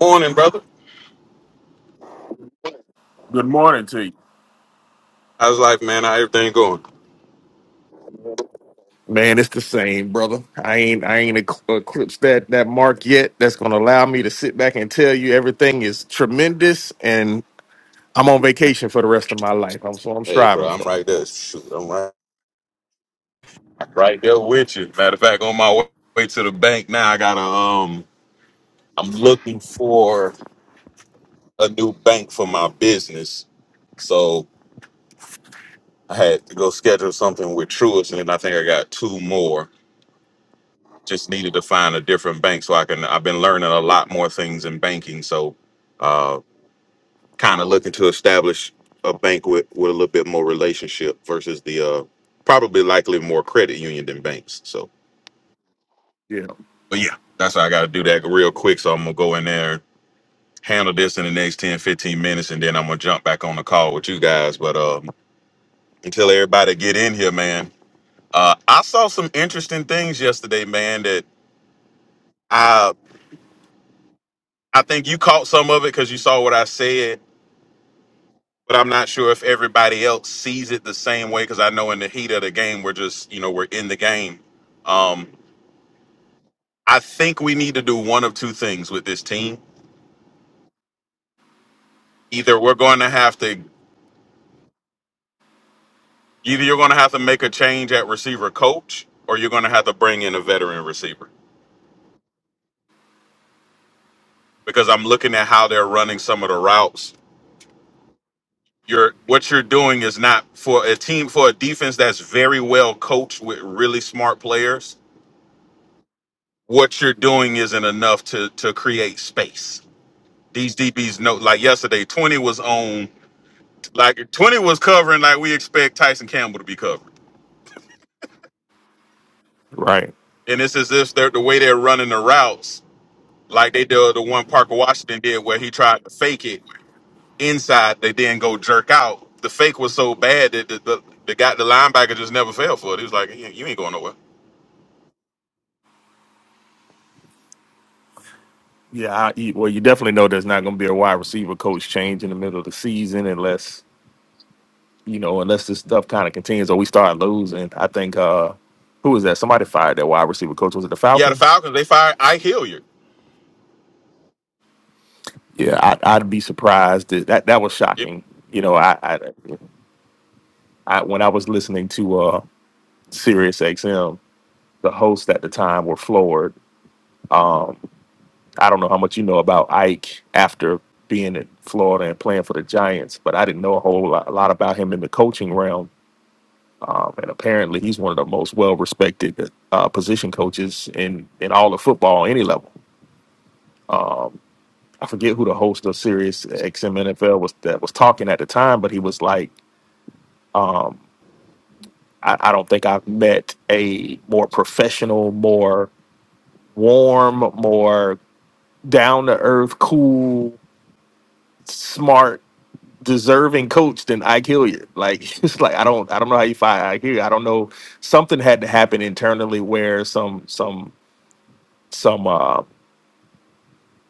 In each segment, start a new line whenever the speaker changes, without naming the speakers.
Morning, brother.
Good morning to you.
I was like, man, how everything going?
Man, it's the same, brother. I ain't I ain't ec- eclipsed that that mark yet. That's gonna allow me to sit back and tell you everything is tremendous, and I'm on vacation for the rest of my life. I'm so I'm
Hey, bro,
striving
I'm
for.
right there. Shoot, I'm right, right there with you. Matter of fact, on my way, way to the bank now, I gotta um, I'm looking for a new bank for my business, so I had to go schedule something with Truist, and then I think I got two more. Just needed to find a different bank so I can. I've been learning a lot more things in banking, so. uh, kind of looking to establish a bank with, with a little bit more relationship versus the uh probably likely more credit union than banks. So
Yeah,
but yeah, that's why I gotta do that real quick. So I'm gonna go in there, handle this in the next 10 15 minutes, and then I'm gonna jump back on the call with you guys. But um until everybody get in here, man. Uh I saw some interesting things yesterday, man, that I I think you caught some of it because you saw what I said but I'm not sure if everybody else sees it the same way because I know in the heat of the game we're just you know we're in the game. Um, I think we need to do one of two things with this team. Either we're going to have to either you're going to have to make a change at receiver coach or you're going to have to bring in a veteran receiver because I'm looking at how they're running some of the routes. You're, what you're doing is not for a team for a defense that's very well coached with really smart players. What you're doing isn't enough to to create space These DBs know, like yesterday, 20 was on, like 20 was covering like we expect Tyson Campbell to be covered.
right.
And it's as if they're the way they're running the routes, like they did the one Parker Washington did where he tried to fake it inside, they then go jerk out. The fake was so bad that the, the, the guy, the linebacker just never fell for it. He was like, you you ain't going nowhere.
Yeah, I, you- well, you definitely know there's not gonna be a wide receiver coach change in the middle of the season unless you know unless this stuff kind of continues or we start losing. I think uh who was that? Somebody fired that wide receiver coach. Was it the
Yeah, the
Falcons?
Falcons, they fired Ike Hilliard.
Yeah, I, I'd be surprised. That that, that was
It-
shocking. You know, I, I I when I was listening to uh Sirius XM, the hosts at the time were floored. I don't know how much you know about Ike after being in Florida and playing for the Giants, but I didn't know a whole lot, lot about him in the coaching realm. Um, and apparently, he's one of the most well-respected uh, position coaches in in all of football, any level. I forget who the host of Sirius XM NFL was that was talking at the time, but he was like, I, I don't think I've met a more professional, more warm, more down to earth, cool, smart, deserving coach than Ike Hilliard. Like it's like I don't I don't know how you find Ike Hilliard. I don't know. Something had to happen internally where some some some uh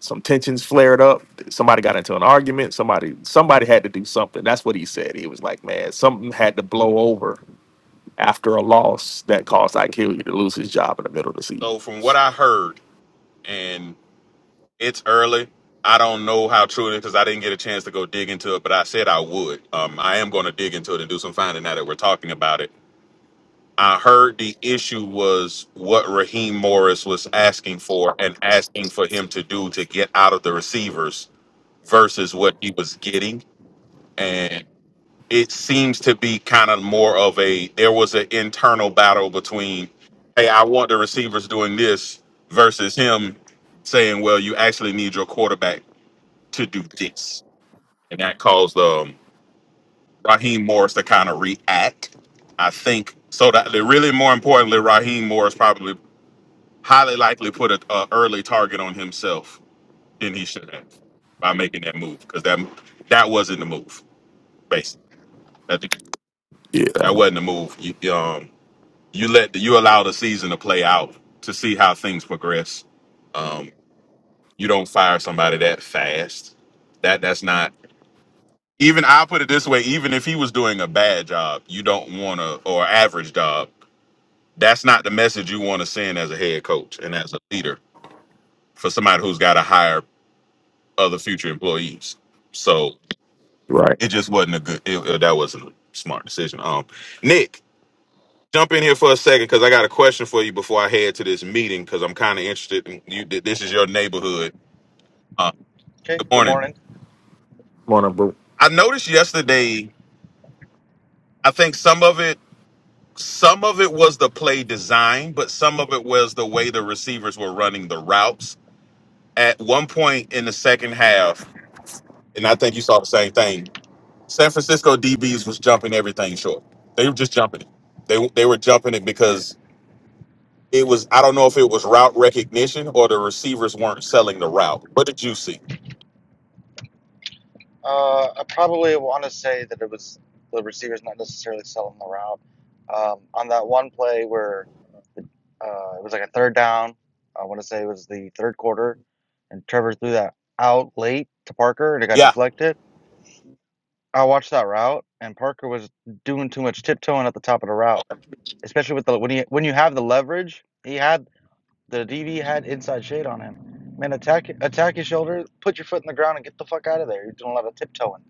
some tensions flared up. Somebody got into an argument. Somebody somebody had to do something. That's what he said. He was like, man, something had to blow over after a loss that caused Ike Hilliard to lose his job in the middle of the season.
so from what I heard, and. It's early. I don't know how true it is because I didn't get a chance to go dig into it, but I said I would. Um, I am going to dig into it and do some finding now that we're talking about it. I heard the issue was what Raheem Morris was asking for and asking for him to do to get out of the receivers versus what he was getting. And it seems to be kind of more of a there was an internal battle between, hey, I want the receivers doing this versus him saying, well, you actually need your quarterback to do this. And that caused um, Raheem Morris to kind of react, I think. So that really more importantly, Raheem Morris probably highly likely put an early target on himself than he should have by making that move because that that wasn't the move, basically. That,
Yeah,
that wasn't the move. You, um, you let the, you allow the season to play out to see how things progress. Um, you don't fire somebody that fast. That that's not. Even I'll put it this way: even if he was doing a bad job, you don't want to, or average job, that's not the message you want to send as a head coach and as a leader for somebody who's got to hire other future employees. So
right.
it just wasn't a good. It, it- that wasn't a smart decision. Um, Nick, jump in here for a second because I got a question for you before I head to this meeting because I'm kind of interested. In you this is your neighborhood. Uh,
Okay,
good
good
morning.
morning.
Morning, bro.
I noticed yesterday. I think some of it some of it was the play design, but some of it was the way the receivers were running the routes. At one point in the second half, and I think you saw the same thing. San Francisco DBs was jumping everything short. They were just jumping it. They they were jumping it because it was. I don't know if it was route recognition or the receivers weren't selling the route. What did you see?
Uh, I probably want to say that it was the receiver's not necessarily selling the route. Um, on that one play where uh, it was like a third down, I want to say it was the third quarter, and Trevor threw that out late to Parker and it got
Yeah,
deflected. I watched that route, and Parker was doing too much tiptoeing at the top of the route, especially with the when he when you have the leverage. He had the DB had inside shade on him. Man, attack attack his shoulder, put your foot in the ground, and get the fuck out of there. You're doing a lot of tiptoeing.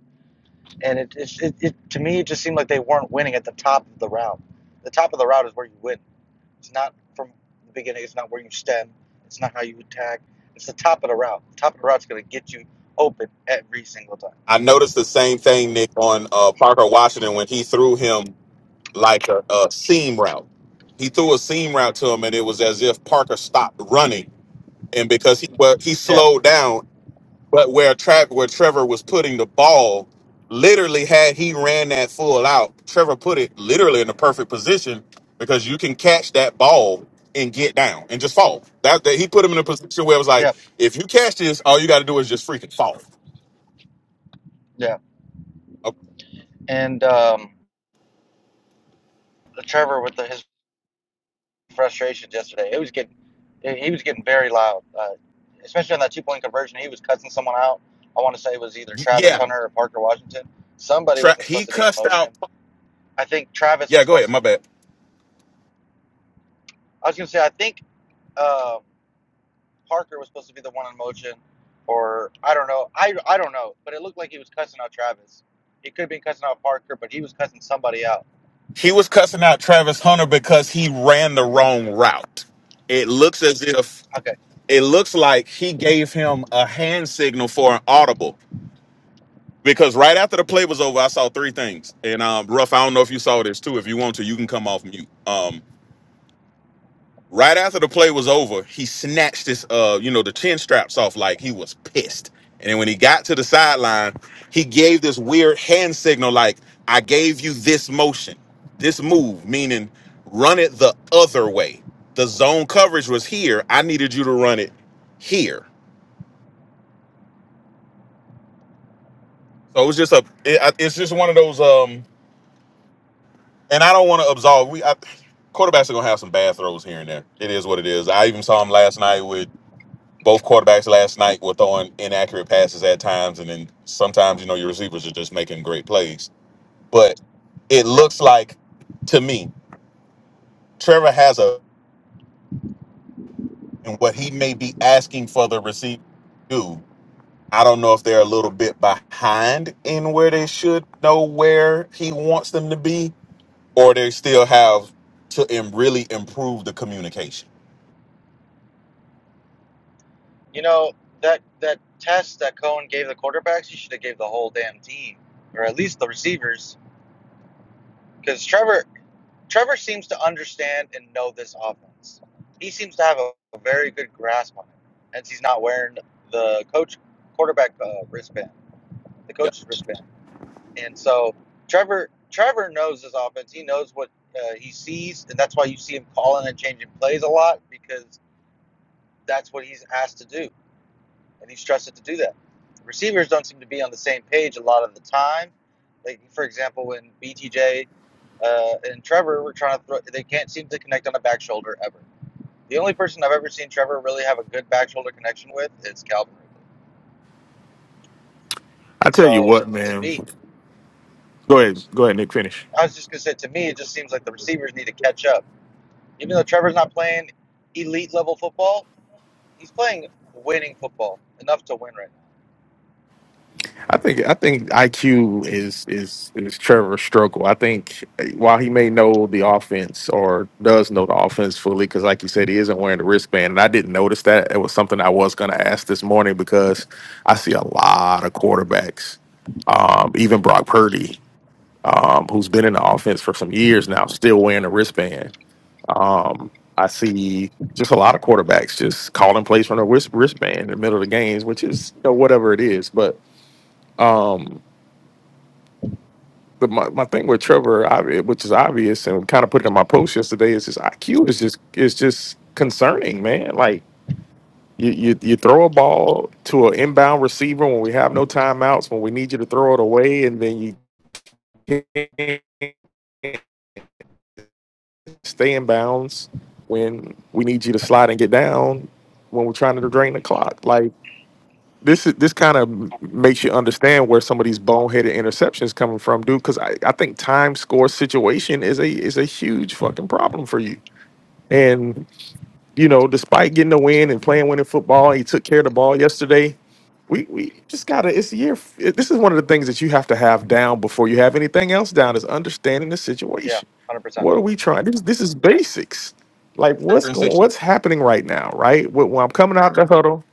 and it, it, it, it to me it just seemed like they weren't winning at the top of the route. The top of the route is where you win. It's not from the beginning. It's not where you stem. It's not how you attack. It's the top of the route. The top of the route is going to get you open every single time.
I noticed the same thing, Nick, on uh, Parker Washington when he threw him. like a, a seam route. He threw a seam route to him, and it was as if Parker stopped running, and because he well, he
Yeah,
slowed down, but where tra- where Trevor was putting the ball, literally had he ran that full out, Trevor put it literally in the perfect position because you can catch that ball and get down and just fall. That, that he put him in a position where it was like,
yeah,
if you catch this, all you got to do is just freaking fall.
yeah.
Uh,
And um, the Trevor with the, his frustrations yesterday, it was getting he he was getting very loud, uh, especially on that two point conversion. He was cussing someone out. I want to say it was either Travis
Yeah,
Hunter or Parker Washington. Somebody
tra-
wasn't
he
supposed to be in
cussed out.
motion. I think Travis
Yeah,
was
go
supposed to.
ahead. My bad.
I was gonna say I think um, Parker was supposed to be the one on motion, or I don't know. I I don't know, but it looked like he was cussing out Travis. He could have been cussing out Parker, but he was cussing somebody out.
He was cussing out Travis Hunter because he ran the wrong route. It looks as if
Okay,
it looks like he gave him a hand signal for an audible. Because right after the play was over, I saw three things. And um, Ruff, I don't know if you saw this too. If you want to, you can come off mute. Um. Right after the play was over, he snatched his uh, you know, the chin straps off like he was pissed. And then when he got to the sideline, he gave this weird hand signal like, I gave you this motion, this move, meaning run it the other way. The zone coverage was here. I needed you to run it here. So it was just a, it, I- it's just one of those. Um, and I don't want to absolve. We I, quarterbacks are gonna have some bad throws here and there. It is what it is. I even saw him last night with both quarterbacks last night were throwing inaccurate passes at times, and then sometimes you know your receivers are just making great plays. But it
yeah.
looks like to me, Trevor has a and what he may be asking for the receiver to do. I don't know if they're a little bit behind in where they should know where he wants them to be, or they still have to im- really improve the communication.
You know that that test that Cohen gave the quarterbacks, he should have gave the whole damn team, or at least the receivers, because Trevor Trevor seems to understand and know this offense. He seems to have a, a very good grasp on it, and he's not wearing the coach quarterback uh, wristband, the
Yeah,
coach's wristband. And so Trevor Trevor knows his offense. He knows what uh, he sees, and that's why you see him calling and changing plays a lot because that's what he's asked to do, and he's trusted to do that. Receivers don't seem to be on the same page a lot of the time. Like for example, when BTJ uh, and Trevor were trying to throw, they can't seem to connect on a back shoulder ever. The only person I've ever seen Trevor really have a good back shoulder connection with is Calvin. Ridley.
I
And
tell you
so
what,
to
man.
me,
Go ahead. Go ahead, Nick. Finish.
I was just gonna say to me, it just seems like the receivers need to catch up Even though Trevor's not playing elite level football, he's playing winning football enough to win right now.
I think I think IQ is is is Trevor Struggle. I think eh, while he may know the offense or does know the offense fully, because like you said, he isn't wearing the wristband, and I didn't notice that. It was something I was going to ask this morning because I see a lot of quarterbacks, um, even Brock Purdy, um, who's been in the offense for some years now, still wearing the wristband. I see just a lot of quarterbacks just calling plays from the wrist, wristband in the middle of the games, which is you know, whatever it is, but. the, my, my thing with Trevor, obvi- which is obvious, and kind of put it in my post yesterday, is his IQ is just is just concerning, man. Like you, you you throw a ball to an inbound receiver when we have no timeouts, when we need you to throw it away, and then you can't stay in bounds when we need you to slide and get down when we're trying to drain the clock. Like this is this kind of makes you understand where some of these boneheaded interceptions coming from, dude. Because I, I think time score situation is a is a huge fucking problem for you And you know, despite getting a win and playing winning football, he took care of the ball yesterday. We we just gotta. It's a year. f- it- This is one of the things that you have to have down before you have anything else down is understanding the
Yeah, one
situation.
hundred percent.
What are we trying? This this is basics. Like what's going? What's
I
happening right now? Right? When, when I'm coming out the huddle.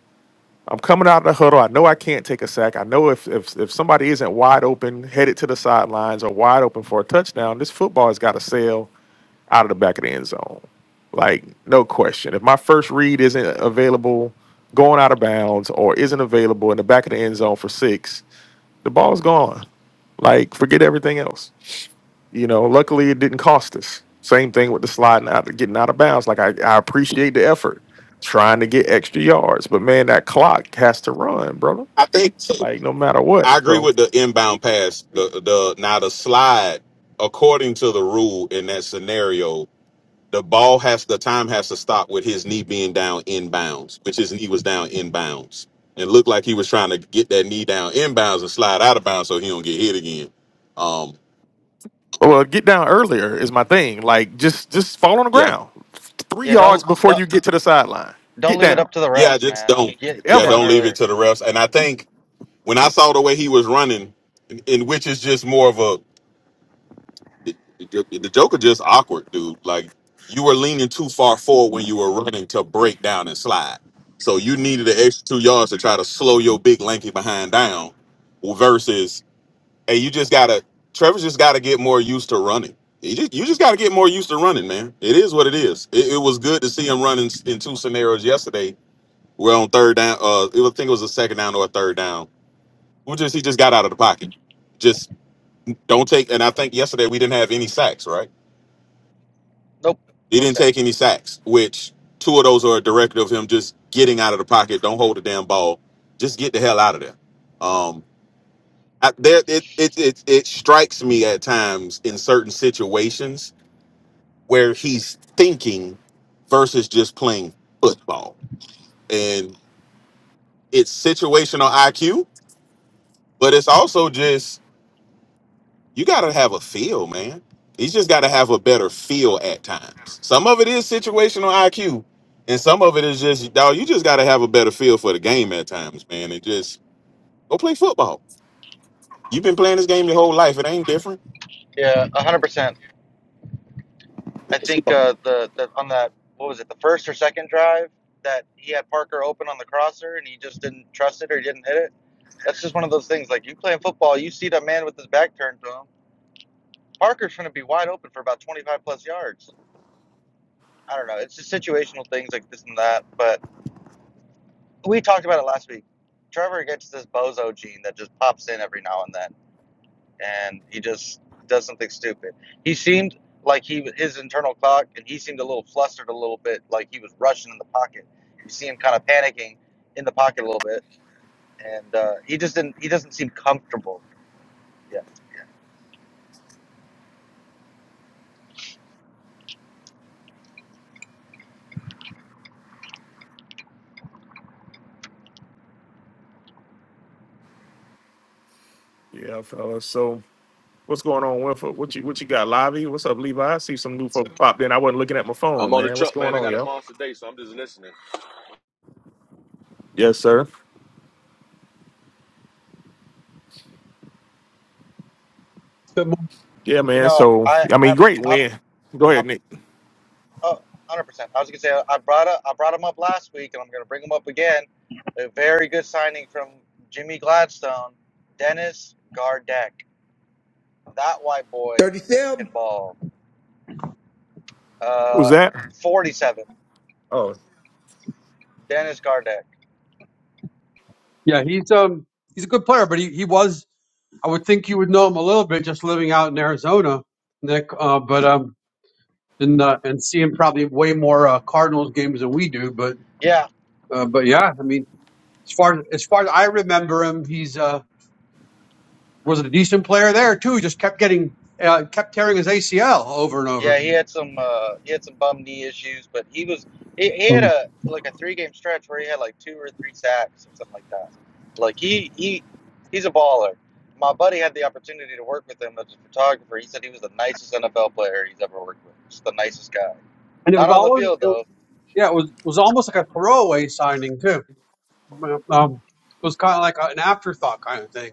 I'm coming out the huddle. I know I can't take a sack. I know if, if if somebody isn't wide open, headed to the sidelines or wide open for a touchdown, this football has got to sail out of the back of the end zone. Like, no question. If my first read isn't available going out of bounds or isn't available in the back of the end zone for six, the ball's gone. Like, forget everything else. You know, luckily it didn't cost us. Same thing with the sliding out, getting out of bounds. Like, I, I appreciate the effort trying to get extra yards, but man, that clock has to run, brother.
think so.
Like, no matter
I
what.
agree
So,
with the inbound pass. The the now the slide, according to the rule in that scenario, the ball has the time has to stop with his knee being down inbounds, which his knee was down inbounds. And looked like he was trying to get that knee down inbounds and slide out of bounds so he don't get hit again. Um,
well, get down earlier is my thing. Like, just just fall on the
yeah.
ground three
Yeah,
yards
don't
before
don't
you get to the sideline.
don't
Get
leave it
down.
up to the
Yeah,
refs,
just
man.
don't.
Get get
Yeah,
down
ever.
don't leave it
earlier.
to the refs. And I think when I saw the way he was running, in which is just more of a the, the the Joker just awkward, dude. Like you were leaning too far forward when you were running to break down and slide. So you needed an extra two yards to try to slow your big lanky behind down. Versus, hey, you just gotta. Trevor's just gotta get more used to running. You just, you just gotta get more used to running, man. It is what it is. It, it was good to see him running s- in two scenarios yesterday. Where on third down, uh, it was, I think it was a second down or a third down. We just he just got out of the pocket. Just don't take. And I think yesterday we didn't have any sacks, right?
Nope,
He
no
didn't take
sacks.
any sacks, which two of those are a directive of him just getting out of the pocket. Don't hold the damn ball. Just get the hell out of there. Um, I, there it, it it it strikes me at times in certain situations where he's thinking versus just playing football, and it's situational IQ, but it's also just you got to have a feel, man. He's just got to have a better feel at times. Some of it is situational IQ, and some of it is just, dog, you just got to have a better feel for the game at times, man, and just go play football. You've been playing this game your whole life. It ain't different.
Yeah, one hundred percent. I think uh, the the on that what was it the first or second drive that he had Parker open on the crosser and he just didn't trust it or he didn't hit it. That's just one of those things. Like you playing football, you see that man with his back turned to him. Parker's going to be wide open for about twenty five plus yards I don't know. It's just situational things like this and that. But we talked about it last week. Trevor gets this bozo gene that just pops in every now and then, and he just does something stupid. He seemed like he his internal clock, and he seemed a little flustered, a little bit like he was rushing in the pocket. You see him kind of panicking in the pocket a little bit, and uh, he just didn't. He doesn't seem comfortable. Yeah,
Yeah, fellas. So what's going on, Winford? What you what you got, Lobby? What's up, Levi? I see some new folks popped in. I wasn't looking at my
I'm
phone,
on the
man. What's
truck, man.
going
I
on,
got a
yo?
monster day, so I'm just listening.
Yes, sir.
Good morning.
Yeah,
you
man.
know,
So
I
I mean,
I
great
I,
win. Go
I
ahead, Nick.
Oh, 100%. I was gonna say I brought up, I brought him up last week, and I'm gonna bring him up again. A very good signing from Jimmy Gladstone, Dennis Gardeck. That white boy
37.
can ball.
Who's
Uh,
that?
47.
Oh,
Dennis Gardeck.
Yeah, he's um he's a good player, but he, he was I would think you would know him a little bit just living out in Arizona, Nick. Uh, but um and uh, and seeing probably way more uh, Cardinals games than we do. But
Yeah,
uh, but yeah, I mean as far as far as I remember him, he's uh was a decent player there too. He just kept getting uh, kept tearing his ACL over and over,
Yeah, he had some uh, he had some bum knee issues, but he was he, he had
Oh,
a like a three game stretch where he had like two or three sacks or something like that. Like he he he's a baller. My buddy had the opportunity to work with him as a photographer. He said he was the nicest NFL player he's ever worked with. Just the nicest guy.
and it
Not
was
on the
always
field
it,
though,
yeah it was was almost like a throwaway signing too. um, was kind of like an afterthought kind of thing.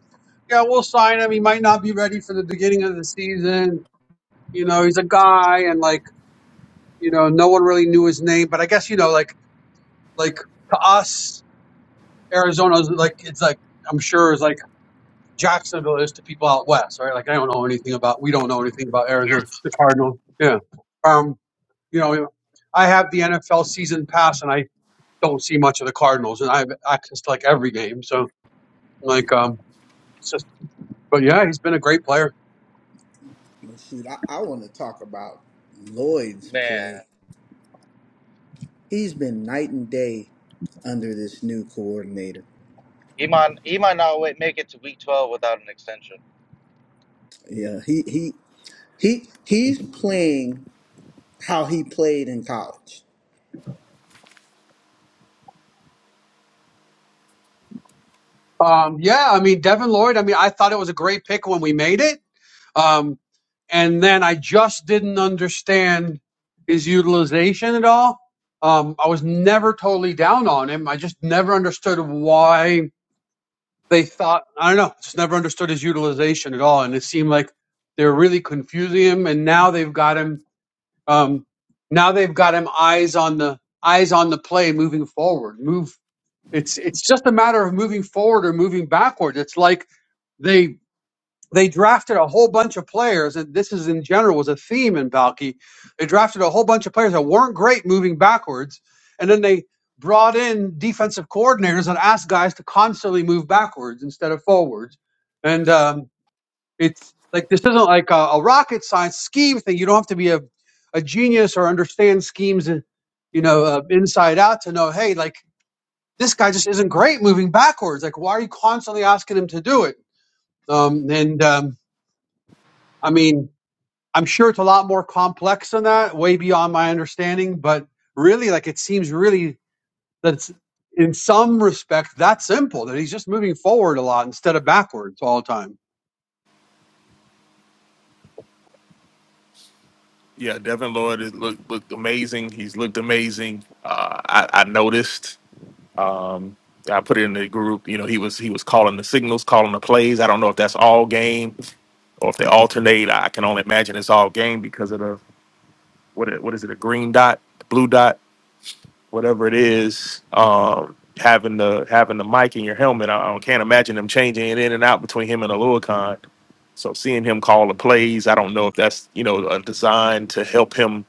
Yeah, we'll sign him. He might not be ready for the beginning of the season. You know, he's a guy, and like you know, no one really knew his name. But I guess you know, like like to us, Arizona's like it's like I'm sure it's like Jacksonville is to people out west, right? Like I don't know anything about we don't know anything about Arizona, the Cardinals. Yeah, um, you know, I have the NFL season pass, and I don't see much of the Cardinals, and I have access to like every game. So like um. But yeah, he's been a great player.
Well, shoot, I, I want to talk about Lloyd's
man.
play. He's been night and day under this new coordinator.
He might he might not wait, make it to week twelve without an extension.
Yeah, he he he he's playing how he played in college.
Um, yeah, I mean Devin Lloyd. I mean, I thought it was a great pick when we made it, um, and then I just didn't understand his utilization at all. Um, I was never totally down on him. I just never understood why they thought. I don't know. Just never understood his utilization at all, and it seemed like they were really confusing him. And now they've got him. Um, now they've got him eyes on the eyes on the play moving forward. Move It's it's just a matter of moving forward or moving backward. It's like they they drafted a whole bunch of players, and this is in general was a theme in Valky. They drafted a whole bunch of players that weren't great moving backwards, and then they brought in defensive coordinators and asked guys to constantly move backwards instead of forwards. And um, it's like this isn't like a, a rocket science scheme thing. You don't have to be a, a genius or understand schemes, you know, uh, inside out to know. Hey, like this guy just isn't great moving backwards. Like, why are you constantly asking him to do it? Um, and um, I mean, I'm sure it's a lot more complex than that, way beyond my understanding. But really, like, it seems really that's in some respect that simple that he's just moving forward a lot instead of backwards all the time.
yeah, Devin Lloyd has looked looked amazing. He's looked amazing. Uh, I, I noticed. Um, I put it in the group. You know, he was he was calling the signals, calling the plays. I don't know if that's all game or if they alternate. I can only imagine it's all game because of the what it- what is it a green dot blue dot whatever it is um having the having the mic in your helmet I, I can't imagine them changing it in and out between him and Aluakon so seeing him call the plays I don't know if that's you know a design to help him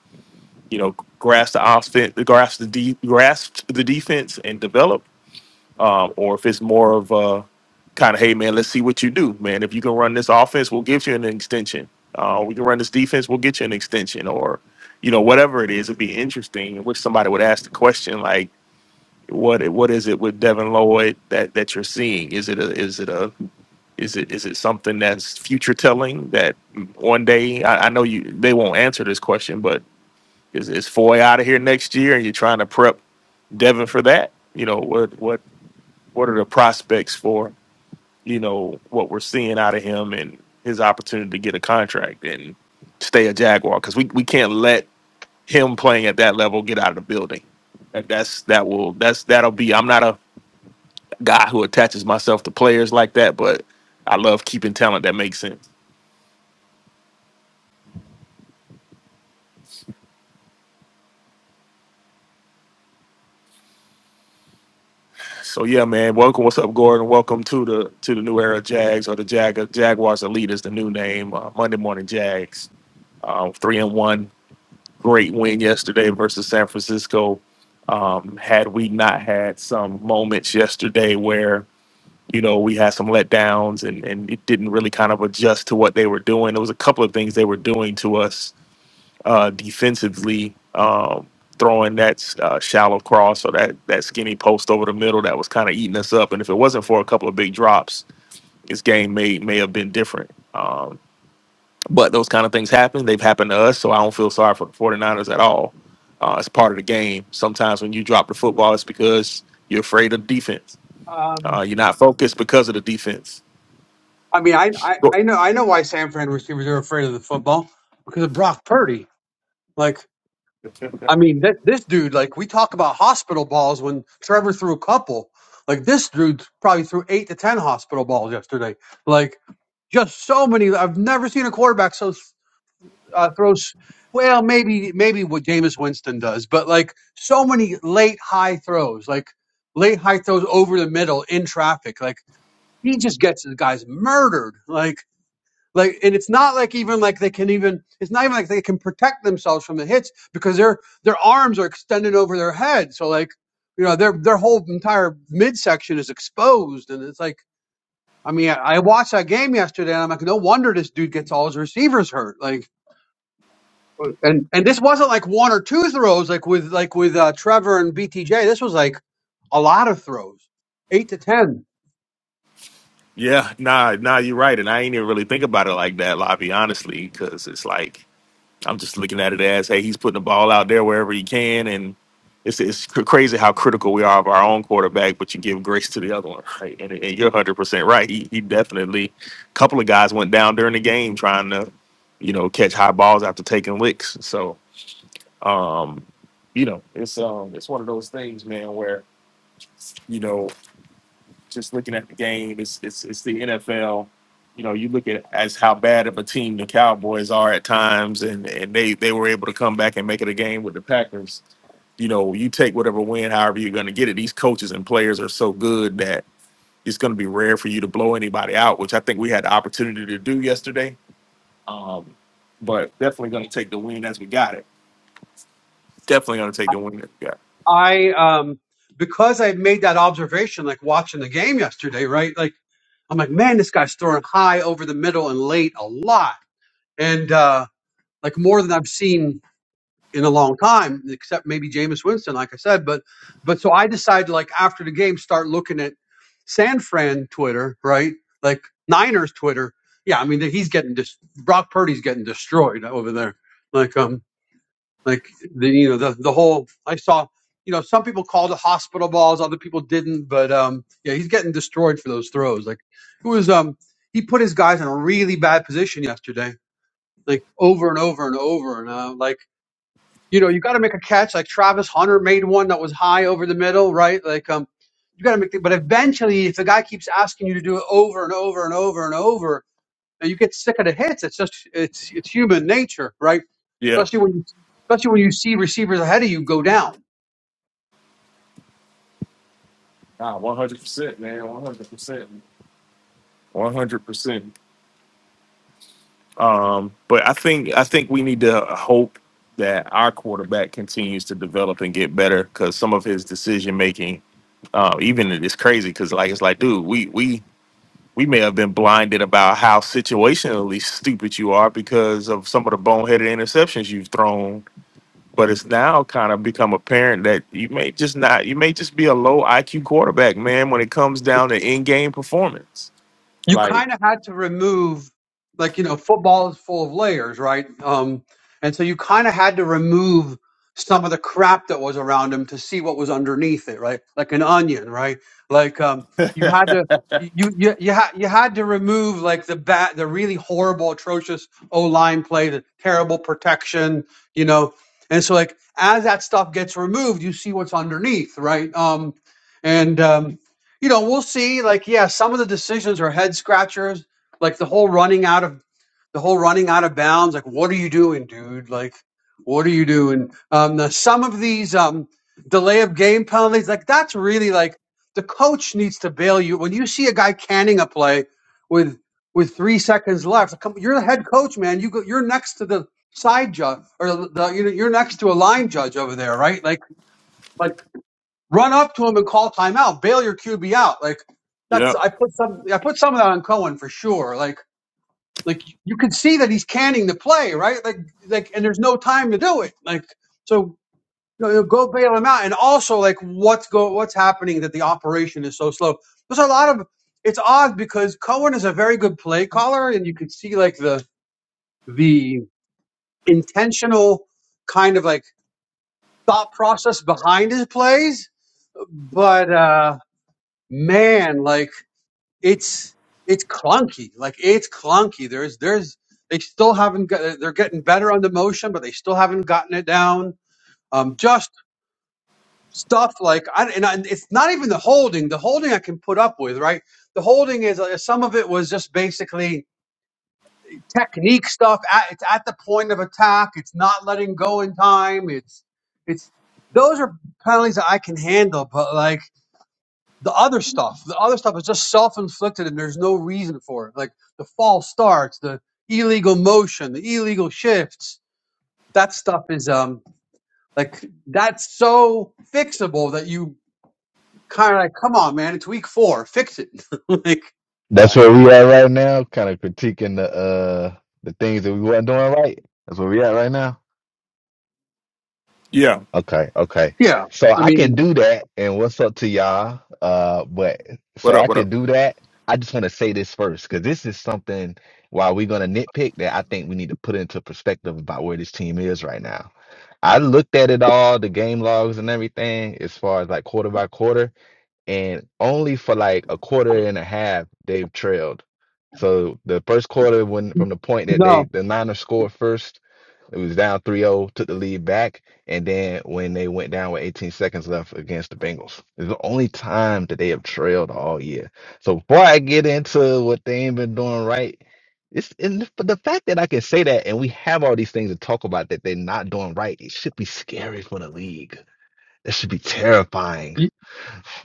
you know grasp the offense grasp the de- grasp the defense and develop um, or if it's more of a kind of, hey man, let's see what you do, man. If you can run this offense, we'll give you an extension. Uh, we can run this defense, we'll get you an extension, or you know whatever it is. It'd be interesting. I wish somebody would ask the question like, what what is it with Devin Lloyd that that you're seeing? Is it a is it a is it is it something that's future telling that one day I, I know you they won't answer this question, but is is Foy out of here next year and you're trying to prep Devin for that? You know what what what are the prospects for? you know what we're seeing out of him and his opportunity to get a contract and stay a Jaguar because we, we can't let him playing at that level get out of the building. That, that's that will that's that'll be. I'm not a guy who attaches myself to players like that, but I love keeping talent that makes sense. So yeah, man, welcome. What's up, Gordon? Welcome to the to the new era Jags or the Jag Jaguars Elite is the new name. Uh, Monday Morning Jags, uh, three and one great win yesterday versus San Francisco. Um, had we not had some moments yesterday where you know we had some letdowns and and it didn't really kind of adjust to what they were doing, there was a couple of things they were doing to us uh, defensively. Um, throwing that uh, shallow cross or that that skinny post over the middle that was kind of eating us up, and if it wasn't for a couple of big drops, this game may may have been different. Um, but those kind of things happen. They've happened to us, so I don't feel sorry for the 49ers at all. Uh, it's part of the game. Sometimes when you drop the football, it's because you're afraid of defense.
Um,
Uh, you're not focused because of the defense.
I mean, I, I
Go-
I know I know why San Fran receivers are afraid of the football because of Brock Purdy. Like. I mean, th- this dude, like, we talk about hospital balls when Trevor threw a couple. Like, this dude probably threw eight to 10 hospital balls yesterday. Like, just so many. I've never seen a quarterback so uh, throws. Well, maybe, maybe what Jameis Winston does, but like, so many late high throws, like, late high throws over the middle in traffic. Like, he just gets the guys murdered. Like, like, and it's not like even like they can even. It's not even like they can protect themselves from the hits because their their arms are extended over their head. So like, you know, their their whole entire midsection is exposed, and it's like, I mean, I, I watched that game yesterday, and I'm like, no wonder this dude gets all his receivers hurt. Like, and and this wasn't like one or two throws, like with like with uh, Trevor and BTJ. This was like a lot of throws, eight to ten.
Yeah, nah, nah, you're right. And I ain't even really think about it like that, Lobby, honestly, because it's like I'm just looking at it as, hey, he's putting the ball out there wherever he can, and it's it's cr- crazy how critical we are of our own quarterback, but you give grace to the other one, right? And, and you're 100 percent right. He he definitely. A couple of guys went down during the game trying to, you know, catch high balls after taking licks. So, um, you know, it's um, it's one of those things, man, where you know just looking at the game, it's it's it's the NFL. You know, you look at as how bad of a team the Cowboys are at times, and and they they were able to come back and make it a game with the Packers. You know, you take whatever win, however you're going to get it. These coaches and players are so good that it's going to be rare for you to blow anybody out, which I think we had the opportunity to do yesterday. Um, but definitely going to take the win as we got it. Definitely going to take the win as we got. It.
I um because I made that observation, like watching the game yesterday, right? Like I'm like, man, this guy's throwing high over the middle and late a lot, and uh like more than I've seen in a long time, except maybe Jameis Winston, like I said. But but so I decided, like after the game, start looking at San Fran Twitter, right? Like Niners Twitter. Yeah, I mean he's getting dis- Brock Purdy's getting destroyed over there. Like um like the you know the the whole I saw you know some people called it hospital balls, other people didn't, but um yeah, he's getting destroyed for those throws. Like it was um he put his guys in a really bad position yesterday, like over and over and over and uh, like you know you got to make a catch. Like Travis Hunter made one that was high over the middle, right? Like um. You got to make, the, but eventually, if the guy keeps asking you to do it over and over and over and over, and you get sick of the hits. It's just it's it's human nature, right?
Yeah.
Especially when you especially when you see receivers ahead of you go down.
Ah, one hundred percent, man. One hundred percent. One hundred percent. Um, but I think I think we need to hope that our quarterback continues to develop and get better because some of his decision making, uh, even it is crazy because like it's like, dude, we we we may have been blinded about how situationally stupid you are because of some of the boneheaded interceptions you've thrown. But it's now kind of become apparent that you may just not, you may just be a low IQ quarterback, man. When it comes down to in game performance,
you
like,
kind of had to remove like you know football is full of layers right um and so you kind of had to remove some of the crap that was around him to see what was underneath it right like an onion right like um you had to you you you, ha- you had to remove like the bat the really horrible atrocious o line play the terrible protection you know and so like as that stuff gets removed you see what's underneath right um and um you know, we'll see. Like, yeah, some of the decisions are head scratchers. Like the whole running out of the whole running out of bounds. Like, what are you doing, dude? Like, what are you doing? Um, the, some of these um, delay of game penalties, like that's really like the coach needs to bail you when you see a guy canning a play with with three seconds left. like, Come, you're the head coach, man. You go, you're next to the side judge or the, the you know, you're next to a line judge over there, right? Like. Run up to him and call timeout. Bail your QB out. Like
yeah,
that's I put some I put some of that on Cohen for sure. Like like you can see that he's canning the play, right? Like like and there's no time to do it. Like so you know, go bail him out. And also like what's go what's happening that the operation is so slow. There's a lot of it's odd because Cohen is a very good play caller and you could see like the the intentional kind of like thought process behind his plays. But uh man, like it's it's clunky. Like it's clunky. There's there's they still haven't got. They're getting better on the motion, but they still haven't gotten it down. Um, just stuff like I and I, it's not even the holding. The holding I can put up with, right? The holding is uh, some of it was just basically technique stuff. At, it's at the point of attack. It's not letting go in time. It's it's those are penalties that I can handle, but like the other stuff, the other stuff is just self-inflicted and there's no reason for it. Like the false starts, the illegal motion, the illegal shifts. That stuff is um like that's so fixable that you kind of like, come on, man, it's week four, fix it. like,
That's
right,
where we at right now, kind of critiquing the uh the things that we weren't doing right. That's where we at right now.
yeah.
Okay, okay.
yeah,
So
I
I can
mean,
do that, and what's up to y'all? Uh, but
What
so
up?
I
What
can do that. I just want to say this first because this is something while we're gonna nitpick that I think we need to put into perspective about where this team is right now. I looked at it all, the game logs and everything, as far as like quarter by quarter and only for like a quarter and a half they've trailed. So the first quarter when from the point that they
no,
the Niners scored first, it was down three zero, took the lead back, and then when they went down with 18 seconds left against the Bengals. It's the only time that they have trailed all year. So before I get into what they ain't been doing right, it's and but the fact that I can say that and we have all these things to talk about that they're not doing right, it should be scary for the league. That should be terrifying
y-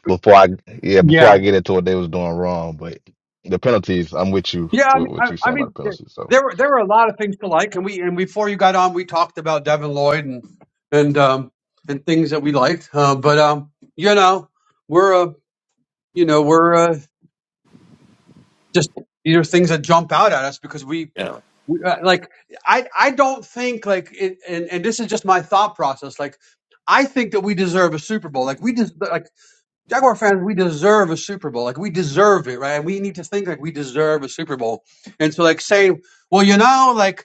before I yeah before I
yeah,
get into what they was doing wrong, but the penalties. I'm with you
yeah. I
with
mean, I,
what you are
I
saying about
mean,
the
th-
penalties. So
there were there were a lot of things to like, and we and before you got on, we talked about Devin Lloyd and and um and things that we liked, uh, but um, you know. we're you know we're uh, just these are things that jump out at us because we,
up?
we uh, like i i don't think like it, and and this is just my thought process like i think that we deserve a super bowl like we just like jaguar fans we deserve a super bowl like we deserve it right and we need to think like we deserve a super bowl and so like saying well you know like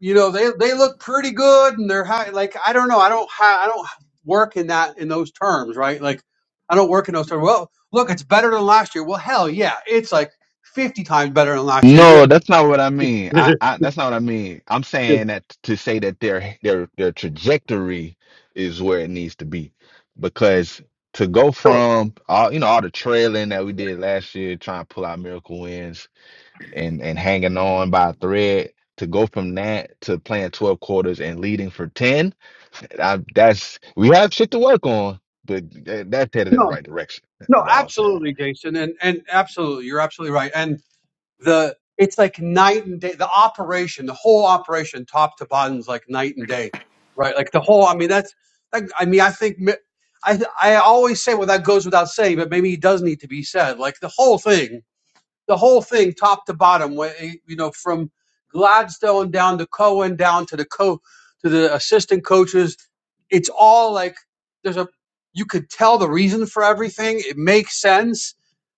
you know they they look pretty good and they're high like i don't know i don't ha- i don't work in that in those terms right like i don't work in those terms well look it's better than last year well hell yeah it's like 50 times better than last year you
no,
have
that's not what I mean. I, I that's not what I mean. I'm saying that to say that their their their trajectory is where it needs to be because to go
sure
from all you know all the trailing that we did last year, trying to pull out miracle wins and and hanging on by a thread. To go from that to playing 12 quarters and leading for 10 I, that's we have shit to work on, but that, that's headed in the
no
right direction.
no
That's all I'm saying.
absolutely jason and and absolutely you're absolutely right and the it's like night and day. The operation, the whole operation, top to bottom, is like night and day, right? Like the whole. I mean, that's. Like, I mean, I think I I always say well that goes without saying, but maybe it does need to be said. Like the whole thing, the whole thing, top to bottom, you know, from Gladstone down to Cohen, down to the co to the assistant coaches, it's all like there's a you could tell the reason for everything. It makes sense.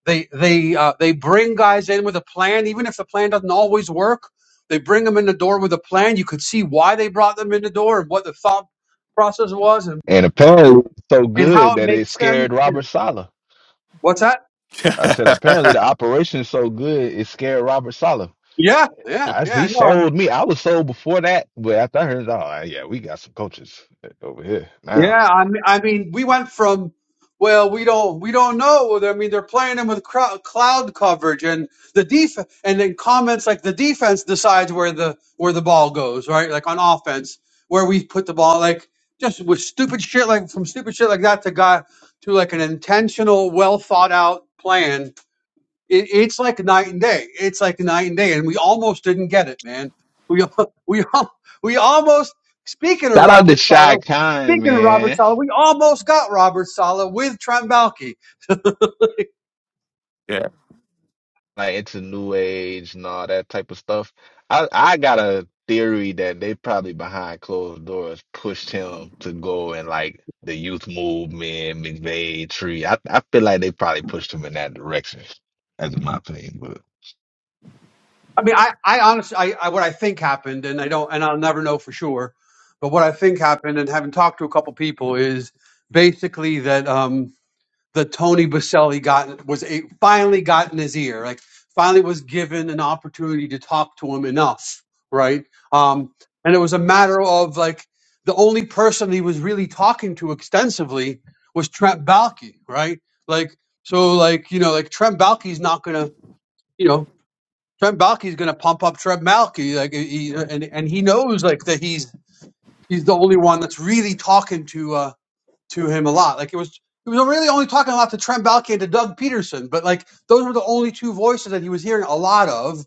They they uh, they bring guys in with a plan, even if the plan doesn't always work. They bring them in the door with a plan. You could see why they brought them in the door and what the thought process was, and
And apparently,
and
it's so
how
good
it
that it
makes sense.
scared
you know.
Robert Sala.
What's that?
I said, apparently, the operation's so good it scared Robert Sala.
Yeah, yeah,
I,
yeah.
he
I
sold me. I was sold before that, but after I heard, oh yeah, we got some coaches over here now.
Yeah, I mean, I mean, we went from well, we don't we don't know. I mean, they're playing him with crow- cloud coverage and the def and then comments like the defense decides where the where the ball goes, right? Like on offense, where we put the ball, like just with stupid shit like from stupid shit like that to guy to like an intentional, well thought out plan it, it's like night and day. It's like night and day, and we almost didn't get it, man. We we we almost. Speaking of
Shout out to
Robert
Shy
Sala,
Khan,
speaking of
man.
Robert Sala, we almost got Robert Sala with Trombalki.
yeah.
like into new age and all that type of stuff. I I got a theory that they probably behind closed doors pushed him to go and like the youth movement, McVeigh tree. I I feel like they probably pushed him in that direction. That's my opinion, but
I mean, I I honestly, I, I what I think happened, and I don't, and I'll never know for sure. But what I think happened, and having talked to a couple people, is basically that. um the Tony Baselli got was a, finally got in his ear, like finally was given an opportunity to talk to him enough, right? Um, and it was a matter of like the only person he was really talking to extensively was Trent Balky, right? Like so, like you know, like Trent Balky's not gonna, you know, Trent Balky's gonna pump up Trent Balky, like he, and and he knows like that he's he's the only one that's really talking to. Uh, to him a lot. Like it was he was really only talking a lot to Trent Balky and to Doug Peterson, but like those were the only two voices that he was hearing a lot of,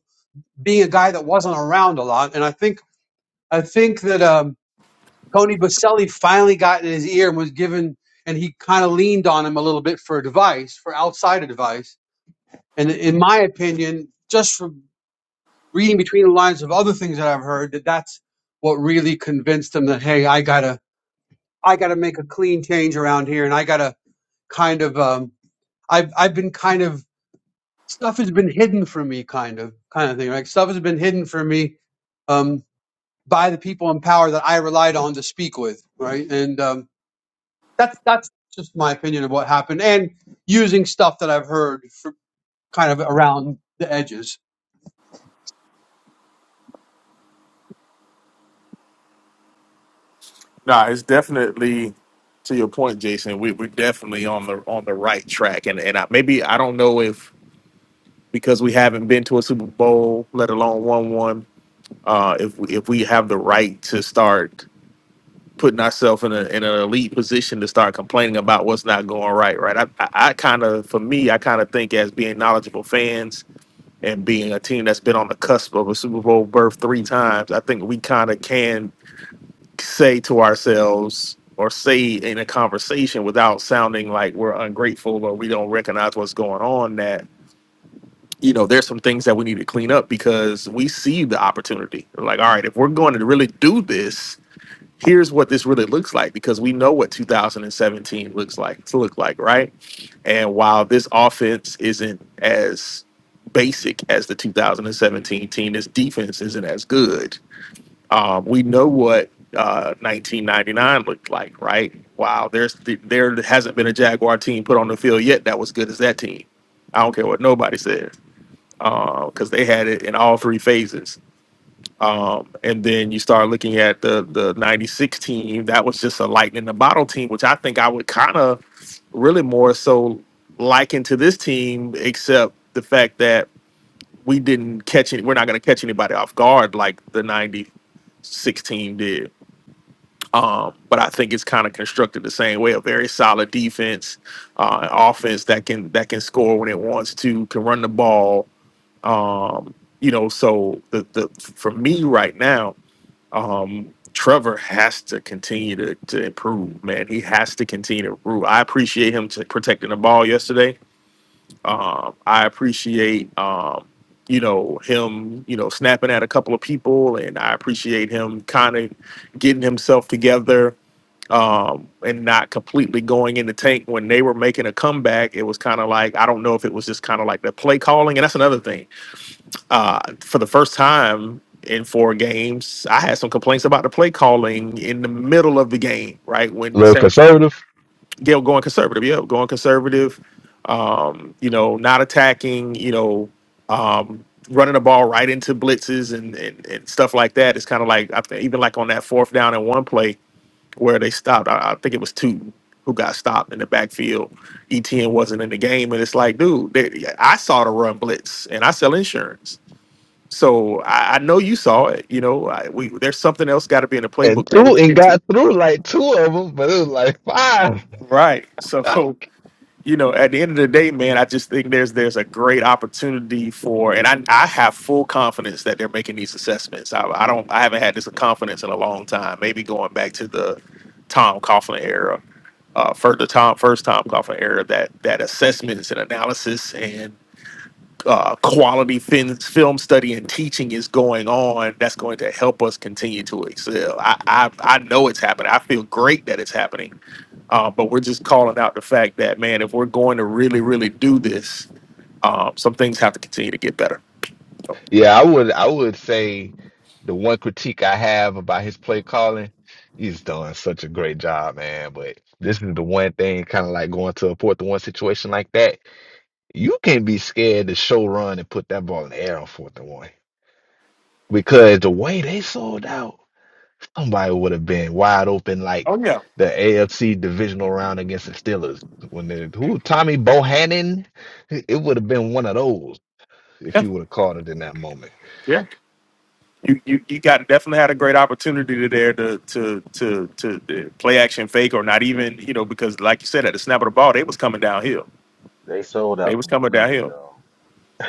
being a guy that wasn't around a lot. And I think I think that um, Tony Baselli finally got in his ear and was given, and he kind of leaned on him a little bit for advice, for outside advice. And in my opinion, just from reading between the lines of other things that I've heard, that that's what really convinced him that hey, I gotta I gotta make a clean change around here, and I gotta kind of um, I've I've been kind of stuff has been hidden from me, kind of kind of thing. Like stuff has been hidden from me um, by the people in power that I relied on to speak with, right? And um, that's that's just my opinion of what happened, and using stuff that I've heard for kind of around the edges.
No, it's definitely to your point, Jason. We we're definitely on the on the right track, and and I, maybe I don't know if because we haven't been to a Super Bowl, let alone won one. Uh, if we, if we have the right to start putting ourselves in, a, in an elite position to start complaining about what's not going right, right? I, I, I kind of, for me, I kind of think as being knowledgeable fans and being a team that's been on the cusp of a Super Bowl berth three times, I think we kind of can say to ourselves or say in a conversation without sounding like we're ungrateful or we don't recognize what's going on that you know there's some things that we need to clean up because we see the opportunity like all right if we're going to really do this here's what this really looks like because we know what 2017 looks like to look like right and while this offense isn't as basic as the 2017 team this defense isn't as good um, we know what uh, 1999 looked like, right? Wow, there's there hasn't been a Jaguar team put on the field yet that was good as that team. I don't care what nobody says, because they had it in all three phases. Um, and then you start looking at the the '96 team that was just a lightning in the bottle team, which I think I would kind of really more so liken to this team, except the fact that we didn't catch any, we're not going to catch anybody off guard like the '96 team did. Um, but I think it's kind of constructed the same way. A very solid defense, uh, offense that can that can score when it wants to, can run the ball. Um, you know, so the the for me right now, um, Trevor has to continue to to improve. Man, he has to continue to improve. I appreciate him to protecting the ball yesterday. Um, I appreciate um, you know him you know snapping at a couple of people, and I appreciate him kind of getting himself together um, and not completely going in the tank when they were making a comeback. It was kind of like I don't know if it was just kind of like the play calling, and that's another thing. Uh, for the first time in four games, I had some complaints about the play calling in the middle of the game, right when
real
Sam
conservative.
Gail going conservative, yeah, going conservative, um, you know, not attacking, you know. Um, running the ball right into blitzes and, and, and stuff like that. It's kind of like I think even like on that fourth down and one play, where they stopped. I, I think it was two who got stopped in the backfield. ETN wasn't in the game, and it's like, dude, they, I saw the run blitz, and I sell insurance, so I, I know you saw it. You know, I, we there's something else got to be in the
And
playbook that we
two
can
and
get to,
got through like two of them, but it was like five.
right? So. you know, at the end of the day, man, I just think there's there's a great opportunity for, and I I have full confidence that they're making these assessments. I, I don't I haven't had this confidence in a long time. Maybe going back to the Tom Coughlin era, uh, for the Tom first Tom Coughlin era, that that assessments and analysis and uh, quality fin- film study and teaching is going on. That's going to help us continue to excel. I I, I know it's happening. I feel great that it's happening uh, but we're just calling out the fact that, man, if we're going to really, really do this, um, some things have to continue to get better. So-
Yeah, I would I would say the one critique I have about his play calling, he's doing such a great job, man. But this is the one thing, kind of like going to a fourth and one situation like that. You can't be scared to show run and put that ball in the air on fourth and one. Because the way they sold out, somebody would have been wide open like
oh yeah,
the AFC divisional round against the Steelers. When the who Tommy Bohannon, it would have been one of those if
yeah,
he would have called it in that moment.
yeah. You you you got definitely had a great opportunity there to to to to to play action fake or not even you know because like you said at the snap of the ball they was coming downhill.
They sold
They
out
was coming
completely,
downhill.
y'all.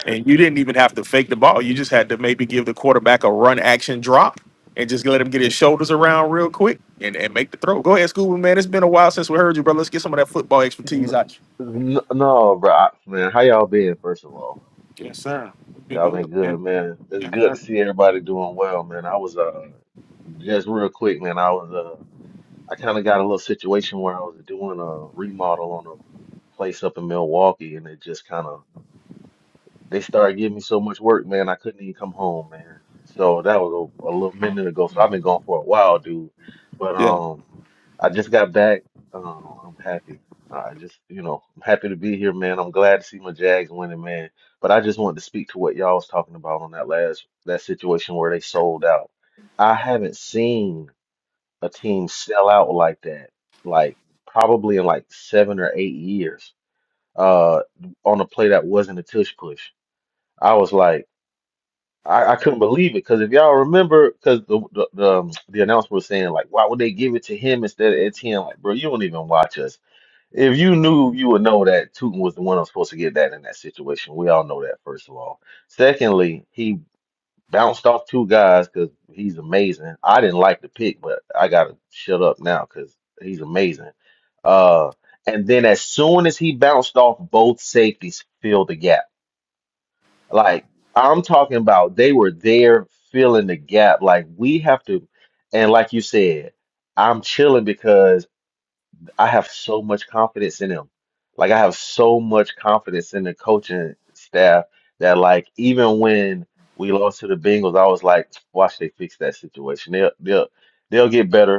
And you didn't even have to fake the ball. You just had to maybe give the quarterback a run action drop and just let him get his shoulders around real quick and, and make the throw. Go ahead, Scuba, man. It's been a while since we heard you, bro. Let's get some of that football expertise
N-
out you.
n- No, bro, I- man. How y'all been, first of all?
Yes, sir. We'd be
Y'all
good,
been
man.
good, man. It's good to see everybody doing well, man. I was uh just real quick, man. I was uh I kind of got a little situation where I was doing a remodel on a place up in Milwaukee, and it just kind of They started giving me so much work, man, I couldn't even come home, man. So that was a, a little minute ago. So I've been gone for a while, dude. But
Yes, sir.
um, I just got back. Um, I'm happy. I just, you know, I'm happy to be here, man. I'm glad to see my Jags winning, man. But I just wanted to speak to what y'all was talking about on that last that situation where they sold out. I haven't seen a team sell out like that, like probably in like seven or eight years, uh, on a play that wasn't a tush push. I was like, I, I couldn't believe it because if y'all remember, because the the, the, um, the announcer was saying like, why would they give it to him instead of Etienne? Like, bro, you don't even watch us. If you knew, you would know that Tootin was the one I'm supposed to get that in that situation. We all know that, first of all. Secondly, he bounced off two guys because he's amazing. I didn't like the pick, but I gotta shut up now because he's amazing. Uh, and then as soon as he bounced off both safeties, filled the gap like I'm talking about they were there filling the gap. Like we have to, and like you said, I'm chilling because I have so much confidence in them. Like I have so much confidence in the coaching staff that like even when we lost to the Bengals, I was like, watch they fix that situation. They'll they'll they'll get better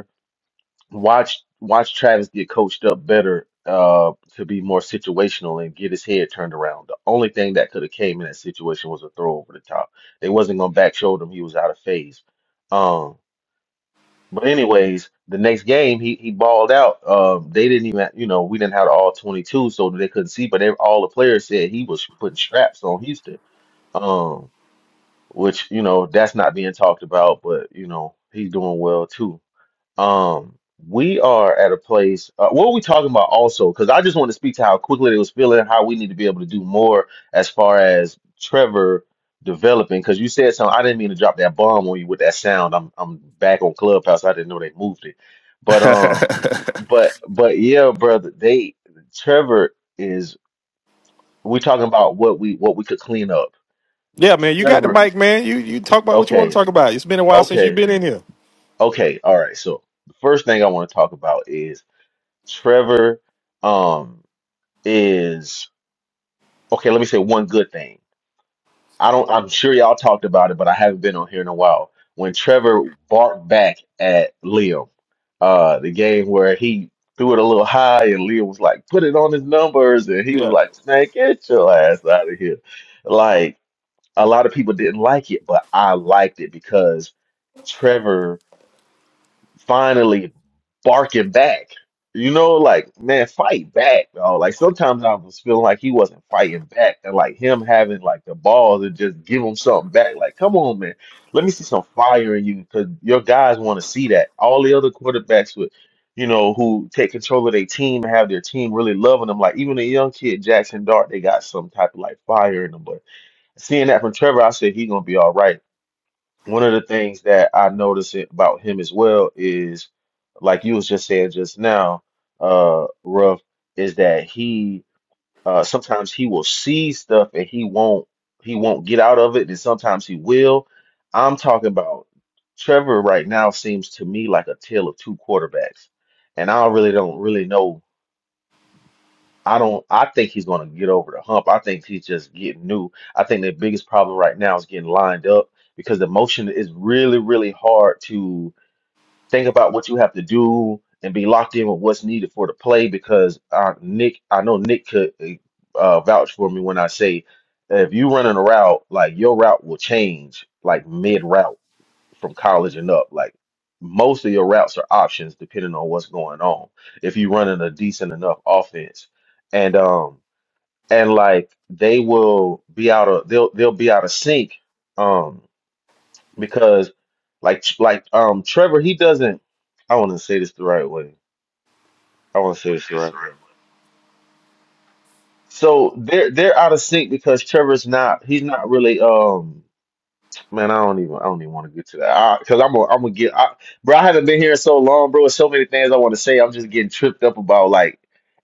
watch watch Travis get coached up better uh to be more situational and get his head turned around. The only thing that could have came in that situation was a throw over the top. They wasn't gonna back shoulder him, he was out of phase. Um but anyways, the next game he he balled out. Um they didn't even you know, we didn't have the all twenty two so they couldn't see, but they, all the players said he was putting straps on Houston. Um which, you know, that's not being talked about, but you know, he's doing well too. Um, we are at a place. Uh, what are we talking about also? Because I just want to speak to how quickly they was feeling, how we need to be able to do more as far as Trevor developing. Because you said something, I didn't mean to drop that bomb on you with that sound. I'm I'm back on Clubhouse. I didn't know they moved it, but um,
Yeah.
but but yeah, brother, they Trevor is. we are talking about what we what we could clean up.
yeah, man. You got the
Trevor,
mic, man. You you talk about what you want to
okay,
talk about. It's been a while since you've
okay,
been in here.
okay. All right. So the first thing I want to talk about is. Trevor um is okay, let me say one good thing. I don't I'm sure y'all talked about it, but I haven't been on here in a while. When Trevor barked back at Liam, uh the game where he threw it a little high and Liam was like, put it on his numbers and he was
Yeah.
like, Snake, get your ass out of here. Like a lot of people didn't like it, but I liked it because Trevor finally barking back. You know, like man, fight back, dog. Like sometimes I was feeling like he wasn't fighting back, and like him having like the balls and just give him something back. Like, come on, man, let me see some fire in you, because your guys want to see that. All the other quarterbacks with, you know, who take control of their team and have their team really loving them. Like even the young kid Jackson Dart, they got some type of like fire in them. But seeing that from Trevor, I said he's gonna be all right one of the things that I notice it- about him as well is, like you was just saying just now, uh, Ruff, is that he uh sometimes he will see stuff and he won't he won't get out of it, and sometimes he will. I'm talking about Trevor right now seems to me like a tale of two quarterbacks, and I really don't really know I don't. I think he's going to get over the hump. I think he's just getting new. I think their biggest problem right now is getting lined up because the motion is really, really hard to think about what you have to do and be locked in with what's needed for the play. Because uh, Nick, I know Nick could uh, vouch for me when I say if you running a route, like your route will change like mid route from college and up. Like most of your routes are options depending on what's going on. If you're running a decent enough offense, and um and like they will be out of they'll they'll be out of sync um because like like um Trevor he doesn't I want to say this the right way. I want to say this the right way. So they're they're out of sync because Trevor's not he's not really um Man, I don't even I don't even want to get to that because I'm gonna I'm gonna get I, bro. I haven't been here so long, bro. There's so many things I want to say. I'm just getting tripped up about like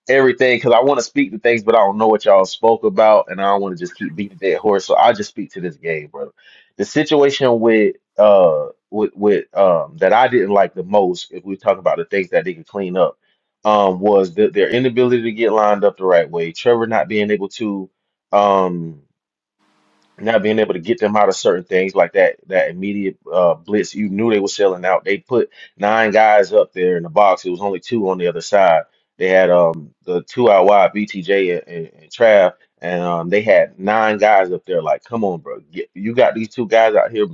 everything because I want to speak to things, but I don't know what y'all spoke about, and I don't want to just keep beating dead horse. So I just speak to this game, bro. The situation with uh with with um that I didn't like the most, if we talk about the things that they could clean up, um, was the, their inability to get lined up the right way. Trevor not being able to. um. Not being able to get them out of certain things like that, that immediate uh, blitz, you knew they were selling out. They put nine guys up there in the box. It was only two on the other side. They had um the two out wide, BTJ and, and, and Trav, and um they had nine guys up there. Like, come on, bro, get, you got these two guys out here,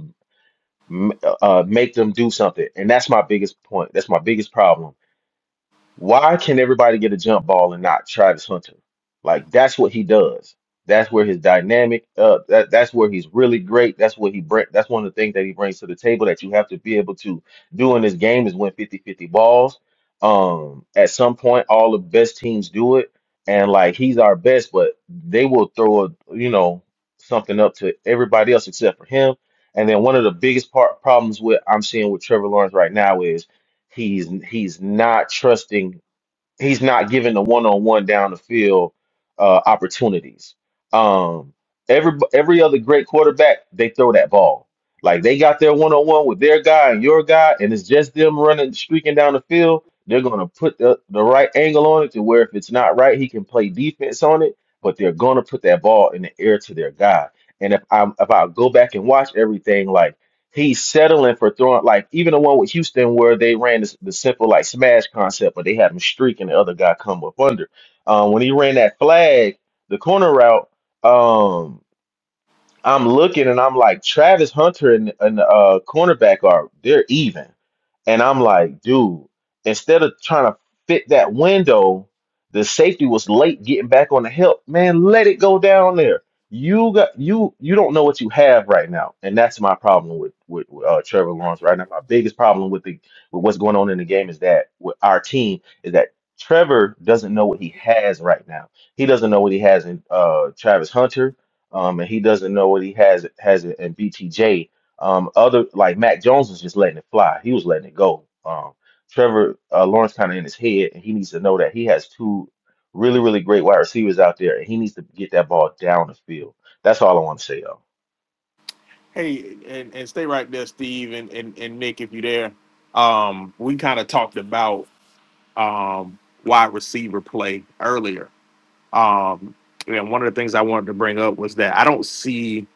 m- uh, make them do something. And that's my biggest point. That's my biggest problem why can everybody get a jump ball and not Travis Hunter? Like that's what he does. That's where his dynamic uh that, that's where he's really great. That's what he bring that's one of the things that he brings to the table that you have to be able to do in this game is win 50-50 balls. Um at some point all the best teams do it and like he's our best but they will throw a, you know something up to everybody else except for him. And then one of the biggest part problems with I'm seeing with Trevor Lawrence right now is he's he's not trusting he's not given the one-on-one down the field uh, opportunities. Um, every every other great quarterback, they throw that ball. Like they got their one-on-one with their guy and your guy, and it's just them running streaking down the field. They're gonna put the, the right angle on it to where if it's not right, he can play defense on it. But they're gonna put that ball in the air to their guy. And if I if I go back and watch everything, like he's settling for throwing like even the one with Houston where they ran this, the simple like smash concept, but they had him streak and the other guy come up under. Um, when he ran that flag, the corner route. Um, I'm looking and I'm like, Travis Hunter and, and uh cornerback are they're even. And I'm like, dude, instead of trying to fit that window, the safety was late getting back on the help. Man, let it go down there. You got you you don't know what you have right now. And that's my problem with with uh, Trevor Lawrence right now. My biggest problem with the with what's going on in the game is that with our team is that Trevor doesn't know what he has right now. He doesn't know what he has in uh Travis Hunter um, and he doesn't know what he has has it in BTJ. Um, other like Mac Jones was just letting it fly. He was letting it go. Um, Trevor uh, Lawrence kind of in his head, and he needs to know that he has two really really great wide receivers out there, and he needs to get that ball down the field. That's all I want to say,
Hey, and, and stay right there, Steve and, and, and Nick, if you're there. Um, we kind of talked about um, wide receiver play earlier. Um, and one of the things I wanted to bring up was that I don't see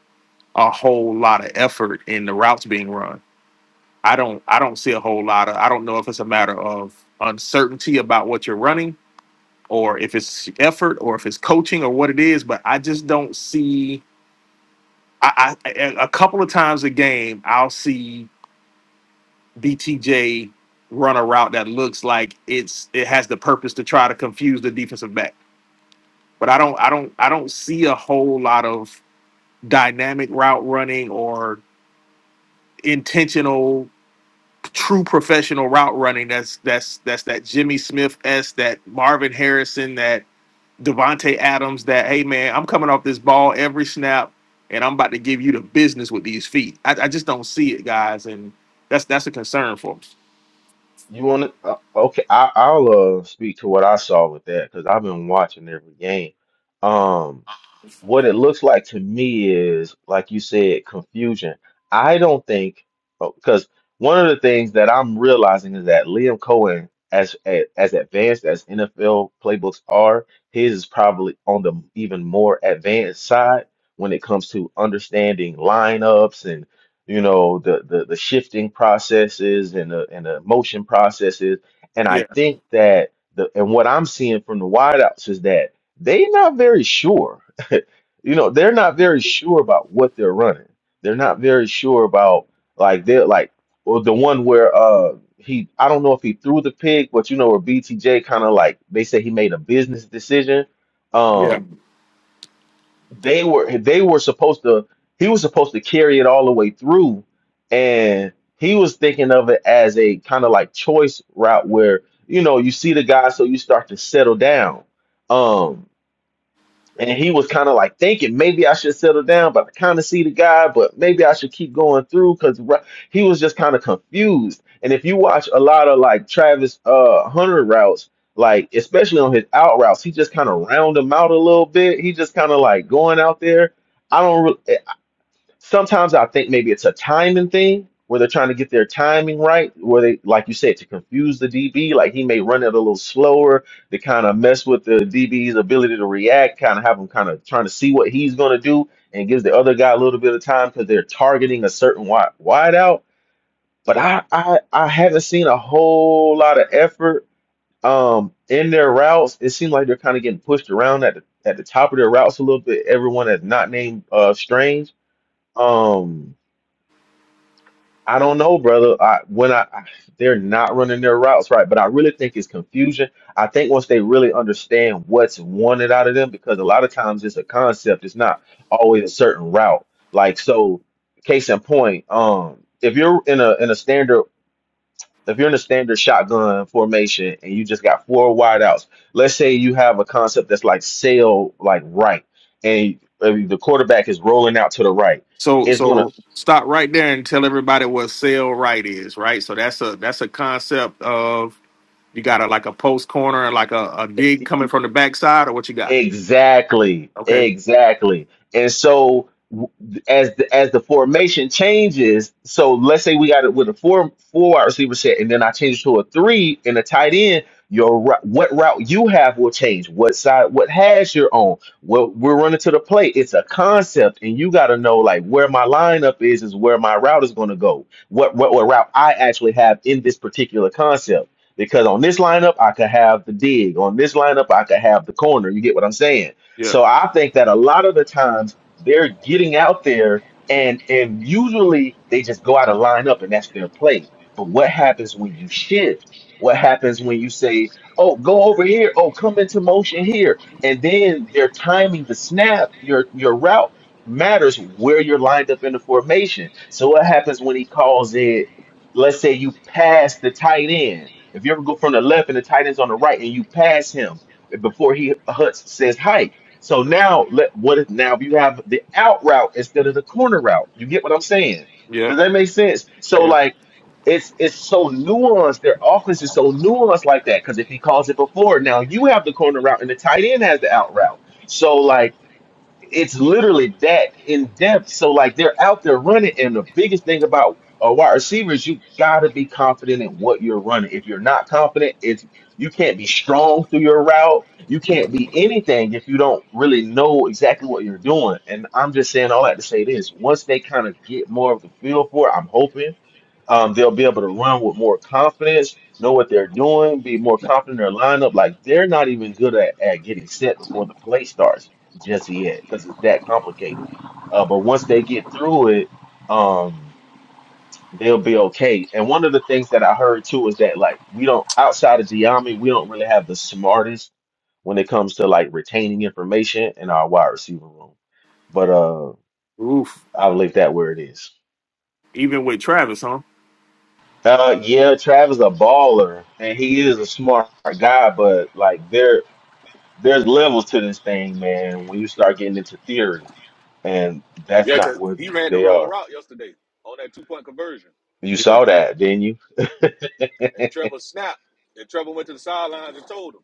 a whole lot of effort in the routes being run. I don't I don't see a whole lot of I don't know if it's a matter of uncertainty about what you're running or if it's effort or if it's coaching or what it is, but I just don't see I, I a a couple of times a game I'll see BTJ run a route that looks like it's it has the purpose to try to confuse the defensive back. But I don't I don't I don't see a whole lot of dynamic route running or intentional true professional route running that's that's that's that Jimmy Smith S that Marvin Harrison that Devontae Adams that hey man I'm coming off this ball every snap and I'm about to give you the business with these feet I, I just don't see it guys and that's that's a concern for me
You want to? Uh, okay, I, I'll uh, speak to what I saw with that because I've been watching every game. Um, what it looks like to me is, like you said, confusion. I don't think because one of the things that I'm realizing is that Liam Cohen, as a- as advanced as NFL playbooks are, his is probably on the even more advanced side when it comes to understanding lineups you know the the, the shifting processes and the and the motion processes and i
yeah
think that the and what i'm seeing from the wideouts is that they're not very sure you know they're not very sure about what they're running they're not very sure about like they're like or the one where uh he i don't know if he threw the pig but you know where btj kind of like they say he made a business decision
yeah
Um they were they were supposed to he was supposed to carry it all the way through and he was thinking of it as a kind of like choice route where you know you see the guy so you start to settle down Um and he was kind of like thinking maybe I should settle down, but I kind of see the guy, but maybe I should keep going through because he was just kind of confused. And if you watch a lot of like Travis uh Hunter routes, like especially on his out routes, he just kind of round them out a little bit. He just kind of like going out there. I don't sometimes I think maybe it's a timing thing where they're trying to get their timing right, where they, like you said, to confuse the DB. Like he may run it a little slower to kind of mess with the DB's ability to react, kind of have him kind of trying to see what he's going to do and gives the other guy a little bit of time because they're targeting a certain wide, wide out. But I, I, I haven't seen a whole lot of effort um, in their routes. It seems like they're kind of getting pushed around at the, at the top of their routes a little bit. Everyone that's not named uh, Strange. Um, I don't know, brother. I when I, I they're not running their routes right, but I really think it's confusion. I think once they really understand what's wanted out of them, because a lot of times it's a concept, it's not always a certain route. Like so, case in point, um, if you're in a in a standard if you're in a standard shotgun formation and you just got four wideouts, let's say you have a concept that's like sail like right, and uh, the quarterback is rolling out to the right,
so
it's gonna
so stop right there and tell everybody what sale right is right so that's a that's a concept of You got a like a post corner and like a, a dig coming from the backside, or what you got?
Exactly,
Okay.
exactly. And so w- as the as the formation changes, so let's say we got it with a four four wide receiver set, and then I change it to a three and a tight end. Your ru- what route you have will change. What side, what hash you're on. Well, we're running to the plate. It's a concept, and you got to know like where my lineup is, is where my route is going to go. What, what what route I actually have in this particular concept because on this lineup I could have the dig, on this lineup I could have the corner. You get what I'm saying?
Yeah.
So I think that a lot of the times they're getting out there and and usually they just go out of lineup and that's their play. But what happens when you shift? What happens when you say, "Oh, go over here. Oh, come into motion here." And then they're timing the snap, your your route matters where you're lined up in the formation. So what happens when he calls it let's say you pass the tight end. If you ever go from the left and the tight end's on the right and you pass him before he huts says hike. So now let what if now if you have the out route instead of the corner route? You get what I'm saying?
Yeah.
Does that make sense? So
Yeah.
like it's it's so nuanced. Their offense is so nuanced like that. Cause if he calls it before, now you have the corner route and the tight end has the out route. So like it's literally that in depth. So like they're out there running, and the biggest thing about a wide receiver is you gotta be confident in what you're running. If you're not confident, it's you can't be strong through your route. You can't be anything if you don't really know exactly what you're doing. And I'm just saying all that to say this: once they kind of get more of the feel for it, I'm hoping. Um, they'll be able to run with more confidence, know what they're doing, be more confident in their lineup. Like they're not even good at, at getting set before the play starts just yet because it's that complicated. Uh, but once they get through it, um, they'll be okay. And one of the things that I heard too is that like we don't outside of Giambi, we don't really have the smartest when it comes to like retaining information in our wide receiver room. But uh,
Oof.
I'll leave that where it is.
Even with Travis, huh?
Uh, yeah, Travis a baller, and he is a smart guy, but like there, there's levels to this thing, man. When you start getting into theory, and that's
Yeah,
not
cause
what
he ran the
they
wrong
are.
route yesterday on that two point conversion,
You
Yeah.
saw that, didn't you?
and Trevor snapped, and Trevor went to the sidelines and told him.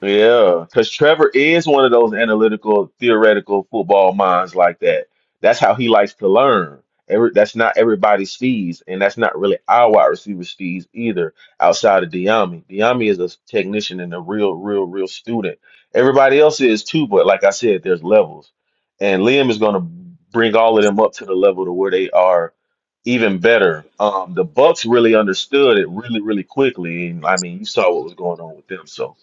Yeah, because Trevor is one of those analytical, theoretical football minds like that. That's how he likes to learn. Every, that's not everybody's speeds, and that's not really our wide receiver speeds either, outside of Diami. Diami is a technician and a real, real, real student. Everybody else is too, but like I said, there's levels. And Liam is going to bring all of them up to the level to where they are even better. Um, the Bucks really understood it really, really quickly. And I mean, you saw what was going on with them, so.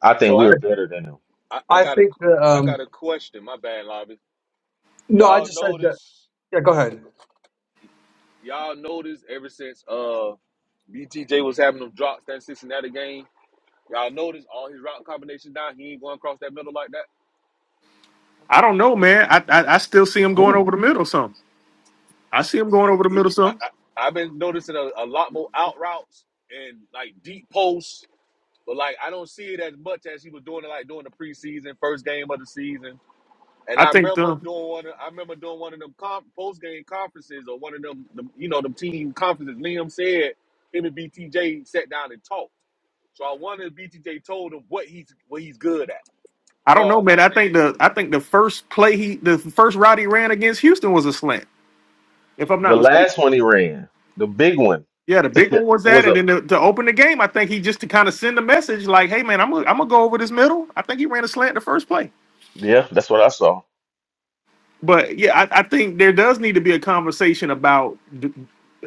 I think
So I,
we're better than them.
I, I
I
got a,
think that
I got
um,
a question. My bad, Lobby.
no, I
Y'all
just said that.
notice?
Yeah, go
Okay,
ahead.
go. y'all notice ever since uh BTJ was having them drops that Cincinnati game. Y'all notice all his route combinations now. He ain't going across that middle like that.
I don't know, man. I I, I still see him going
Ooh.
over the middle some. I see him going over the
He,
middle
I,
some.
I, I've been noticing a, a lot more out routes and like deep posts But like I don't see it as much as he was doing it like during the preseason, first game of the season. And
I
I
think
remember
the
doing one. of- I remember doing one of them conf- post game conferences or one of them, them, you know, them team conferences. Liam said him and BTJ sat down and talked. So I wonder if BTJ told him what he's what he's good at.
I don't know,
Far as
man. I think the I think the first play he the first route he ran against Houston was a slant, if I'm
The
not mistaken.
last one he ran, the big one,
Yeah, the big one was that,
was
and
a
then to, to open the game, I think he just to kind of send a message like, "Hey, man, I'm gonna, I'm gonna go over this middle." I think he ran a slant the first play.
yeah. That's what I saw.
but yeah, I, I think there does need to be a conversation about d-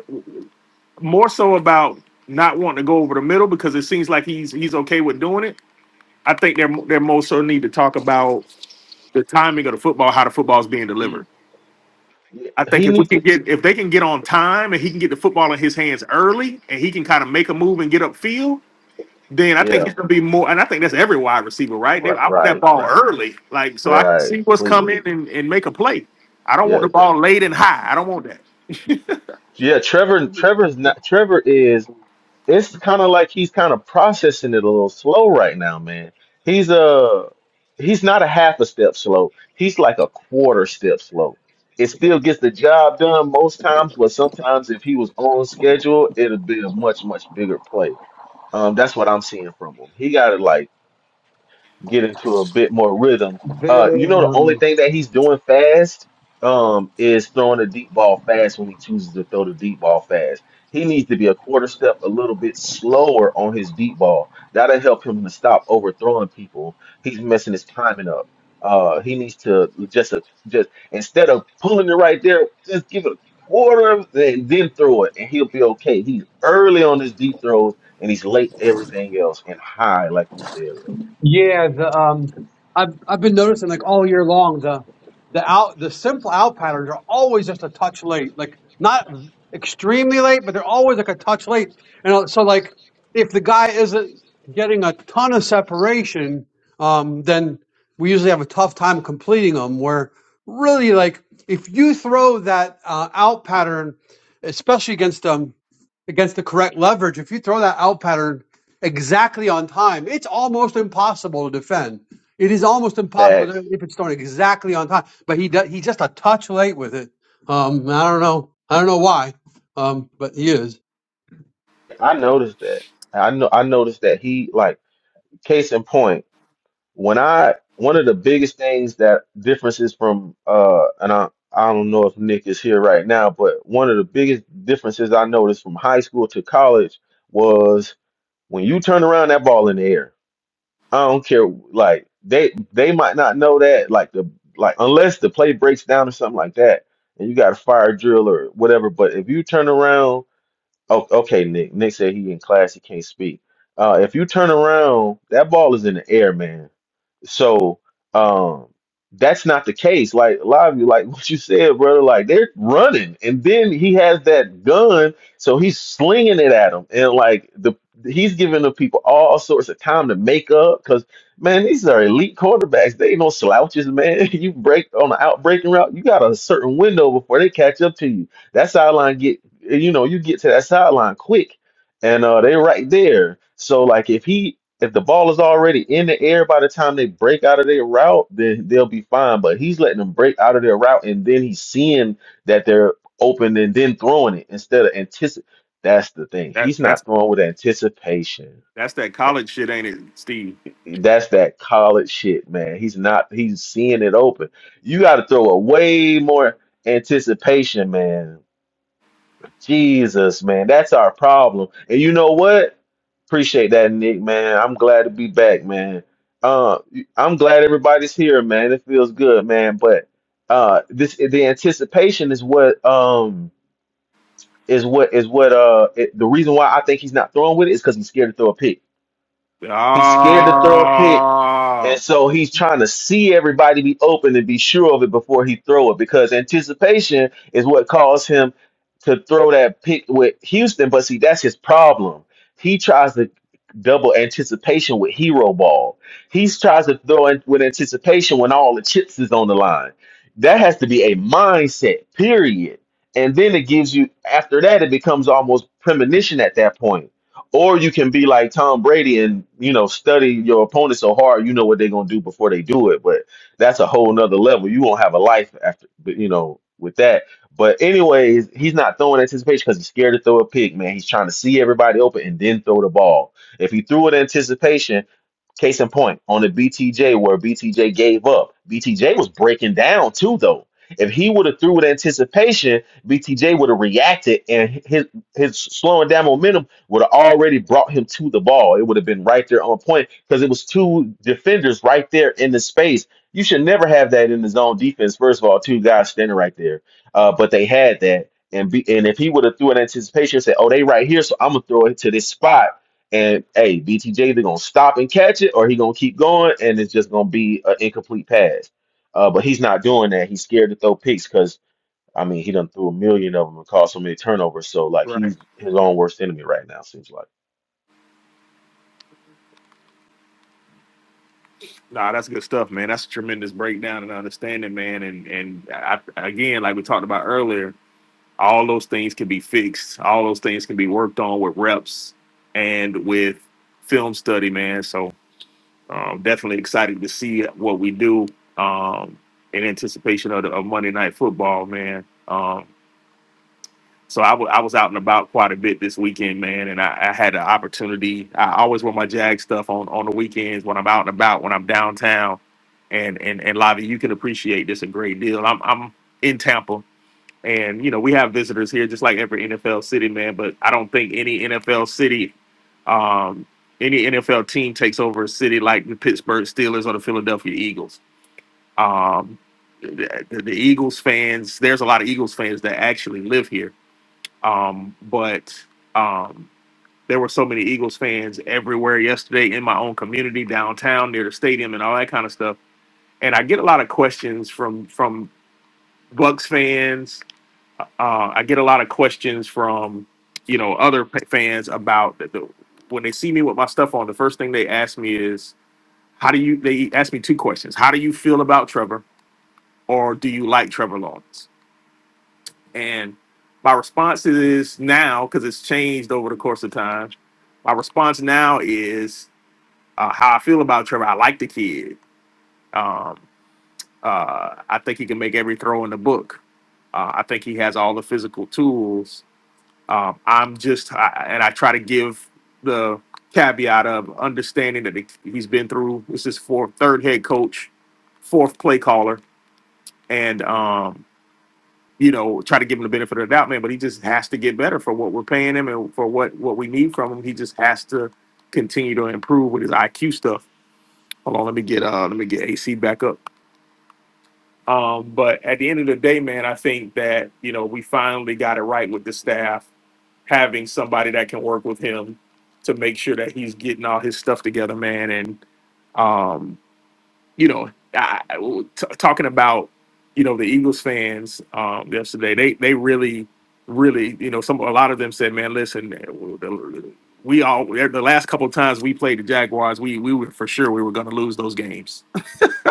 d- more so about not wanting to go over the middle because it seems like he's he's okay with doing it. I think they're they're most so need to talk about the timing of the football, how the football is being
in.
delivered.
Mm.
Yeah,
I think
He
if we
need
can
to
get if they can get on time and he can get the football in his hands early and he can kind of make a move and get upfield, then I think
yeah.
he's gonna be more. And I think that's every wide receiver, right? They,
Right,
I want that
right,
ball
right,
early, like so I can see
right.
what's
Please,
coming and, and make a play. I don't want
yeah,
the
tr-
ball late and high. I don't want that.
yeah. Trevor, Trevor's not. Trevor is. it's kind of like he's kind of processing it a little slow right now, man. He's a he's not a half a step slow. He's like a quarter step slow. It still gets the job done most times, but sometimes if he was on schedule, it'd be a much much bigger play. Um, that's what I'm seeing from him. He got to like get into a bit more rhythm. Uh,
There.
you know, the only
Um,
thing that he's doing fast um, is throwing a deep ball fast when he chooses to throw the deep ball fast. He needs to be a quarter step a little bit slower on his deep ball. That'll help him to stop overthrowing people. He's messing his timing up. Uh, he needs to just a, just instead of pulling it right there, just give it a quarter of- and then throw it, and he'll be okay. He's early on his deep throws and he's late everything else and high, like you said, bro.
Yeah, the um, I've I've been noticing like all year long the the out the simple out patterns are always just a touch late, like not extremely late, but they're always like a touch late. And so like if the guy isn't getting a ton of separation, um, then we usually have a tough time completing them. Where really like if you throw that uh, out pattern, especially against them against the correct leverage, if you throw that out pattern exactly on time, it's almost impossible to defend. It is almost impossible
Facts.
to- if it's thrown exactly on time. But he does, he's just a touch late with it. Um, I don't know. I don't know why. Um, but he is.
I noticed that. I know I noticed that he like case in point, when I one of the biggest things that differences from uh and I I don't know if Nick is here right now, but one of the biggest differences I noticed from high school to college was when you turn around that ball in the air. I don't care like they they might not know that like the like unless the play breaks down or something like that and you got a fire drill or whatever, but if you turn around Oh, okay, Nick. Nick said he in class, he can't speak. Uh, if you turn around, that ball is in the air, man. So, um, that's not the case. Like a lot of you, like what you said, brother. Like they're running, and then he has that gun, so he's slinging it at them, and like the he's giving the people all sorts of time to make up. Because man, these are elite quarterbacks. They ain't no slouches, man. You break on the out breaking route, you got a certain window before they catch up to you. That's how line get and, you know, you get to that sideline quick, and uh, they're right there. So like, if he if the ball is already in the air by the time they break out of their route, then they'll be fine. But he's letting them break out of their route, and then he's seeing that they're open and then throwing it instead of anticip. That's the thing.
That
He's
that's
not throwing with anticipation.
that's that college shit, ain't it, Steve?
That's that college shit, man. He's not. He's seeing it open. You got to throw a way more anticipation, man. Jesus, man, that's our problem. And you know what? Appreciate that, Nick, man. I'm glad to be back, man. Uh, I'm glad everybody's here, man. It feels good, man. But uh, this the anticipation is what um is what is what uh it, the reason why I think he's not throwing with it is because he's scared to throw a pick.
Oh,
He's scared to throw a pick and so he's trying to see everybody be open and be sure of it before he throw it because anticipation is what caused him to throw that pick with Houston. But see, that's his problem. He tries to double anticipation with hero ball. He tries to throw in with anticipation when all the chips is on the line. That has to be a mindset, period. And then it gives you after that it becomes almost premonition at that point or you can be like Tom Brady and you know study your opponent so hard you know what they're gonna do before they do it. But that's a whole nother level. You won't have a life after but, you know with that. But anyways, he's not throwing anticipation because he's scared to throw a pick, man. He's trying to see everybody open and then throw the ball. If he threw it in anticipation, Case in point, on the BTJ where BTJ gave up, BTJ was breaking down too, though. If he would have threw with anticipation, BTJ would have reacted, and his his slowing down momentum would have already brought him to the ball. It would have been right there on point because it was two defenders right there in the space. You should never have that in the zone defense. First of all, two guys standing right there, uh, but they had that, and B. and if he would have threw an anticipation, and said, "Oh, they right here, so I'm gonna throw it to this spot." And hey, BTJ either gonna stop and catch it, or he gonna keep going, and it's just gonna be an incomplete pass. Uh, but he's not doing that. He's scared to throw picks because I mean he done threw a million of them and caused so many turnovers. So like
right.
he's his own worst enemy right now. Seems like.
Nah, that's good stuff, man. That's a tremendous breakdown and understanding, man. And and I, again, like we talked about earlier, all those things can be fixed. All those things can be worked on with reps and with film study, man. So um, definitely excited to see what we do um, in anticipation of, the, of Monday Night Football, man. Um, So I wa- I was out and about quite a bit this weekend, man, and I, I had an opportunity. I always wear my Jag stuff on on the weekends when I'm out and about, when I'm downtown, and and and Lavi, you can appreciate this a great deal. I'm I'm in Tampa, and you know we have visitors here, just like every NFL city, man. But I don't think any NFL city, um, any NFL team takes over a city like the Pittsburgh Steelers or the Philadelphia Eagles. Um, the, the the Eagles fans, there's a lot of Eagles fans that actually live here um, but um, there were so many Eagles fans everywhere yesterday in my own community downtown near the stadium and all that kind of stuff. And I get a lot of questions from from Bucks fans. Uh, I get a lot of questions from you know other pa- fans about the, the when they see me with my stuff on. The first thing they ask me is, "How do you?" They ask me two questions: "How do you feel about Trevor?" or "Do you like Trevor Lawrence?" And my response is now, because it's changed over the course of time, my response now is uh, how I feel about Trevor. I like the kid. Um, uh, I think he can make every throw in the book. Uh, I think he has all the physical tools. Um, I'm just, I, and I try to give the caveat of understanding that he's been through, this is fourth, third head coach, fourth play caller. And um, you know, try to give him the benefit of the doubt, man. But he just has to get better for what we're paying him and for what what we need from him. He just has to continue to improve with his IQ stuff. Hold on, let me get uh, let me get AC back up. Um, but at the end of the day, man, I think that you know we finally got it right with the staff, having somebody that can work with him to make sure that he's getting all his stuff together, man. And um, you know, I, I- t- talking about you know the Eagles fans um, yesterday, they they really, really, you know, some a lot of them said, "Man, listen, the- we all the last couple of times we played the Jaguars, we we were for sure we were going to lose those games."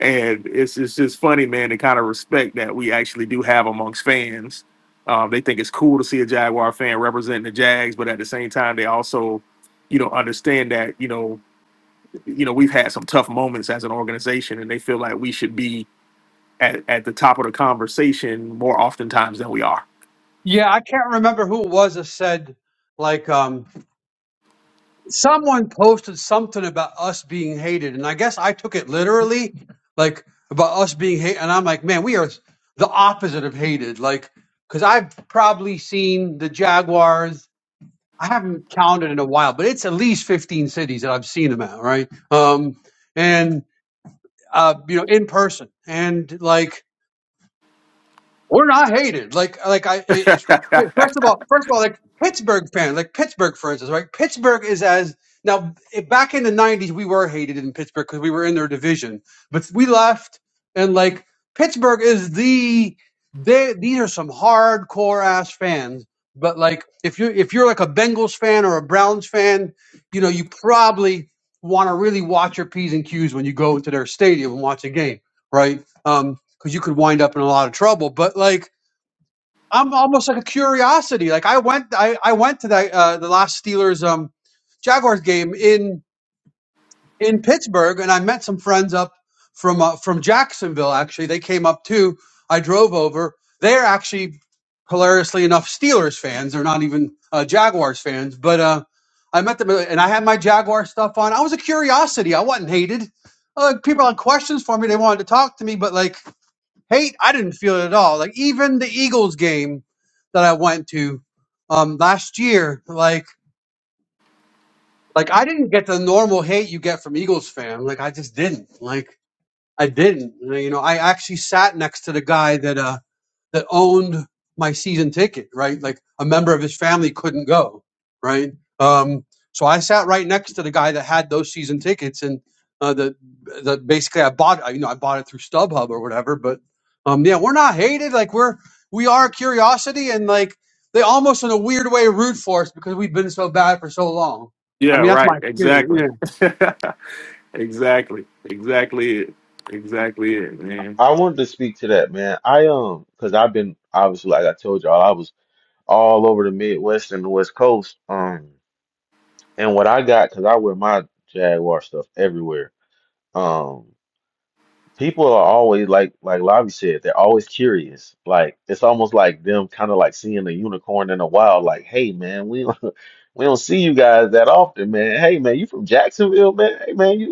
and it's it's just funny, man, the kind of respect that we actually do have amongst fans. Um, they think it's cool to see a Jaguar fan representing the Jags, but at the same time, they also, you know, understand that you know you know, we've had some tough moments as an organization, and they feel like we should be at, at the top of the conversation more oftentimes than we are.
Yeah, I can't remember who it was that said like. Um, someone posted something about us being hated, and I guess I took it literally, like about us being hated. And I'm like, man, we are the opposite of hated. Like, because I've probably seen the Jaguars. I haven't counted in a while, but it's at least 15 cities that I've seen them at, right? Um, and uh, you know, in person, and like we're not hated. Like like I it, it- first of all first of all like Pittsburgh fan like Pittsburgh for instance right Pittsburgh is as now it, back in the nineties we were hated in Pittsburgh because we were in their division but we left and like Pittsburgh is the they these are some hardcore ass fans but like if you if you're like a Bengals fan or a Browns fan you know you probably want to really watch your p's and q's when you go into their stadium and watch a game right Um, because you could wind up in a lot of trouble. But like, I'm almost like a curiosity. Like, I went, I, I went to that uh, the last Steelers um, Jaguars game in in Pittsburgh, and I met some friends up from uh, from Jacksonville. Actually, they came up too. I drove over. They're actually hilariously enough Steelers fans. They're not even uh, Jaguars fans, but uh, I met them, uh, and I had my Jaguar stuff on. I was a curiosity. I wasn't hated. Uh, people had questions for me. They wanted to talk to me, but like Hate, I didn't feel it at all. Like even the Eagles game that I went to um last year, like like I didn't get the normal hate you get from Eagles fan. Like I just didn't. Like I didn't. You know, I actually sat next to the guy that uh that owned my season ticket, right? Like a member of his family couldn't go, right? Um, so I sat right next to the guy that had those season tickets, and uh, the the basically I bought you know I bought it through StubHub or whatever, but um, yeah, we're not hated. Like we're we are a curiosity, and like they almost in a weird way root for us because we've been so bad for so long.
yeah,
I mean, that's
right.
my experience.
Exactly.
Yeah.
exactly. Exactly it. Exactly it, man.
I wanted to speak to that man. I um because I've been obviously like I told y'all I was all over the Midwest and the West Coast. Um, and what I got because I wear my Jaguar stuff everywhere. Um. People are always like like Lavi said, they're always curious. Like it's almost like them kind of like seeing a unicorn in the wild, like, hey man, we don't we don't see you guys that often, man. Hey man, you from Jacksonville, man. Hey man, you.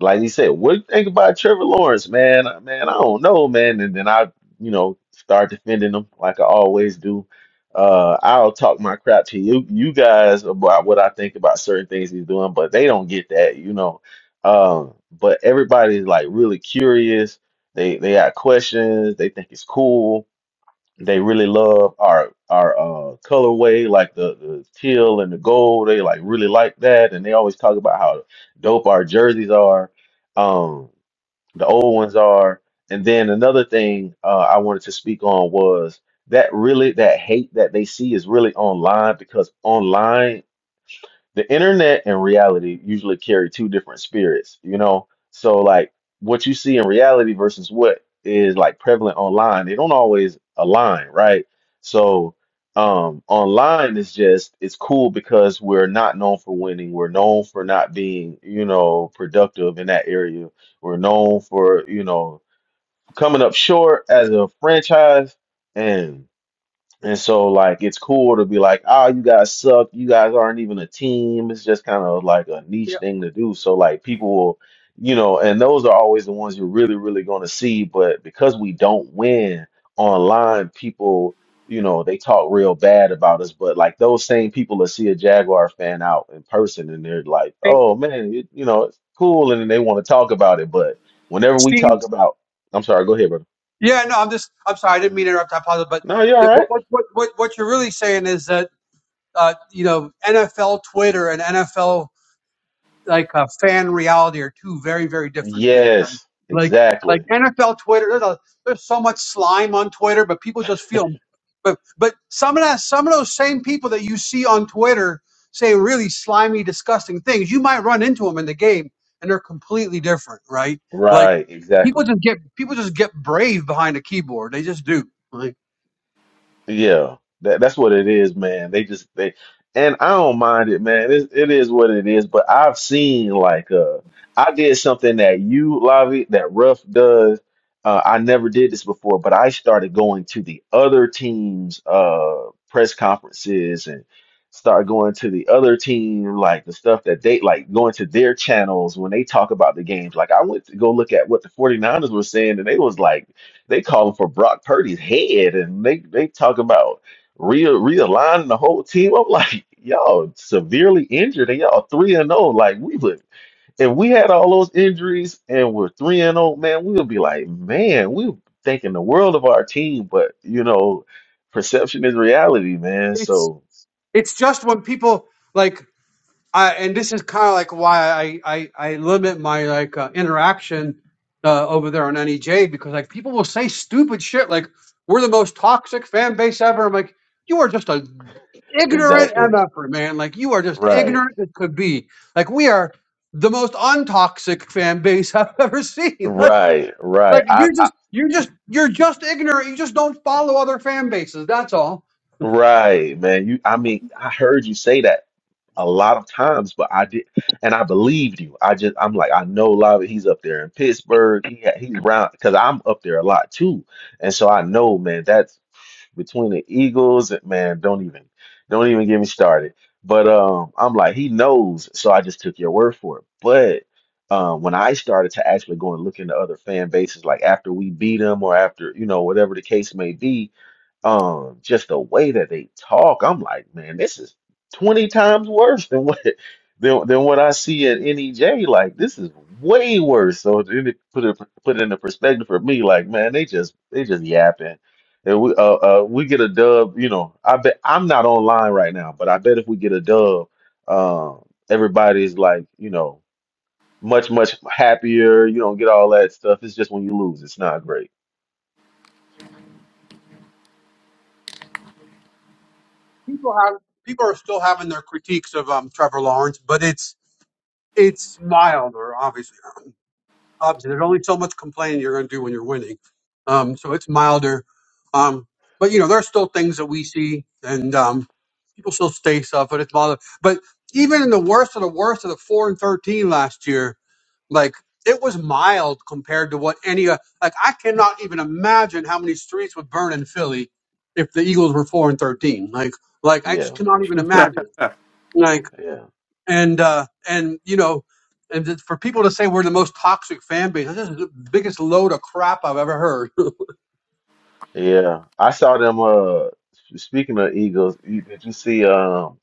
Like he said, what do you think about Trevor Lawrence, man? Uh, Man, I don't know, man. And then I, you know, start defending him like I always do. Uh, I'll talk my crap to you, you guys about what I think about certain things he's doing, but they don't get that, you know. Um, but everybody's like really curious. They they got questions. They think it's cool they really love our our uh, colorway, like the, the teal and the gold. They like really like that, and they always talk about how dope our jerseys are, um, the old ones are. And then another thing uh, I wanted to speak on was that really that hate that they see is really online because online the internet and reality usually carry two different spirits, you know? So like what you see in reality versus what is like prevalent online, they don't always align, right? So um online is just it's cool because we're not known for winning. We're known for not being, you know, productive in that area. We're known for, you know, coming up short as a franchise and so like it's cool to be like, oh, you guys suck. You guys aren't even a team. It's just kind of like a niche
Yeah.
thing to do. So like people will, you know, and those are always the ones you're really, really going to see. But because we don't win online, people, you know, they talk real bad about us. But like those same people that see a Jaguar fan out in person and they're like,
Hey,
oh man, you, you know, it's cool. And then they want to talk about it. But whenever we
Steve.
talk about, I'm sorry, go ahead, brother.
Yeah, no, I'm just, I'm sorry, I didn't mean to interrupt Apostle, but
No, you're all
yeah, what,
right.
what, what, what what you're really saying is that, uh, you know, NFL Twitter and NFL like a fan reality are two very very different things.
Yes,
Like
exactly.
like, like NFL Twitter, there's, a, there's so much slime on Twitter, but people just feel. But but some of that some of those same people that you see on Twitter say really slimy, disgusting things. You might run into them in the game, and they're completely different, right? Like
Right,
people
exactly.
just get people just get brave behind a keyboard. They just do. Like
Yeah, that that's what it is, man. They just they, and I don't mind it, man. It it is what it is. But I've seen like uh, I did something that you, Lavi, that Ruff does. Uh, I never did this before, but I started going to the other teams' uh press conferences and start going to the other team like the stuff that they like going to their channels when they talk about the games. Like I went to go look at what the 49ers were saying, and they was like. They calling for Brock Purdy's head, and they they talk about re realigning the whole team. I'm like, y'all severely injured, and y'all three and zero. Like we would, if we had all those injuries and we're three and zero, man, we would be like, man, we were thinking the world of our team. But you know, perception is reality, man.
it's
So
it's just when people like I, and this is kind of like why I, I, I limit my like uh, interaction uh, over there on NEJ because like people will say stupid shit like we're the most toxic fan base ever. I'm like, you are just a ignorant
exactly,
mf'er, man. Like you are just
right,
ignorant as could be. Like we are the most untoxic fan base I've ever seen. Like
right, right.
like
I,
you're
I
just you're just you're just ignorant. You just don't follow other fan bases. That's all.
right, man. You, I mean, I heard you say that a lot of times, but I did, and I believed you. I just, I'm like, I know Lava. He's up there in Pittsburgh. He ha- he's around because I'm up there a lot too, and so I know, man. That's between the Eagles, man. Don't even, don't even get me started. But um, I'm like, he knows, so I just took your word for it. But um, when I started to actually go and look into other fan bases, like after we beat them or after, you know, whatever the case may be, um just the way that they talk i'm like man this is 20 times worse than what than, than what i see at NEJ like this is way worse so to really put it put it into perspective for me like man they just they just yapping and we uh, uh we get a dub you know i bet i'm not online right now but i bet if we get a dub um everybody's like you know much much happier you don't get all that stuff it's just when you lose it's not great
People have people are still having their critiques of um Trevor Lawrence, but it's it's milder, obviously. Obviously, there's only so much complaining you're going to do when you're winning. Um, so it's milder. Um, but you know, there's still things that we see, and um, people still stay stuff, but it's milder. But even in the worst of the worst of the four and thirteen last year, like it was mild compared to what any uh, like I cannot even imagine how many streets would burn in Philly if the Eagles were four and thirteen. Like, like I just
yeah
cannot even imagine. Like
yeah.
and uh, and you know, and just for people to say we're the most toxic fan base, this is the biggest load of crap I've ever heard.
Yeah, I saw them. Uh, speaking of Eagles, you, did you see? Um,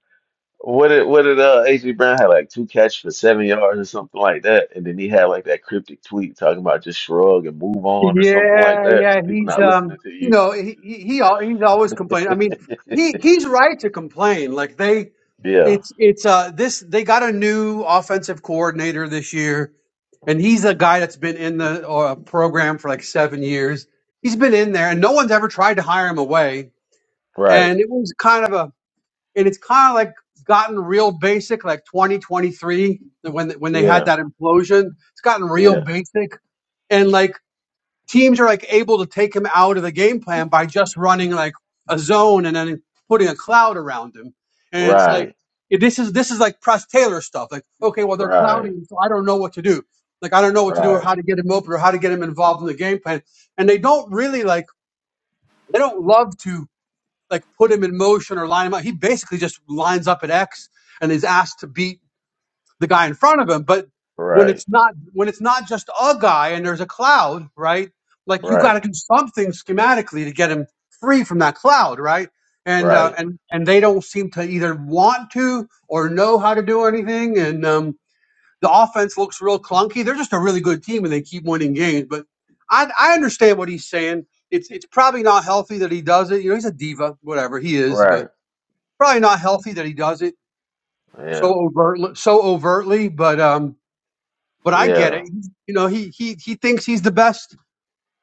what did what did uh AJ Brown had like two catches for seven yards or something like that, and then he had like that cryptic tweet talking about just shrug and move on or something like
Yeah,
that when
yeah,
people
he's
not
um,
listening to
You
you.
know, he he, he al- he's always complaining. I mean, he he's right to complain. Like they,
Yeah,
it's it's uh this they got a new offensive coordinator this year, and he's a guy that's been in the uh, program for like seven years. He's been in there, and no one's ever tried to hire him away.
right.
And it was kind of a and it's kind of like gotten real basic like 2023 when when they had
Yeah,
that implosion it's gotten real
yeah,
basic and like teams are like able to take him out of the game plan by just running like a zone and then putting a cloud around him and it's like
right,
this is this is like press taylor stuff like okay well they're
right,
clouding so i don't know what to do like i don't know what to do or
right,
how to get him open or how to get him involved in the game plan and they don't really like they don't love to like put him in motion or line him up. He basically just lines up at X and is asked to beat the guy in front of him. But when
right,
it's not when it's not just a guy and there's a cloud, right? Like you got
right,
to do something schematically to get him free from that cloud, right? And uh,
right,
and and they don't seem to either want to or know how to do anything. And um, the offense looks real clunky. They're just a really good team and they keep winning games. But I, I understand what he's saying. It's it's probably not healthy that he does it. You know, he's a diva, whatever he is,
right.
but probably not healthy that he does it so
Yeah,
overtly. So overtly, but um, but I get
yeah,
it. You know, he he he thinks he's the best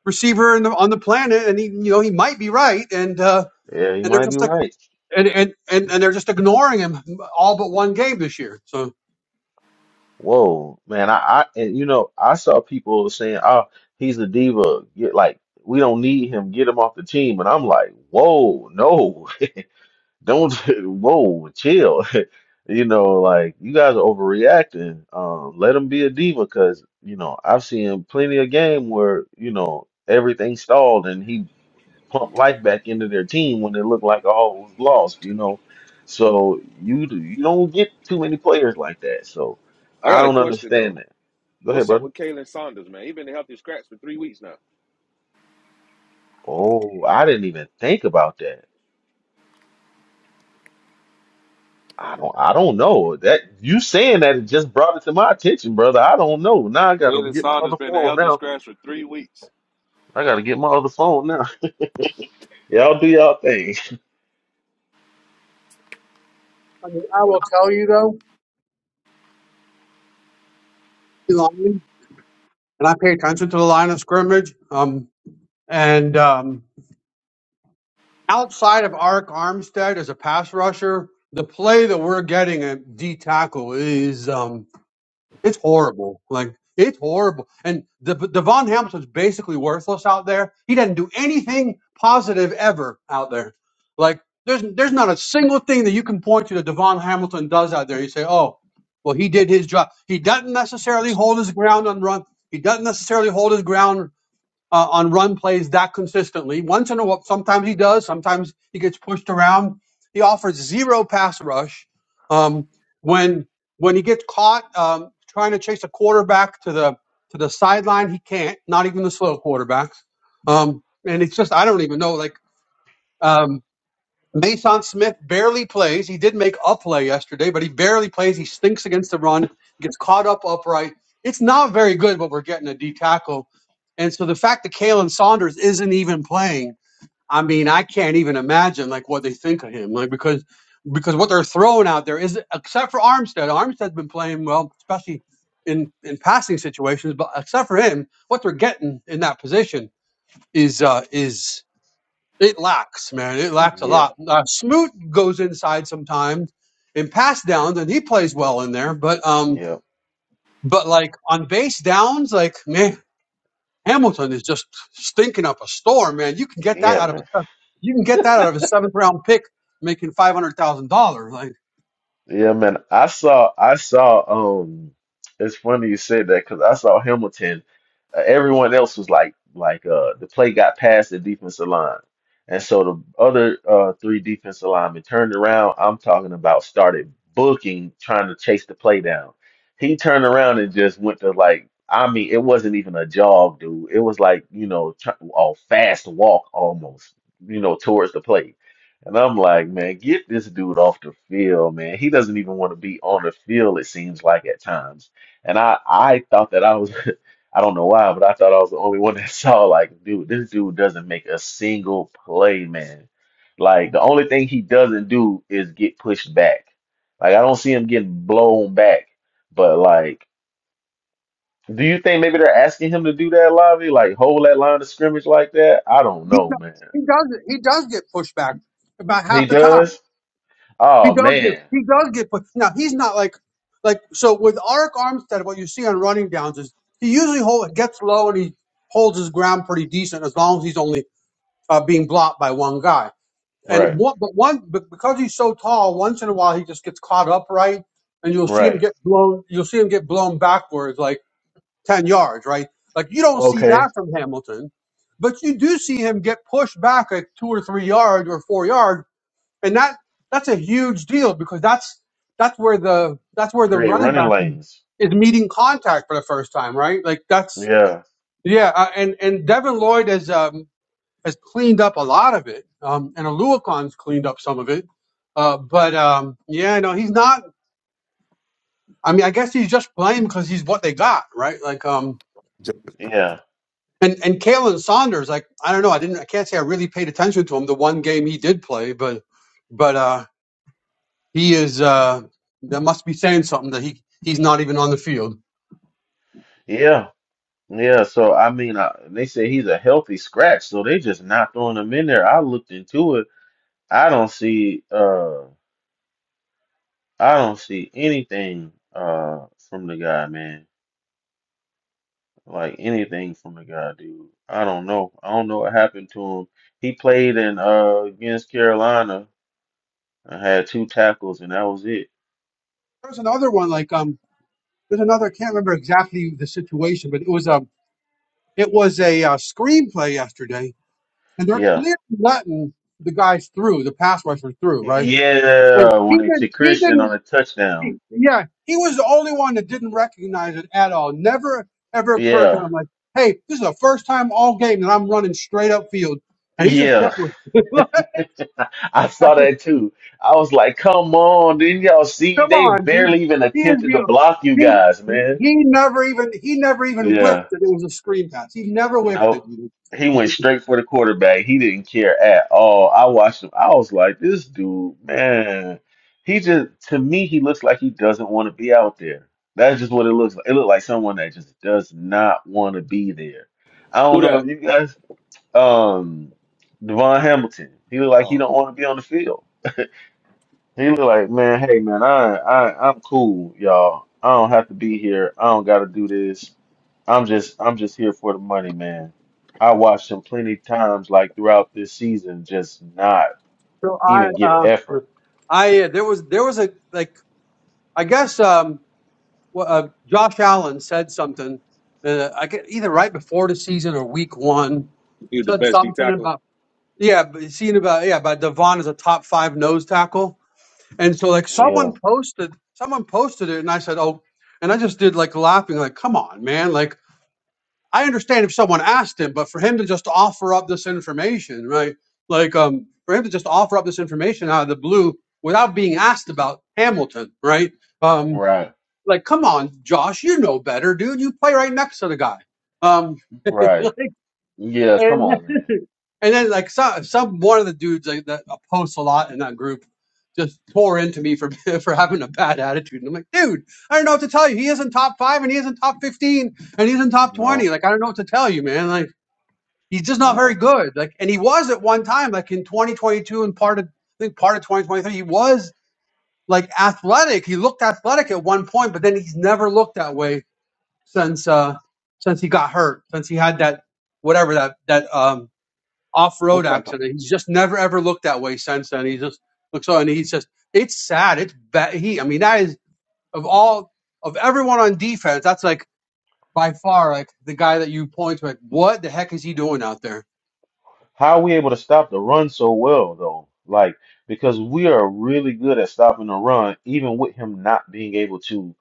receiver in the, on the planet, and he you know he might be right, and uh,
yeah. You
and they're
might be
just like
right.
and and and, and they're just ignoring him all but one game this year. So
Whoa, man! I, I and you know I saw people saying, "Oh, he's a diva. Get like we don't need him. Get him off the team." And I'm like, "Whoa, no, don't. Whoa, chill. You know, like you guys are overreacting. Um, let him be a diva because you know I've seen plenty of game where you know everything stalled and he pump life back into their team when it looked like all was lost, you know. So you do, you don't get too many players like that. So
I
I
got a
don't
question though.
understand that. Go ahead,
What's up
brother.
with Kalen Saunders, man? He been the healthy scratch for three weeks now.
Oh, I didn't even think about that. I don't I don't know. That you saying that it just brought it to my attention, brother. I don't know. Now I gotta
Kalen
get my
Saunders
other
been the
phone
healthy
now.
scratch for three weeks.
I gotta get my other phone now. Y'all do y'all thing.
I mean, I will tell you though, and I pay attention to the line of scrimmage. Um, and um, outside of Arik Armstead as a pass rusher, the play that we're getting at D tackle is um, it's horrible. Like it's horrible. And the, Devon Hamilton's basically worthless out there. He doesn't do anything positive ever out there. Like there's there's not a single thing that you can point to that Devon Hamilton does out there. You say, oh. Well, he did his job. He doesn't necessarily hold his ground on run. He doesn't necessarily hold his ground uh, on run plays that consistently. Once in a while, sometimes he does. Sometimes he gets pushed around. He offers zero pass rush. Um, when when he gets caught um, trying to chase a quarterback to the to the sideline, he can't. Not even the slow quarterbacks. Um, and it's just I don't even know. Like um, Mason Smith barely plays. He did make a play yesterday, but he barely plays. He stinks against the run, gets caught up upright. It's not very good, but we're getting a D tackle. And so the fact that Kalen Saunders isn't even playing, I mean, I can't even imagine like what they think of him. Like because because what they're throwing out there is except for Armstead. Armstead's been playing well, especially in in passing situations, but except for him, what they're getting in that position is uh is it lacks, man. It lacks a
Yeah,
lot. Uh, Smoot goes inside sometimes in pass downs, and he plays well in there. But um,
yeah,
but like on base downs, like man, Hamilton is just stinking up a storm, man. You can get that
yeah,
out
man.
of a you can get that out of a seventh round pick making five hundred thousand dollars. Like
Yeah, man. I saw, I saw, um, it's funny you said that because I saw Hamilton. Uh, everyone else was like, like, uh, the play got past the defensive line. And so the other, uh, three defensive linemen turned around. I'm talking about started booking, trying to chase the play down. He turned around and just went to like, I mean, it wasn't even a jog, dude. It was like, you know, tr a fast walk almost, you know, towards the play. And I'm like, man, get this dude off the field, man. He doesn't even want to be on the field, it seems like at times. And I, I thought that I was, I don't know why, but I thought I was the only one that saw, like, dude, this dude doesn't make a single play, man. Like, the only thing he doesn't do is get pushed back. Like, I don't see him getting blown back. But, like, do you think maybe they're asking him to do that, Lavi? Like, hold that line of scrimmage like that? I don't
he do-
know, man.
he does he does get pushback about
He
half the time.
does?
He
Oh,
does get
man.
he does get put now he's not like like so with Arik Armstead, what you see on running downs is he usually hold gets low and he holds his ground pretty decent as long as he's only uh, being blocked by one guy. And
Right.
what but one but because he's so tall, once in a while he just gets caught upright and you'll see him
Right.
get blown you'll see him get blown backwards like ten yards, right? Like you don't see
Okay.
that from Hamilton. But you do see him get pushed back like two or three yards or four yards and that that's a huge deal because that's that's where the that's where the
Create
running
running
back
lanes.
is meeting contact for the first time, right? Like that's
Yeah.
yeah, uh, and and Devin Lloyd has um, has cleaned up a lot of it, um, and Aluakon's cleaned up some of it, uh, but um, yeah, no, he's not. I mean, I guess he's just playing because he's what they got, right? Like um.
Yeah.
And and Kalen Saunders, like I don't know, I didn't, I can't say I really paid attention to him the one game he did play, but but uh He is. Uh, that must be saying something that he he's not even on the field.
Yeah. Yeah. So I mean, I, they say he's a healthy scratch, so they just not throwing him in there. I looked into it. I don't see. Uh, I don't see anything. Uh, from the guy, man. Like anything from the guy, dude. I don't know. I don't know what happened to him. He played in uh against Carolina and had two tackles, and that was it.
There's another one like um. There's another. I can't remember exactly the situation, but it was a it was a uh, screenplay yesterday, and they're
Yeah.
clearly letting the guys through, the pass rushers through, right? Like
Yeah. When
he
they took
didn't. He
Christian
didn't.
on a touchdown.
He- yeah, he was the only one that didn't recognize it at all. Never ever occurred to
Yeah,
him like, hey, this is the first time all game that I'm running straight up field, and he just
yeah,
kept. Come
I saw that too. I was like, come on, didn't y'all see? They
on, dude.
barely even
He is
attempted to
the
block you
he.
guys, man.
He never even he never even
Yeah,
whiffed that it was a screen pass. He never whiffed it.
nope.
dude.
He went straight for the quarterback. He didn't care at all. I watched him. I was like, this dude, man, he just, to me, he looks like he doesn't want to be out there. That's just what it looks like. It looked like someone that just does not want to be there. I don't
Who
know
that?
if you guys, um, Devon Hamilton, he looked like he
Oh,
don't want to be on the field. He look like, man, hey man, I I I'm cool, y'all. I don't have to be here. I don't gotta do this. I'm just I'm just here for the money, man. I watched him plenty times like throughout this season just not
So I
even give
uh,
effort.
I uh, there was there was a like I guess um well, uh, Josh Allen said something. Uh, I get either right before the season or week one
he's the
said
best D
something
tackle.
about yeah, but seeing about yeah, about Devon as a top five nose tackle, and so like
Yeah.
someone posted, someone posted it, and I said, oh, and I just did like laughing, like come on, man, like I understand if someone asked him, but for him to just offer up this information, right, like um, for him to just offer up this information out of the blue without being asked about Hamilton, right, um,
Right.
like, come on, Josh, you know better, dude. You play right next to the guy. Um,
Right.
like,
Yeah, come
and
on, man.
and then like some some one of the dudes like, that posts a lot in that group just tore into me for for having a bad attitude. And I'm like, dude, I don't know what to tell you. He isn't top five, and he isn't top fifteen, and he isn't top
No.
twenty. Like, I don't know what to tell you, man. Like, he's just not very
No.
good. Like, and he was at one time, like in 2022 and part of I think part of 2023, he was like athletic. He looked athletic at one point, but then he's never looked that way since uh since he got hurt, since he had that whatever that that um off road
Look like a-
accident. He's just never ever looked that way since then. He just looks so and he's just it's sad. It's bad. He I mean that is of all of everyone on defense, that's like by far like the guy that you point to like what the heck is he doing out there?
how are we able to stop the run so well though? Like because we are really good at stopping the run, even with him not being able to.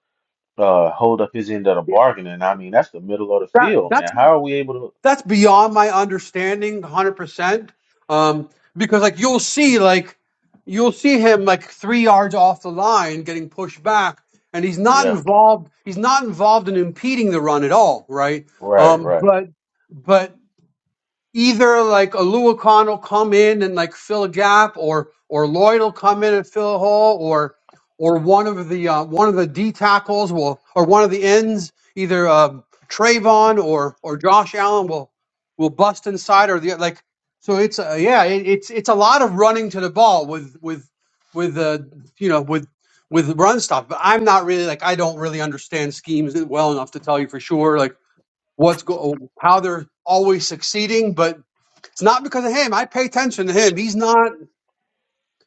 uh hold up his end of the
Yeah,
bargain and I mean that's the middle of the
That
field,
that's
man. How are we able to
that's beyond my understanding 100% um because like you'll see like you'll see him like 3 yards off the line getting pushed back and he's not
Yeah,
involved he's not involved in impeding the run at all right
right,
um
right.
but but either like a Luacan will come in and like fill a gap, or or Lloyd will come in and fill a hole, or or one of the uh, one of the D tackles will, or one of the ends, either um Trayvon or or Josh Allen will will bust inside, or the like. So it's uh, yeah, it, it's it's a lot of running to the ball with with with uh, you know with with run stop. But I'm not really like I don't really understand schemes well enough to tell you for sure like what's go how they're always succeeding, but it's not because of him. I pay attention to him. He's not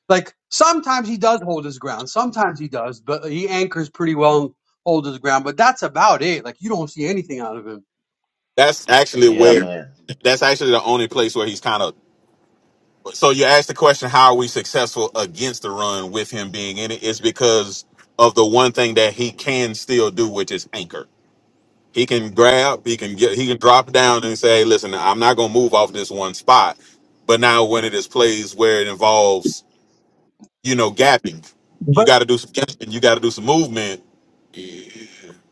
like sometimes he does hold his ground. Sometimes he does, but he anchors pretty well and holds his ground. But that's about it. Like you don't see anything out of him.
That's actually
Yeah,
where,
man.
that's actually the only place where he's kind of. So you asked the question, how are we successful against the run with him being in it? It's because of the one thing that he can still do, which is anchor. He can grab, he can get, he can drop down and say, "Hey, "Listen, I'm not going to move off this one spot." But now, when it is plays where it involves, you know, gapping, you
But
got to do some catching, you got to do some movement.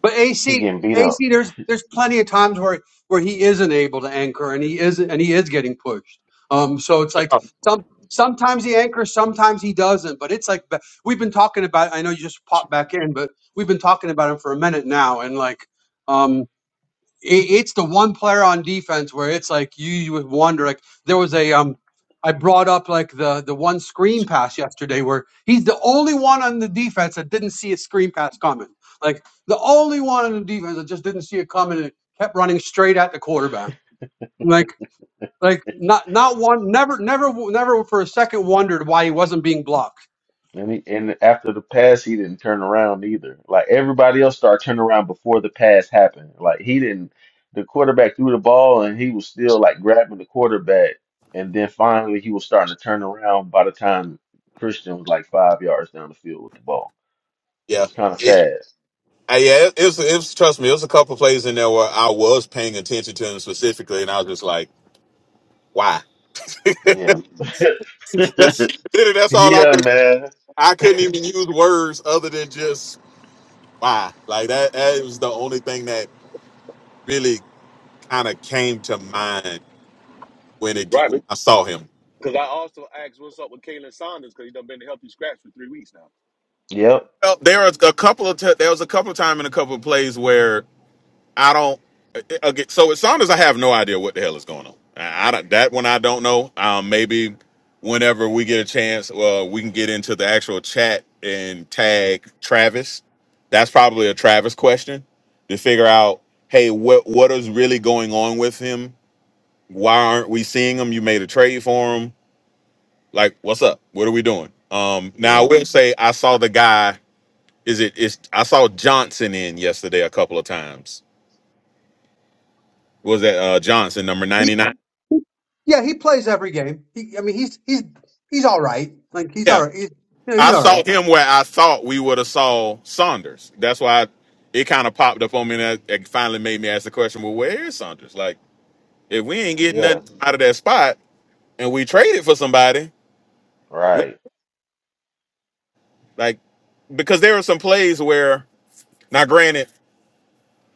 But
He
AC,
getting beat up.
AC, there's there's plenty of times where where he isn't able to anchor, and he is and he is getting pushed. Um, so it's like some sometimes he anchors, sometimes he doesn't. But it's like ba- we've been talking about. I know you just popped back in, but we've been talking about him for a minute now, and like. um it, it's the one player on defense where it's like you, you would wonder. Like there was a um, I brought up like the the one screen pass yesterday where he's the only one on the defense that didn't see a screen pass coming. Like the only one on the defense that just didn't see it coming and kept running straight at the quarterback. Like like not not one never never never for a second wondered why he wasn't being blocked.
And he, and after the pass he didn't turn around either. Like everybody else started turning around before the pass happened. Like he didn't the quarterback threw the ball and he was still like grabbing the quarterback and then finally he was starting to turn around by the time Christian was like five yards down the field with the ball. It
Yeah,
was kind of
Uh,
sad.
yeah. It, it's it's trust me, it was a couple plays in there where I was paying attention to him specifically, and I was just like, "Why?"
Yeah.
that's literally, that's all I
Yeah,
could.
man.
I couldn't even use words other than just "why." Like that. That was the only thing that really kind of came to mind when it
Right.
when I saw him.
Because I also asked what's up with Kalen Saunders because he done been a healthy scratch for three weeks now.
Yep.
Well, there was a couple of t- there was a couple of time in a couple of plays where I don't. uh, Again, so it sounds as I have no idea what the hell is going on. I, I don't, that one I don't know. Um, maybe whenever we get a chance, uh, we can get into the actual chat and tag Travis. That's probably a Travis question to figure out. Hey, what what is really going on with him? Why aren't we seeing him? You made a trade for him. Like, what's up? What are we doing? Um, now I
Yeah.
will say I saw the guy Is it is I saw Johnson in yesterday a couple of times. Was that uh Johnson number
He,
99?
yeah, he plays every game. He, I mean, he's he's he's all right. Like he's
Yeah.
all right. He's, yeah, he's
I
all
saw
right.
him where I thought we would have saw Saunders. That's why I, it kind of popped up on me and that- it finally made me ask the question, well, where is Saunders? Like if we ain't getting
Yeah.
nothing out of that spot and we traded for somebody, we,
Right.
like because there are some plays where now granted,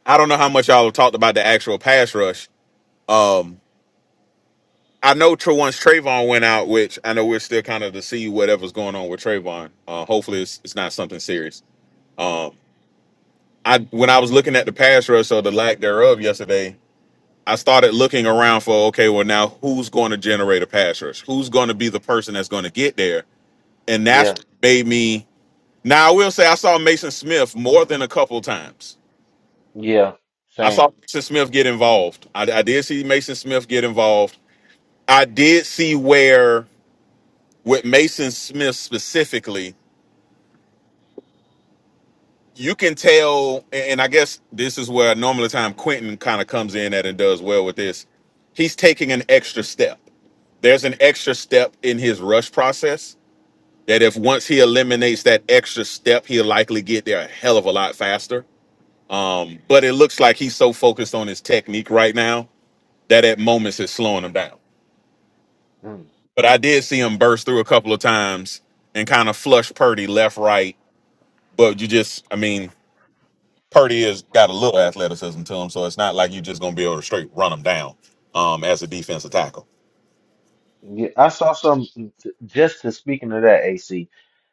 I don't know how much y'all have talked about the actual pass rush. Um I know tra- once Trayvon went out, which I know we're still kind of to see whatever's going on with Trayvon. Uh, hopefully, it's, it's not something serious. Um, I when I was looking at the pass rush or the lack thereof yesterday, I started looking around for okay, well now who's going to generate a pass rush? Who's going to be the person that's going to get there? And that's
Yeah.
made me. Now I will say I saw Mason Smith more than a couple times.
Yeah.
I
Same.
saw Mason Smith get involved. I, I did see Mason Smith get involved. I did see where. with Mason Smith specifically, you can tell, and I guess this is where normally time Quentin kind of comes in at and does well with this. He's taking an extra step. There's an extra step in his rush process that if once he eliminates that extra step, he'll likely get there a hell of a lot faster. Um, but it looks like he's so focused on his technique right now that at moments it's slowing him down.
Mm.
But I did see him burst through a couple of times and kind of flush Purdy left, right. But you just, I mean, Purdy has got a little athleticism to him, so it's not like you're just going to be able to straight run him down um, as a defensive tackle.
Yeah. I saw some just to speaking of that AC.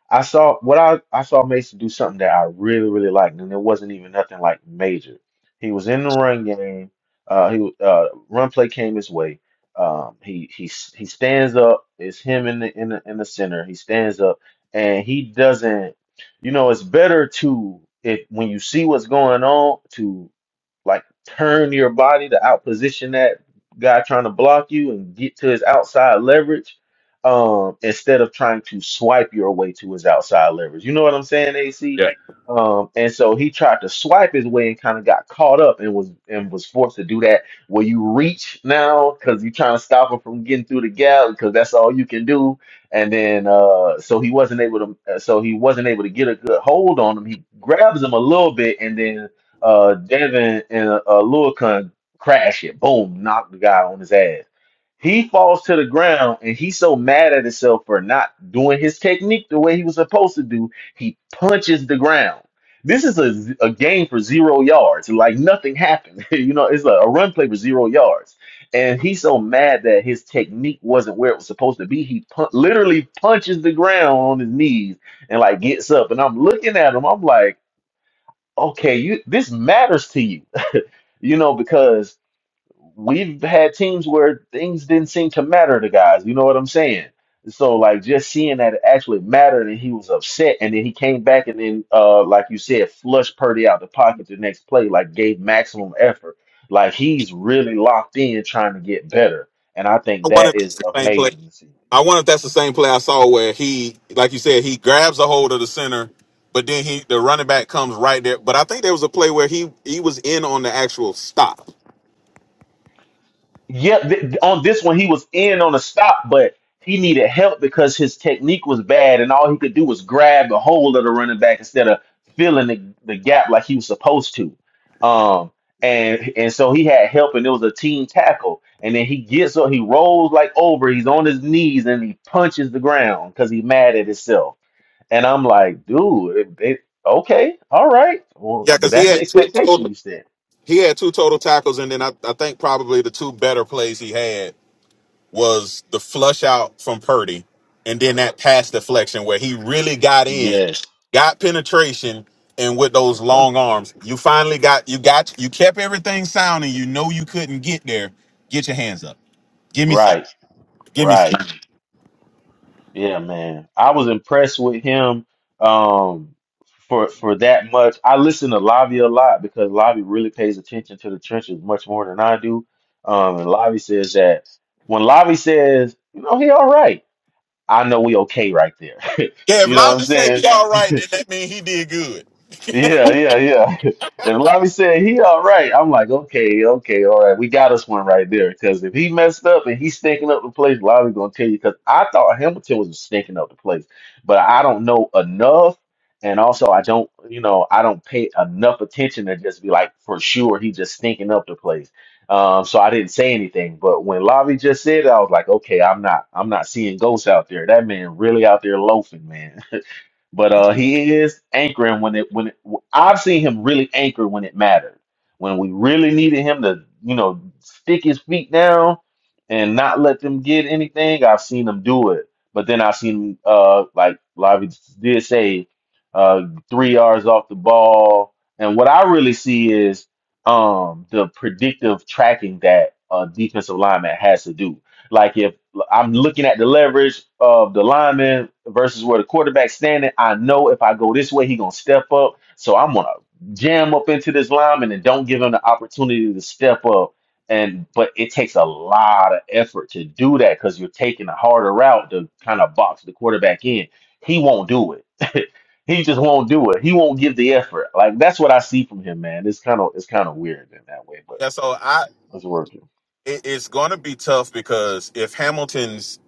I saw what I I saw Mason do something that I really really liked, and it wasn't even nothing like major. He was in the run game. Uh, he uh run play came his way. Um, he he s- he stands up. It's him in the in the in the center. He stands up, and he doesn't. You know, it's better to if when you see what's going on to. Like turn your body to outposition that guy trying to block you and get to his outside leverage um, instead of trying to swipe your way to his outside leverage. You know what I'm saying, AC?
Yeah.
Um, and so he tried to swipe his way and kind of got caught up and was and was forced to do that where you reach now because you're trying to stop him from getting through the gap because that's all you can do and then uh so he wasn't able to uh, so he wasn't able to get a good hold on him he grabs him a little bit and then uh, Devin and uh, Lurcon crash it, boom, knock the guy on his ass. He falls to the ground and he's so mad at himself for not doing his technique the way he was supposed to do. He punches the ground. This is a, z- a game for zero yards. Like nothing happened. you know, it's a, a run play for zero yards. And he's so mad that his technique wasn't where it was supposed to be. He pun- literally punches the ground on his knees and like gets up. And I'm looking at him. I'm like, okay, you this matters to you, you know, because we've had teams where things didn't seem to matter to guys. You know what I'm saying? So like just seeing that it actually mattered and he was upset and then he came back and then uh like you said, flushed Purdy out the pocket the next play, like gave maximum effort. Like he's really locked in trying to get better. And I think
I wonder
that
if that's
is
the same play.
amazing to see.
I wonder if that's the same play I saw where he, like you said, he grabs a hold of the center, but then he the running back comes right there. But I think there was a play where he he was in on the actual stop.
Yeah, th- on this one he was in on a stop, but he needed help because his technique was bad, and all he could do was grab a hold of the running back instead of filling the, the gap like he was supposed to. Um, and and so he had help, and it was a team tackle. And then he gets up, he rolls like over, he's on his knees, and he punches the ground because he's mad at himself. And I'm like, dude, it, it, okay, all right, well,
Yeah, because he
that's the
had two
expectation
total
you said.
he had two total tackles, and then I, I think probably the two better plays he had was the flush out from Purdy, and then that pass deflection where he really got in,
Yes,
got penetration, and with those long arms, you finally got you got you kept everything sound, and you know you couldn't get there. Get your hands up. Give me some.
right,
Give me
right.
some.
Yeah, man. I was impressed with him um for for that much. I listen to Lavi a lot because Lavi really pays attention to the trenches much more than I do. Um and Lavi says that when Lavi says, you know, he all right, I know we okay right there.
Yeah, if
You know what I'm
Lobby said he's
saying?
all right, then that means he did good.
Yeah, yeah, yeah. If Lavi said he all right, I'm like, okay, okay, all right, we got us one right there. Because if he messed up and he's stinking up the place, Lavi gonna tell you. Because I thought Hamilton was stinking up the place, but I don't know enough, and also I don't, you know, I don't pay enough attention to just be like for sure he just stinking up the place. Um, so I didn't say anything. But when Lavi just said it, I was like, okay, I'm not, I'm not seeing ghosts out there. That man really out there loafing, but uh, he is anchoring when it when it, I've seen him really anchor when it mattered. When we really needed him to, you know, stick his feet down and not let them get anything, I've seen him do it. But then I've seen uh like Lavi did say, uh three yards off the ball. And what I really see is um the predictive tracking that a defensive lineman has to do. Like if I'm looking at the leverage of the lineman versus where the quarterback's standing. I know if I go this way, he gonna step up. So I'm gonna jam up into this lineman and don't give him the opportunity to step up. And but it takes a lot of effort to do that because you're taking a harder route to kind of box the quarterback in. He won't do it. he just won't do it. He won't give the effort. Like that's what I see from him, man. It's kind of it's kind of weird in that way, but
Yeah, so I
it's working.
it, it's going to be tough because if Hamilton's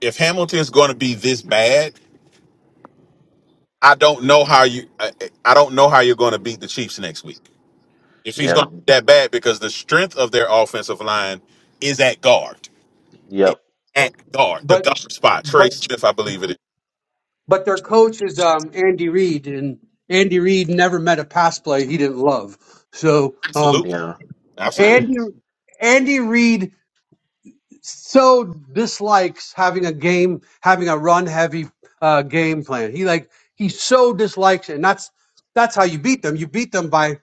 if Hamilton's going to be this bad, I don't know how you I, I don't know how you're going to beat the Chiefs next week. if he's going
Yeah.
to be that bad because the strength of their offensive line is at guard.
Yep.
It's
But
at guard, the
but
guard spot.
but
Trey Smith, I believe it is.
but their coach is um, Andy Reid, and Andy Reid never met a pass play he didn't love. So um,
Absolutely,
Yeah.
absolutely.
Andy Andy Reid so dislikes having a game, having a run heavy uh, game plan. He like he so dislikes it, and that's that's how you beat them. You beat them by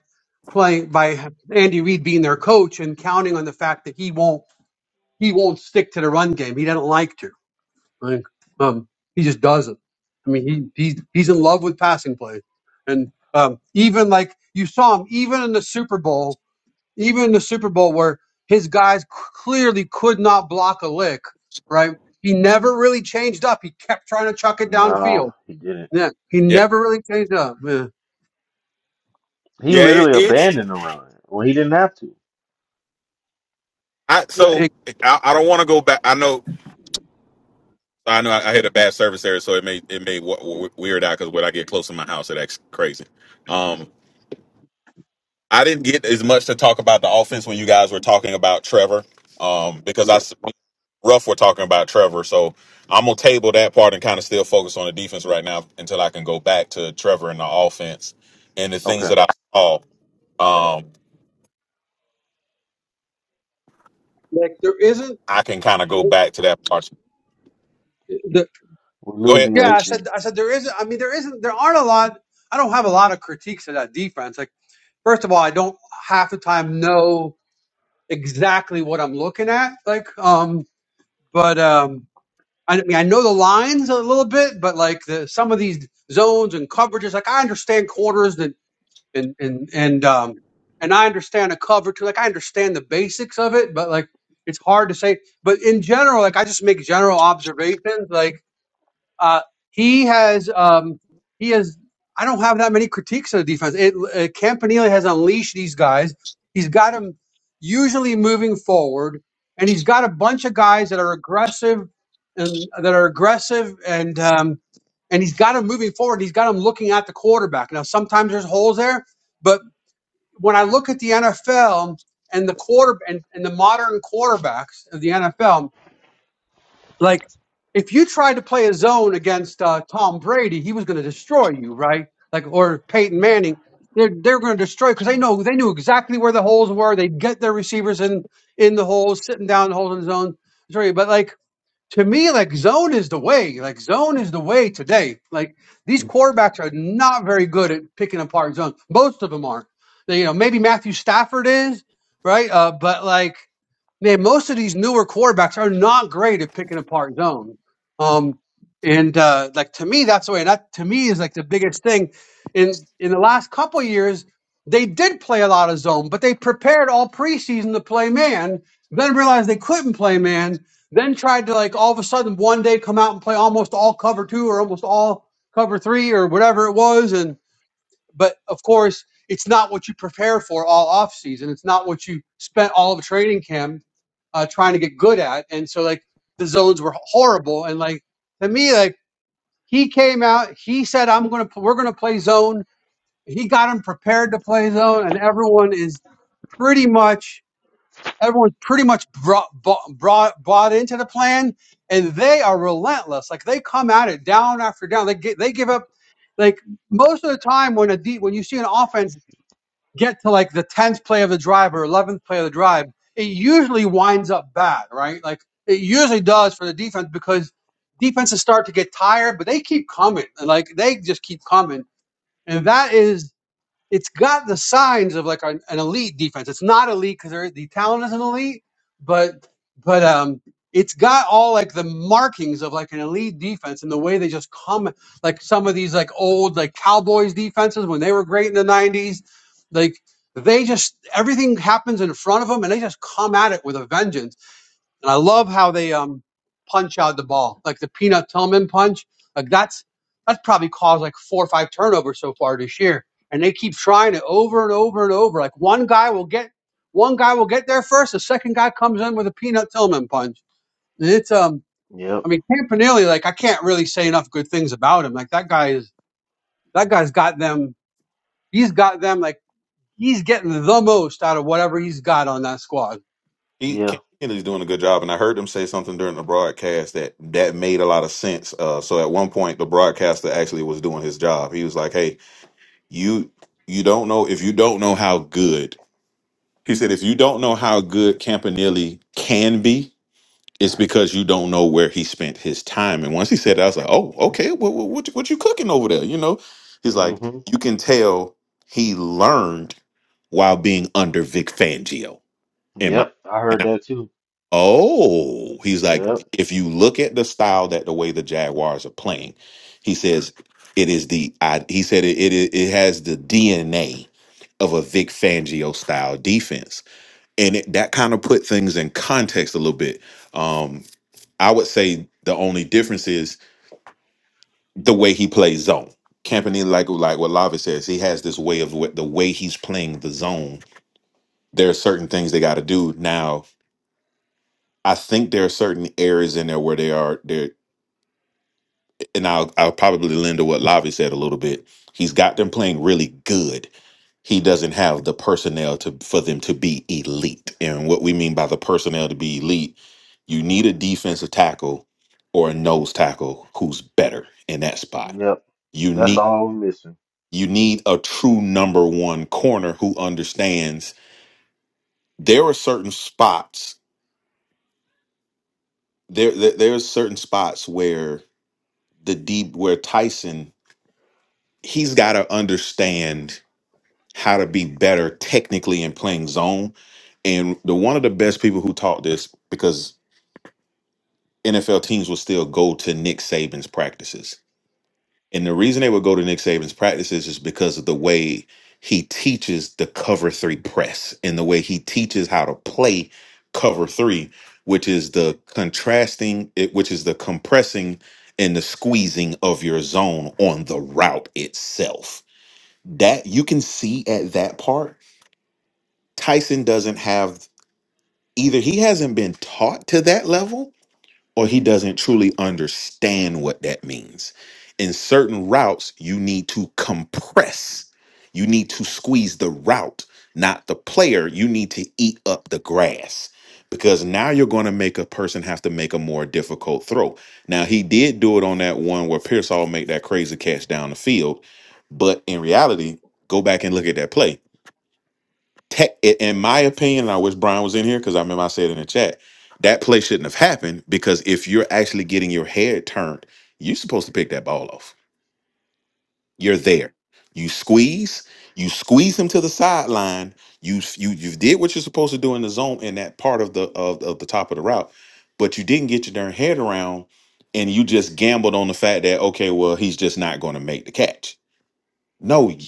playing by Andy Reid being their coach and counting on the fact that he won't he won't stick to the run game. He doesn't like to. Like, um, he just does not I mean, he he's he's in love with passing play, and um, even like you saw him, even in the Super Bowl, even in the Super Bowl where his guys c- clearly could not block a lick, right? He never really changed up. He kept trying to chuck it downfield.
No, he didn't.
Yeah, he
Yeah,
never really changed up. Yeah,
He
yeah. It,
literally
it's
abandoned the run when he didn't have to.
I
yeah.
so
It,
I, I don't want to go back. I know. I know I, I hit a bad service area, so it may it may w- w- weird out because when I get close to my house, it acts crazy. Um, I didn't get as much to talk about the offense when you guys were talking about Trevor, um, because I
Yeah.
s- Ruff were talking about Trevor, so I'm gonna table that part and kind of still focus on the defense right now until I can go back to Trevor and the offense and the things
Okay.
that I saw. Um,
like there isn't.
I can kind of go back to that part.
The,
We're
Go ahead.
losing
He,
yeah, I
AC.
said. I said there isn't. I mean, there isn't. There aren't a lot. I don't have a lot of critiques of that defense. Like, first of all, I don't half the time know exactly what I'm looking at. Like, um, but um, I mean, I know the lines a little bit, but like the some of these zones and coverages, like I understand corners and and and and um, and I understand a cover too. Like I understand the basics of it, but like it's hard to say. But in general, like I just make general observations, like. Uh, he has um, he has. I don't have that many critiques of the defense. It, uh, Campanile has unleashed these guys. He's got them usually moving forward, and he's got a bunch of guys that are aggressive and that are aggressive and um, and he's got them moving forward. He's got them looking at the quarterback. Now sometimes there's holes there, but when I look at the NFL and the quarter and, and the modern quarterbacks of the NFL, like, if you tried to play a zone against uh, Tom Brady, he was going to destroy you, right? Like, or Peyton Manning, they're they're going to destroy because they know they knew exactly where the holes were. They'd get their receivers in in the holes, sitting down in the holes in the zone. Sorry, but like to me, like zone is the way. Like zone is the way today. Like these quarterbacks are not very good at picking apart zone. Most of them aren't. They, you know, maybe Matthew Stafford is right, uh, but like man, most of these newer quarterbacks are not great at picking apart zone. Um, and uh, like to me, that's the way. And that to me is like the biggest thing. In in the last couple of years, they did play a lot of zone, but they prepared all preseason to play man. Then realized they couldn't play man then tried to like all of a sudden one day come out and play almost all cover two or almost all cover three or whatever it was and but of course it's not what you prepare for all off season it's not what you spent all of training camp uh, trying to get good at and so like the zones were horrible and like to me like he came out he said i'm gonna we're gonna play zone he got him prepared to play zone and everyone is pretty much everyone's pretty much brought, brought bought into the plan, and they are relentless. Like they come at it down after down. They get, they give up. Like most of the time, when a deep when you see an offense get to like the tenth play of the drive or eleventh play of the drive, it usually winds up bad, right? Like it usually does for the defense because defenses start to get tired, but they keep coming, and like they just keep coming, and that is it's got the signs of like an, an elite defense. It's not elite because the talent isn't elite, but but um, it's got all like the markings of like an elite defense and the way they just come like some of these like old like Cowboys defenses when they were great in the '90s, like they just everything happens in front of them and they just come at it with a vengeance and I love how they um punch out the ball, like the Peanut Tillman punch. Like that's that's probably caused like four or five turnovers so far this year, and they keep trying it over and over and over. Like one guy will get one guy will get there first, the second guy comes in with a Peanut Tillman punch. And it's um,
Yep.
I mean Campanelli, like I can't really say enough good things about him. Like that guy is that guy's got them. He's got them like he's getting the most out of whatever he's got on that squad.
he
Yeah.
Kennedy's doing a good job, and I heard them say something during the broadcast that that made a lot of sense. Uh, so at one point, the broadcaster actually was doing his job. He was like, "Hey, you you don't know if you don't know how good." He said, "If you don't know how good Campanelli can be." It's because you don't know where he spent his time. And once he said that, I was like, oh, okay, what, what, what, you- what you cooking over there? You know, he's like,
hmm
you can tell he learned while being under Vic Fangio. In my,
Yep. I
and
heard
I,
that too.
oh, he's like,
Yep.
if you look at the style that the way the Jaguars are playing, he says it is the, I, he said it, it, it has the DNA of a Vic Fangio style defense. And it, that kind of put things in context a little bit. Um, I would say the only difference is the way he plays zone. Campanile, like like what Lava says, he has this way of wh- the way he's playing the zone. There are certain things they got to do. Now, I think there are certain areas in there where they are there, and I'll I'll probably lend to what Lavi said a little bit. He's got them playing really good. He doesn't have the personnel to for them to be elite. And what we mean by the personnel to be elite, you need a defensive tackle or a nose tackle who's better in that spot
Yep.
you
That's
need
all we're missing.
you need a true number one corner who understands there are certain spots there there, there's certain spots where the deep where Tyson he's got to understand how to be better technically in playing zone and the one of the best people who taught this because NFL teams will still go to Nick Saban's practices And the reason they would go to Nick Saban's practices is because of the way he teaches the cover three press and the way he teaches how to play cover three, which is the contrasting, it- which is the compressing and the squeezing of your zone on the route itself. That you can see at that part. Tyson doesn't have either, he hasn't been taught to that level or he doesn't truly understand what that means. In certain routes, you need to compress, you need to squeeze the route, not the player. You need to eat up the grass because now you're going to make a person have to make a more difficult throw. Now, he did do it on that one where Pearsall made that crazy catch down the field, but in reality, go back and look at that play tech, in my opinion, and I wish Brian was in here because I remember I said in the chat that play shouldn't have happened because if you're actually getting your head turned, you're supposed to pick that ball off. You're
Yeah.
there. You squeeze. You squeeze him to the sideline. You you you did what you're supposed to do in the zone in that part of the of, of the top of the route, but you didn't get your darn head around, and you just gambled on the fact that okay, well he's just not going to make the catch no, y-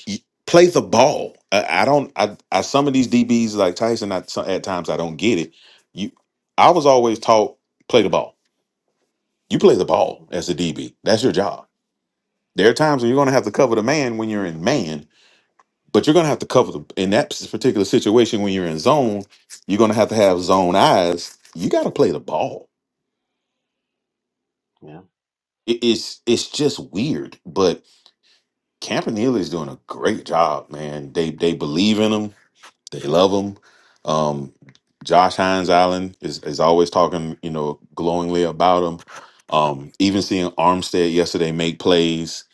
play the ball. I, I don't. I, I some of these DBs like Tyson. I, so- at times I don't get it. You, I was always taught play the ball. You play the ball as a DB. That's your job. There are times when you're going to have to cover the man when you're in man, but you're going to have to cover the in that particular situation when you're in zone. You're going to have to have zone eyes. You got to play the ball.
Yeah.
It, it's it's just weird, but Campanile is doing a great job, man. They they believe in him They love him. Um, Josh Hines Allen is, is always talking, you know, glowingly about him. Um, even seeing Armstead yesterday make plays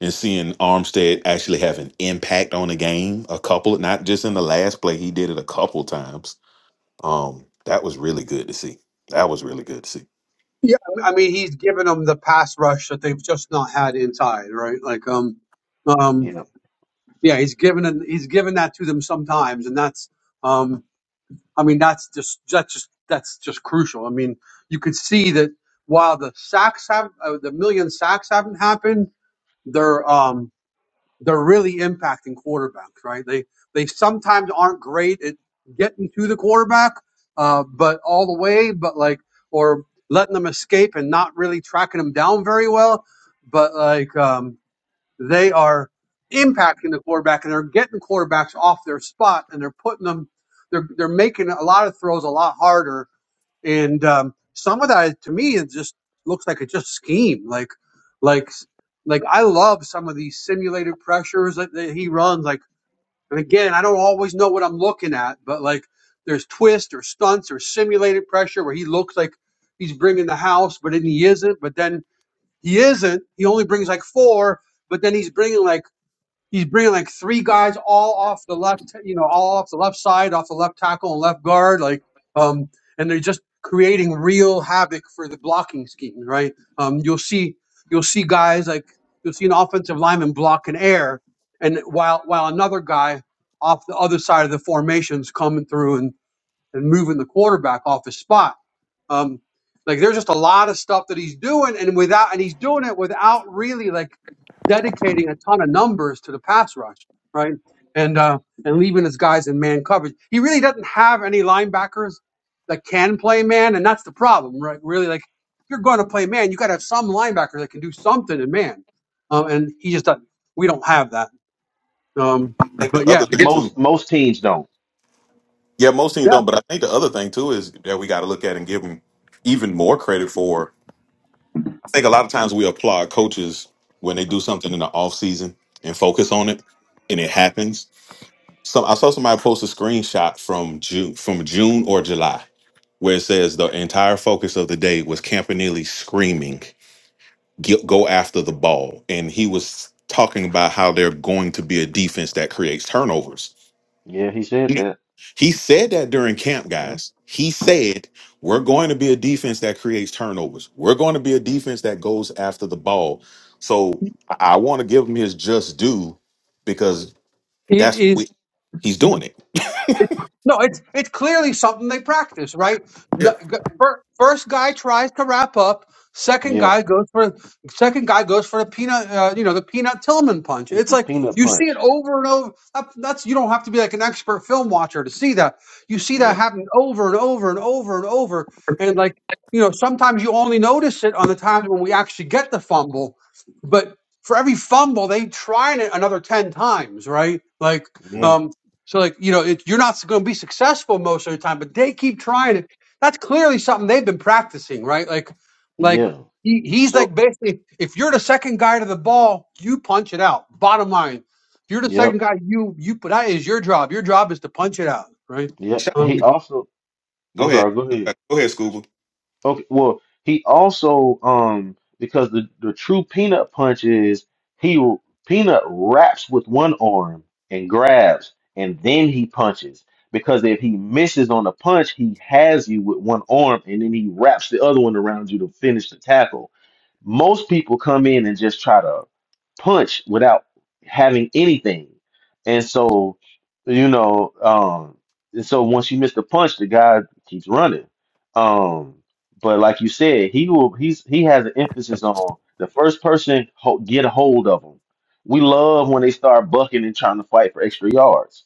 and seeing Armstead actually have an impact on the game a couple, not just in the last play, he did it a couple times. Um, that was really good to see. That was really good to see.
Yeah, I mean he's given them the pass rush that they've just not had inside, right? Like um um
Yeah.
yeah, he's given them, he's given that to them sometimes and that's um I mean that's just that's just that's just crucial. I mean, you could see that while the sacks have uh, the million sacks haven't happened, they're um they're really impacting quarterbacks, right? They they sometimes aren't great at getting to the quarterback, uh, but all the way, but like or letting them escape and not really tracking them down very well, but like um, they are impacting the quarterback and they're getting quarterbacks off their spot and they're putting them, they're they're making a lot of throws a lot harder and um, some of that to me it just looks like it's just scheme like like like i love some of these simulated pressures that, that he runs like and again i don't always know what i'm looking at but like there's twists or stunts or simulated pressure where he looks like he's bringing the house but then he isn't but then he isn't he only brings like four but then he's bringing like He's bringing like three guys all off the left, you know, all off the left side, off the left tackle and left guard, like, um, and they're just creating real havoc for the blocking scheme, right? Um, you'll see, you'll see guys like you'll see an offensive lineman block an air, and while while another guy off the other side of the formation's coming through and and moving the quarterback off his spot. Um, like there's just a lot of stuff that he's doing, and without and he's doing it without really like dedicating a ton of numbers to the pass rush, right? And uh, and leaving his guys in man coverage. He really doesn't have any linebackers that can play man, and that's the problem, right? Really, like if you're going to play man, you got to have some linebacker that can do something in man, um, and he just doesn't. We don't have that. Um,
I think the
but
Yeah.
other
yeah,
thing too,
Most most teams don't.
yeah, most teams
yeah,
don't, but I think the other thing too is that we got to look at and give him even more credit for. I think a lot of times we applaud coaches when they do something in the off season and focus on it, and it happens. So I saw somebody post a screenshot from June, from June or July, where it says the entire focus of the day was Campanelli screaming, "Get- "Go after the ball," and he was talking about how they're going to be a defense that creates turnovers.
Yeah, he said that.
He said that during camp,
Yeah.
guys. He said, We're going to be a defense that creates turnovers. We're going to be a defense that goes after the ball. So I, I want to give him his just due because
it
that's what
is.
we, he's doing it.
No, it's it's clearly something they practice, right?
Yeah.
The g- fir- first guy tries to wrap up, second
Yeah.
guy goes for second guy goes for the peanut, uh, you know, the peanut Tillman punch.
It's
It's
a
like
peanut
you see it
punch.
over and over. That, that's you don't have to be like an expert film watcher to see that. You see that
Yep.
happen over and over and over and over, and like you know, sometimes you only notice it on the times when we actually get the fumble, but. For every fumble, they try it another ten times, right? Like,
Mhm.
Yeah.
Um, so like, you know, it, you're not going to be successful most of the time, but they keep trying it. That's clearly something they've been practicing, right? Like, like
Yeah.
he, he's
So
like basically, if you're the second guy to the ball, you punch it out. Bottom line, if you're the second
yep.
guy, you you that is your job. Your job is to punch it out, right?
Yeah.
Shout out
He
to-
Um,
also I'm
Go ahead.
sorry, go
Go
ahead.
ahead, Go ahead, Scuba.
Okay, well, he also um because the the true peanut punch is he peanut wraps with one arm and grabs and then he punches because if he misses on the punch, he has you with one arm and then he wraps the other one around you to finish the tackle. Most people come in and just try to punch without having anything. And so, you know, um and so once you miss the punch, the guy keeps running. Um but like you said, he will. He's he has an emphasis on the first person ho get a hold of them. We love when they start bucking and trying to fight for extra yards.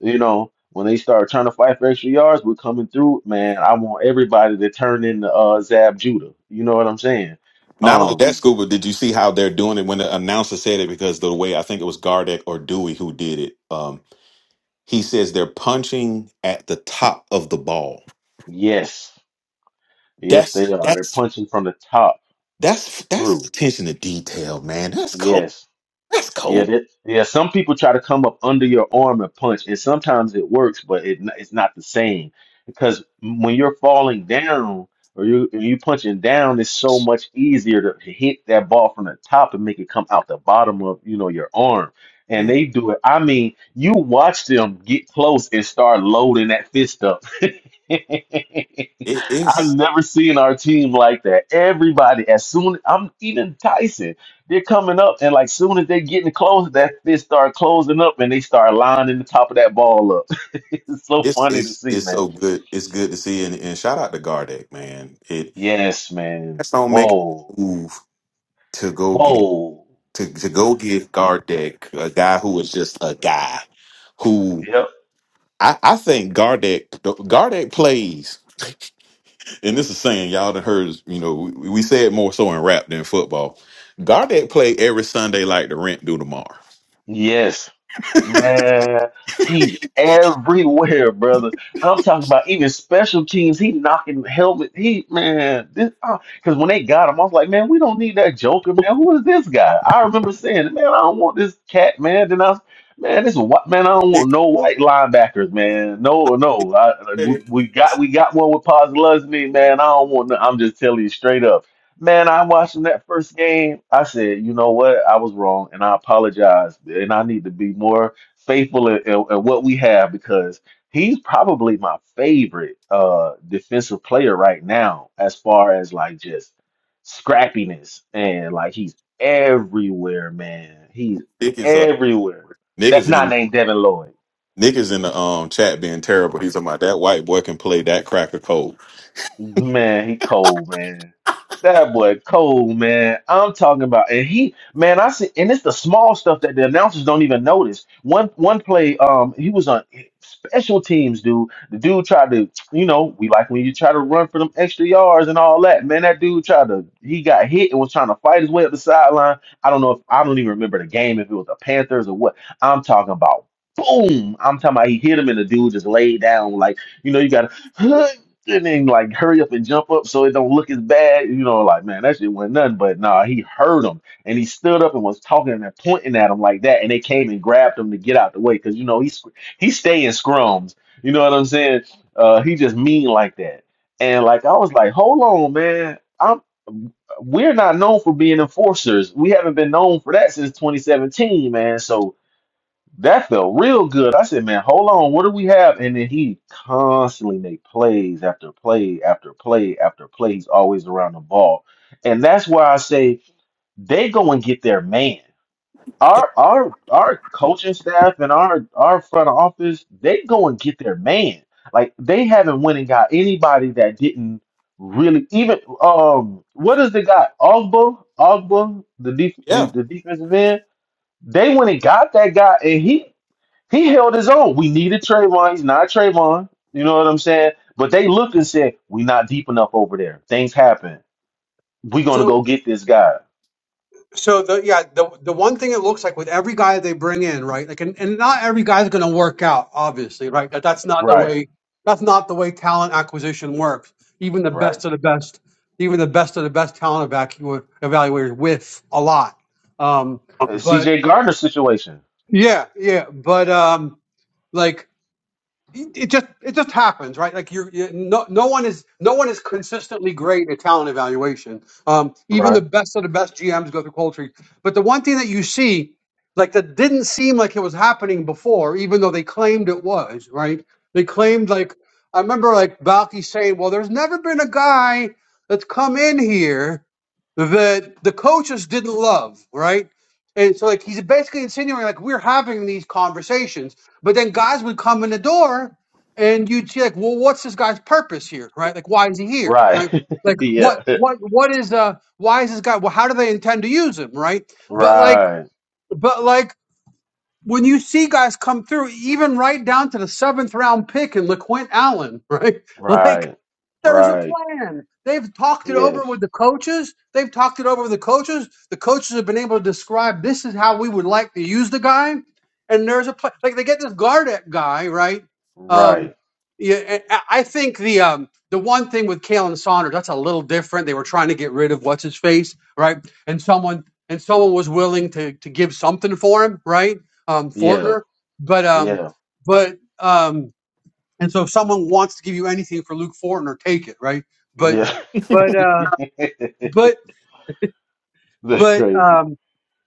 You know, when they start trying to fight for extra yards, we're coming through. Man, I want everybody to turn into uh, Zab Judah. You know what I'm saying?
Not only
Um,
that, Scuba, did you see how they're doing it when the announcer said it? Because the way I think it was Gardeck or Dewey who did it, um, he says they're punching at the top of the ball.
yes, yes, they
That's
are. They're
that's
punching from the top
That's that's
through.
attention to detail, man. That's cold.
Yes.
That's
Yeah,
cold.
that, yeah. Some people try to come up under your arm and punch, and sometimes it works, but it, n- it's not the same because when you're falling down or you and you punching down, it's so much easier to hit that ball from the top and make it come out the bottom of you know your arm. And
Mm.
they do it. I mean, you watch them get close and start loading that fist up.
It,
I've
it's
never seen our team like that. Everybody, as soon I'm even Tyson they're coming up, and like soon as they're getting close, that they start closing up, and they start lining the top of that ball up. it's so
it's
funny to
it's
see,
it's
man.
so good. It's good to see and, and shout out to Gardeck, man. It
Yes, man.
that's don't make
Whoa,
a move to go get
whoa.
to, to go get Gardeck, a guy who is just a guy who
Yep.
I, I think Gardeck Gardeck plays, and this is saying y'all done heard you know we, we say it more so in rap than football. Gardeck play every Sunday like the rent due tomorrow.
Yes. Man, he's everywhere, brother. I'm talking about even special teams. He knocking helmet. He man, this because when they got him, I was like, man, we don't need that Joker, man. Who is this guy? I remember saying, man, I don't want this cat, man. Then I, was, man, this white man, I don't want
Dick,
no white linebackers, man. No, no, I, we
Dick,
we got we got one with Paz Lusney, man. I don't want. No, I'm just telling you straight up. Man, I watching that first game. I said, you know what? I was wrong, and I apologize, and I need to be more faithful in, in, in what we have because he's probably my favorite uh defensive player right now as far as like just scrappiness and like he's everywhere, man. He's
Dick is a
everywhere.
Nick is
That's not
in
named Devin Lloyd.
Nick is in the um chat being terrible. He's talking about that white boy can play that cracker cold.
Man, he cold, man. That boy cold, man. I'm talking about, and he, man, I see, and it's the small stuff that the announcers don't even notice. One one play, um, he was on special teams, dude. The dude tried to, you know, we like when you try to run for them extra yards and all that. Man, that dude tried to, he got hit and was trying to fight his way up the sideline. I don't know if I don't even remember the game if it was the Panthers or what. I'm talking about, boom. I'm talking about he hit him and the dude just laid down like, you know, you got to. and then like hurry up and jump up so it don't look as bad. You know, like man, that shit went nothing. But nah, he heard him and he stood up and was talking and pointing at him like that, and they came and grabbed him to get out the way because you know he sc- he stay in scrums. You know what I'm saying? Uh, he just mean like that. And like I was like, hold on, man, I'm. We're not known for being enforcers. We haven't been known for that since 2017, man. So that felt real good. I said, man, hold on, what do we have? And then he constantly made plays after play after play after play. He's always around the ball. And that's why I say they go and get their man. Our our our coaching staff and our our front office, they go and get their man. Like they haven't went and got anybody that didn't really even um what is the guy? Ogba, Ogba, the def, the,
Yeah.
the defensive end they went and got that guy, and he he held his own. We needed Trayvon. He's not Trayvon. You know what I'm saying? But they looked and said, We're not deep enough over there. Things happen. We're gonna
so
go get this guy.
So the yeah the the one thing it looks like with every guy they bring in right like and, and not every guy's going to work out obviously right that that's not the
Right,
way that's not the way talent acquisition works even the
right.
best of the best even the best of the best talent evacu- evaluators with a lot um
Uh,
but
CJ Gardner situation.
yeah yeah but um like it it just it just happens, right? Like you're, you no no one is no one is consistently great at talent evaluation. Um, even the
Right.
best of the best GMs go through cold treat. But the one thing that you see, like that didn't seem like it was happening before, even though they claimed it was, right? They claimed like I remember like Balky saying, "Well, there's never been a guy that's come in here that the coaches didn't love, right?" And so like he's basically insinuating like we're having these conversations but then guys would come in the door, and you'd see like, well, what's this guy's purpose here, right? Like, why is he here?
Right.
Like, like
yeah.
what, what, what is uh, why is this guy? Well, how do they intend to use him, right? But like,
Right.
but like when you see guys come through, even right down to the seventh round pick in LaQuint Allen, right? Like,
Right.
there's a
Right.
plan. They've talked it over
Yes.
with the coaches. They've talked it over with the coaches. The coaches have been able to describe this is how we would like to use the guy. And there's a plan. Like they get this Gardeck guy, right? Um,
Right.
yeah, I I think the um, the one thing with Kalen Saunders that's a little different. They were trying to get rid of what's his face, right? And someone and someone was willing to to give something for him, right? Um,
Yeah.
Fortner, but um,
Yeah.
but um, and so if someone wants to give you anything for Luke Fortner, take it, right? But
Yeah.
but uh but
That's
but
crazy.
um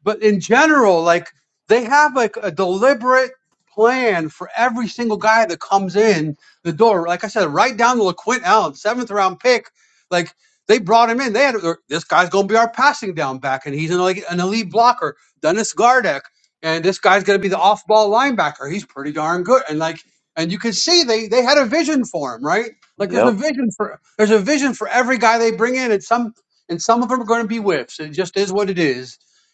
but in general, like they have like a deliberate plan for every single guy that comes in the door. Like I said, right down to LaQuint Allen, seventh round pick. Like they brought him in. They had this guy's going to be our passing down back, and he's an like an elite blocker. Dennis Gardeck, and this guy's going to be the off ball linebacker. He's pretty darn good, and like. And you can see they they had a vision for him, right? Like there's a
Yep.
vision for there's a vision for every guy they bring in, and some and some of them are going to be whiffs. It just is what it is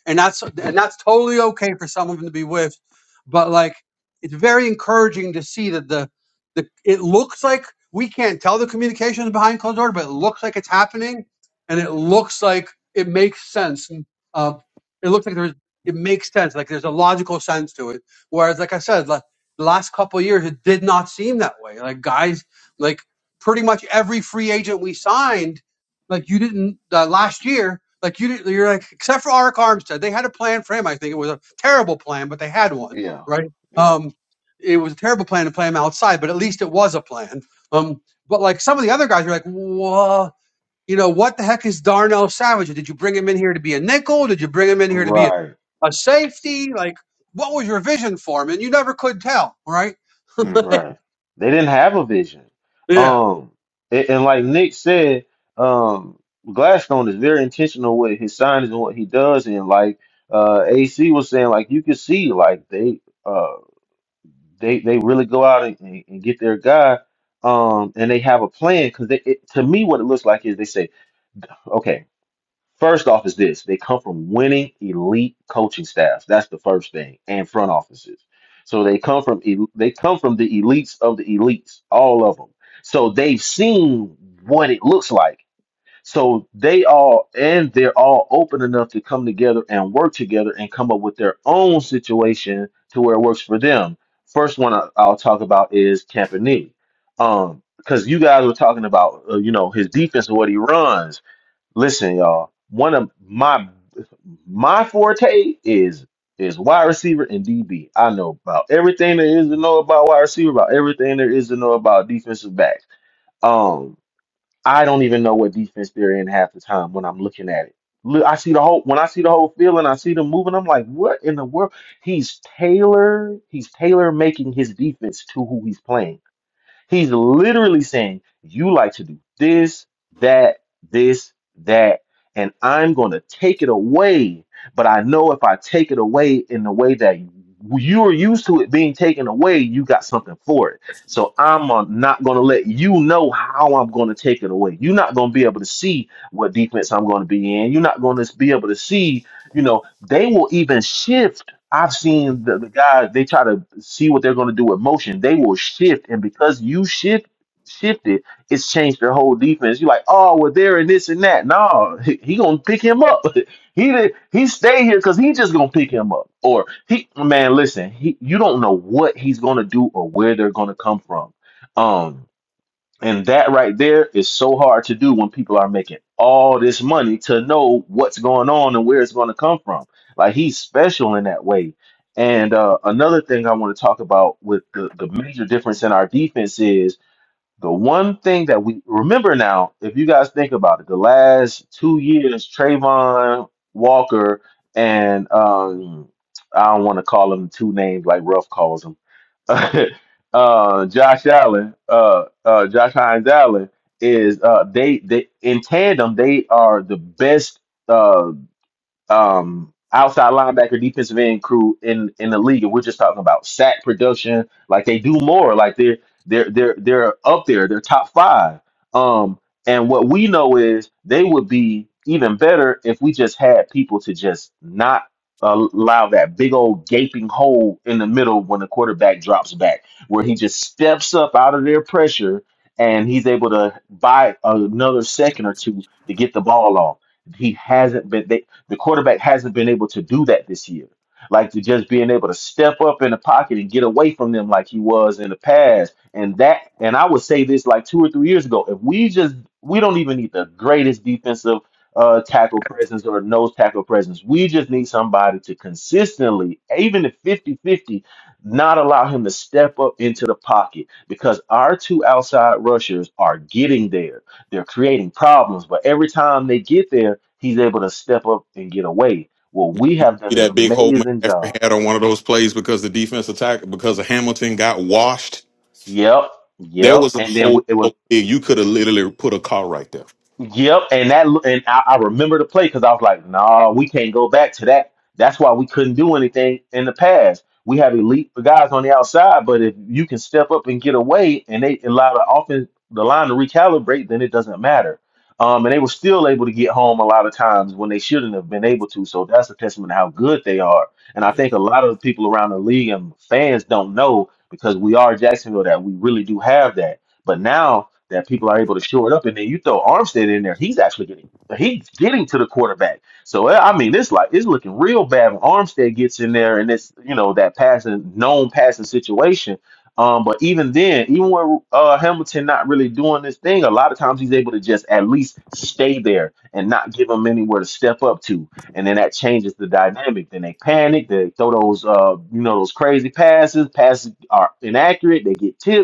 and that's and that's totally okay for some of them to be whiffed. But like, it's very encouraging to see that the the it looks like we can't tell the communications behind closed door, but it looks like it's happening, and it looks like it makes sense. And, uh, it looks like there's it makes sense. Like there's a logical sense to it. Whereas, like I said, like the last couple of years, it did not seem that way. Like guys, like pretty much every free agent we signed like you didn't uh, last year. Like you didn't. You're like except for Eric Armstead, they had a plan for him. I think it was a terrible plan, but they had one,
Yeah.
right?
Yeah.
Um, it was a terrible plan to play him outside, but at least it was a plan. Um, but like some of the other guys, you're like, whoa, you know, what the heck is Darnell Savage? Did you bring him in here to be a nickel? Did you bring him in here to be a,
Right.
a safety? Like, what was your vision for him? And you never could tell, right?
Mhm.
Right. They didn't have a vision.
Yeah.
Um, a- and like Nick said, um, Gladstone is very intentional with his signings and what he does. And like uh, AC was saying, like you can see, like they uh they they really go out and, and, and get their guy. Um, and they have a plan because they it, to me what it looks like is they say, okay. First off, is this they come from winning elite coaching staffs. That's the first thing, and front offices. So they come from el- they come from the elites of the elites, all of them. So they've seen what it looks like. So they all and they're all open enough to come together and work together and come up with their own situation to where it works for them. First one I- I'll talk about is Campanile, um, because you guys were talking about uh, you know his defense and what he runs Listen, y'all. One of my my forte is is wide receiver and DB. I know about everything there is to know about wide receiver, about everything there is to know about defensive backs. Um, I don't even know what defense they're in half the time when I'm looking at it. Look, I see the whole when I see the whole field and I see them moving. I'm like, what in the world? He's Taylor. He's Taylor making his defense to who he's playing. He's literally saying, You like to do this, that, this, that, and I'm going to take it away. But I know if I take it away in the way that you're used to it being taken away, you got something for it. So I'm uh, not going to let you know how I'm going to take it away. You're not going to be able to see what defense I'm going to be in. You're not going to be able to see, you know, they will even shift I've seen the, the guys, they try to see what they're going to do with motion. They will shift, and because you shift shifted, it's changed their whole defense. You're like, oh, well, there and this and that. No, he, he going to pick him up. he did, he stay here because he just going to pick him up. Or, he man, listen, he, you don't know what he's going to do or where they're going to come from. Um, and that right there is so hard to do when people are making all this money to know what's going on and where it's going to come from. Like he's special in that way. And uh, another thing I want to talk about with the, the major difference in our defense is the one thing that we remember now, if you guys think about it, the last two years, Trayvon Walker and um, I don't want to call them two names like Ruff calls them, uh, Josh Allen, uh, uh, Josh Hines Allen is uh, they they in tandem they are the best. uh, um, outside linebacker, defensive end crew in in the league, and we're just talking about sack production. Like they do more. Like they're they're they're they're up there. They're top five. Um, and what we know is they would be even better if we just had people to just not allow that big old gaping hole in the middle when the quarterback drops back, where he just steps up out of their pressure and he's able to buy another second or two to get the ball off he hasn't been. The quarterback hasn't been able to do that this year. Like to just being able to step up in the pocket and get away from them like he was in the past. And that and I would say this like two or three years ago. If we just we don't even need the greatest defensive uh, tackle presence or nose tackle presence. We just need somebody to consistently, even if fifty-fifty, not allow him to step up into the pocket because our two outside rushers are getting there they're creating problems, but every time they get there, he's able to step up and get away. Well,
You
we have
see
done an
that big hole
amazing job.
McCaffrey had on one of those plays because the defense attack because of Hamilton got washed.
Yep,
There
yep.
was a
And then
hole
it was
so big you could have literally put a car right there.
Yep, and that and I, I remember the play because I was like, nah, we can't go back to that. That's why we couldn't do anything in the past. We have elite guys on the outside, but if you can step up and get away, and they allow the offense, the line to recalibrate, then it doesn't matter. Um, and they were still able to get home a lot of times when they shouldn't have been able to. So that's a testament to how good they are. And I think
The
a lot of the people around the league and fans don't know because we are Jacksonville that we really do have that. But now that people are able to shore it up. And then you throw Armstead in there; he's actually getting he's getting to the quarterback. So I I mean, this like it's looking real bad when Armstead gets in there, and it's you know that passing known passing situation. Um, but even then, even when uh, Hamilton not really doing this thing, a lot of times he's able to just at least stay there and not give them anywhere to step up to, and then that changes the dynamic. Then they panic, they throw those uh, you know those crazy passes. Passes are inaccurate, they get tipped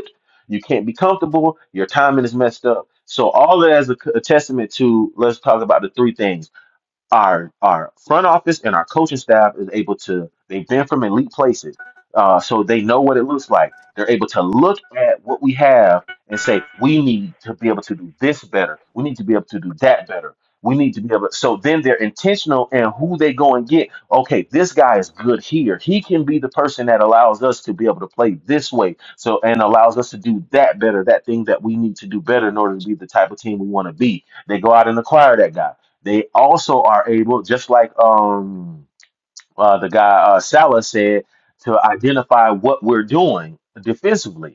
you can't be comfortable. Your timing is messed up. So all of that is a, a testament to. Let's talk about the three things our our front office and our coaching staff is able to they've been from elite places uh, so they know what it looks like they're able to look at what we have and say we need to be able to do this better we need to be able to do that better we need to be able so then they're intentional in who they go and get okay this guy is good here he can be the person that allows us to be able to play this way so and allows us to do that better that thing that we need to do better in order to be the type of team we want to be they go out and acquire that guy they also are able, just like um uh, the guy uh, Salah said, to identify what we're doing defensively.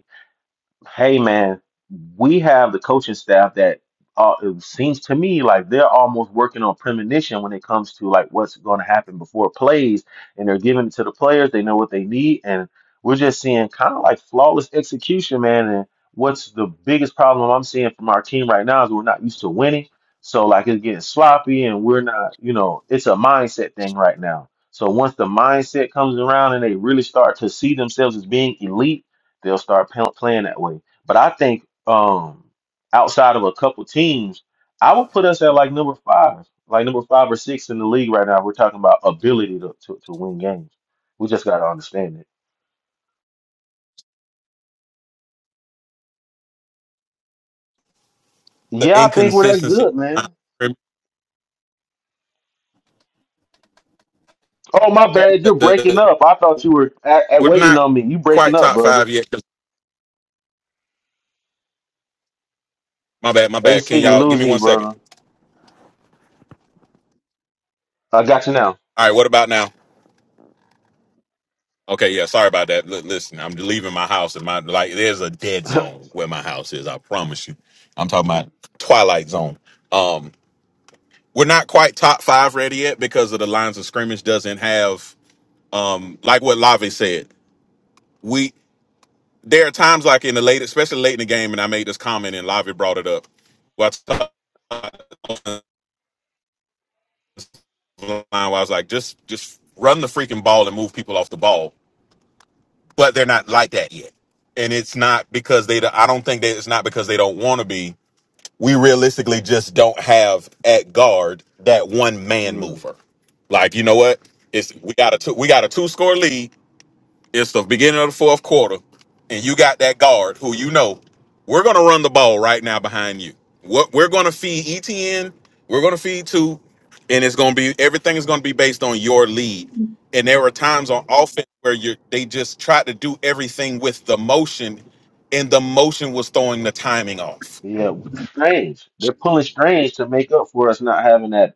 Hey man, we have the coaching staff that uh, it seems to me like they're almost working on premonition when it comes to like what's going to happen before plays, and they're giving it to the players. They know what they need, and we're just seeing kind of like flawless execution, man. And what's the biggest problem I'm seeing from our team right now is we're not used to winning, so like it's getting sloppy, and we're not, you know, it's a mindset thing right now. So once the mindset comes around and they really start to see themselves as being elite they'll start p- playing that way. But I think um, outside of a couple teams, I would put us at like number five, like number five or six in the league right now. We're talking about ability to, to, to win games. We just got to understand it. Yeah, I think we're that
inconsistency.
good, man. Oh, my bad. You're breaking
The-
up. I thought you were a a-
We're
waiting
not
on me. You breaking
quite
up,
top
brother.
five yet. My bad, my bad. Can
AC, we
y'all give me
losing you,
one second?
brother. I got you now.
All right, what about now? Okay, yeah, sorry about that. Li- listen, I'm leaving my house and my like there's a dead zone where my house is, I promise you. I'm talking about Twilight Zone. Um we're not quite top five ready yet because of the lines of scrimmage doesn't have um like what Lavi said. We there are times like in the late, especially late in the game, and I made this comment and Lavi brought it up. Well. line where I was like, just just run the freaking ball and move people off the ball. But they're not like that yet, and it's not because they. I don't think that it's not because they don't want to be. We realistically just don't have at guard that one man
Hmm.
mover. Like you know what? It's we got a two, we got a two score lead it's the beginning of the fourth quarter, and you got that guard who you know we're going to run the ball right now behind you. What we're going to feed ETN, we're going to feed two, and it's going to be everything is going to be based on your lead. And there were times on offense where you they just tried to do everything with the motion, and the motion was throwing the timing off.
Yeah, strange. They're pulling strange to make up for us not having that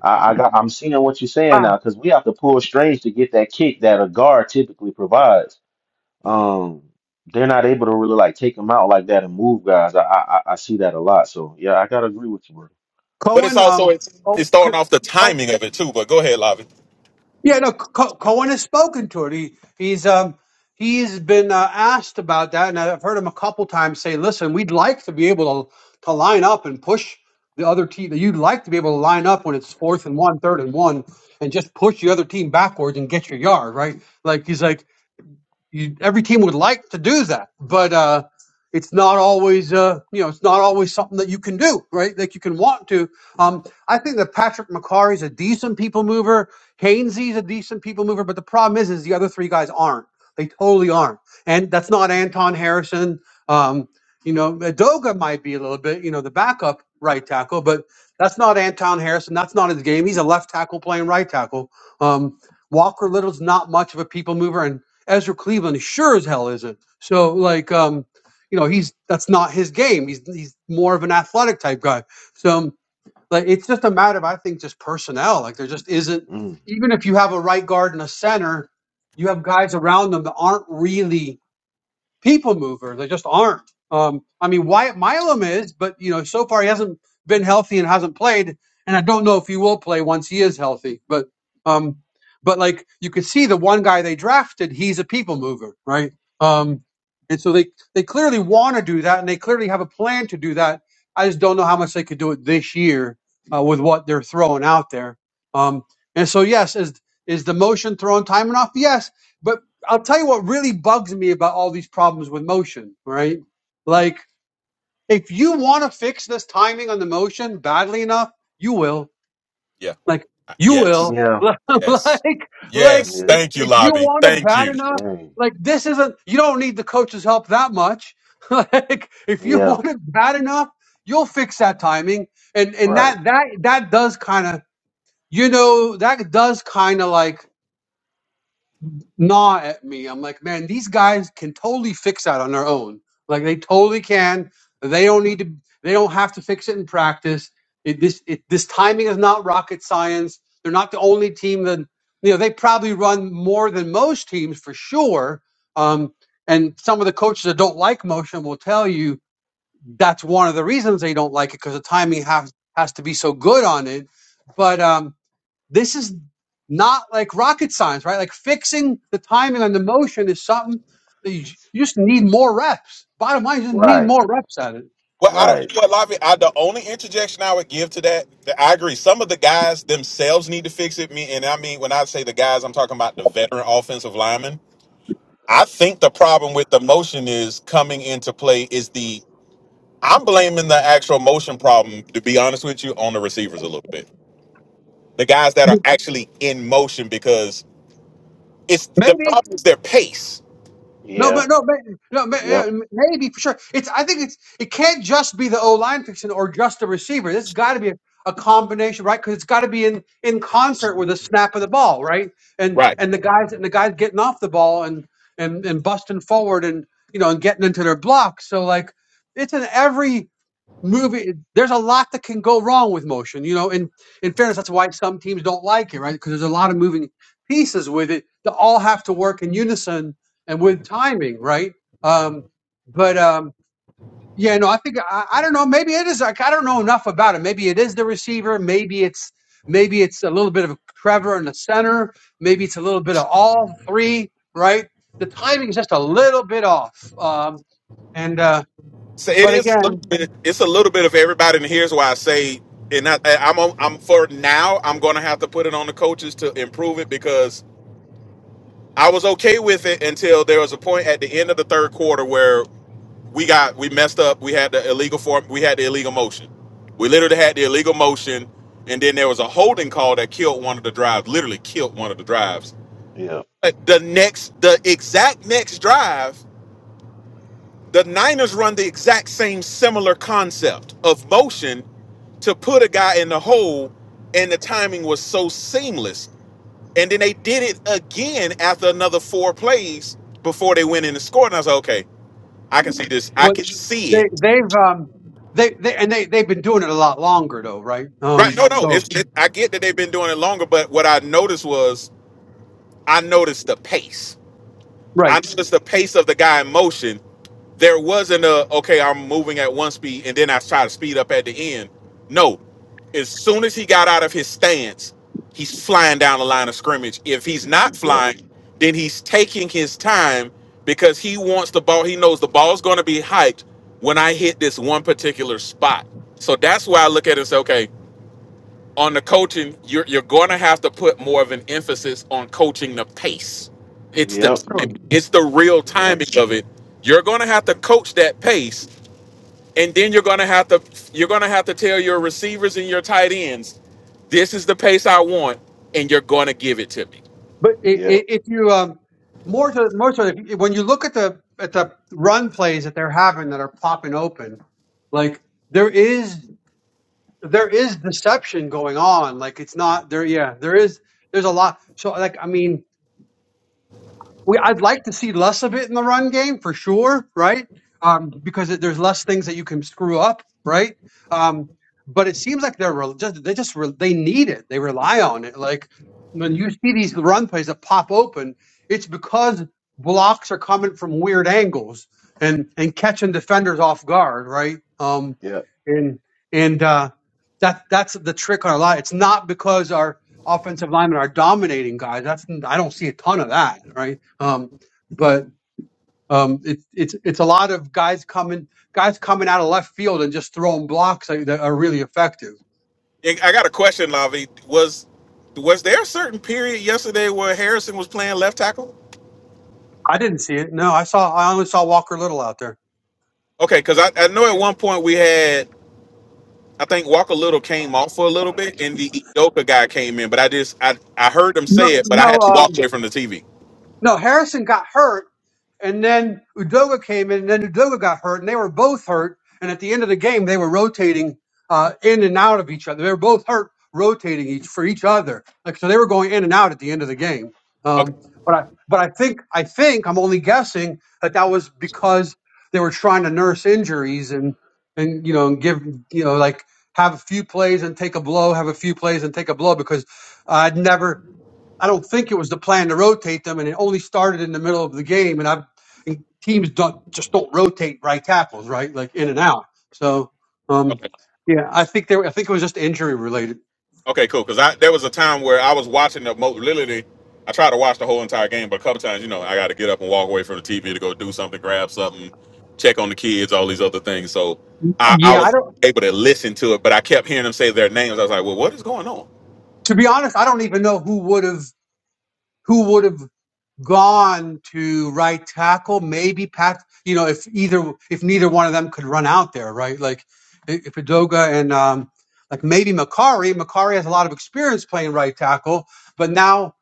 I, I got. I'm seeing what you're saying
Ah,
now because we have to pull strings to get that kick that a guard typically provides. Um, they're not able to really like take them out like that and move guys. I I, I I see that a lot. So yeah, I gotta agree with you, bro.
But it's
Cohen.
also
Um.
it's it's throwing off the
Oh,
timing of it too. But go ahead, lobby.
Yeah, no, Co- Cohen has spoken to it. He he's um he's been uh, asked about that, and I've heard him a couple times say, "Listen, we'd like to be able to to line up and push the other team. You'd like to be able to line up when it's fourth and one, third and one, and just push the other team backwards and get your yard, right?" Like he's like you, every team would like to do that, but uh, it's not always uh, you know it's not always something that you can do, right? Like you can want to. Um, I think that Patrick McCarry's a decent people mover. Hainsey's a decent people mover, but the problem is, is the other three guys aren't. They totally aren't, and that's not Anton Harrison. Um, you know, Adoga might be a little bit, you know, the backup right tackle, but that's not Anton Harrison. That's not his game. He's a left tackle playing right tackle. Um, Walker Little's not much of a people mover, and Ezra Cleveland sure as hell isn't. So like um, you know, he's that's not his game. He's he's more of an athletic type guy. So um, like it's just a matter of I think just personnel. Like there just isn't
Mm.
even if you have a right guard and a center, you have guys around them that aren't really people mover. They just aren't. Um, I mean, Wyatt Milam is, but you know, so far he hasn't been healthy and hasn't played, and I don't know if he will play once he is healthy. But um, but like you could see, the one guy they drafted, he's a people mover, right? Um, and so they they clearly want to do that, and they clearly have a plan to do that. I just don't know how much they could do it this year uh, with what they're throwing out there. Um, and so, yes, is is the motion thrown time enough? Yes, but. I'll tell you what really bugs me about all these problems with motion, right? Like, if you want to fix this timing on the motion badly enough, you will.
Yeah.
Like, you
Yes.
will.
Yeah,
Yes.
like, like
Yes.
yeah,
if,
Thank you,
if you
Lobby.
want it
Thank
bad
you.
enough,
dang,
like this isn't. You don't need the coach's help that much. like, if you
yeah,
want it bad enough, you'll fix that timing, and and
right,
that that that does kind of you know that does kind of like gnaw at me. I'm like, man, these guys can totally fix that on their own. Like they totally can. They don't need to. They don't have to fix it in practice. It, this it, this timing is not rocket science. They're not the only team that you know. They probably run more than most teams for sure. Um, and some of the coaches that don't like motion will tell you that's one of the reasons they don't like it because the timing has has to be so good on it. But um, this is not like rocket science, right? Like fixing the timing on the motion is something that you, you just need more reps. Bottom line, you just need
right,
more reps at it.
Well, I don't. You
right.
know what, Lavi? I, the only interjection I would give to that, that, I agree. Some of the guys themselves need to fix it. Me, and I mean when I say the guys, I'm talking about the veteran offensive linemen. I think the problem with the motion is coming into play is the. I'm blaming the actual motion problem, to be honest with you, on the receivers a little bit. The guys that are actually in motion because it's the
Maybe.
problem is their pace.
No,
Yeah,
but no, maybe, no, ma- yeah,
yep,
maybe for sure. It's. I think it's. It can't just be the O line fixing or just the receiver. This got to be a, a combination, right? Because it's got to be in in concert with the snap of the ball, right? And
right?
and the guys and the guys getting off the ball and and and busting forward and you know and getting into their block. So like it's an every. movie there's a lot that can go wrong with motion you know And in fairness that's why some teams don't like it right because there's a lot of moving pieces with it that all have to work in unison and with timing right um but um yeah no i think i, I don't know maybe it is like i don't know enough about it maybe it is the receiver maybe it's maybe it's a little bit of trevor in the center maybe it's a little bit of all three right the timing is just a little bit off um and uh
So it
but
is. a little
again
bit- It's a little bit of everybody, and here's why I say, and I, I'm I'm for now. I'm going to have to put it on the coaches to improve it because I was okay with it until there was a point at the end of the third quarter where we got we messed up. We had the illegal form. We had the illegal motion. We literally had the illegal motion, and then there was a holding call that killed one of the drives. Literally killed one of the drives.
yep,
But the next, the exact next drive, the Niners run the exact same similar concept of motion to put a guy in the hole, and the timing was so seamless. And then they did it again after another four plays before they went in and scored. And I was like, okay, I can see this. I
Well,
can see it.
they they've um they they and they they've been doing it a lot longer though, right?
Right?
Um,
No, no.
so
It's, it, I get that they've been doing it longer, but what I noticed was I noticed the pace. I
right,
noticed the pace of the guy in motion. There wasn't a okay, I'm moving at one speed and then I try to speed up at the end. No. As soon as he got out of his stance, he's flying down the line of scrimmage. If he's not
yep,
flying, then he's taking his time because he wants the ball. He knows the ball's going to be hyped when I hit this one particular spot. So that's why I look at it and say, okay, on the coaching, you're, you're going to have to put more of an emphasis on coaching the pace.
yep,
It's the
yep,
sure.
timing. It's the real
yep,
timing of it. You're going to have to coach that pace and then you're going to have to you're going to have to tell your receivers and your tight ends this is the pace i want and you're going to give it to me
But i i if you um more to more so if- when you look at the at the run plays that they're having that are popping open, like there is there is deception going on. Like it's not there. Yeah, there is. There's a lot. So like I mean. we I'd like to see less of it in the run game for sure, right? Um, because it, there's less things that you can screw up, right? Um, but it seems like they're rel just they just re- they need it. They rely on it. Like when you see these run plays that pop open, it's because blocks are coming from weird angles and and catching defenders off guard, right? Um,
yep,
and and uh, that that's the trick on a lot. It's not because our offensive linemen are dominating guys. That's I don't see a ton of that, right? Um, but um, it's it's it's a lot of guys coming guys coming out of left field and just throwing blocks that, that are really effective.
I I got a question, Lavi. Was was there a certain period yesterday where Harrison was playing left tackle?
I didn't see it. No, I saw I only saw Walker Little out there.
Okay, because I, I know at one point we had I think Walker Little came off for a little bit and the Edoka guy came in, but I just I, I heard them
No,
say it, but I had
no,
to walk
um,
away from the TV.
no. Harrison got hurt, And then Udoga came in, and then Udoga got hurt, and they were both hurt. And at the end of the game, they were rotating uh, in and out of each other. They were both hurt, rotating each for each other. Like so, they were going in and out at the end of the game.
Okay.
Um, but I, but I think, I think I'm only guessing that that was because they were trying to nurse injuries and and you know and give you know like have a few plays and take a blow, have a few plays and take a blow because I'd never I don't think it was the plan to rotate them, and it only started in the middle of the game. And I've and teams don't just don't rotate right tackles, right? Like in and out. So,
Okay.
um, yeah, I think there. I think it was just injury related.
Okay, cool. Because I there was a time where I was watching the most literally. I tried to watch the whole entire game, but a couple times, you know, I got to get up and walk away from the TV to go do something, grab something, check on the kids, all these other things. So I, I
Yeah, I
was
don't.
able to listen to it, but I kept hearing them say their names. I was like, well, what is going on?
To be honest, I don't even know who would have who would have. gone to right tackle, maybe Pat. You know, if either if neither one of them could run out there, right? Like i- if Udoga and um, like maybe Makari. Makari has a lot of experience playing right tackle, but now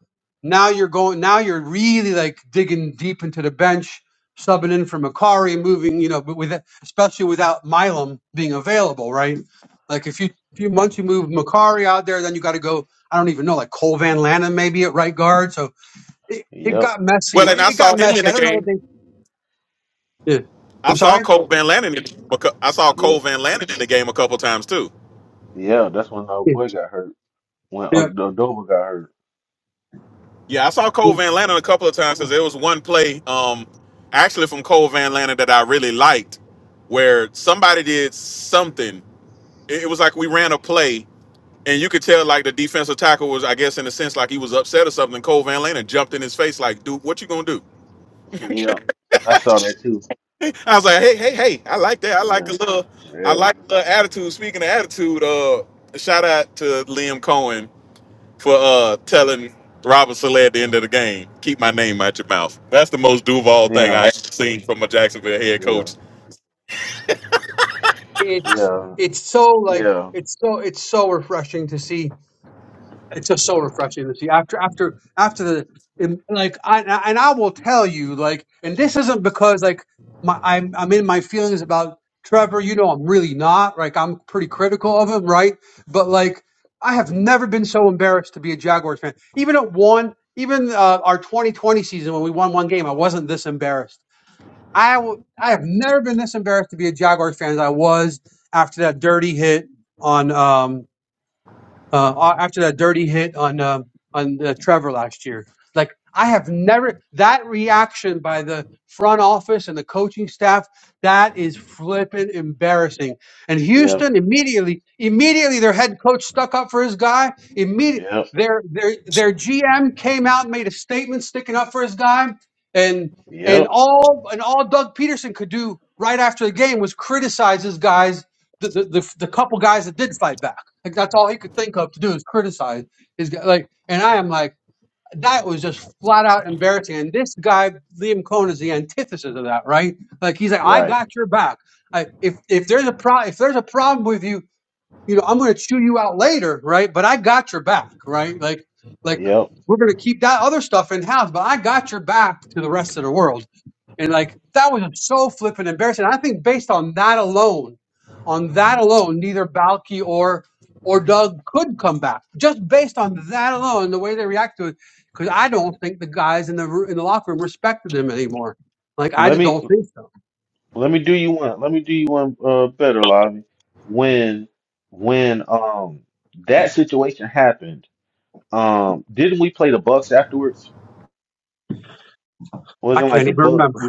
now you're going now you're really like digging deep into the bench, subbing in for Makari, moving. You know, but with especially without Milam being available, right? Like if you. Few months you move Makari out there, then you got to go. I don't even know, like Cole Van Lannon maybe at right guard. So it, it
yep,
got messy.
Well, and
It,
I
it got
saw him in
messy. I
the
don't know what
game.
they. Yeah.
I
I'm
saw
sorry.
Cole Van Lannon. In, becau- I saw Cole
yep,
Van Lannon in the game a couple times too.
yeah. That's when our
Yeah.
boy got hurt. When
yeah.
Ad- Adoba got hurt.
Yeah, I saw Cole Van Lannon a couple of times because there was one play, um, actually from Cole Van Lannon that I really liked, where somebody did something. It, it was like we ran a play, and you could tell like the defensive tackle was, I guess, in a sense, like he was upset or something. Cole Van Lannon jumped in his face, like, "Dude, what you gonna do?"
Yep, I saw that too.
I was like, "Hey, hey, hey! I like that. I like a
Yeah,
little, I
yeah,
like the attitude." Speaking of attitude, uh, shout out to Liam Cohen for uh telling Robert Saleh at the end of the game, keep my name out your mouth. That's the most Duval thing
yeah,
I've seen from a Jacksonville head
yeah,
coach.
It's
yeah,
it's so
yeah,
like it's so it's so refreshing to see it's just so refreshing to see after after after the and, like I and I and I will tell you like and this isn't because like my I'm I'm in my feelings about Trevor you know I'm really not like I'm pretty critical of him right but like I have never been so embarrassed to be a Jaguars fan even at one even uh, our 2020 season when we won one game I wasn't this embarrassed I will I have never been this embarrassed to be a Jaguars fan as I was after that dirty hit on um uh, after that dirty hit on uh, on uh, Trevor last year. Like I have never that reaction by the front office and the coaching staff. That is flippin' embarrassing. And
yep,
Houston immediately, immediately their head coach stuck up for his guy. Immediately
yep,
their their their GM came out and made a statement sticking up for his guy. And and
yep,
all and all Doug Peterson could do right after the game was criticize his guys, the the, the, the couple guys that did fight back. Like that's all he could think of to do is criticize. he like, and I am like, that was just flat out embarrassing. And this guy Liam Cohen is the antithesis of that, right? Like he's like, I
right,
got your back. Like if if there's a pro if there's a problem with you, you know, I'm going to chew you out later, right? But I got your back, right? Like like
yep.
we're going to keep that other stuff in house, but I got your back to the rest of the world. And like that was just so flippant embarrassing. I think based on that alone, on that alone, neither Balky or or Doug could come back. Just based on that alone, the way they react to it, because I don't think the guys in the ro- in the locker room respected him anymore. Like I
Let
just
me
don't think so.
let me do you one. Let me do you one uh better, Lavi. When when um that situation happened, um, didn't we play the Bucks afterwards?
I
Wasn't like
can't
the
even
Buck.
remember.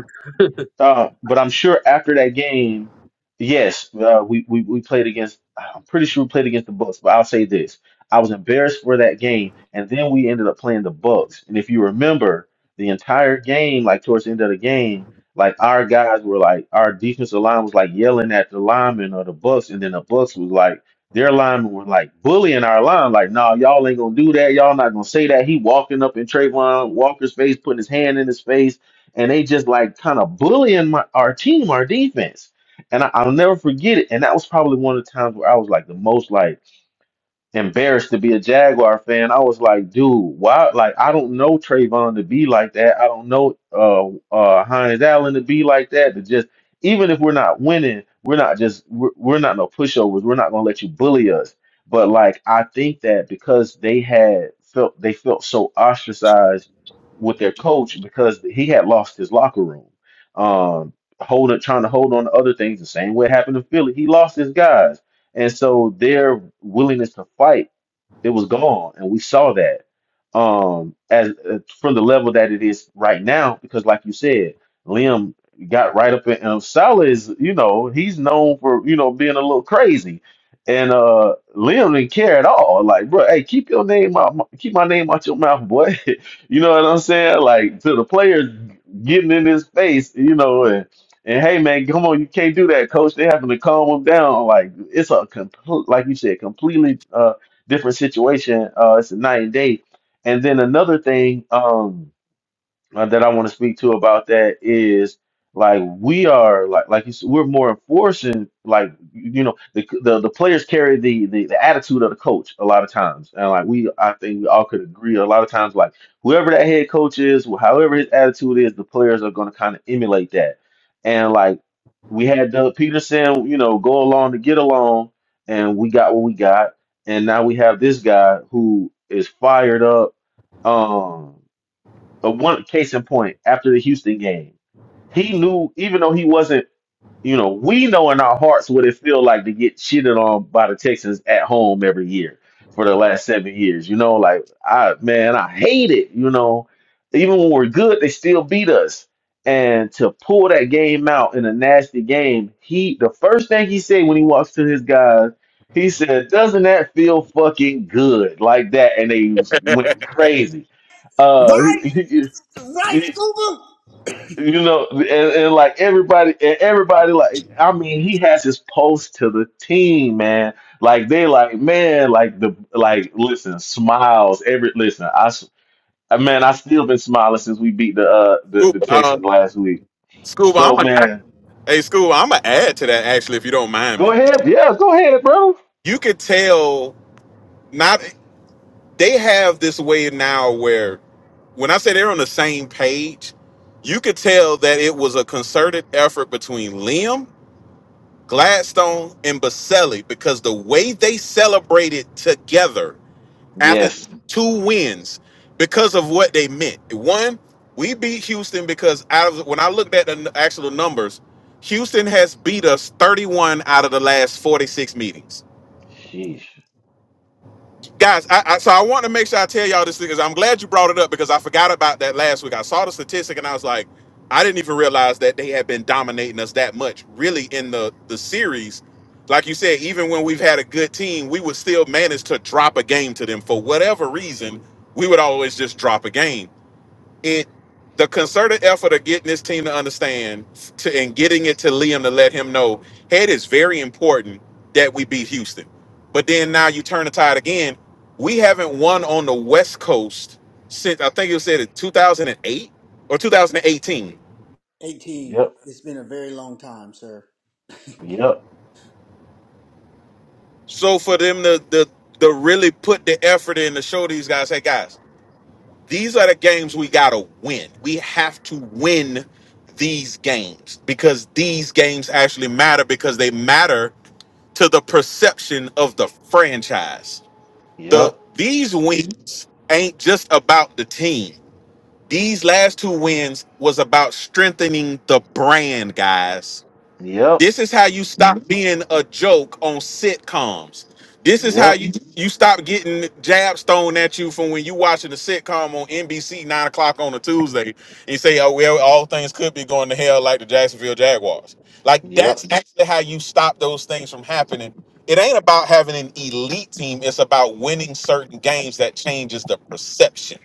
Uh, but I'm sure after that game, yes, uh, we, we we played against. I'm pretty sure we played against the Bucks. But I'll say this: I was embarrassed for that game, and then we ended up playing the Bucks. And if you remember, the entire game, like towards the end of the game, like our guys were like, our defensive line was like yelling at the linemen or the Bucks, and then the Bucks was like. Their linemen were like bullying our line, like, nah, y'all ain't gonna do that. Y'all not gonna say that. He walking up in Trayvon Walker's face, putting his hand in his face and they just like kind of bullying my our team, our defense. And I, I'll never forget it. And that was probably one of the times where I was like the most like embarrassed to be a Jaguar fan. I was like, dude, why? Like, I don't know Trayvon to be like that. I don't know uh uh Hines Allen to be like that. To just even if we're not winning, we're not just we're, we're not no pushovers. We're not gonna let you bully us. But like, I think that because they had felt they felt so ostracized with their coach because he had lost his locker room. Um, holding trying to hold on to other things the same way it happened to Philly. He lost his guys and so their willingness to fight it was gone, and we saw that um as uh, from the level that it is right now. Because, like you said, Liam got right up in. Um, Salah is, you know, he's known for you know being a little crazy, and uh Liam didn't care at all. Like, bro, hey, keep your name out, my, keep my name out your mouth, boy. you know what I'm saying? Like to the players getting in his face, you know, and and hey, man, come on, you can't do that, coach. They having to calm him down. Like it's a complete, like you said, completely. uh, different situation. Uh, it's a night and day. And then another thing. Um, uh, that I want to speak to about that is like we are like like you s- we're more enforcing like you know the the, the players carry the, the the attitude of the coach a lot of times and like we I think we all could agree a lot of times like whoever that head coach is wh- however his attitude is the players are going to kind of emulate that and like we had Doug Peterson you know go along to get along and we got what we got and now we have this guy who is fired up Um, a one case in point after the Houston game, he knew even though he wasn't, you know, we know in our hearts what it feel like to get shitted on by the Texans at home every year for the last seven years. You know, like I man, I hate it. You know, even when we're good, they still beat us. And to pull that game out in a nasty game, he the first thing he said when he walks to his guys, he said, "Doesn't that feel fucking good like that?" And they went crazy. Uh,
Right, right,
you
Scuba.
you know, and, and like everybody, and everybody, like I mean, he has his post to the team, man. Like they, like man, like the like listen, smiles. Every listen, I s- uh, man, I still been smiling since we beat the uh the, the
Scuba, uh,
Texans last week.
Scuba,
So
I'm a
man,
hey Scuba, I'm gonna add to that actually if you don't mind
go
me.
ahead, yeah, go ahead, bro.
You could tell not they have this way now where when I say they're on the same page, you could tell that it was a concerted effort between Liam, Gladstone, and Baselli because the way they celebrated together after
Yes.
two wins because of what they meant. One, we beat Houston because out of when I looked at the n- actual numbers, Houston has beat us 31 out of the last 46 meetings
Sheesh.
guys I, I so i want to make sure i tell y'all this thing because i'm glad you brought it up because i forgot about that last week i saw the statistic and i was like i didn't even realize that they had been dominating us that much really in the the series like you said even when we've had a good team we would still manage to drop a game to them for whatever reason we would always just drop a game it the concerted effort of getting this team to understand to, and getting it to Liam to let him know, hey, it is very important that we beat Houston. But then now you turn the tide again. We haven't won on the West Coast since I think you said it 2008 or 2018.
18.
Yep.
It's been a very long time, sir.
Yep.
So for them to, to, to really put the effort in to show these guys, hey guys, these are the games we gotta win. We have to win these games because these games actually matter because they matter to the perception of the franchise. The
Yep.
these wins ain't just about the team. These last two wins was about strengthening the brand, guys
Yep.
this is how you stop being a joke on sitcoms. This is how
Yep.
you you stop getting jabs thrown at you from when you watching a sitcom on NBC nine o'clock on a Tuesday and say, "Oh well, all things could be going to hell like the Jacksonville Jaguars." Like
Yep.
that's actually how you stop those things from happening. It ain't about having an elite team; it's about winning certain games that changes the perception.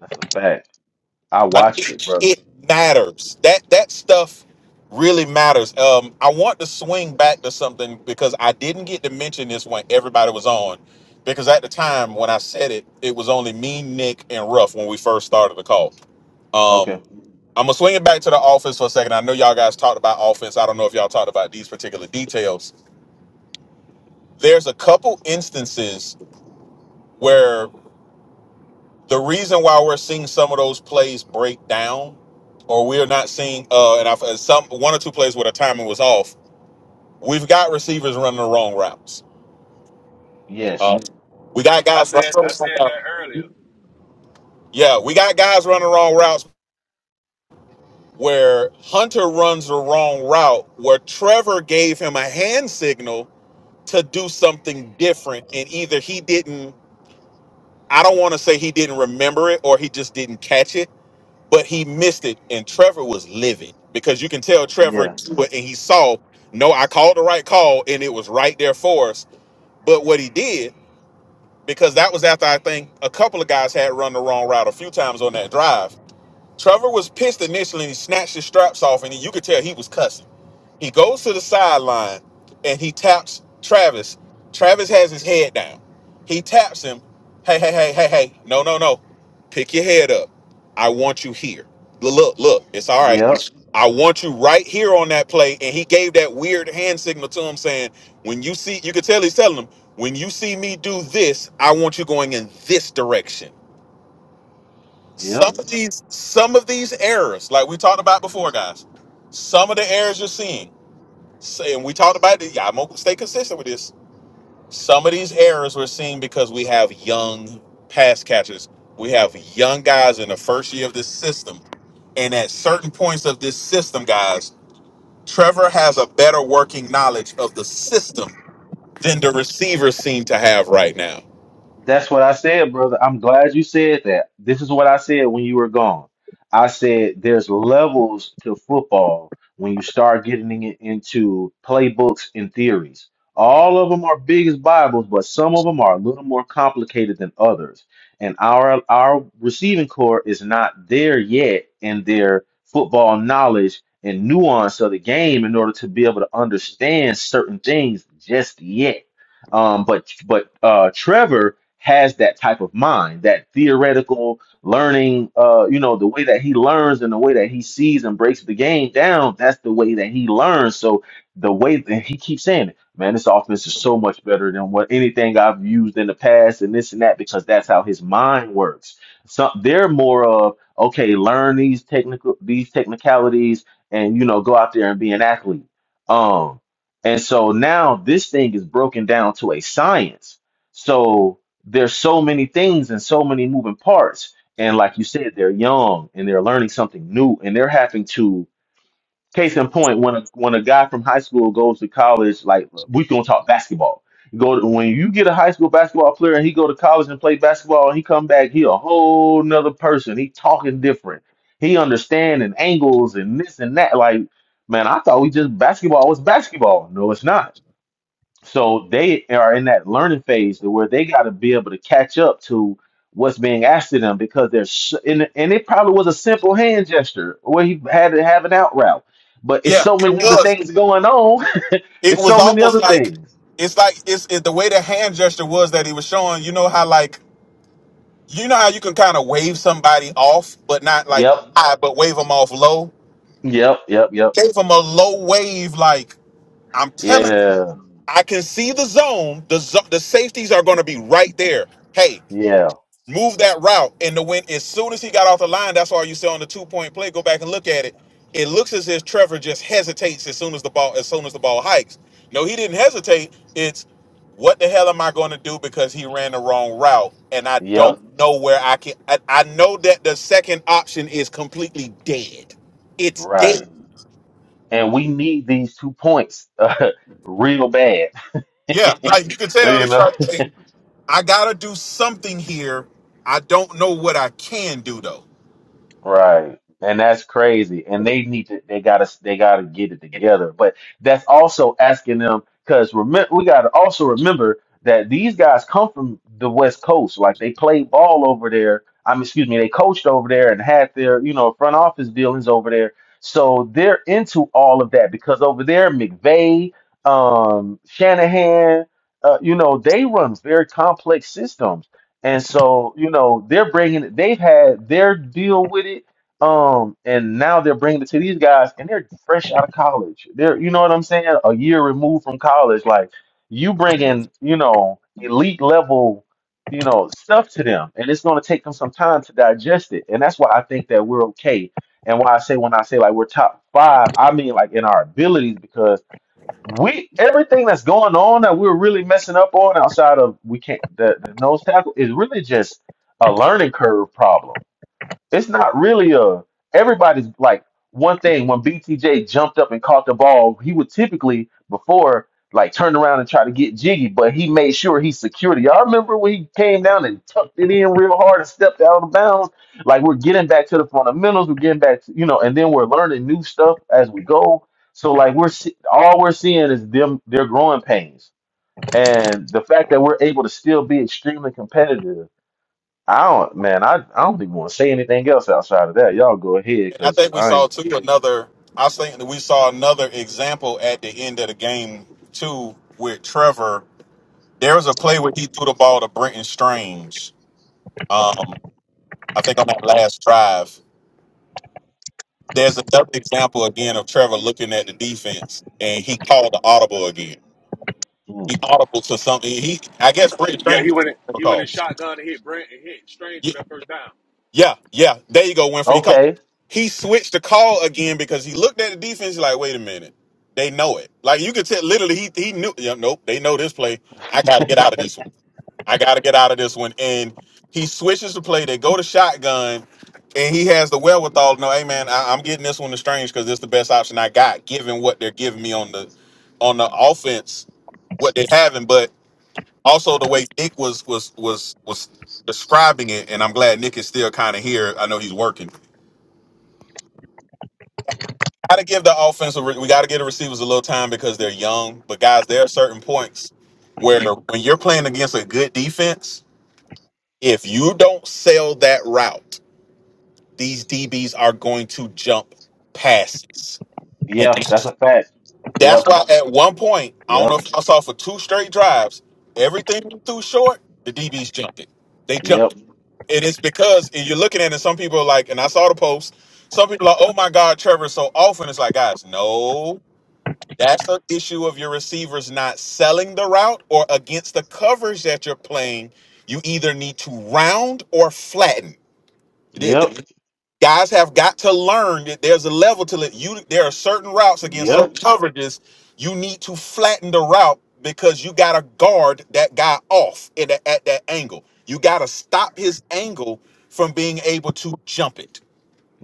That's a fact. I
Like
watched it,
it,
brother.
it matters. That that stuff really matters. Um, I want to swing back to something because I didn't get to mention this when everybody was on. Because at the time when I said it, it was only me, Nick, and Ruff when we first started the call. Um,
Okay.
I'm gonna swing it back to the offense for a second. I know y'all guys talked about offense. I don't know if y'all talked about these particular details. There's a couple instances where. the reason why we're seeing some of those plays break down, or we're not seeing, uh, and I've uh, some one or two plays where the timing was off. We've got receivers running the wrong routes.
Yes.
Um, we got
I
guys.
said I said that earlier.
Yeah, we got guys running the wrong routes. Where Hunter runs the wrong route, where Trevor gave him a hand signal to do something different, and either he didn't. I don't want to say he didn't remember it or he just didn't catch it but he missed it, and Trevor was livid because you can tell Trevor
Yeah.
knew it and he saw, no, I called the right call, and it was right there for us. But what he did, because that was after I think a couple of guys had run the wrong route a few times on that drive. Trevor was pissed initially, and he snatched his straps off, and you could tell he was cussing. He goes to the sideline and he taps Travis. Travis has his head down. He taps him. Hey, hey, hey, hey, hey. No, no, no. Pick your head up. I want you here. Look, look, look. It's all right.
Yep.
I want you right here on that play. And he gave that weird hand signal to him saying, when you see, you could tell he's telling him, when you see me do this, I want you going in this direction.
Yep.
Some of these, some of these errors, like we talked about before, guys, some of the errors you're seeing Say, and we talked about this. Yeah, I'm gonna stay consistent with this. Some of these errors we're seeing because we have young pass catchers. We have young guys in the first year of this system, and at certain points of this system, guys, Trevor has a better working knowledge of the system than the receivers seem to have right now.
That's what I said, brother. I'm glad you said that. This is what I said when you were gone. I said there's levels to football when you start getting it into playbooks and theories. All of them are big as Bibles, but some of them are a little more complicated than others. And our our receiving core is not there yet in their football knowledge and nuance of the game in order to be able to understand certain things just yet. Um, but but uh, Trevor has that type of mind, that theoretical learning, uh, you know, the way that he learns and the way that he sees and breaks the game down, that's the way that he learns. So the way that he keeps saying it, man, this offense is so much better than what anything I've used in the past and this and that, because that's how his mind works. So they're more of, okay, learn these technical these technicalities and you know, go out there and be an athlete. Um, and so now this thing is broken down to a science. So there's so many things and so many moving parts. And like you said, they're young and they're learning something new and they're having to case in point, when a when a guy from high school goes to college, like we gonna talk basketball. Go to, when you get a high school basketball player and he go to college and play basketball and he come back, he a whole nother person. He talking different. He understanding angles and this and that. Like, man, I thought we just basketball was basketball. No, it's not so they are in that learning phase to where they got to be able to catch up to what's being asked of them because they're sh- and, and it probably was a simple hand gesture where he had to have an out route, but it's
Yeah,
so
it
many other
was.
things going on.
It
it's
was
so many
almost
other
like
things.
it's like it's it, the way the hand gesture was that he was showing. You know how like you know how you can kind of wave somebody off, but not like
Yep,
high, but wave them off low
yep, yep, yep.
came from a low wave. Like I'm telling,
Yeah,
I can see the zone. The zo- the safeties are going to be right there. Hey,
yeah,
move that route. And the win. As soon as he got off the line, that's why you see on the two point play. Go back and look at it. It looks as if Trevor just hesitates as soon as the ball as soon as the ball hikes. No, he didn't hesitate. It's what the hell am I going to do because he ran the wrong route and I
yep.
don't know where I can. I, I know that the second option is completely dead. It's dead.
Right. And we need these two points uh, real bad. you
Yeah, like you can tell it's
know.
like hey, I gotta do something here. I don't know what I can do though.
Right. And that's crazy. And they need to they gotta they gotta get it together. But that's also asking them because remember we gotta also remember that these guys come from the West Coast. Like they played ball over there. I mean, excuse me, they coached over there and had their, you know, front office dealings over there. So they're into all of that because over there, McVay, um, Shanahan, uh, you know, they run very complex systems and so, you know, they're bringing it, they've had their deal with it. Um, and now they're bringing it to these guys, and they're fresh out of college. They're, you know what I'm saying? A year removed from college. Like, you bringing, you know, elite level, you know, stuff to them. And it's going to take them some time to digest it. And that's why I think that we're okay. And why I say, when I say like we're top five, I mean like in our abilities, we everything that's going on that we're really messing up on outside of we can't the, the nose tackle is really just a learning curve problem it's not really a everybody's like one thing. When BTJ jumped up and caught the ball, he would typically before like turn around and try to get jiggy, but he made sure he secured it. Y'all remember when he came down and tucked it in real hard and stepped out of bounds? Like we're getting back to the fundamentals, we're getting back to you know, and then we're learning new stuff as we go. So like we're se- all we're seeing is them their growing pains, and the fact that we're able to still be extremely competitive I don't, man. I, I don't even want to say anything else outside of that. Y'all go ahead,
And I
cause
think we
I
saw
ain't.
too another I was thinking that we saw another example at the end of the game too with Trevor. There was a play where he threw the ball to Brenton Strange. Um, I think on that last drive. There's another example again of Trevor looking at the defense and he called the audible again. He
mm.
audible to something. He I guess Brenton
Yeah, he
Strange
went in, he went in
called.
shotgun and hit Brent and hit Strange for that first down.
Yeah, yeah. There you go, Winfrey. He come.
Okay.
He switched the call again because he looked at the defense He's like, wait a minute, they know it. Like you could tell, literally, he he knew. Yeah, nope, they know this play. I got to get out of this one. I got to get out of this one. And he switches the play. They go to shotgun, and he has the wherewithal. to know, hey man, I, I'm getting this one to Strange because it's the best option I got, given what they're giving me on the on the offense, what they're having also the way Nick was was was was describing it, and I'm glad Nick is still kind of here. I know he's working. Got to give the offensive. We got to give the receivers a little time because they're young. But guys, there are certain points where when you're playing against a good defense, if you don't sell that route, these DBs are going to jump passes, and
Yeah, that's a fact.
that's
Yep.
why at one point I don't know
Yep.
if I saw for two straight drives, everything through short, the DBs jumped it. They jumped.
Yep.
It is because you're looking at it. Some people are like, and I saw the post. Some people are, like, oh my God, Trevor, so often. It's like, guys, no, that's an issue of your receivers not selling the route or against the coverage that you're playing. You either need to round or flatten.
Yep.
Guys have got to learn that there's a level to let you. There are certain routes against
Yep.
certain coverages. You need to flatten the route because you got to guard that guy off in that at that angle. You got to stop his angle from being able to jump it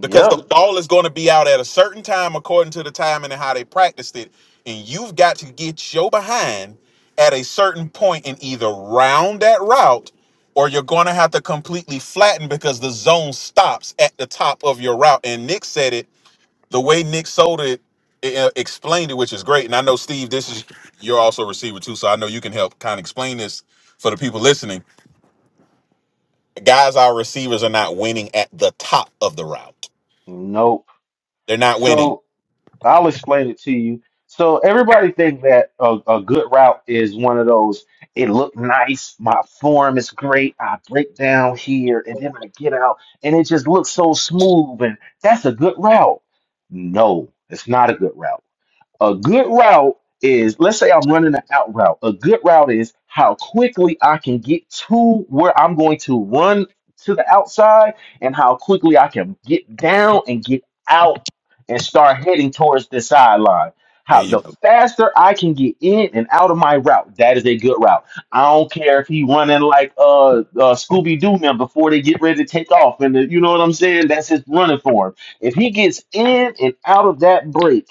because the ball is going to be out at a certain time according to the timing and how they practiced it and you've got to get your behind at a certain point and either round that route or you're going to have to completely flatten because the zone stops at the top of your route and nick said it the way nick sold it uh, explained it which is great and i know steve this is you're also a receiver too so i know you can help kind of explain this for the people listening guys our receivers are not winning at the top of the route
Nope.
they're not winning
So I'll explain it to you. So everybody think that a, a good route is one of those. It looked nice. My form is great. I break down here and then I get out, and it just looks so smooth. And that's a good route. No, it's not a good route A good route is, let's say I'm running an out route. A good route is how quickly I can get to where I'm going to run to the outside and how quickly I can get down and get out and start heading towards the sideline.
there
How
you go
the faster I can get in and out of my route, that is a good route. I don't care if he running like uh, uh Scooby Doo man before they get ready to take off, and the, you know what I'm saying? That's his running form. If he gets in and out of that break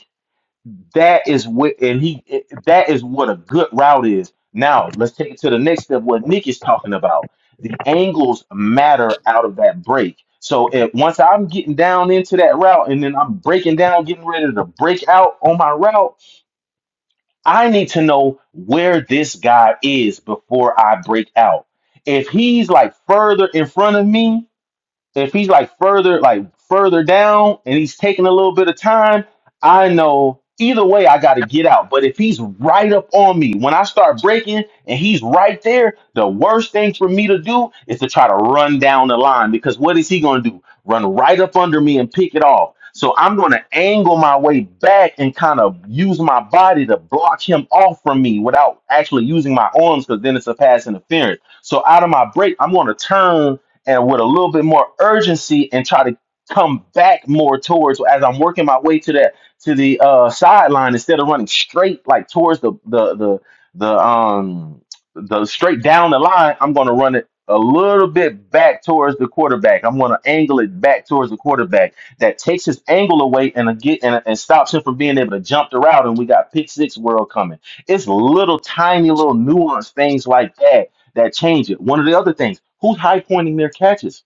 that is what and he it- that is what a good route is now let's take it to the next step what nick is talking about the angles matter out of that break so if once i'm getting down into that route and then i'm breaking down getting ready to break out on my route i need to know where this guy is before i break out if he's like further in front of me so if he's like further like further down and he's taking a little bit of time, I know either way I got to get out. But if he's right up on me when I start breaking and he's right there, the worst thing for me to do is to try to run down the line because what is he going to do? Run right up under me and pick it off. So I'm going to angle my way back and kind of use my body to block him off from me without actually using my arms because then it's a pass interference. So out of my break, I'm going to turn and with a little bit more urgency and try to come back more towards as I'm working my way to that to the uh sideline instead of running straight like towards the the the the um the straight down the line, I'm gonna run it a little bit back towards the quarterback. I'm gonna angle it back towards the quarterback. That takes his angle away and a get and, and stops him from being able to jump the route and we got pick six world coming. It's little tiny little nuanced things like that that change it. One of the other things, who's high pointing their catches?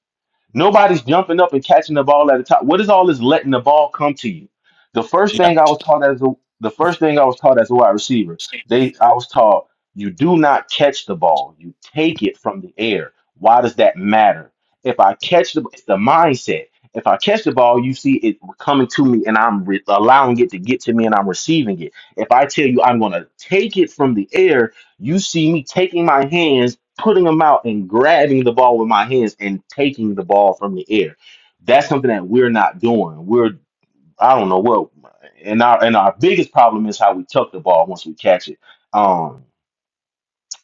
Nobody's jumping up and catching the ball at the top. What is all this letting the ball come to you? The first
Yeah,
thing I was taught as a the first thing I was taught as a wide receiver, they I was taught you do not catch the ball. You take it from the air. Why does that matter? If I catch the it's the mindset. If I catch the ball, you see it coming to me and I'm re- allowing it to get to me and I'm receiving it. If I tell you I'm going to take it from the air, you see me taking my hands, putting them out, and grabbing the ball with my hands and taking the ball from the air. That's something that we're not doing. We're I don't know what and our and our biggest problem is how we tuck the ball once we catch it. Um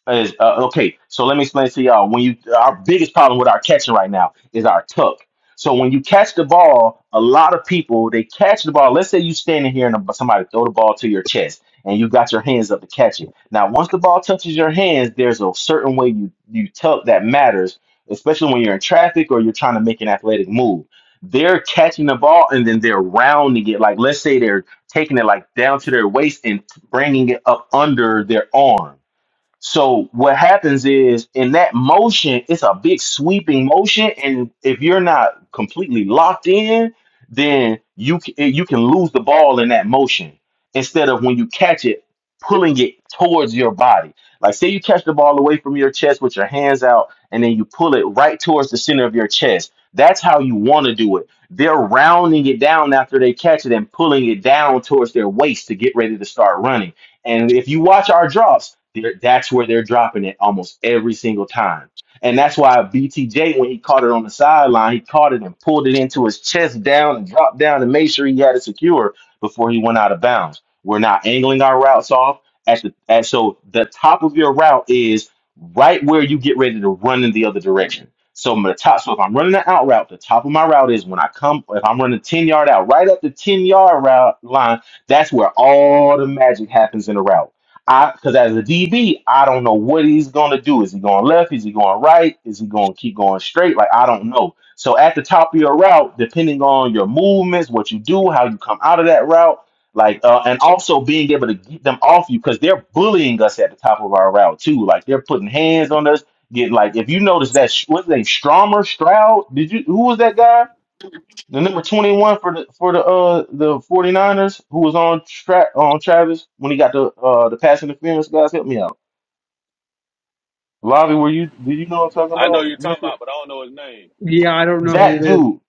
is, uh, okay, so let me explain to y'all. When you our biggest problem with our catching right now is our tuck. So when you catch the ball, a lot of people they catch the ball. Let's say you standing here and somebody throw the ball to your chest, and you got your hands up to catch it. Now, once the ball touches your hands, there's a certain way you you tuck that matters, especially when you're in traffic or you're trying to make an athletic move. They're catching the ball and then they're rounding it. Like let's say they're taking it like down to their waist and bringing it up under their arm so what happens is in that motion, it's a big sweeping motion, and if you're not completely locked in, then you c- eh, you can lose the ball in that motion instead of when you catch it, pulling it towards your body. Like say you catch the ball away from your chest with your hands out, and then you pull it right towards the center of your chest. That's how you want to do it. They're rounding it down after they catch it and pulling it down towards their waist to get ready to start running and if you watch our drops, they're- that's where they're dropping it almost every single time. And that's why BTJ, when he caught it on the sideline, he caught it and pulled it into his chest down and dropped down and made sure he had it secure before he went out of bounds. We're not angling our routes off at the at, so the top of your route is right where you get ready to run in the other direction. So my top, so if I'm running an out route, the top of my route is when I come. If I'm running ten yard out, right at the ten yard route line that's where all the magic happens in a route. I because as a DB, I don't know what he's gonna do. Is he going left? Is he going right? Is he gonna keep going straight? Like I don't know. So at the top of your route, depending on your movements, what you do, how you come out of that route, like uh, and also being able to get them off you because they're bullying us at the top of our route too. Like they're putting hands on us. Get like if you notice that what's his name Stromer Stroud? Did you who was that guy? The number 21 for the for the uh the 49ers who was on track on Travis when he got the uh the pass interference guys help me out. Lavi, were you do you know what I'm talking
I know
about,
you're talking
Winfrey?
about, but I don't know his name.
Yeah, I don't know who
That
it is.
dude.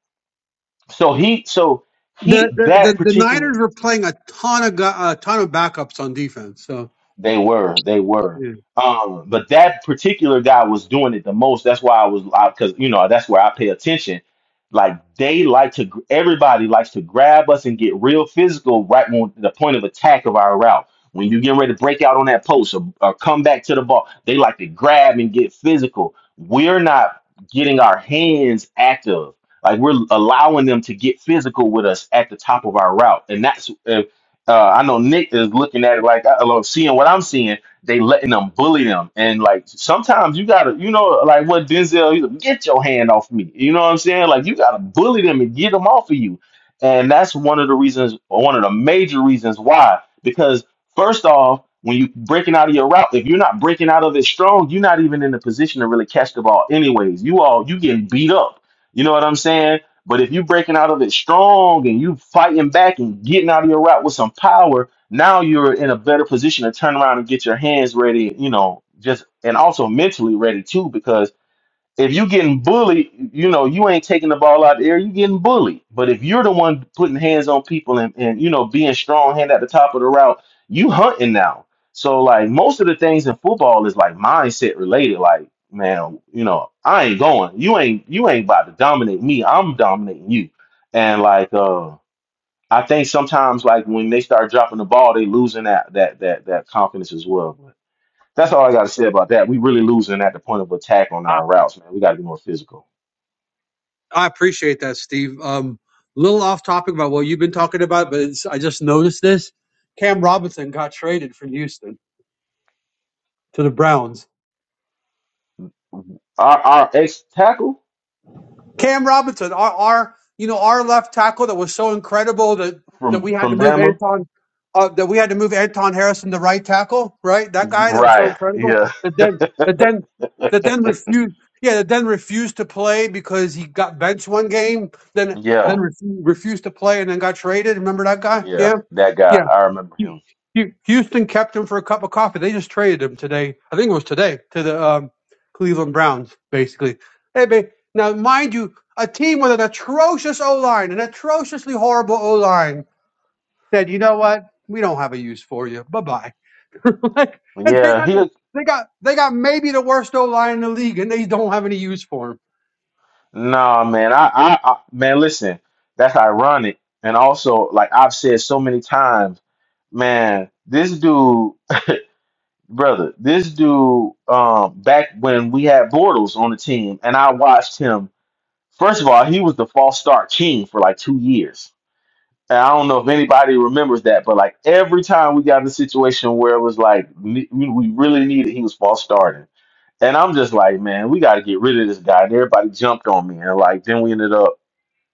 So he so
The
he
the
that
the, the
particular
Niners were playing a ton of gu- a ton of backups on defense. So
They were, they were.
yeah.
Um, but that particular guy was doing it the most. That's why I was, because you know that's where I pay attention. Like they like to, gr- everybody likes to grab us and get real physical right on the point of attack of our route. When you getting ready to break out on that post or, or come back to the ball, they like to grab and get physical. We're not getting our hands active. Like we're allowing them to get physical with us at the top of our route, and that's uh, I know Nick is looking at it like I love seeing what I'm seeing. They letting them bully them, and like sometimes you gotta, you know, like what Denzel, he's like, get your hand off me. You know what I'm saying? Like you gotta bully them and get them off of you, and that's one of the reasons, one of the major reasons why. Because first off, when you breaking out of your route, if you're not breaking out of it strong, you're not even in the position to really catch the ball. Anyways, you all you getting beat up. You know what I'm saying? But if you breaking out of it strong and you fighting back and getting out of your route with some power, now you're in a better position to turn around and get your hands ready, you know, just and also mentally ready too, because if you getting bullied, you know, you ain't taking the ball out of the air, you getting bullied. But if you're the one putting hands on people and, and you know, being strong hand at the top of the route, you hunting now. So like most of the things in football is like mindset related. Like, man, you know, I ain't going. You ain't you ain't about to dominate me. I'm dominating you. And like uh I think sometimes like when they start dropping the ball, they losing that that that that confidence as well. That's all I got to say about that. We really losing at the point of attack on our routes, man. We got to be more physical.
I appreciate that, Steve. Um, little off topic about what you've been talking about, but it's, I just noticed this. Cam Robinson got traded from Houston to the Browns.
Our our ex tackle
Cam Robinson, our, our you know our left tackle that was so incredible that that
from
we had to
from
move
Bama,
Anton uh, that we had to move Anton Harrison to right tackle, right? That guy that was so
right?
incredible
Yeah,
that then that then that then refused yeah that then refused to play because he got benched one game then then
yeah,
refu- refused to play and then got traded. Remember that guy?
yeah.
Yeah
That guy,
Yeah.
I remember
Hu-
him.
Hu- Houston kept him for a cup of coffee. They just traded him today. I think it was today to the um, Cleveland Browns, basically. Hey, babe. Now, mind you, a team with an atrocious O line, an atrociously horrible O line, said, "You know what? We don't have a use for you. Bye bye." like, and they
Yeah,
got the-
he.
they got they got maybe the worst O line in the league, and they don't have any use for him.
Nah, man. I, I, I man. Listen, that's ironic, and also like I've said so many times, man. This dude, brother, this dude. Um, back when we had Bortles on the team, and I watched him First of all, he was the false start king for like two years. And I don't know if anybody remembers that, but like every time we got in a situation where it was like ne- we we really needed, he was false starting. And I'm just like, man, we got to get rid of this guy. And everybody jumped on me. And like, then we ended up,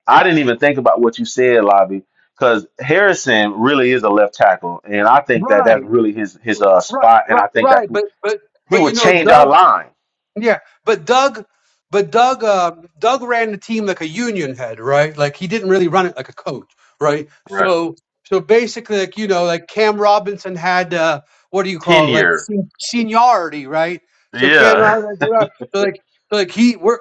I didn't even think about what you said, Lobby, because Harrison really is a left tackle. And I think that that's
Right,
really his, his uh,
right,
spot. And
right,
I think that's,
right. But but
he
but
would
you know,
change our
Doug.
line.
Yeah, but Doug, but Doug, uh, Doug ran the team like a union head, right? Like he didn't really run it like a coach, right?
Right.
So, so basically, like you know, like Cam Robinson had uh, what do you call it, like
Tenure.
sen- seniority, right? So Cam
Yeah.
Robinson, you know, so like, so like he, we're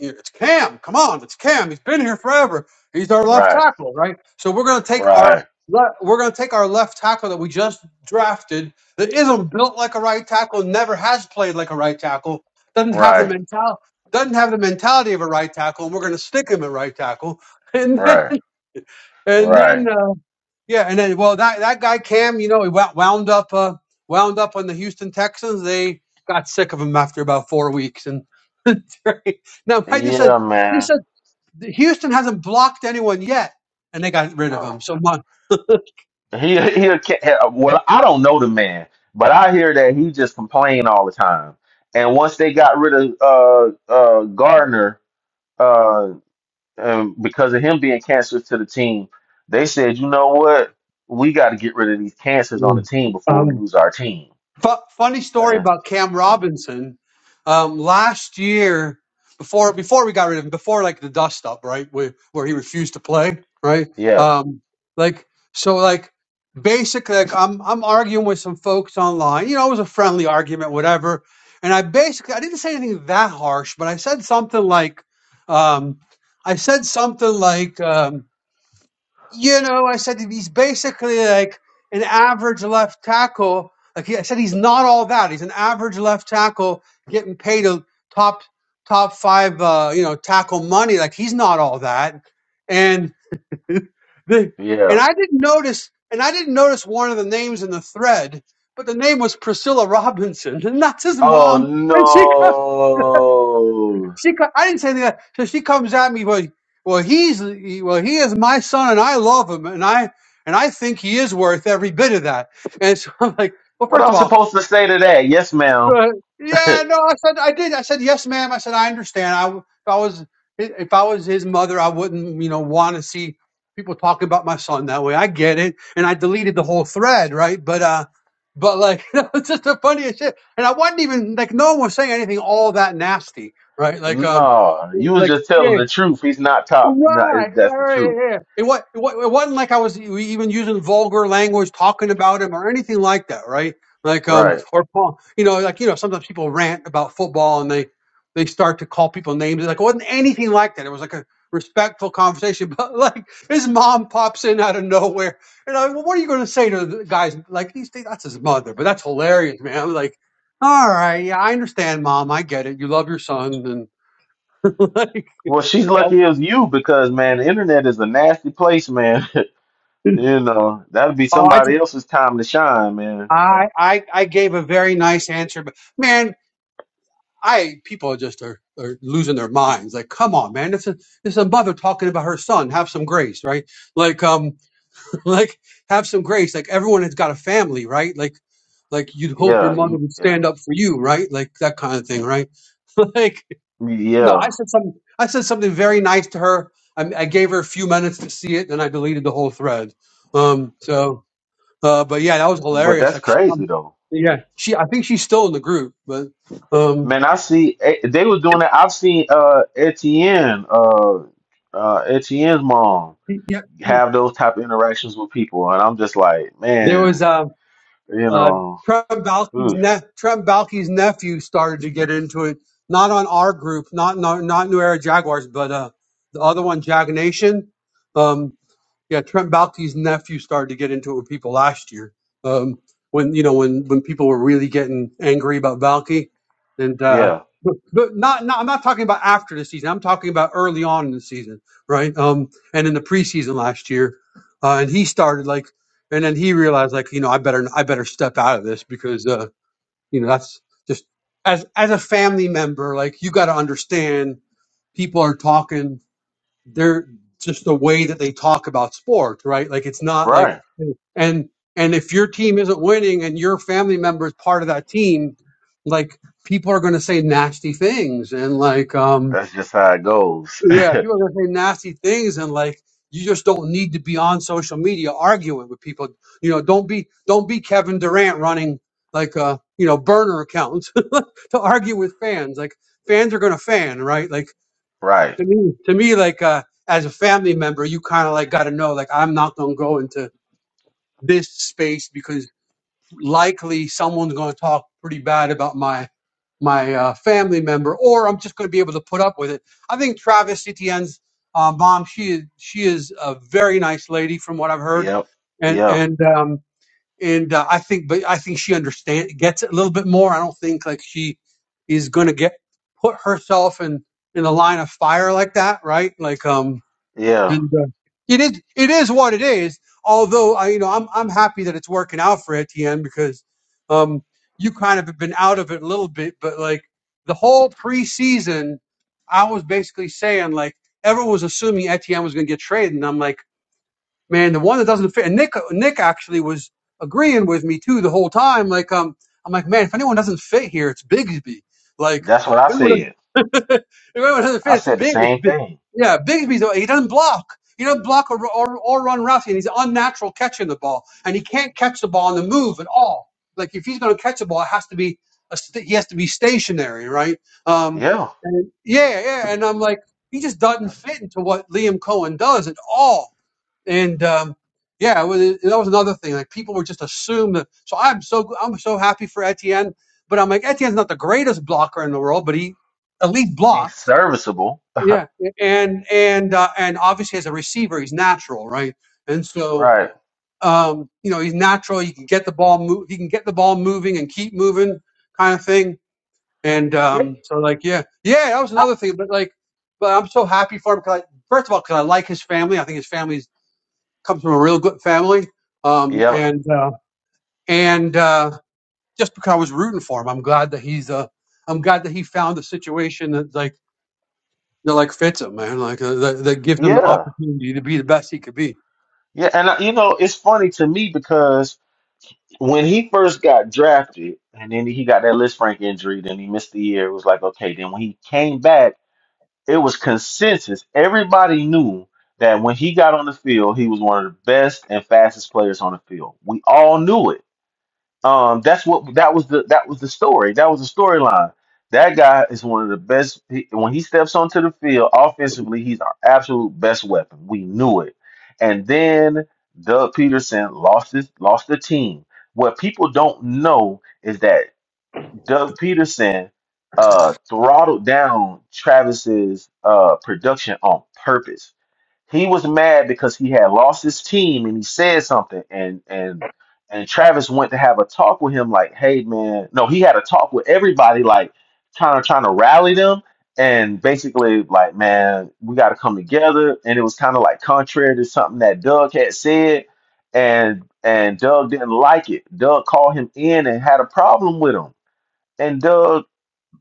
it's Cam. Come on, it's Cam. He's been here forever. He's our left
Right.
tackle, right? So we're gonna take
Right.
our le- we're gonna take our left tackle that we just drafted that isn't built like a right tackle, never has played like a right tackle doesn't have the
Right.
mental doesn't have the mentality of a right tackle, and we're going to stick him at right tackle, and then
Right,
and then
right.
uh, yeah, and then well that that guy Cam, you know, he wou- wound up uh, wound up on the Houston Texans. They got sick of him after about four weeks, and now I just said
Yeah,
this
man.
said Houston hasn't blocked anyone yet, and they got rid of
No.
him. So my,
He he a ca- well, I don't know the man, but I hear that he just complained all the time. And once they got rid of uh uh Gardner uh um, because of him being cancerous to the team, they said, "You know what? We got to get rid of these cancers on the team before we
um,
lose our team."
Fu funny story
And,
about Cam
uh,
Robinson. Um, last year, before before we got rid of him, before like the dust up, right, where where he refused to play, right?
yeah,
Um, like so, like basically, like I'm I'm arguing with some folks online. You know, it was a friendly argument, whatever. And I basically I didn't say anything that harsh, but I said something like, um, I said something like. Um, you know, I said he's basically like an average left tackle. Like I said, he's not all that. He's an average left tackle getting paid a top top five, uh, you know, tackle money. Like he's not all that. And the and
yeah.
I didn't notice, and I didn't notice one of the names in the thread, but the name was Priscilla Robinson, and that's his
Oh
mom. And she co-
no.
she, I didn't say that. So she comes at me, well, well, he's, well, he is my son, and I love him, and I, and I think he is worth every bit of that. And so I'm like, well,
What
first
I'm
of all,
supposed to say to that? Yes, ma'am.
Right. Yeah, no, I said I did. I said yes, ma'am. I said I understand. I w- if I was if I was his mother, I wouldn't you know want to see people talk about my son that way. I get it, and I deleted the whole thread, right? But uh, but like it's just the funniest shit. And I wasn't even like no one was saying anything all that nasty, right? Like um,
No, you was
like
just telling
yeah.
the truth. He's not top. No,
Right,
it- that's the
right,
truth,
yeah. yeah. It what it, wa- it wasn't like I was e- even using vulgar language, talking about him or anything like that, right? Like um,
right?
or call- you know, like you know, sometimes people rant about football and they they start to call people names. Like it wasn't anything like that. It was like a respectful conversation. But like his mom pops in out of nowhere, and I, well, what are you going to say to the guys? Like these, things- that's his mother, but that's hilarious, man. I'm like, all right, yeah, I understand, mom, I get it. You love your son, and like.
Well, she's lucky it was you because man, the internet is a nasty place, man. you know that will be
Oh, I just
somebody else's time to shine, man.
I, I I gave a very nice answer, but man, I people are just are, are losing their minds. Like, come on, man, this is this is a mother talking about her son. Have some grace, right? Like, um, like have some grace. Like everyone has got a family, right? Like, like you'd hope your
Yeah,
mother
you,
would
yeah,
stand up for you, right? Like that kind of thing, right? like, no, I
yeah.
said something. I said something very nice to her. I, I gave her a few minutes to see it, and I deleted the whole thread. Um, so. Uh, but yeah, that was
But
hilarious.
that's
Like she
crazy
come,
though,
yeah, she. I think she's still in the group, but um,
man. I see eh, they was doing that. I've seen uh Etienne, uh, uh Etienne's mom
yeah,
have those type of interactions with people, and I'm just like,
there
man,
was uh,
you
uh,
know,
Trembowski's
oof,
ne- Trembowski's nephew started to get into it, not on our group, not not, not New Era Jaguars, but uh, the other one, Jag Nation. Um, Yeah, Trent Baalke's nephew started to get into it with people last year. Um, when you know when when people were really getting angry about Baalke, and uh,
yeah,
but, but not not I'm not talking about after the season. I'm talking about early on in the season, right? Um, and in the preseason last year, uh, and he started like, and then he realized like you know I better I better step out of this because uh, you know that's just as as a family member like you got to understand people are talking they're just the way that they talk about sports, right? Like it's not like
right.
and and if your team isn't winning and your family member is part of that team, like people are going to say nasty things and like um
That's just how it goes.
yeah, people are going to say nasty things and like you just don't need to be on social media arguing with people. You know, don't be don't be Kevin Durant running like a you know burner account to argue with fans. Like fans are going to fan, right? Like
Right.
to me, to me, like uh, as a family member, you kind of like got to know, like I'm not gonna go into this space because likely someone's gonna talk pretty bad about my my uh, family member, or I'm just gonna be able to put up with it. I think Travis Etienne's uh, mom, she is she is a very nice lady from what I've heard,
Yep.
and
Yeah.
and um and uh, I think, but I think she understand gets it a little bit more. I don't think like she is gonna get put herself in in the line of fire like that, right? Like um
Yeah.
and uh, it is it is what it is. Although I, you know, I'm I'm happy that it's working out for Etienne because um, you kind of have been out of it a little bit, but like the whole preseason, I was basically saying like everyone was assuming Etienne was going to get traded, and I'm like man, the one that doesn't fit. And Nick, Nick actually was agreeing with me too the whole time. Like, um, I'm like, man, if anyone doesn't fit here, it's Bigsby. Like,
That's what I
if anyone doesn't,
said.
if anyone doesn't fit,
I
it's
said the
Big. It's
same
big.
thing.
Yeah, Bigsby's he doesn't block. He doesn't block or, or, or run routes, and he's unnatural catching the ball, and he can't catch the ball on the move at all. Like, if he's going to catch the ball, it has to be a st- he has to be stationary, right? Um,
Yeah.
and yeah, yeah, and I'm like, he just doesn't fit into what Liam Cohen does at all and um, yeah, it was, it- that was another thing. Like people were just assumed that. So I'm so gl- I'm so happy for Etienne, but I'm like Etienne's not the greatest blocker in the world, but he at least
He's
blocks.
serviceable.
Yeah, and and uh, and obviously as a receiver, he's natural, right? And so
Right.
um, you know he's natural. He can get the ball move. He can get the ball moving and keep moving, kind of thing. And
Yeah.
um, so like yeah, yeah, that was another thing. But like, but I'm so happy for him because first of all, because I like his family. I think his family's comes from a real good family, um,
Yep.
and uh, and uh, just because I was rooting for him, I'm glad that he's uh, I'm glad that he found a situation that like that like fits him, man. Like uh, that, that gives him the
Yeah.
opportunity to be the best he could be.
Yeah. And I, you know, it's funny to me because when he first got drafted and then he got that Liz Frank injury, then he missed the year. It was like, okay. Then when he came back, it was consensus. Everybody knew that when he got on the field, he was one of the best and fastest players on the field. We all knew it Um, that's what that was the that was the story. That was the storyline. That guy is one of the best. he- when he steps onto the field offensively, he's our absolute best weapon. We knew it. And then Doug Peterson lost his lost the team. What people don't know is that Doug Peterson uh, throttled down Travis's uh, production on purpose he was mad because he had lost his team and he said something and and and Travis went to have a talk with him like hey man no he had a talk with everybody like trying to trying to rally them and basically like man we got to come together and it was kind of like contrary to something that Doug had said and and Doug didn't like it Doug called him in and had a problem with him and Doug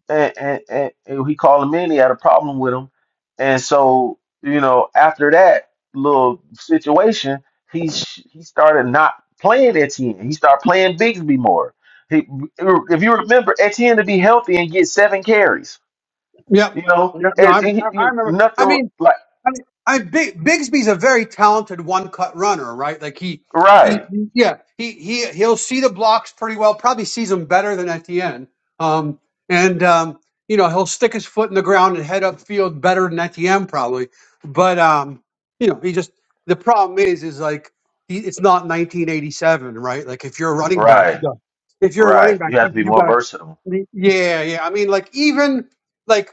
and, and, and, and he called him in. He had a problem with him, and so you know after that little situation, he sh- he started not playing Etienne. He started playing Bigsby more. He, if you remember, Etienne to be healthy and get seven carries.
Yep.
You know,
Yeah, no, I,
and, and he,
I I
you
remember.
nothing
I mean,
like
I mean, I Big, Bigsby's a very talented one-cut runner, right? Like he, he,
right,
yeah, he he he'll see the blocks pretty well. Probably sees them better than Etienne. Um, and um, you know he'll stick his foot in the ground and head upfield better than Etienne probably. But um, you know he just the problem is is like he, it's not 1987, right? Like if you're a running back, you
right,
got if you're a running
right.
back,
You have to be
you
more
got
versatile.
to yeah, yeah. I mean, like even like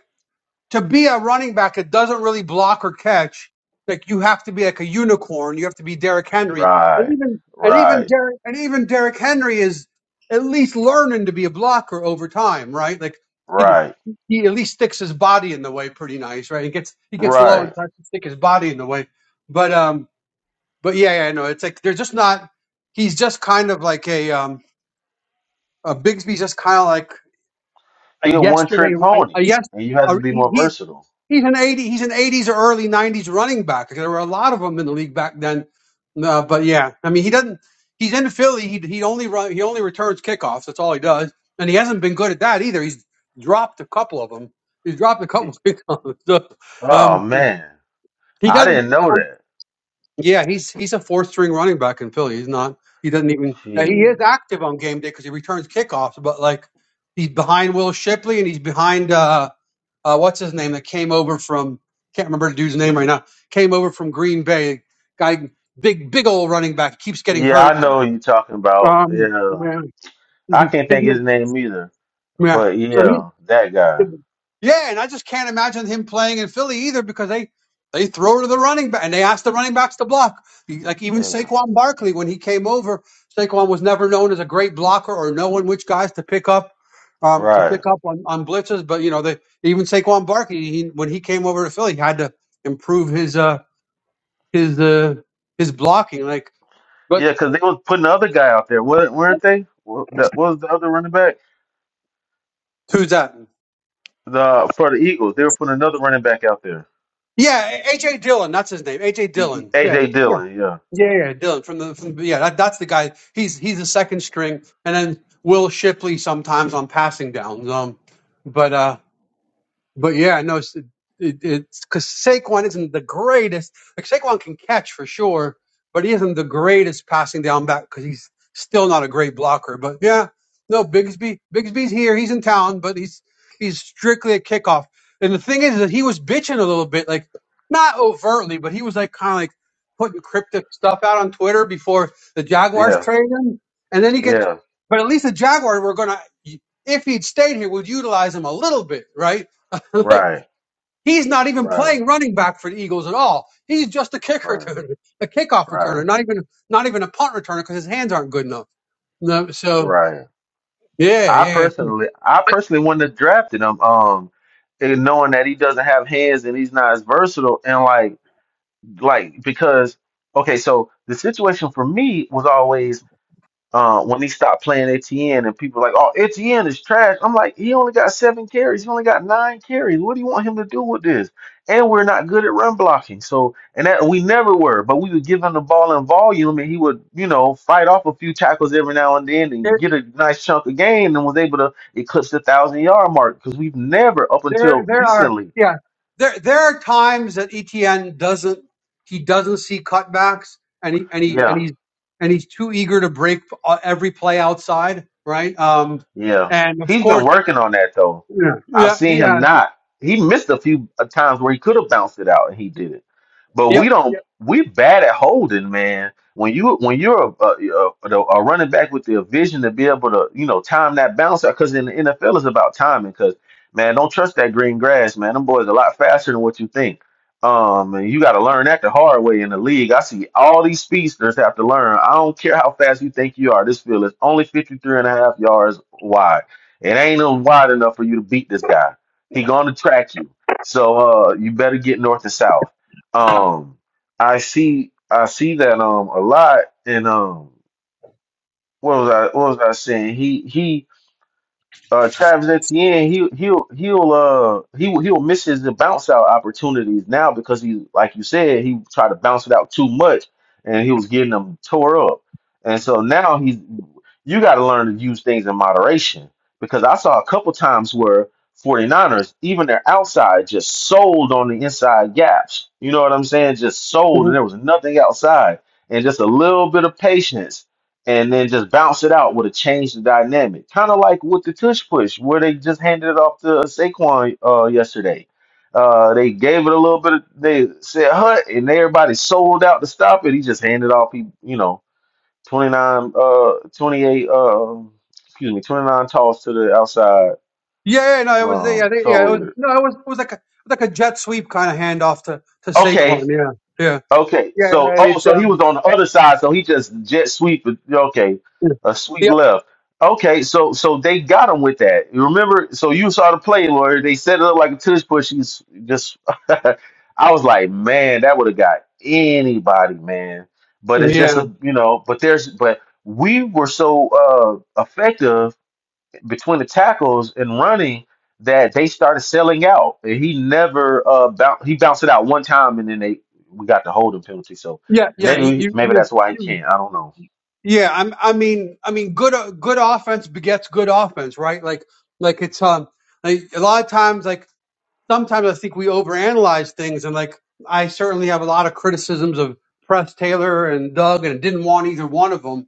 to be a running back that doesn't really block or catch, like you have to be like a unicorn. You have to be Derrick Henry, and
Right,
even and even
right,
Derrick and even Derrick Henry is at least learning to be a blocker over time, right? Like he
right,
he at least sticks his body in the way pretty nice, right? He gets he gets low
right.
and tries to stick his body in the way, but um, but yeah, yeah, no, it's like they're just not. He's just kind of like a um, a Bigsby's just kind of like
He
a
a one
yesterday,
trick
a, a
pony,
yes,
and you have
a,
to be more
he,
versatile.
He's an eighty. He's an eighties or early nineties running back. There were a lot of them in the league back then. Uh, but yeah, I mean, he doesn't. He's in Philly. He he only run. He only returns kickoffs. That's all he does, and he hasn't been good at that either. He's dropped a couple of them. He's dropped a couple of kickoffs. So,
Oh
um,
man,
he
I
doesn't.
didn't know
Um,
that.
yeah, he's he's a fourth string running back in Philly. He's not. He doesn't even. Now, he is
Jeez.
active on game day because he returns kickoffs, but like he's behind Will Shipley and he's behind. Uh, uh, what's his name that came over from can't remember the dude's name right now. Came over from Green Bay. Guy, big big old running back keeps getting
Yeah,
hurt
I
though.
know who you talking about.
Um,
Yeah,
yeah,
I
isn't
can't think his
it?
name either.
Yeah.
But
So he's
yeah, that guy.
yeah, and I just can't imagine him playing in Philly either because they they throw to the running back and they ask the running backs to block. Like even
Yeah,
Saquon Barkley when he came over, Saquon was never known as a great blocker or knowing which guys to pick up um, to pick
right.
up on, on blitzes. But you know, they even Saquon Barkley he, when he came over to Philly, he had to improve his uh his uh his blocking. Like, but
Yeah, because they was putting the other guy out there, were weren't they? What that what was the other running back
who's that?
the for the Eagles. They were putting another running back out there,
Yeah, AJ Dillon, that's his name. AJ
E- E-
Dillon. Yeah.
AJ Dillon. Yeah,
Yeah, yeah, yeah, Dylan from the from yeah, that, that's the guy. He's he's the second string, and then Will Shipley sometimes on passing downs. Um, but uh, but yeah, no, it's it, it's because Saquon isn't the greatest. Like Saquon can catch for sure, but he isn't the greatest passing down back because he's still not a great blocker. But yeah, no, Bigsby, Bigsby's here. He's in town, but he's he's strictly a kickoff. And the thing is that he was bitching a little bit, like not overtly, but he was like kind of like putting cryptic stuff out on Twitter before the Jaguars
yeah,
trade him. And then he gets,
yeah.
but at least the Jaguars were gonna, if he'd stayed here, would utilize him a little bit, right? like
Right,
he's not even
right,
playing running back for the Eagles at all. He's just a kick
right,
returner, a kickoff
right,
returner, not even not even a punt returner because his hands aren't good enough. No, so
right.
yeah,
I
yeah, yeah.
personally, I
But
personally wouldn't have drafted him, um, and knowing that he doesn't have hands and he's not as versatile, and like, like because okay, so the situation for me was always uh, when he stopped playing ATN and people like, oh, ATN is trash. I'm like, he only got seven carries. He only got nine carries. What do you want him to do with this? And we're not good at run blocking. So, and that we never were, but we would give him the ball in volume and he would, you know, fight off a few tackles every now and then and
There,
get a nice chunk of gain and was able to eclipse the thousand yard mark because we've never, up until
there, there are
recently.
yeah, there there are times that ETN doesn't he doesn't see cutbacks and he and he
Yeah,
and he's and he's too eager to break uh, every play outside, right? Um,
yeah.
and of
He's been
course,
working on that though.
yeah,
I've
yeah, he
seen him
has.
not. He missed a few uh, times where he could have bounced it out and he did it. But
Yep,
we don't.
yep.
We bad at holding, man. When you when you're a, a, a, a running back with the vision to be able to you know time that bounce because in the NFL it's about timing. Because man, don't trust that green grass, man. Them boys a lot faster than what you think. Um, and you got to learn that the hard way in the league. I see all these speedsters have to learn. I don't care how fast you think you are. This field is only 53 and a half yards wide. It ain't even wide enough for you to beat this guy. He going to track you. So uh, you better get north and south. Um, I see I see that um a lot and um what was I what was I saying? He he uh Travis Etienne, he he'll he'll uh he he'll miss his bounce out opportunities now because he like you said, he tried to bounce it out too much and he was getting them tore up. And so now he's you gotta learn to use things in moderation because I saw a couple times where 49ers, even their outside, just sold on the inside gaps. You know what I'm saying? Just sold and there was nothing outside. And just a little bit of patience and then just bounce it out would have changed the dynamic. Kind of like with the tush push, where they just handed it off to Saquon uh, yesterday. Uh, they gave it a little bit. Of, they said hut, and everybody sold out to stop it. He just handed off. He you know twenty nine, uh, twenty eight, uh, excuse me, twenty nine toss to the outside.
Yeah, yeah, no, it was yeah, I
Um, it's
yeah,
over
it was
with.
no, it was it was like a like a jet sweep kind of handoff to to
Okay,
Saquon. Yeah, yeah,
Okay, so
yeah.
oh,
It's
so he
um,
was on the other side, so he just jet sweep. it. Okay, a sweep
yep,
left. Okay, so so they got him with that. You Remember, so you saw the play, Lawyer. They set it up like a tush push. He's just, I was like, man, that would have got anybody, man. But it's just
yeah,
a, you know, but there's, but we were so uh effective between the tackles and running that they started selling out. And he never uh boun he bounced it out one time and then they we got the holding penalty. So
yeah, yeah. You,
maybe
you,
maybe
you
that's why he
you-
can't. I don't know.
yeah. I'm, I mean, I mean, good o- good offense begets good offense, right? Like, like it's um, like a lot of times, like sometimes I think we overanalyze things, and like I certainly have a lot of criticisms of Press Taylor and Doug, and didn't want either one of them,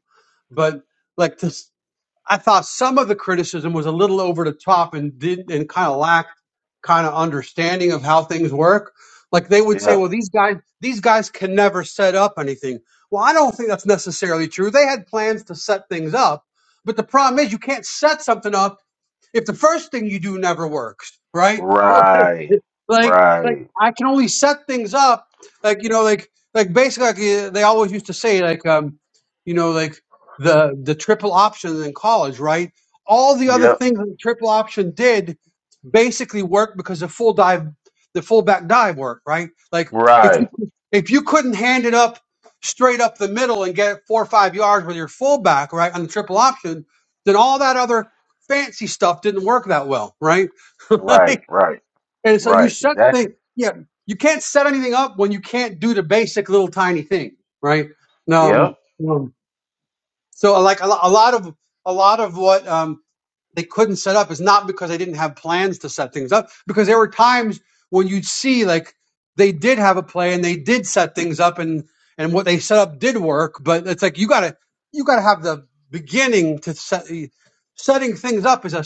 but like this. I thought some of the criticism was a little over the top and did and kind of lacked kind of understanding of how things work. Like they would say,
Yeah.
"Well, these guys these guys can never set up anything." Well, I don't think that's necessarily true. They had plans to set things up, but the problem is you can't set something up if the first thing you do never works, right?
Right.
like, like
Right.
I can only set things up, like you know, like like basically like, uh, they always used to say like um, you know, like the the triple option in college, right? All the other
Yep.
things that the triple option did basically worked because the full dive, the full back dive worked, right? Like if you
Right.
if you couldn't hand it up straight up the middle and get it four or five yards with your fullback, right, on the triple option, then all that other fancy stuff didn't work that well, right?
Right.
like,
Right.
and so you
Right.
set
Exactly.
things, yeah, you can't set anything up when you can't do the basic little tiny thing, right?
Yep.
Um, um, so like a, lo- a lot of a lot of what um, they couldn't set up is not because they didn't have plans to set things up, because there were times when you'd see like they did have a play and they did set things up and and what they set up did work, but it's like you gotta you gotta have the beginning to set setting things up is a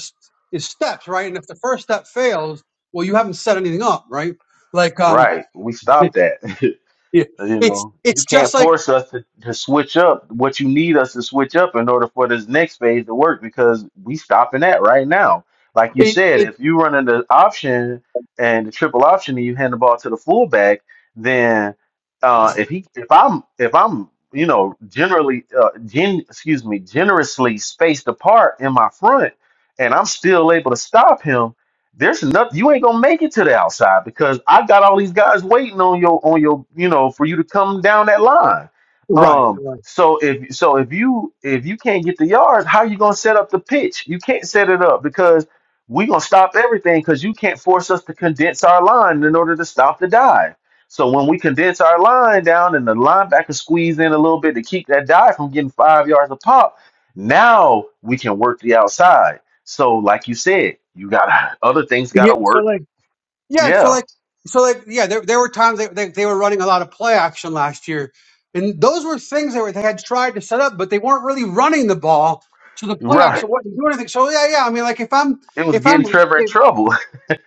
is steps right, and if the first step fails, well you haven't set anything up right. Like um,
Right. We stopped that.
yeah,
You
it's
know, you
it's
can't
just like
force us to, to switch up what you need us to switch up in order for this next phase to work because we stopping that right now. Like you
it,
said,
it
if you run the option and the triple option and you hand the ball to the fullback, then uh, if he if I'm if I'm you know generally uh, gen, excuse me generously spaced apart in my front and I'm still able to stop him there's nothing you ain't gonna make it to the outside because I got all these guys waiting on your on your you know for you to come down that line.
right
Um,
right
so if so if you if you can't get the yards, how you gonna set up the pitch? You can't set it up because we gonna stop everything because you can't force us to condense our line in order to stop the dive. So when we condense our line down and the linebacker squeeze in a little bit to keep that dive from getting five yards a pop, now we can work the outside. So, like you said, you got other things got
yeah.
to
so
work.
like. Yeah, so
Yeah,
like, so like, yeah, there there were times they, they they were running a lot of play action last year, and those were things that were, they had tried to set up, but they weren't really running the ball, so the play
right.
action wasn't doing anything. So yeah, yeah, I mean, like if I'm
It was
if I'm
getting Trevor in trouble,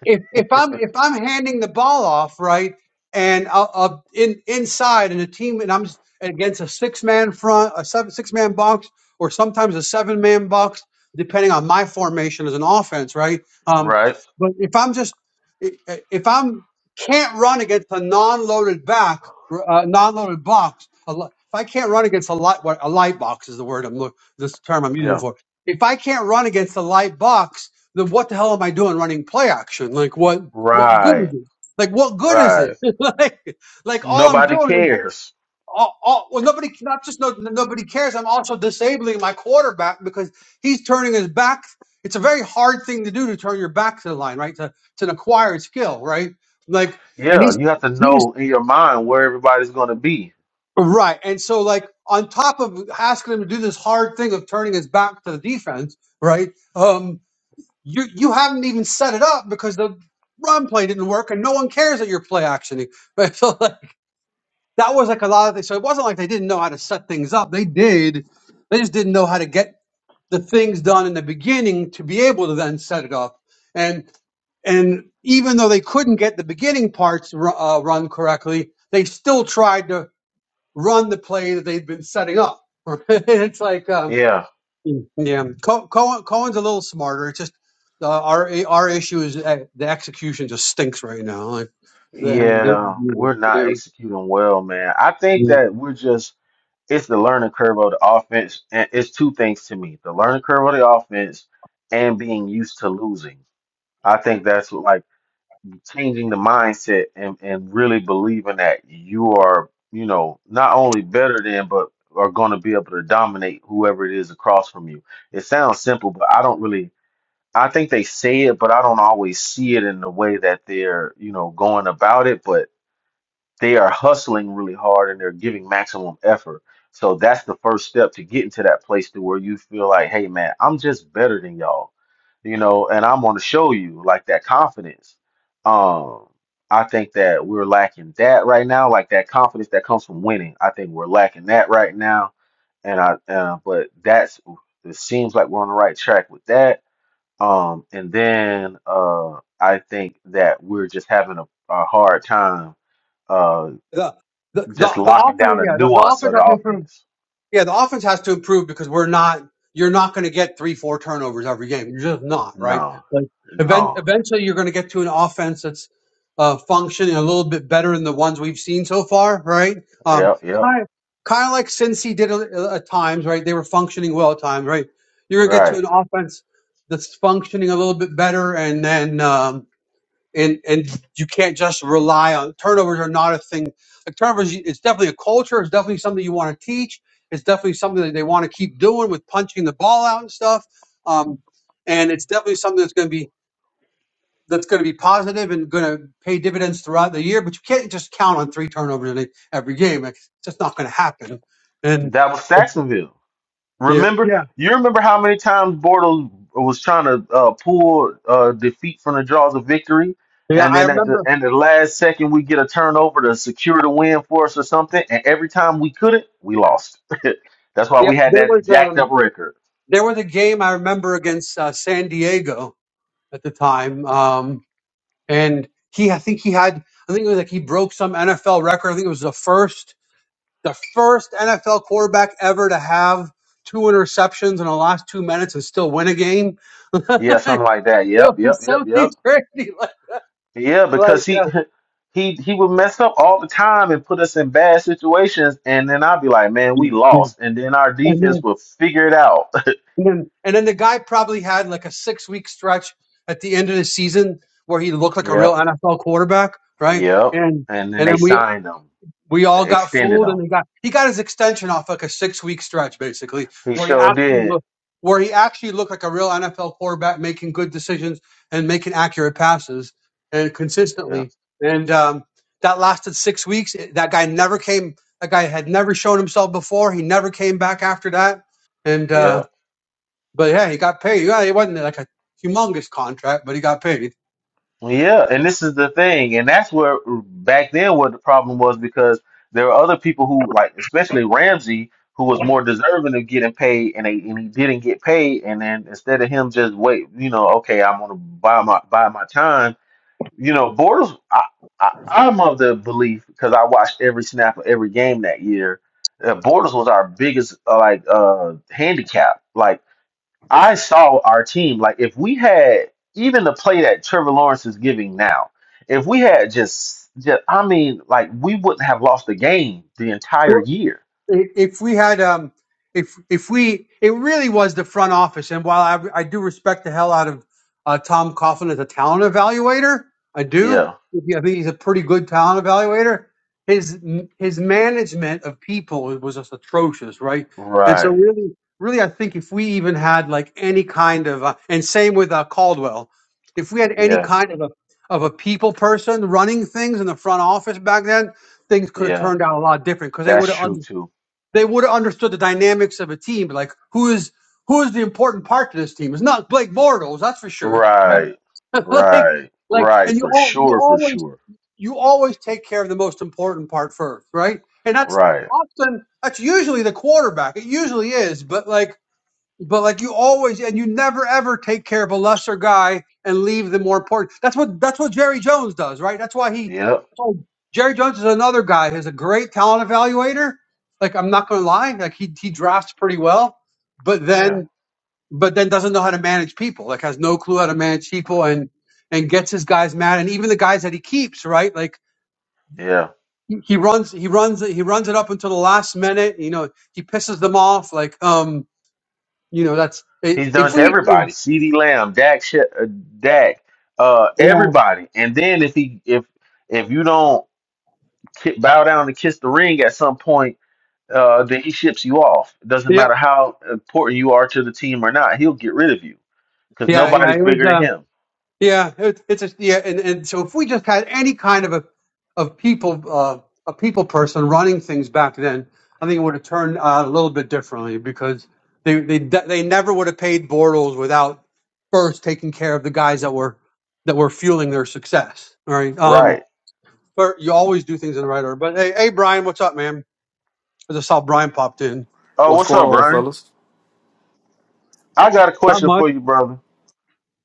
if if I'm if I'm handing the ball off right and I'll, I'll in inside and a team and I'm s- against a six man front a seven six man box or sometimes a seven man box depending on my formation as an offense right um
right?
but if I'm just i- i- if I'm can't run against a non loaded back r- uh, non loaded box a li- if I can't run against a light what a light box is the word I'm look this term I'm using
Yeah,
for if I can't run against a light box then what the hell am I doing running play action? Like what what good
right,
is it? Like what good is it?
right.
like like all I'm
Nobody
doing is
cares.
all, all, well nobody not just no, nobody cares. I'm also disabling my quarterback because he's turning his back. It's a very hard thing to do to turn your back to the line, right? To, it's an acquired skill, right? Like and
Yeah,
he's
you have to
he's
know in your mind where everybody's going to be.
right. And so like on top of asking him to do this hard thing of turning his back to the defense, right? Um, you you haven't even set it up because the run play didn't work and no one cares that you're play actioning. Right? So like, that was like a lot of things. So it wasn't like they didn't know how to set things up. They did. They just didn't know how to get the things done in the beginning to be able to then set it up. And and even though they couldn't get the beginning parts ru- uh, run correctly, they still tried to run the play that they'd been setting up. it's like um,
Yeah,
Mm, Yeah, Co- Cohen, Cohen's a little smarter. It's just uh, our our issue is uh, the execution just stinks right now. Like, the,
yeah. We're
yeah.
not executing well, man. I think
the
that we're just. It's the learning curve of the offense, and it's two things to me: the learning curve of the offense and being used to losing. I think that's what, like changing the mindset and, and really believing that you are, you know, not only better than, but are going to be able to dominate whoever it is across from you. It sounds simple, but I don't really, I think they say it, but I don't always see it in the way that they're, you know, going about it. But they are hustling really hard and they're giving maximum effort. So that's the first step to getting to that place to where you feel like, hey man, I'm just better than y'all, you know, and I'm gonna show you like that confidence. Um, I think that we're lacking that right now, like that confidence that comes from winning. I think we're lacking that right now, and I, uh, but that's it seems like we're on the right track with that. Um, and then uh, I think that we're just having a, a hard time Uh
the the
just
the
locking down
offense,
the
yeah, the, the
nuance of
offense
the
has to improve.
offense.
Yeah, the offense has to improve because we're not. You're not going to get three, four turnovers every game. You're just not right.
No,
Like event,
no.
eventually, you're going to get to an offense that's uh, functioning a little bit better than the ones we've seen so far, right? Um,
Yep, yep.
kind of, kind of like Cincy did a- at times, right? They were functioning well at times, right? You're going to get to
Right.
an offense that's functioning a little bit better, and then um, and and you can't just rely on turnovers are not a thing. Like turnovers, it's definitely a culture. It's definitely something you want to teach. It's definitely something that they want to keep doing with punching the ball out and stuff. Um, and it's definitely something that's going to be that's going to be positive and going to pay dividends throughout the year. But you can't just count on three turnovers in it every game. Like, It's just not going to happen. And
That was Saxonville.
yeah,
Remember,
yeah,
you remember how many times Bortles was trying to uh, pull uh, defeat from the jaws of victory,
yeah.
and
I
then at the
remember.
and the last second we get a turnover to secure the win for us or something, and every time we couldn't, we lost. That's why
Yeah,
we had
there
that
was
jacked
um
up record.
there was a game I remember against uh, San Diego at the time. Um, and he I think he had I think it was like he broke some NFL record. I think it was the first the first NFL quarterback ever to have two interceptions in the last two minutes and still win a game. it
Yeah, something like that. Yep, yep,
was
yep, yep.
something crazy like
Yeah, because
like
he
uh,
he he would mess up all the time and put us in bad situations, and then I'd be like, "Man, we
and then
lost," and then our defense
and
would figure it out.
then and then the guy probably had like a six week stretch at the end of the season where he looked like a real
Yep,
NFL quarterback, right?
yep.
And
And then
and
they
then we
signed him,
We all got
extended
fooled, and
him.
he got he got his extension off like a six week stretch, basically,
He
where he
sure
actually
did.
looked where he actually looked like a real NFL quarterback, making good decisions and making accurate passes and
Yep,
consistently. And um, that lasted six weeks. It- That guy never came. That guy had never shown himself before. He never came back after that. And uh,
yep.
but yeah, he got paid. Yeah, it wasn't like a humongous contract, but he got paid.
Yeah, and this is the thing, and that's where back then what the problem was because there were other people who like, especially Ramsey, who was more deserving of getting paid, and they, and he didn't get paid, and then instead of him just wait, you know, okay, I'm gonna buy my buy my time, you know, Bortles, I, I I'm of the belief because I watched every snap of every game that year, that Bortles was our biggest uh, like uh handicap, like I saw our team, like if we had even the play that Trevor Lawrence is giving now, if we had just, just I mean, like we wouldn't have lost the game the entire year.
if we had um if if we it really was the front office and while i, I do respect the hell out of uh, tom coughlin as a talent evaluator i do
Yeah,
i think he's a pretty good talent evaluator his his management of people was just atrocious right and so
right.
really really i think if we even had like any kind of uh, and same with uh, caldwell if we had any
Yeah,
kind of a of a people person running things in the front office back then things could have
yeah.
turned out a lot different because they
That's
would have
true too.
they would have understood the dynamics of a team. Like who is who is the important part to this team? It's not Blake Bortles, that's for sure. Right?
Right,
like
right,
like,
right.
and you
For
all you
sure, for
always
sure.
you always take care of the most important part first, right? And that's
Right.
often that's usually the quarterback. It usually is, but like. But like you always, and you never ever take care of a lesser guy and leave the more important. That's what that's what Jerry Jones does, right? That's why he.
Yep.
That's why Jerry Jones is another guy who's a great talent evaluator. Like I'm not going to lie, like he he drafts pretty well, but
Yeah.
then but then doesn't know how to manage people. Like has no clue how to manage people and and gets his guys mad and even the guys that he keeps, right? Like
Yeah.
he he runs he runs it- he runs it up until the last minute. You know he pisses them off. Like um you know that's
He's done
if
to
we.
everybody. CeeDee Lamb, Dak, Sh- uh, Dak, uh,
Yeah,
everybody. And then if he if if you don't ki- bow down and kiss the ring at some point, uh, then he ships you off. It doesn't
yeah,
matter how important you are to the team or not. He'll get rid of you because
yeah, yeah.
nobody's
It was,
bigger than
um,
him.
yeah, it, it's a, yeah, and, and so if we just had any kind of a of people uh, a people person running things back then, I think it would have turned out a little bit differently because they they de- they never would have paid Bortles without first taking care of the guys that were that were fueling their success. All right, um,
Right.
but you always do things in the right order. But hey, hey, Brian, what's up, man? I just saw Brian popped in.
Oh,
What's
what's
going
up,
on,
Brian?
fellas?
I got a
Not
question
much.
for you, brother.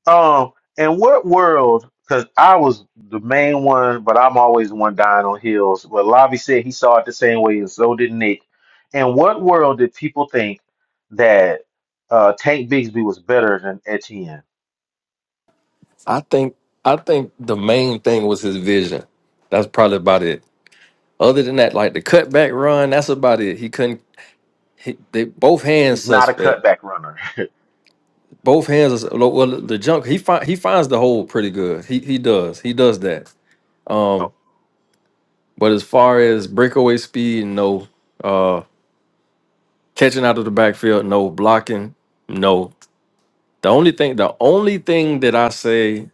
Um, in what world? Because I was the main one, but I'm always the one dying on heels. But Lavi said he saw it the same way, and so did Nick. In what world did people think that uh, Tank Bigsby was better than Etienne?
I think I think the main thing was his vision. That's probably about it. Other than that, like the cutback run, that's about it. He couldn't. He, they both hands
He's not a
suspect.
cutback runner.
Both hands. Are, well, the junk he find he finds the hole pretty good. He he does he does that. Um, but as far as breakaway speed, no. Uh, catching out of the backfield, no. Blocking, no. The only thing the only thing that I say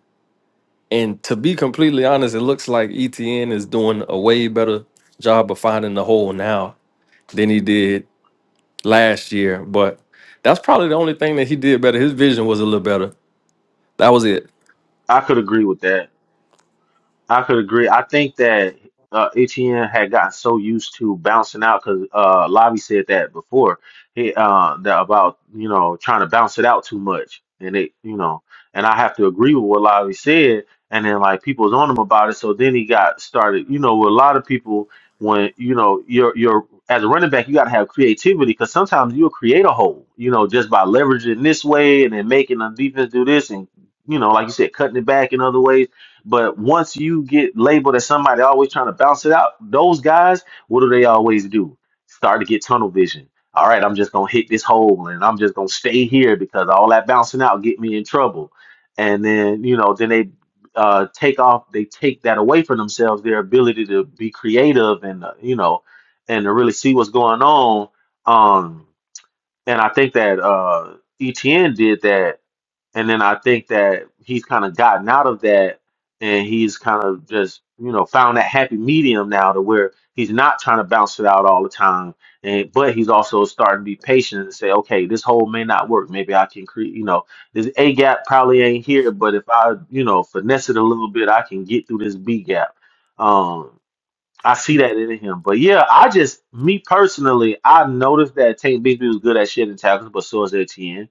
And to be completely honest, it looks like ETN is doing a way better job of finding the hole now than he did last year. But that's probably the only thing that he did better. His vision was a little better. That was it.
I could agree with that. I could agree. I think that uh, Etienne had gotten so used to bouncing out because uh, Lavi said that before. He uh, that about you know trying to bounce it out too much, and it you know, and I have to agree with what Lavi said. And then like people was on him about it, so then he got started. You know, with a lot of people when you know you're you're as a running back, you got to have creativity because sometimes you'll create a hole. You know, just by leveraging this way and then making the defense do this and you know, like you said, cutting it back in other ways but once you get labeled as somebody always trying to bounce it out, those guys, what do they always do? Start to get tunnel vision. All right, I'm just gonna hit this hole and I'm just gonna stay here because all that bouncing out get me in trouble. And then, you know, then they uh, take off, they take that away from themselves, their ability to be creative and uh, you know, and to really see what's going on. Um, and I think that uh, ETN did that and then I think that he's kind of gotten out of that and he's kind of just, you know, found that happy medium now to where he's not trying to bounce it out all the time. And but he's also starting to be patient and say, okay, this hole may not work. Maybe I can create, you know, this A gap probably ain't here, but if I, you know, finesse it a little bit, I can get through this B gap. Um, I see that in him. But yeah, I just me personally, I noticed that Tank Bigsby was good at shedding tackles, but so is Etienne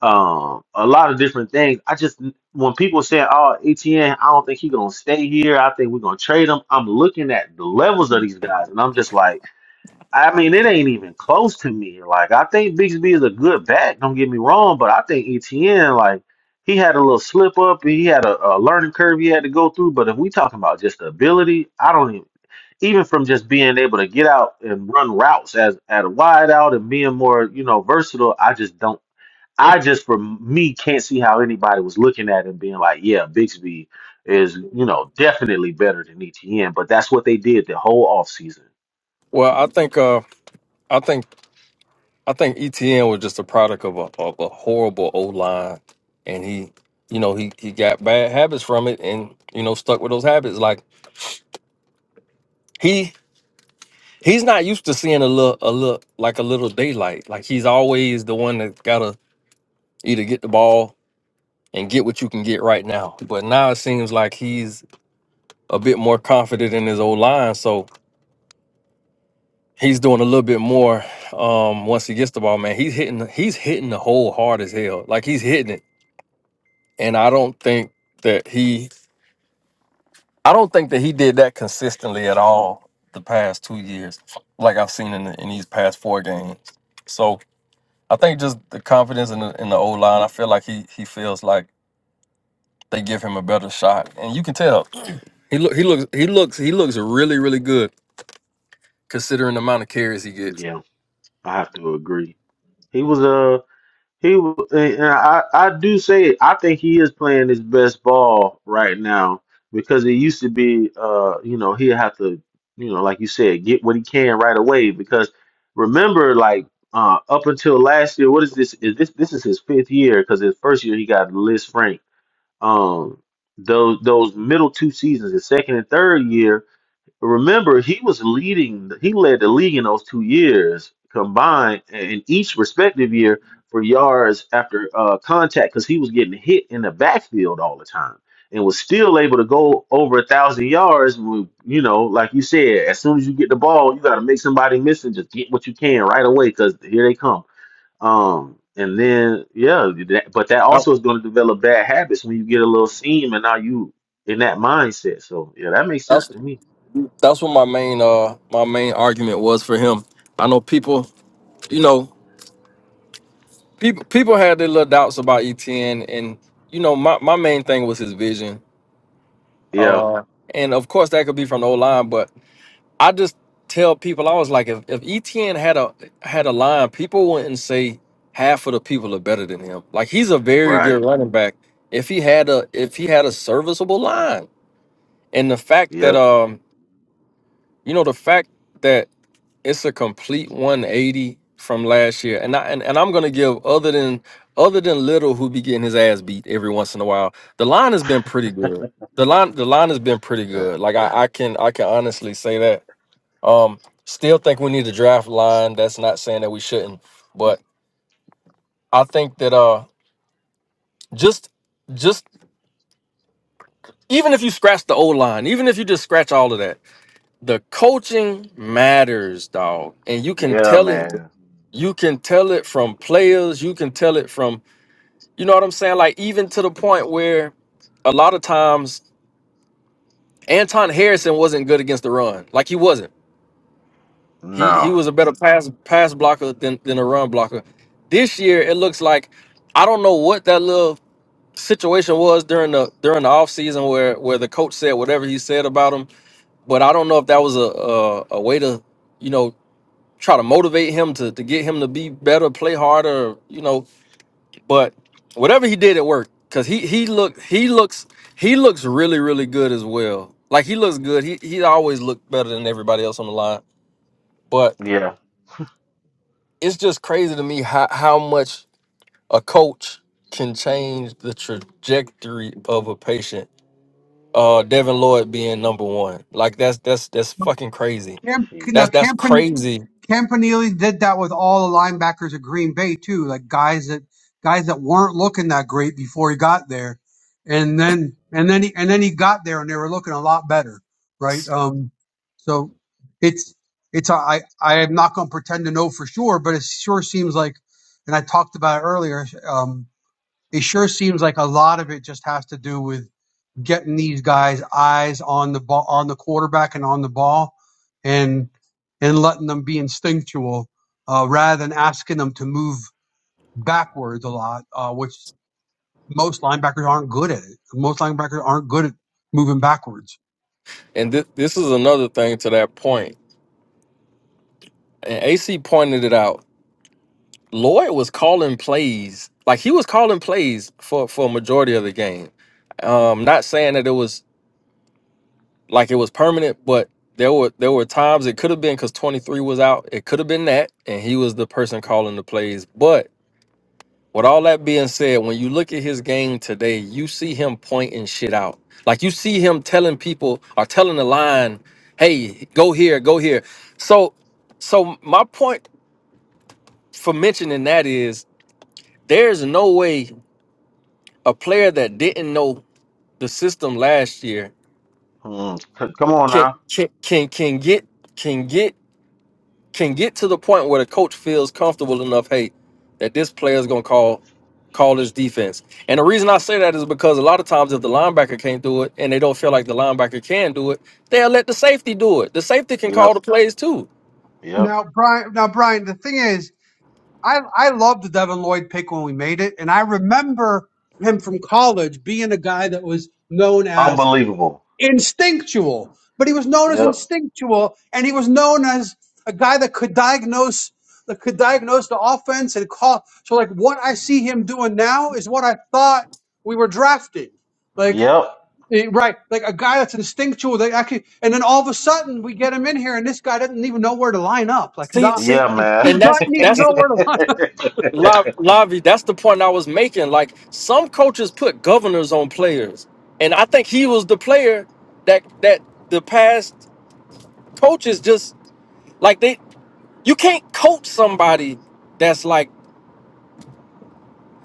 um, a lot of different things. I just when people say, "Oh, Etn, I don't think he gonna stay here. I think we're gonna trade him." I'm looking at the levels of these guys, and I'm just like, I mean, it ain't even close to me. Like, I think Bigsby is a good back. Don't get me wrong, but I think Etn, like, he had a little slip up. He had a, a learning curve he had to go through. But if we talking about just the ability, I don't even. Even from just being able to get out and run routes as at a wide out and being more, you know, versatile, I just don't. I just, for me, can't see how anybody was looking at him being like, yeah, Bixby is, you know, definitely better than ETN. But that's what they did the whole offseason.
Well, I think uh, I think I think ETN was just a product of a, of a horrible O line, and he, you know, he he got bad habits from it, and you know, stuck with those habits. Like he he's not used to seeing a little a little like a little daylight. Like he's always the one that gotta either get the ball and get what you can get right now. But now it seems like he's a bit more confident in his old line, so he's doing a little bit more. Um, once he gets the ball, man, he's hitting. He's hitting the hole hard as hell. Like he's hitting it, and I don't think that he. I don't think that he did that consistently at all the past two years, like I've seen in, the, in these past four games. So I think just the confidence in the, in the old line. I feel like he he feels like they give him a better shot, and you can tell. He look he looks he looks he looks really really good considering the amount of carries he gets.
Yeah, I have to agree. He was He w- and and I I do say it. I think he is playing his best ball right now because it used to be uh you know he'd have to you know like you said get what he can right away because remember like uh up until last year what is this is this this is his fifth year because his first year he got Liz Frank um those those middle two seasons his second and third year but remember, he was leading, he led the league in those two years combined in each respective year for yards after uh, contact because he was getting hit in the backfield all the time and was still able to go over a thousand yards. with, You know, like you said, as soon as you get the ball, you got to make somebody miss and just get what you can right away because here they come. Um, and then, yeah, that, but that
Oh.
also is going to develop bad habits when you get a little seam and now you in that mindset. So, yeah, that makes sense
That's
to me.
that's what my main uh my main argument was for him. I know people you know people people had their little doubts about ETN and you know my, my main thing was his vision.
Yeah.
Uh and of course that could be from the old line, but I just tell people I was like if, if ETN had a had a line, people wouldn't say half of the people are better than him. Like he's a very good
Right.
running back if he had a if he had a serviceable line. and the fact that
Yep.
um you know the fact that it's a complete 180 from last year and I and, and I'm gonna give other than other than little who be getting his ass beat every once in a while the line has been pretty good the line the line has been pretty
Yeah.
good like I, I can I can honestly say that um still think we need to draft line that's not saying that we shouldn't but I think that uh just just even if you scratch the old line even if you just scratch all of that the coaching matters, dog. And you can
Yeah,
tell it,
man.
you can tell it from players, you can tell it from, you know what I'm saying? Like, even to the point where a lot of times Anton Harrison wasn't good against the run. Like he wasn't. He he
No.
was a better pass pass blocker than, than a run blocker. This year it looks like I don't know what that little situation was during the during the offseason where where the coach said whatever he said about him, but I don't know if that was a a, a way to you know try to motivate him to, to get him to be better, play harder, you know. But whatever he did, it worked because he he look he looks he looks really really good as well. Like he looks good. He he always looked better than everybody else on the line. But
Yeah.
it's just crazy to me how how much a coach can change the trajectory of a patient. Uh, Devin Lloyd being number one, like that's that's that's fucking crazy.
Cam,
Jeez.
now
That's that's
Cam
crazy.
Campanile did that with all the linebackers at Green Bay too, like guys that guys that weren't looking that great before he got there, and then and then he, and then he got there and they were looking a lot better, right? Um, so it's it's I I am not going to pretend to know for sure, but it sure seems like, and I talked about it earlier. Um, it sure seems like a lot of it just has to do with getting these guys eyes on the ball, on the quarterback and on the ball and, and letting them be instinctual, uh, rather than asking them to move backwards a lot, uh, which most linebackers aren't good at it. Most linebackers aren't good at moving backwards.
And thi- this is another thing to that point. and AC pointed it out. Lloyd was calling plays, like he was calling plays for for a majority of the game. Um, not saying that it was like it was permanent, but there were there were times it could have been because twenty three was out. It could have been that, and he was the person calling the plays. But with all that being said, when you look at his game today, you see him pointing shit out. Like you see him telling people or telling the line, "Hey, go here, go here." So so my point for mentioning that is There's no way a player that didn't know the system last year
Mm. C- come on
can
now.
can can, can get can get can get to the point where the coach feels comfortable enough, hey, that this player is gonna call call this defense. And the reason I say that is because a lot of times if the linebacker can't do it and they don't feel like the linebacker can do it, they'll let the safety do it. The safety can call
Yep.
the plays too.
Yep.
Now, Brian, now, Brian, the thing is, I, I loved the Devin Lloyd pick when we made it. And I remember him from college being a guy that was known as
Unbelievable.
instinctual. But he was known as
Yep.
instinctual, and he was known as a guy that could diagnose that could diagnose the offense and call. So like what I see him doing now is what I thought we were drafting. Like
Yep.
eh, right, like a guy that's instinctual. They actually, and then all of a sudden we get him in here, and this guy doesn't even know where to line up. Like
See,
not,
see,
Yeah,
he,
man.
he
and that's
doesn't even
that's
know where to line up.
La- Lavi, that's the point I was making. Like some coaches put governors on players, and I think he was the player that that the past coaches just like they you can't coach somebody that's like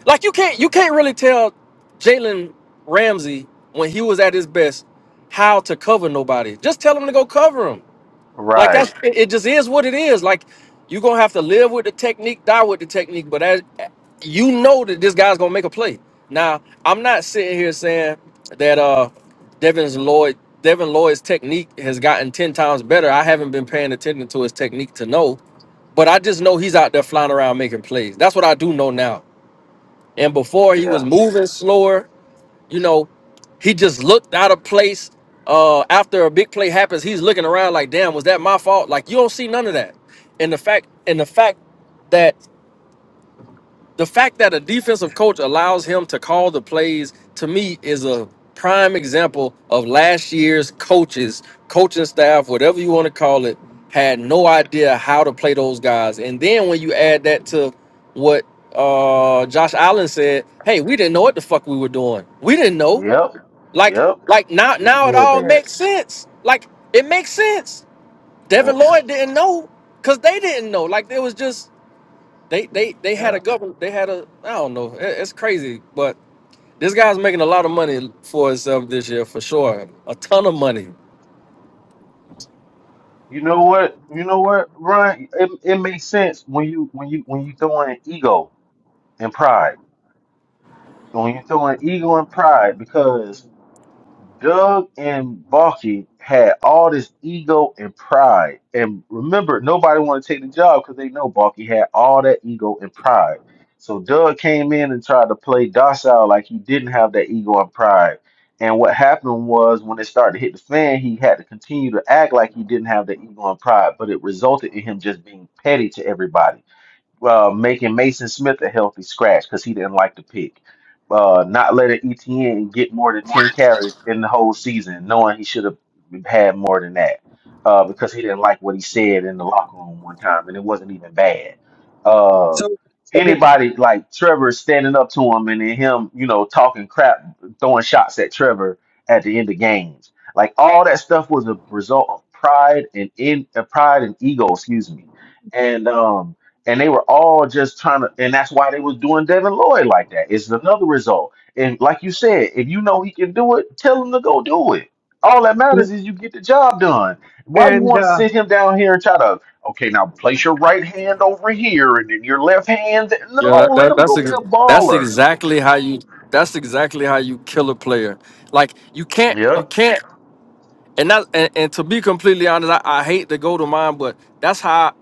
like you can't you can't really tell Jalen Ramsey when he was at his best how to cover nobody. Just tell him to go cover him. Like that's
right.
it, it just is what it is. Like you're gonna have to live with the technique, die with the technique, but as you know that this guy's gonna make a play. Now, I'm not sitting here saying that uh Devin's Lloyd Devin Lloyd's technique has gotten 10 times better. I haven't been paying attention to his technique to know, but I just know he's out there flying around making plays. That's what I do know now. And before he was
Yeah.
moving slower you know, he just looked out of place. Uh, after a big play happens, he's looking around like, "Damn, was that my fault?" Like you don't see none of that. And the fact, and the fact that the fact that a defensive coach allows him to call the plays to me is a prime example of last year's coaches, coaching staff, whatever you want to call it, had no idea how to play those guys. And then when you add that to what uh Josh Allen said, "Hey, we didn't know what the fuck we were doing. We didn't know.
Yep.
Like,
Yep.
like now,
He
now it
said
all
that.
makes sense. Like it makes sense.
Yep.
Devin Lloyd didn't know because they didn't know. Like it was just they, they, they had a
Yep.
government. They had a I don't know. It- it's crazy, but this guy's making a lot of money for himself this year for sure. A ton of money.
You know what? You know what, Brian? It, it makes sense when you when you when you throw in ego and pride. When you throw in ego and pride, because Doug and Balky had all this ego and pride. And remember, nobody wanted to take the job because they know Balky had all that ego and pride. So Doug came in and tried to play docile like he didn't have that ego and pride. And what happened was when it started to hit the fan, he had to continue to act like he didn't have the ego and pride, but it resulted in him just being petty to everybody uh, making Mason Smith a healthy scratch because he didn't like the pick. Uh, not letting ETN get more than 10 carries in the whole season, knowing he should have had more than that uh, because he didn't like what he said in the locker room one time, and it wasn't even bad. Uh,
So okay,
anybody like Trevor standing up to him and then him, you know, talking crap, throwing shots at Trevor at the end of games. Like all that stuff was a result of pride and in uh, pride and ego, excuse me. And um, and they were all just trying to, and that's why they was doing Devin Lloyd like that. It's another result. And like you said, if you know he can do it, tell him to go do it. All that matters is you get the job done. Why you
and
want to
uh,
sit him down here and try to, okay, now place your right hand over here and then your left hand? th-
Yeah,
No,
that,
let
that,
him
that's
go be
ex-
a
that's
baller.
exactly how you. That's exactly how you kill a player. Like you can't, you
Yep.
can't. And that, and, and to be completely honest, I, I hate to go to mine, but that's how.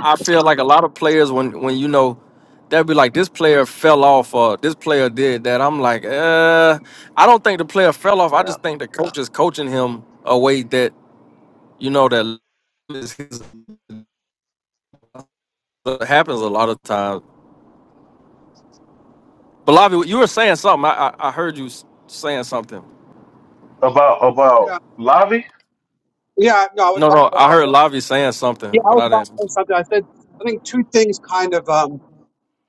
I feel like a lot of players when when you know they'll be like this player fell off or this player did that. I'm like, uh, I don't think the player fell off. I
Yeah.
just think the coach is coaching him a way that you know that is his, that happens a lot of times. But Lavi, you were saying something. I, I I heard you s- saying something.
About about
yeah,
Lavi?
yeah, no, I was
No,
about to
no,
say
I
something.
heard Lavi saying
Yeah,
something,
I
but
was
I
about to
didn't.
say something. I said I think two things kind of um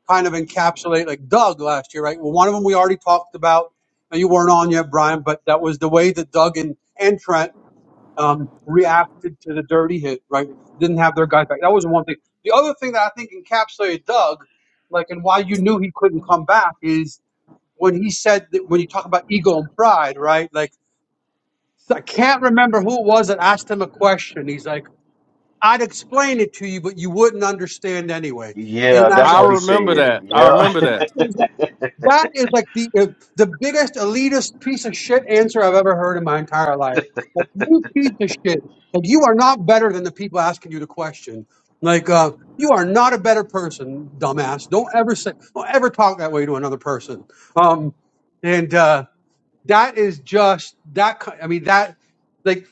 kind of encapsulate like Doug last year, right? Well, one of them we already talked about. Now, You weren't on yet, Brian, but that was the way that Doug and, and Trent um, reacted to the dirty hit, right? Didn't have their guys back. That was one thing. The other thing that I think encapsulated Doug, like, and why you knew he couldn't come back is when he said that when you talk about ego and pride, right? Like, I can't remember who it was that asked him a question. He's like. I'd explain it to you, but you wouldn't understand anyway.
Yeah,
And I,
that's
I
what he
remember
said.
that. I
Yeah.
I,
remember
that
that.
is like that is like the uh, the biggest elitist piece of shit answer I've ever heard in my entire life. Like you piece of shit. Like you are not better than the people asking you the question. Like uh, you are not a better person, dumbass. Don't ever say, don't ever talk that way to another person. Um, and uh, that is just that. ki- I mean that, like,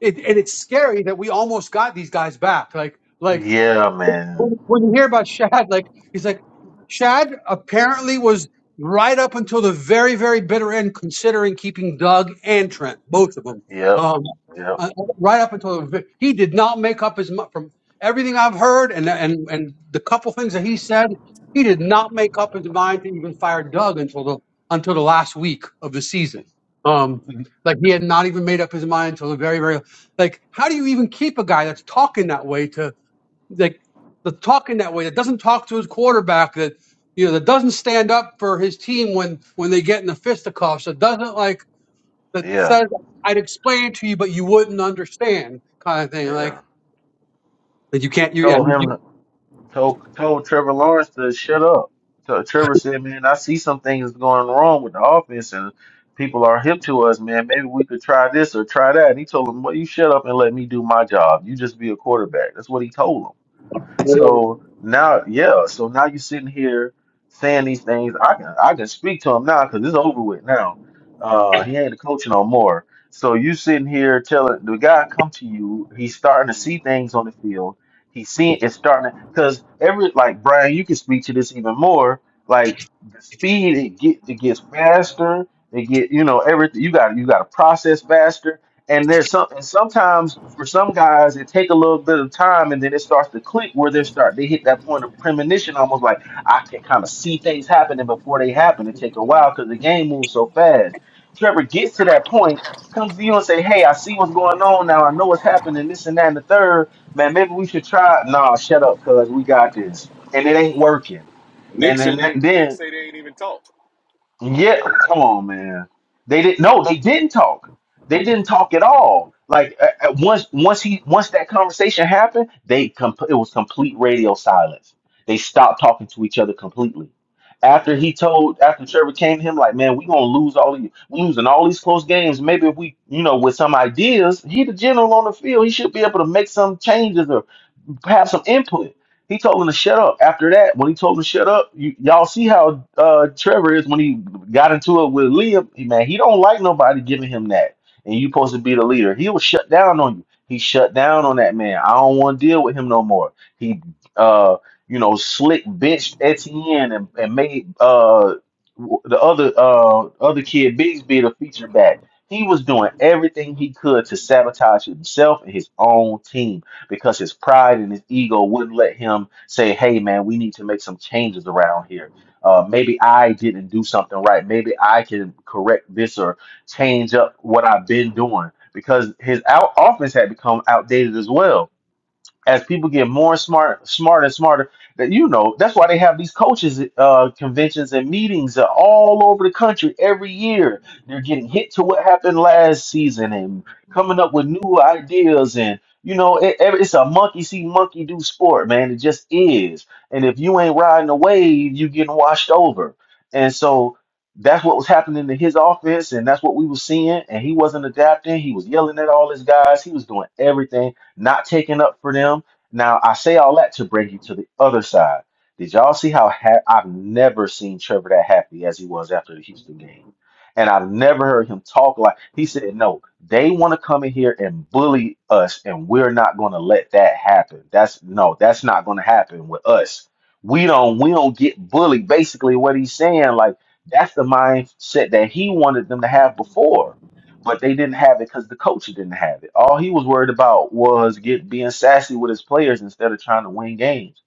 it, and it's scary that we almost got these guys back. Like, like.
Yeah, man.
when when you hear about Shad, like he's like Shad apparently was right up until the very, very bitter end considering keeping Doug and Trent, both of them.
Yep.
Um,
Yep.
uh, right up until the, ve- he did not make up his mi- from everything I've heard and and and the couple things that he said, he did not make up his mind to even fire Doug until the until the last week of the season. Um, like he had not even made up his mind until the very, very like how do you even keep a guy that's talking that way like the talking that way that doesn't talk to his quarterback that you know that doesn't stand up for his team when when they get in the fisticuffs that doesn't like that
Yeah.
says I'd explain it to you but you wouldn't understand kind of thing like
Yeah.
that you can't you yeah
Told
you,
him.
you
told told Trevor Lawrence to shut up. So Trevor said, "Man, I see some things going wrong with the offense, and people are hip to us, man. Maybe we could try this or try that." And he told him, "Well, you shut up and let me do my job. You just be a quarterback." That's what he told him. So now, yeah. So now you're sitting here saying these things. I can I can speak to him now because it's over with now. Uh, he ain't a coach no more. So you sitting here telling the guy come to you. He's starting to see things on the field. He's seeing it's starting because every like Brian, you can speak to this even more. Like the speed it get it gets faster. It get you know everything. You got you got to process faster and there's some, and sometimes for some guys, it take a little bit of time, and then it starts to click where they start they hit that point of premonition, almost like I can kind of see things happening before they happen. It take a while because the game moves so fast. Trevor gets to that point, comes to you and say, "Hey, I see what's going on now. I know what's happening. This and that and the third. Man, maybe we should try." Nah, shut up, cuz we got this, and it ain't working.
Nick
And
said
then
they Nick
then
said they ain't even talked.
yeah, come on, man. They didn't. No, they didn't talk. They didn't talk at all. Like at, at once, once he, once that conversation happened, they com- it was complete radio silence. They stopped talking to each other completely. After he told, after Trevor came to him, like, man, we gonna lose all these, we losing all these close games. Maybe if we, you know, with some ideas, he the general on the field, he should be able to make some changes have some input. He told him to shut up. After that, when he told him to shut up, you, y'all see how uh, Trevor is when he got into it with Liam. Man, he don't like nobody giving him that. And you supposed to be the leader. He was shut down on you. He shut down on that man. I don't want to deal with him no more. He, uh, you know, slick benched Etienne and, and made uh, w- the other uh, other kid Bigsby the feature back. He was doing everything he could to sabotage himself and his own team because his pride and his ego wouldn't let him say, hey, man, we need to make some changes around here. Uh, maybe I didn't do something right. Maybe I can correct this or change up what I've been doing because his out- offense had become outdated as well as people get more smart, smarter and smarter, that you know, that's why they have these coaches uh, conventions and meetings uh, all over the country every year. They're getting hit to what happened last season and coming up with new ideas and you know, it, it- it's a monkey see, monkey do sport, man. It just is. And if you ain't riding the wave, you getting washed over. And so that's what was happening to his offense, and that's what we were seeing. And he wasn't adapting. He was yelling at all his guys. He was doing everything not taking up for them. Now, I say all that to bring you to the other side. Did y'all see how ha- I've never seen Trevor that happy as he was after the Houston game? And I've never heard him talk like he said, no, they want to come in here and bully us, and we're not going to let that happen. That's no, that's not going to happen with us. We don't we don't get bullied. Basically, what he's saying, like that's the mindset that he wanted them to have before but they didn't have it because the coach didn't have it. All he was worried about was get being sassy with his players instead of trying to win games.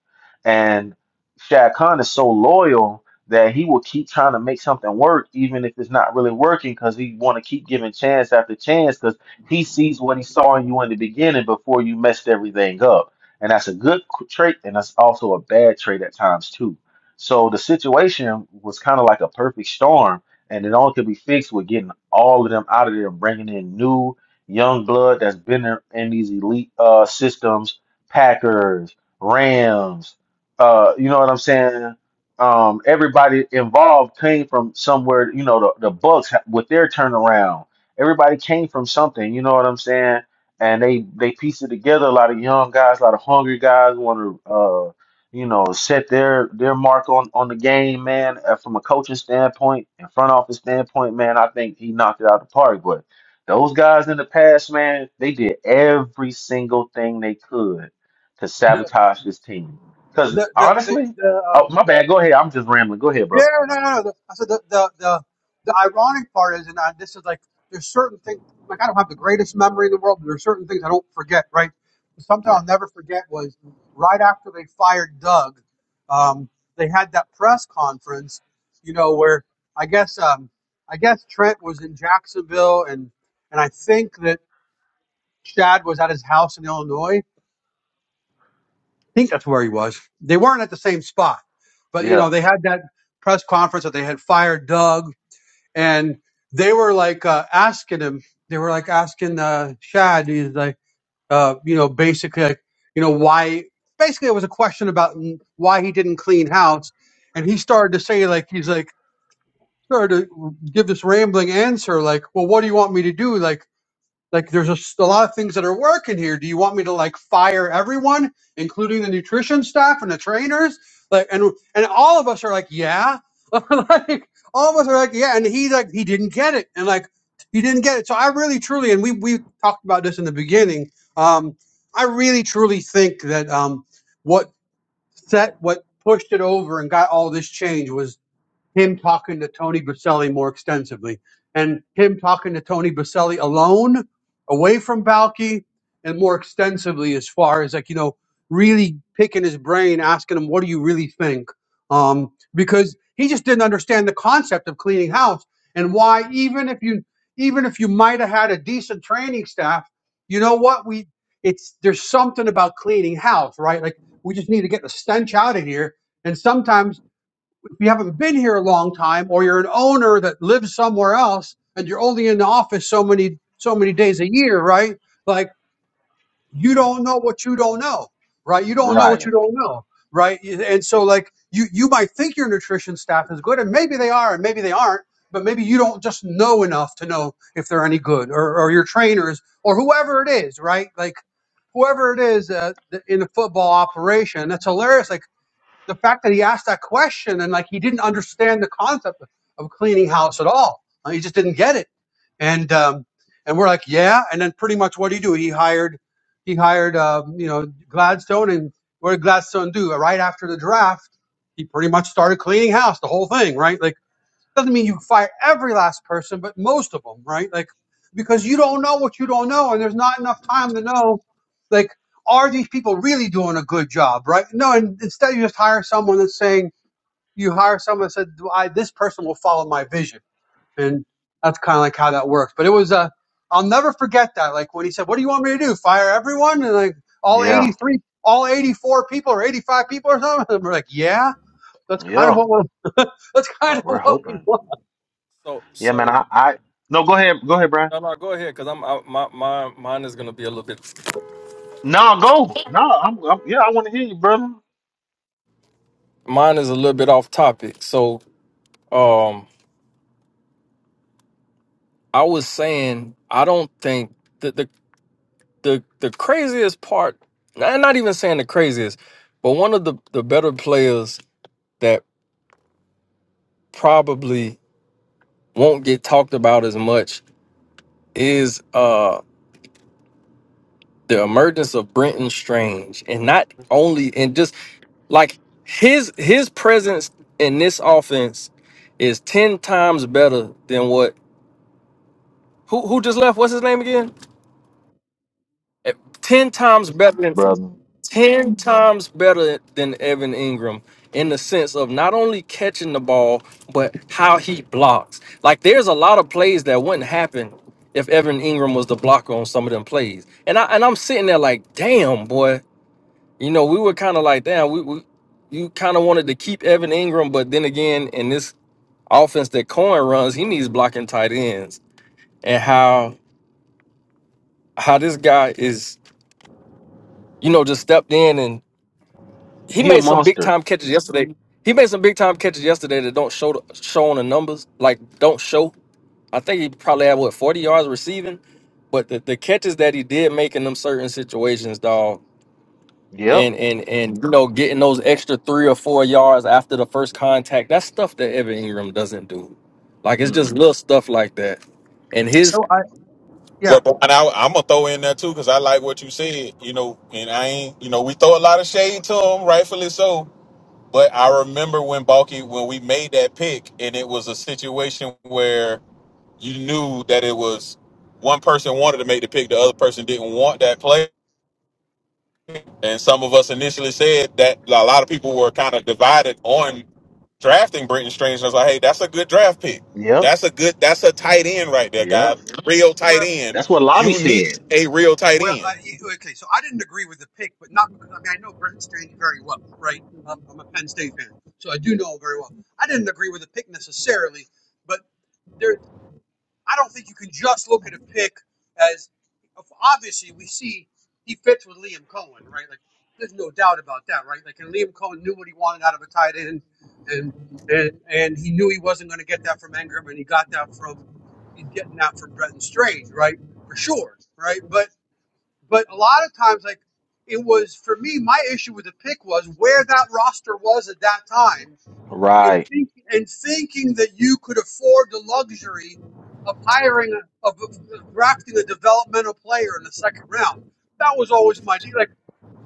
And Shad Khan is so loyal that he will keep trying to make something work, even if it's not really working, because he want to keep giving chance after chance, because he sees what he saw in you in the beginning before you messed everything up. And that's a good qu- trait, and that's also a bad trait at times too. So the situation was kind of like a perfect storm and it all could be fixed with getting all of them out of there, bringing in new young blood that's been in, in these elite uh, systems, Packers, Rams, uh, you know what I'm saying? Um, everybody involved came from somewhere, you know, the, the Bucks ha- with their turnaround. Everybody came from something, you know what I'm saying? And they they pieced it together. A lot of young guys, a lot of hungry guys want to you know, set their their mark on on the game, man. Uh, From a coaching standpoint and front office standpoint, man, I think he knocked it out of the park. But those guys in the past, man, they did every single thing they could to
the
sabotage this team. Because
the the the,
honestly,
the
oh
um
my bad. Go ahead. I'm just rambling. Go ahead,
Yeah,
bro.
no, no. no. I said the, the the the ironic part is, and I, this is like there's certain things. Like I don't have the greatest memory in the world, but there are certain things I don't forget. Right? Something
Right.
I'll never forget was right after they fired Doug, um, they had that press conference. You know where I guess um, I guess Trent was in Jacksonville, and and I think that Chad was at his house in Illinois. I think that's where he was. They weren't at the same spot, but you
Yeah.
know they had that press conference that they had fired Doug and they were like uh, asking him. They were like asking uh, Shad. He's like, uh, you know, basically, like, you know, why? Basically, it was a question about n- why he didn't clean house, and he started to say like he's like started to give this rambling answer like, well, what do you want me to do? Like like there's a, s- a lot of things that are working here. Do you want me to like fire everyone, including the nutrition staff and the trainers? Like and and all of us are like, yeah. like all of us are like, yeah. And he like he didn't get it. And like he didn't get it. So I really truly and we we talked about this in the beginning. Um I really truly think that um what set what pushed it over and got all this change was him talking to Tony Baselli more extensively, and him talking to Tony Baselli alone, away from Balky, and more extensively as far as like you know, really picking his brain, asking him, "What do you really think?" Um, because he just didn't understand the concept of cleaning house and why even if you even if you might have had a decent training staff, you know what we it's there's something about cleaning house, right? Like we just need to get the stench out of here. And sometimes if you haven't been here a long time or you're an owner that lives somewhere else and you're only in the office so many so many days a year, right? Like you don't know what you don't know, right? You don't know what
Right.
you don't know, right? And so like you you might think your nutrition staff is good and maybe they are and maybe they aren't, but maybe you don't just know enough to know if they're any good or or your trainers or whoever it is, right? Like whoever it is uh, in the football operation. That's hilarious. Like the fact that he asked that question and like he didn't understand the concept of cleaning house at all. Uh, He just didn't get it. And um, and we're like, yeah. And then pretty much what do you do? He hired he hired um, you know Gladstone, and what did Gladstone do? Right after the draft, he pretty much started cleaning house, the whole thing, right? Like doesn't mean you fire every last person, but most of them, right? Like, because you don't know what you don't know, and there's not enough time to know, like, are these people really doing a good job, right? No, and instead you just hire someone that's saying, you hire someone that said, "Well, I, this person will follow my vision. And that's kind of like how that works. But it was, uh, I'll never forget that. Like when he said, what do you want me to do? Fire everyone? And like all
Yeah.
83, all 84 people or 85 people or something? And we're like, yeah, that's kind of
Yeah.
what we're, that's kind
So
We're
of what we
hoping.
want.
so
Yeah, man.
so.
I. I no. Go ahead. Go ahead, Brian.
no, no, go ahead because I'm I, my my mine is gonna be a little bit
No. Go. No. I'm. I'm yeah. I want to hear you, brother.
mine is a little bit off topic. So, um, I was saying I don't think the the the, the craziest part, and not even saying the craziest, but one of the the better players that probably won't get talked about as much is uh the emergence of Brenton Strange, and not only and just like his his presence in this offense is ten times better than what who who just left. What's his name again? Eh, ten times better than
Brother.
ten times better than Evan Ingram in the sense of not only catching the ball but how he blocks. Like there's a lot of plays that wouldn't happen if Evan Ingram was the blocker on some of them plays. And I and I'm sitting there like, damn boy, you know, we were kind of like, damn, we, we you kind of wanted to keep Evan Ingram, but then again, in this offense that Cohen runs, he needs blocking tight ends. And how how this guy is, you know, just stepped in and. he
He a
made some big
monster.
time catches yesterday. He made some big time catches yesterday that don't show the, show on the numbers, like don't show. I think he probably had what forty yards receiving, but the, the catches that he did make in them certain situations, dog,
Yep.
and and and you know getting those extra three or four yards after the first contact, that's stuff that Evan Ingram doesn't do. Like it's just
Mm-mm.
little stuff like that, and his
So I, Yeah.
but, but and I, I'm gonna throw in there too because I like what you said. You know, and I ain't. You know, we throw a lot of shade to him, rightfully so. But I remember when Balky when we made that pick, and it was a situation where you knew that it was one person wanted to make the pick, the other person didn't want that play, and some of us initially said that a lot of people were kind of divided on drafting Britton Strange, and I was like, hey, that's a good draft pick.
Yep.
That's a good, that's a tight end right there, guy.
Yep.
Real tight
Well,
end.
That's what Lobby
You need
said.
a real tight
well,
end.
uh, y- okay. So I didn't agree with the pick, but not because I mean I know Brenton Strange very well, right? Um, I'm a Penn State fan, so I do know him very well. I didn't agree with the pick necessarily, but there. I don't think you can just look at a pick as obviously we see he fits with Liam Cohen, right? Like there's no doubt about that, right? Like and Liam Cohen knew what he wanted out of a tight end, and and and he knew he wasn't going to get that from Ingram, and he got that from he's getting that from Bretton Strange, right? For sure, right? But but a lot of times, like it was for me, my issue with the pick was where that roster was at that time and
Right.
thinking, and thinking that you could afford the luxury of hiring a, of, of drafting a developmental player in the second round. That was always my deal. Like,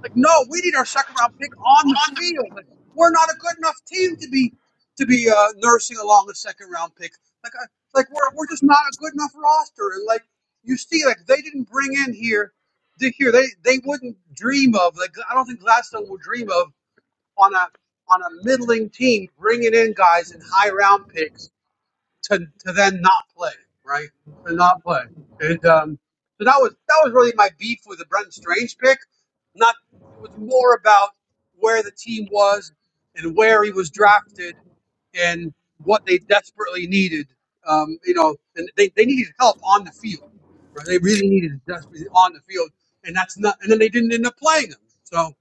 like no, we need our second round pick on the field. Like, we're not a good enough team to be to be uh, nursing along a second round pick. Like, I, like we're we're just not a good enough roster. And like you see, like they didn't bring in here. Dick here, they, they wouldn't dream of like I don't think Gladstone would dream of on a on a middling team, bringing in guys in high round picks to to then not play, right? To not play, and um, so that was that was really my beef with the Brenton Strange pick. Not it was more about where the team was and where he was drafted and what they desperately needed. Um, you know, and they, they needed help on the field. Right? They really needed it desperately on the field, and that's not. And then they didn't end up playing him. So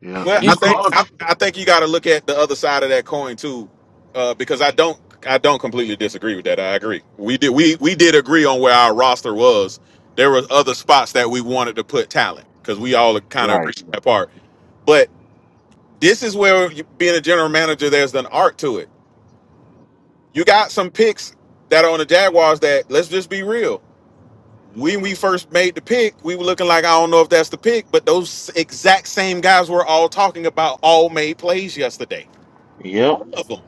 Yep.
Well, I
You
think
called
I,
it.
I think you got to look at the other side of that coin too, uh, because I don't I don't completely disagree with that. I agree. We did we we did agree on where our roster was. There were other spots that we wanted to put talent because we all kind of
Right.
agreed on that part. But this is where you, being a general manager, there's an art to it you got some picks that are on the Jaguars that let's just be real. When we first made the pick, we were looking like I don't know if that's the pick, but those exact same guys we're all talking about all made plays yesterday.
Yep.
Love them.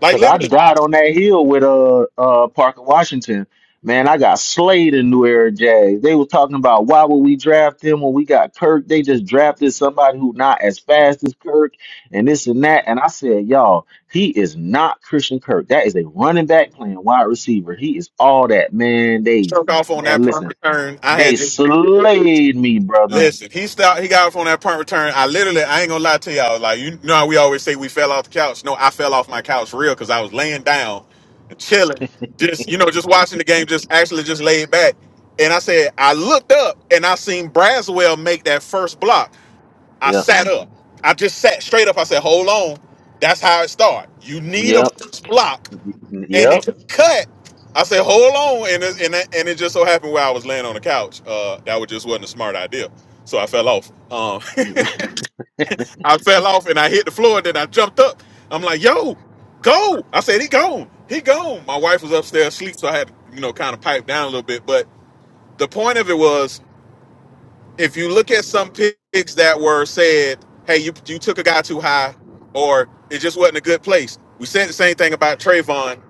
Like
Cause I
literally
died on that hill with uh uh Parker Washington. Man, I got slayed in New Era Jazz. They were talking about why would we draft them when we got Kirk? They just drafted somebody who not as fast as Kirk and this and that. And I said, y'all, he is not Christian Kirk. That is a running back playing wide receiver. He is all that man. They
struck off on
man,
that
listen.
punt return. I had
They
Jimmy.
slayed me, brother.
Listen, he stopped. He got up on that punt return. I literally, I ain't gonna lie to y'all. Like you know, how we always say we fell off the couch. No, I fell off my couch real because I was laying down and chilling, just you know, just watching the game, just actually just laid back. And I said, I looked up and I seen Braswell make that first block. I
Yep.
sat up. I just sat straight up. I said, Hold on, that's how it started. You need a
Yep.
first block and
Yep.
it cut. I said, hold on, and it, and it, and it just so happened where I was laying on the couch. Uh, that was just wasn't a smart idea, so I fell off. Um, I fell off and I hit the floor. Then I jumped up. I'm like, yo, go! I said, he gone, he gone. My wife was upstairs asleep, so I had to, you know, kind of pipe down a little bit. But the point of it was if you look at some picks that were said, hey, you you took a guy too high, or it just wasn't a good place. We said the same thing about Trayvon.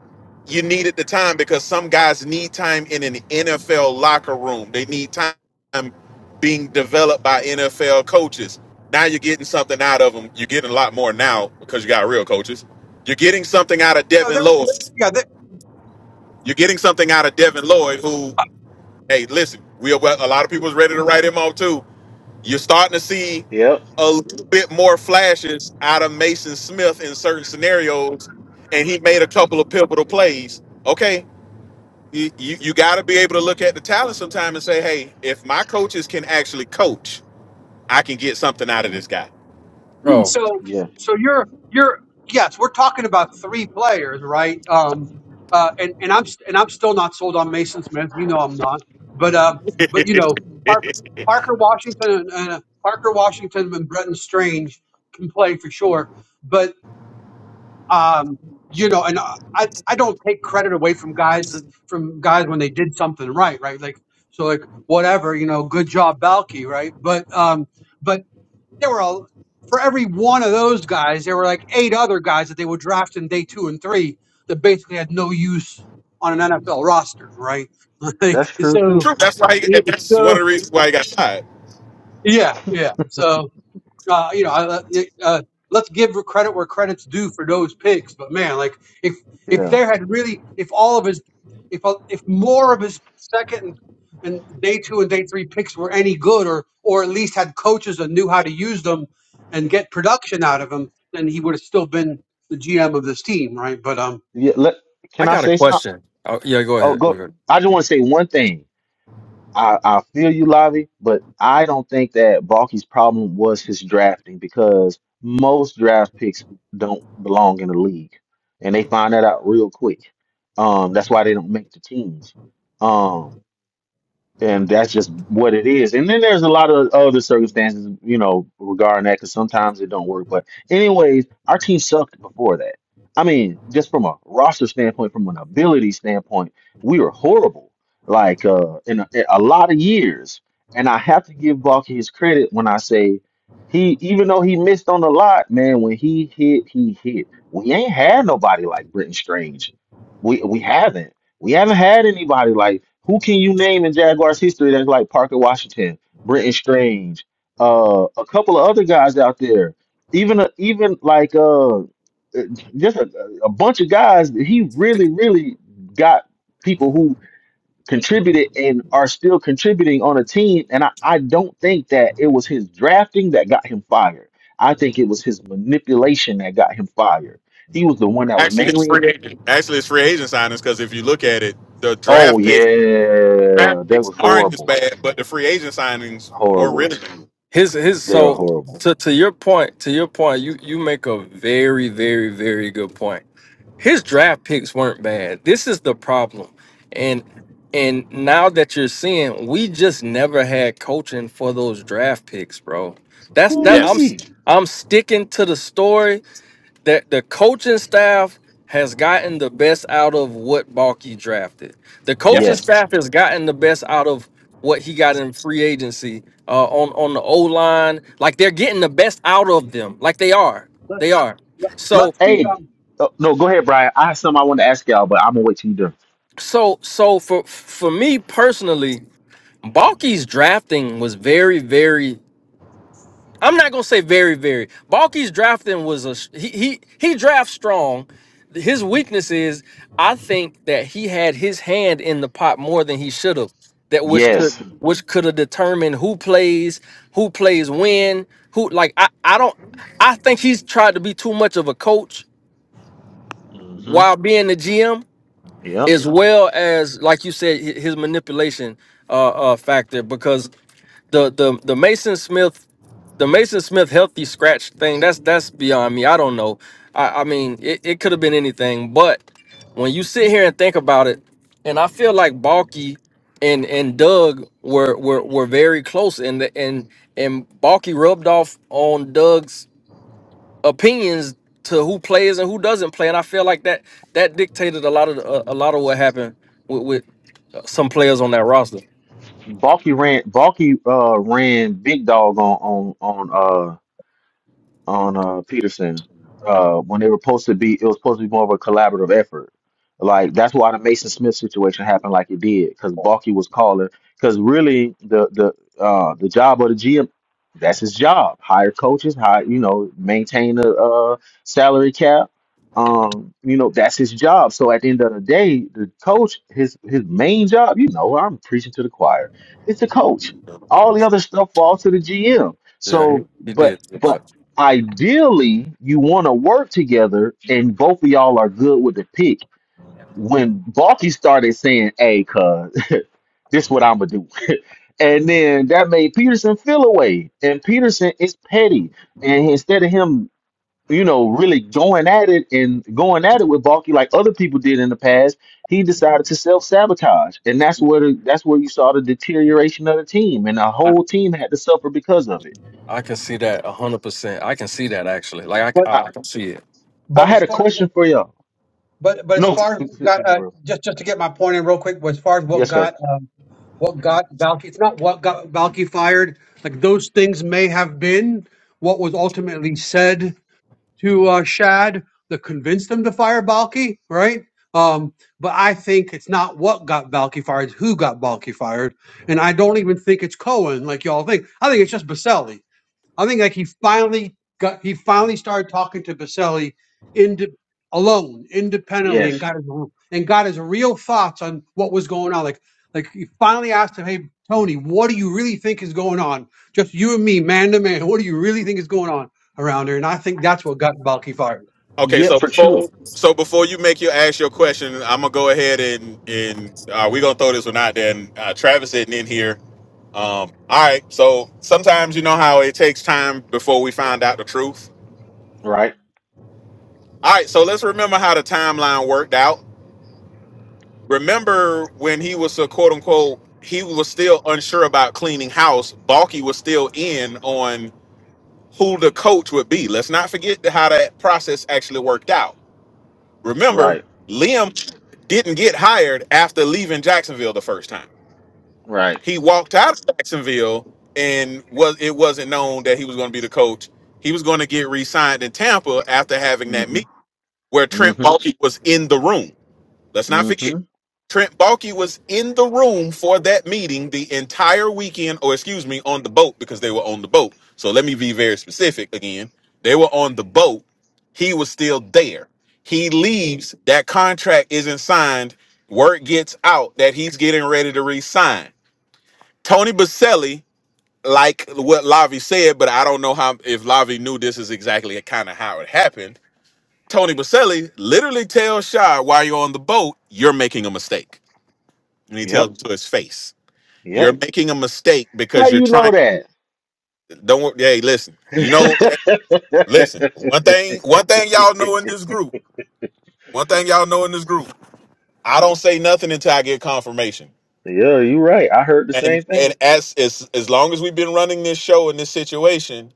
You needed the time because some guys need time in an NFL locker room. They need time being developed by NFL coaches. Now you're getting something out of them. You're getting a lot more now because you got real coaches. You're getting something out of
no,
Devin
there were
Lloyd.
yeah.
You're getting something out of Devin Lloyd, who, hey, listen, we are, well, a lot of people is ready to write him off too you're starting to see
Yep.
a little bit more flashes out of Mason Smith in certain scenarios, and he made a couple of pivotal plays. Okay, you, you, you got to be able to look at the talent sometime and say, hey, if my coaches can actually coach, I can get something out of this guy.
Yeah,
bro.
So
Yeah.
so you're you're yes, we're talking about three players, right? Um, uh, and and I'm st- and I'm still not sold on Mason Smith. You know I'm not, but um, but you know Park, Parker Washington and, and uh, Parker Washington and Bretton Strange can play for sure, but um, you know, and I I don't take credit away from guys that- from guys when they did something right, right? Like so like whatever, you know, good job Balky, right? But um. but there were a, for every one of those guys, there were like eight other guys that they would draft in day two and three that basically had no use on an NFL roster, right? Like
That's true
so,
too.
True. That's why, he,
yeah,
and that's one
so
of the reasons why he got signed.
yeah, yeah. So uh, you know, I- uh, let's give credit where credit's due for those picks. But man, like if if
Yeah.
there had really, if all of his, if uh, if more of his second and, and day two and day three picks were any good, or or at least had coaches that knew how to use them and get production out of them, then he would have still been the GM of this team, right? But um,
Yeah. Let,
I
can I
got a
say something?
question. Oh, yeah, go
Oh, go.
ahead.
I just want to say one thing. I, I feel you, Lavi, but I don't think that Balky's problem was his drafting because most draft picks don't belong in the league. And they find that out real quick. Um, that's why they don't make the teams. Um. and that's just what it is. And then there's a lot of other circumstances, you know, regarding that because sometimes it don't work. But anyways, our team sucked before that. I mean, just from a roster standpoint, from an ability standpoint, we were horrible. Like uh, in a, in a lot of years, and I have to give Balky his credit when I say he, even though he missed on a lot, man, when he hit, he hit. We ain't had nobody like Britton Strange. We we haven't. We haven't had anybody like who can you name in Jaguars history that's like Parker Washington, Brenton Strange, uh, a couple of other guys out there. Even a, even like uh, uh, just a, a bunch of guys. that He really really got people who contributed and are still contributing on a team. And I, I don't think that it was his drafting that got him fired. I think it was his manipulation that got him fired. He was the one that was
Actually, it's
mainly
free agent. Actually, it's free agent signings because if you look at it, the
Oh
draft pick
yeah,
draft
that
picks
was
aren't as
horrible.
bad, but the free agent signings were
Horrible.
really bad.
his his
They're
so
horrible.
to to your point to your point you you make a very very very good point his draft picks weren't bad this is the problem and and now that you're seeing we just never had coaching for those draft picks bro that's that i'm
Yes.
Woo-wee.
i i'm sticking to the story that the coaching staff has gotten the best out of what Balky drafted. The
Yep.
coaching
Yes.
staff has gotten the best out of what he got in free agency uh, on on the O line. Like they're getting the best out of them. Like they are. They
let's
are. So
let's be
Hey,
um,
oh, no, go ahead, Brian. I have something I want to ask y'all, but I'm gonna wait till you do.
so so for for me personally, Balky's drafting was very very I'm not gonna say very, very. Balky's drafting was a he he he drafts strong. His weakness is I think that he had his hand in the pot more than he should have. That which could
Yes.
which could have determined who plays, who plays when, who like I I don't I think he's tried to be too much of a coach
Mm-hmm.
while being the GM
Yep.
as well as like you said hi- his manipulation uh, uh factor because the the the Mason Smith the Mason Smith healthy scratch thing that's that's beyond me. I don't know. I, I mean it, it could have been anything, but when you sit here and think about it, and I feel like Balky and and Doug were were were very close and the, and and Balky rubbed off on Doug's opinions to who plays and who doesn't play, and I feel like that that dictated a lot of the- a, a lot of what happened with, with uh, some players on that roster.
Balky ran. Balky uh ran big dog on on on. uh, on uh Peterson. Uh when they were supposed to be it was supposed to be more of a collaborative effort. Like that's why the Mason Smith situation happened like it did, because Balky was calling because really the the uh the job of the GM that's his job. Hire coaches, hire you know, maintain the uh salary cap. Um, you know, that's his job. So at the end of the day, the coach, his his main job, you know, I'm preaching to the choir. It's the coach. All the other stuff falls to the GM.
Yeah, he,
So,
he
but
did too
but
much.
ideally you want to work together and both of y'all are good with the pick. When Balky started saying, Hey, cuz this what I'ma do. And then that made Peterson feel away. And Peterson is petty. And instead of him, you know, really going at it and going at it with Balky like other people did in the past, he decided to self sabotage. And that's where the, that's where you saw the deterioration of the team. And the whole team had to suffer because of it.
I can see that a hundred percent. I can see that actually. Like I, c-
but
I,
I,
I can see it.
I
but as
had a
far as
question for y'all.
But but as
No,
far as what got uh,
bro.
just just to get my point in real quick, but as far as what
Yes, sir.
got um, what got Balky, it's not what got Balky fired. Like those things may have been what was ultimately said to uh, Shad that convinced them to fire Balky, right? Um, but I think it's not what got Balky fired; it's who got Balky fired. And I don't even think it's Cohen, like y'all think. I think it's just Baselli. I think like he finally got he finally started talking to Baselli into alone, independently, and
Yes.
got his and got his real thoughts on what was going on. Like like he finally asked him, Hey Tony, what do you really think is going on? Just you and me, man to man, what do you really think is going on around here? And I think that's what got Balky fired.
Okay,
Yeah,
so
for sure.
before so before you make your ask your question, I'm gonna go ahead and and uh, we're gonna throw this one out there. And uh, Travis isn't in here. Um, all right, so sometimes you know how it takes time before we find out the truth.
Right.
All right, so let's remember how the timeline worked out. Remember when he was a quote unquote he was still unsure about cleaning house. Balky was still in on who the coach would be. Let's not forget how that process actually worked out. Remember,
Right.
Liam didn't get hired after leaving Jacksonville the first time.
Right.
He walked out of Jacksonville and was it wasn't known that he was going to be the coach. He was going to get re-signed in Tampa after having that
Mm-hmm.
meeting where Trent
Mm-hmm.
Baalke was in the room. Let's not forget
Mm-hmm.
Trent Baalke was in the room for that meeting the entire weekend, or excuse me, on the boat because they were on the boat. So let me be very specific again. They were on the boat. He was still there. He
hmm
leaves. That contract isn't signed. Word gets out that he's getting ready to resign. Tony Baselli, like what Lavi said, but I don't know how if Lavi knew this is exactly kind of how it happened. Tony Baselli literally tells Shah while you're on the boat, you're making a mistake and he tells
Yep.
him to his face, "You're
Yep.
making a mistake
How
because you're
you know
trying.
that?
Don't. Hey, listen. You know. Listen. One thing. One thing y'all know in this group. One thing y'all know in this group. I don't say nothing until I get confirmation.
Yeah, you right. I heard the
And
same
and
thing.
as as as long as we've been running this show in this situation."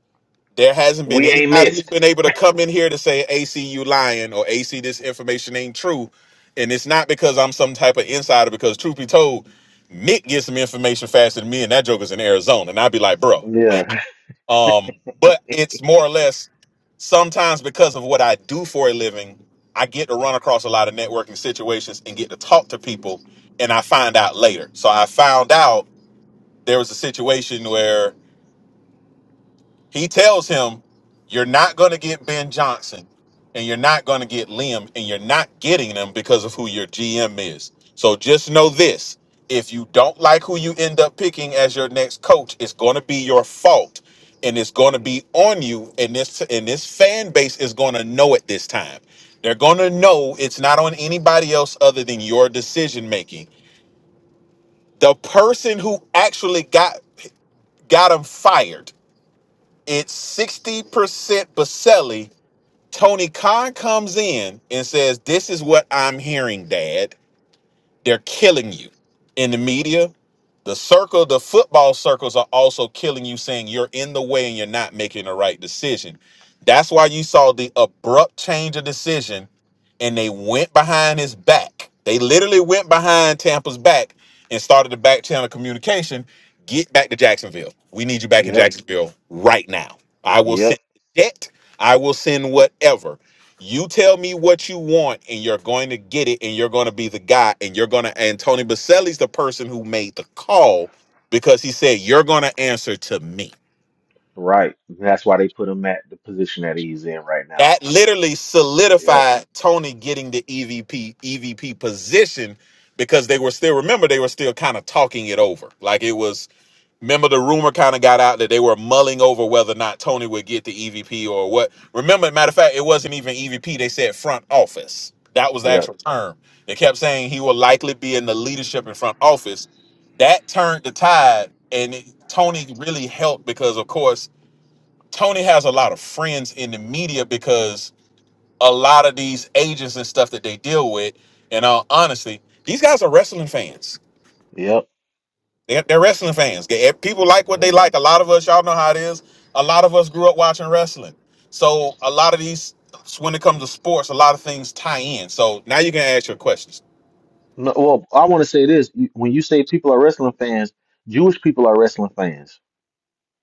There hasn't been
We ain't
anybody who's
missed.
been able to come in here to say AC you lying or AC this information ain't true, and it's not because I'm some type of insider. Because truth be told, Nick gets some information faster than me, and that joker's in Arizona. And I'd be like, bro,
Yeah.
Um, but it's more or less sometimes because of what I do for a living, I get to run across a lot of networking situations and get to talk to people, and I find out later. So I found out there was a situation where he tells him, You're not going to get Ben Johnson and you're not going to get Liam and you're not getting them because of who your GM is. So just know this if you don't like who you end up picking as your next coach, it's going to be your fault and it's going to be on you. And this, and this fan base is going to know it this time. They're going to know it's not on anybody else other than your decision making. The person who actually got got him fired it's 60% Baselli. Tony Khan comes in and says, This is what I'm hearing, Dad. They're killing you in the media. The circle, the football circles are also killing you, saying you're in the way and you're not making the right decision. That's why you saw the abrupt change of decision and they went behind his back. They literally went behind Tampa's back and started the back channel communication. Get back to Jacksonville. We need you back in
Yep.
Jacksonville right now. I will send
Yep.
the jet. I will send whatever. You tell me what you want, and you're going to get it, and you're going to be the guy, and you're going to. And Tony Baselli's the person who made the call because he said you're going to answer to me.
Right. That's why they put him at the position that he's in right
That
now.
literally
Yep.
solidified Tony getting the EVP EVP position because they were still remember they were still kind of talking it over, like it was Remember, the rumor kind of got out that they were mulling over whether or not Tony would get the EVP or what. Remember, matter of fact, it wasn't even EVP. They said front office. That was the
Yep.
actual term. They kept saying he will likely be in the leadership in front office. That turned the tide, and it, Tony really helped because, of course, Tony has a lot of friends in the media because a lot of these agents and stuff that they deal with, and uh, honestly, these guys are wrestling fans
Yep.
they're, they're wrestling fans. They- eh, People like what they like. A lot of us, y'all know how it is. A lot of us grew up watching wrestling. So a lot of these, when it comes to sports, a lot of things tie in. So now you can ask your questions.
No, well, I want to say this. You- When you say people are wrestling fans, Jewish people are wrestling fans.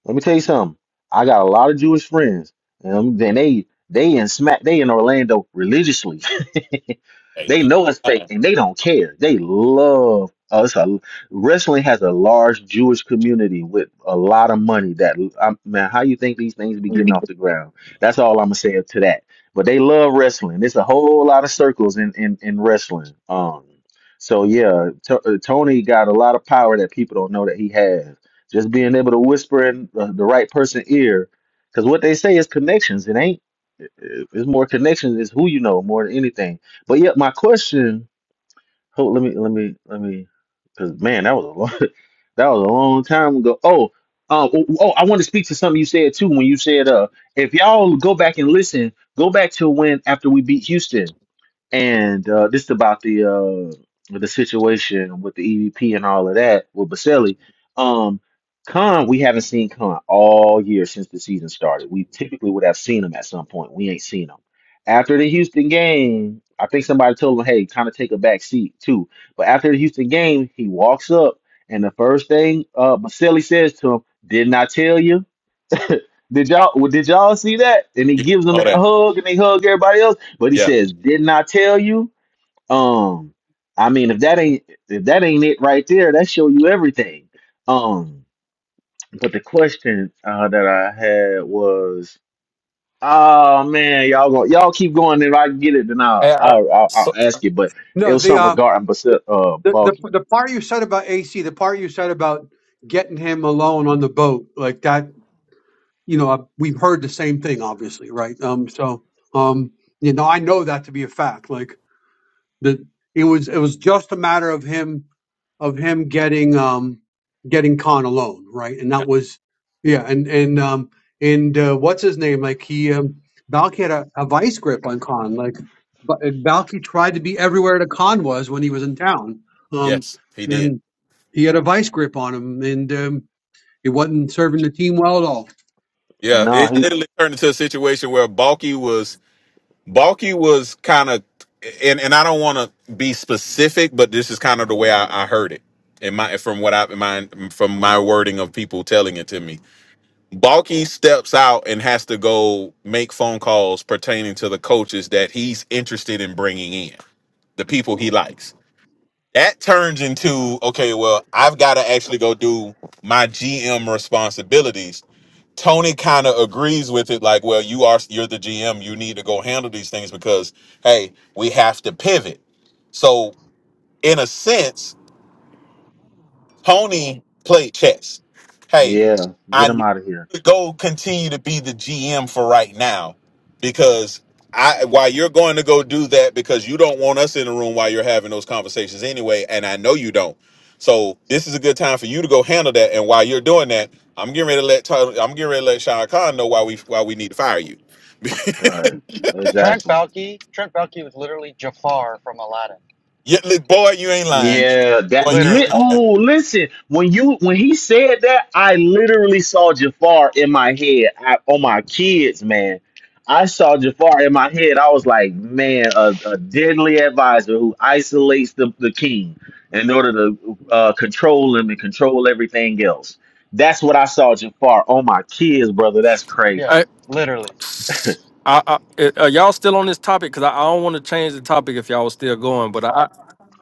Let me tell you something. I got a lot of Jewish friends, and then they they in smack they in Orlando religiously.
Hey,
They
Lee.
know it's fake and they don't care. They love us. A- Wrestling has a large Jewish community with a lot of money. That I, man, how you think these things be getting off the ground? That's all I'm gonna say to that. But they love wrestling. There's a whole lot of circles in in, in wrestling. Um, so yeah, T- uh, Tony got a lot of power that people don't know that he has. Just being able to whisper in the, the right person ear, because what they say is connections. It ain't. It's more connections. It's who you know more than anything. But yet, my question. Hold, let me, let me, let me. Because man, that was a long, that was a long time ago. Oh, um, oh, oh, I want to speak to something you said too. When you said, uh, if y'all go back and listen, go back to when after we beat Houston. And uh, this is about the uh, the situation with the EVP and all of that with Baselli. Um, Khan, we haven't seen Khan all year since the season started. We typically would have seen him at some point. We ain't seen him. After the Houston game, I think somebody told him, hey, kind of take a back seat too. But after the Houston game, he walks up and the first thing uh Baselli says to him, Didn't I tell you? Did y'all well, did y'all see that? And he
Yeah,
gives him
all
that
that.
hug and they hug everybody else. But he
Yeah,
says, Didn't I tell you? Um, I mean, if that ain't if that ain't it right there, that show you everything. Um, but the question uh, that I had was, oh man, y'all go, y'all keep going. If I can get it, then
Hey,
I'll
I-
I'll, I'll, I'll
so,
ask it. But it
No,
was
the
something
um
regarding Bas- uh
the, the
Balky.
the part you said about AC, the part you said about getting him alone on the boat, like that you know, I- we've heard the same thing, obviously, right? Um, so, um, you know, I know that to be a fact. Like the, it was, it was just a matter of him, of him getting, um, getting Khan alone, right? And that was, yeah, and and um, and uh, what's his name? Like he, um, Balky had a, a vice grip on Khan. Like Ba- Balky tried to be everywhere that Khan was when he was in town. Um,
yes, he did.
and he had a vice grip on him, and um, it wasn't serving the team well at all.
Yeah,
No,
it
he
literally turned into a situation where Balky was Balky was kind of, and and I don't want to be specific, but this is kind of the way I, I heard it. In my from what I in my from my wording of people telling it to me Balky steps out and has to go make phone calls pertaining to the coaches that he's interested in bringing in, the people he likes. That turns into okay, well, I've got to actually go do my GM responsibilities. Tony kind of agrees with it, like, well, you are you're the GM, you need to go handle these things because hey, we have to pivot. So in a sense, Tony played chess. Hey,
yeah,
I
get him
need
out of here.
to go continue to be the GM for right now because I while you're going to go do that because you don't want us in the room while you're having those conversations anyway, and I know you don't. So this is a good time for you to go handle that. And while you're doing that, I'm getting ready to let Tony, I'm getting ready to let Shah Khan know why we why we need to fire you.
Right,
Trent
exactly.
Baalke Trent Baalke was literally Jafar from Aladdin.
Yeah, look, boy, you ain't lying.
Yeah, that
Boy, you ain't
li-
Literally,
lying.
oh listen, when you when he said that, I literally saw Jafar in my head. I, on my kids, man. I saw Jafar in my head. I was like, man, a, a deadly advisor who isolates the, the king in order to uh, control him and control everything else. That's what I saw Jafar on my kids, brother. That's crazy.
yeah,
I,
literally.
I, I, eh, are y'all still on this topic? Because I, I don't want to change the topic if y'all was still going. But I,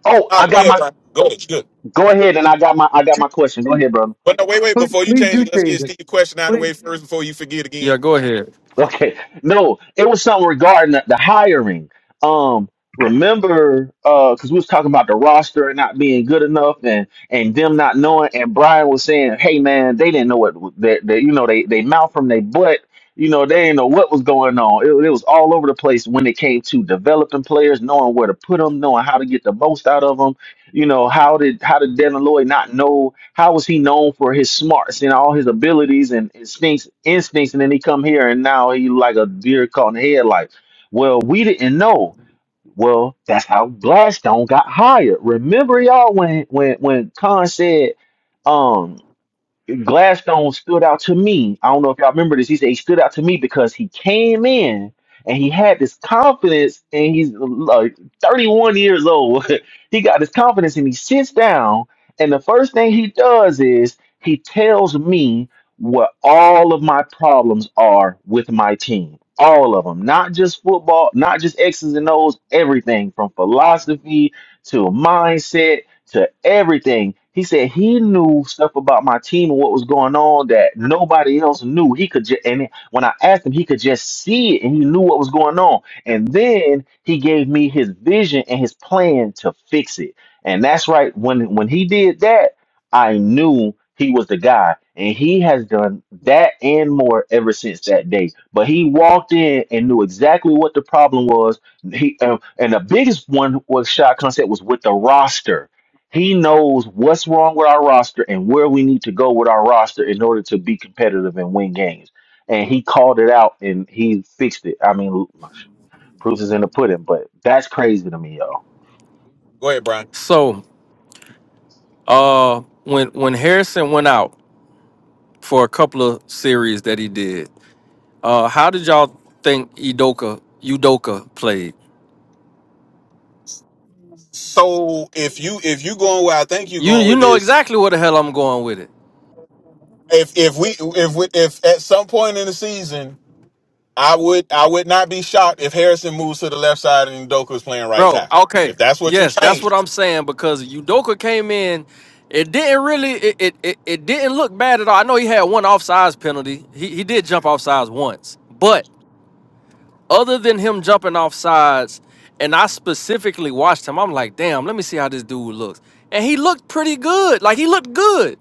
Oh,
Nah,
I
go
got
ahead,
my
Brian. Go ahead. It's good.
go ahead and I got my I got my question. Go ahead, brother.
But no, wait, wait.
Please,
Before you
please do
change it, let's
change
get
it.
Steve's question out of the
Please,
way first before you forget
yeah,
again.
go ahead.
Okay. No, it was something regarding the, the hiring. Um, remember, uh, because we was talking about the roster not being good enough and and them not knowing. And Brian was saying, "Hey, man, they didn't know what that that you know they they mouth from their butt." You know, they didn't know what was going on. It, it was all over the place when it came to developing players, knowing where to put them, knowing how to get the most out of them you know, how did how did Devin Lloyd not know? How was he known for his smarts and all his abilities and instincts, instincts, and then he come here and now he like a deer caught in the headlights. Well, we didn't know. Well, that's how Gladstone got hired. Remember, y'all, when when when Khan said, um, Gladstone stood out to me. I don't know if y'all remember this. He said he stood out to me because he came in and he had this confidence, and he's like 31 years old. he got this confidence, and he sits down, and the first thing he does is he tells me what all of my problems are with my team. All of them, not just football, not just X's and O's, everything from philosophy to mindset to everything. He said he knew stuff about my team and what was going on that nobody else knew. He could just, and when I asked him, he could just see it and he knew what was going on. And then he gave me his vision and his plan to fix it. And that's right. When when he did that, I knew he was the guy. And he has done that and more ever since that day. But he walked in and knew exactly what the problem was. He uh, and the biggest one was shot concept was with the roster he knows what's wrong with our roster and where we need to go with our roster in order to be competitive and win games. And he called it out and he fixed it. I mean, proof is in the pudding, but that's crazy to me, y'all.
Go ahead, Brian.
So, uh, when when Harrison went out for a couple of series that he did, uh, how did y'all think Udoka Udoka played?
So if you if you going where I think you're
You
going
you
with
know
this,
exactly where the hell I'm going with it.
if if we if we, if at some point in the season, I would I would not be shocked if Harrison moves to the left side and Ndoku is playing right
Bro,
tackle.
okay.
If that's what you
Yes, that's what
change,
I'm saying because Udoka came in. It didn't really it it, it, it didn't look bad at all. I know he had one offsides penalty. He he did jump offsides once. But other than him jumping offsides, and I specifically watched him, I'm like, damn, let me see how this dude looks. And he looked pretty good. Like he looked good.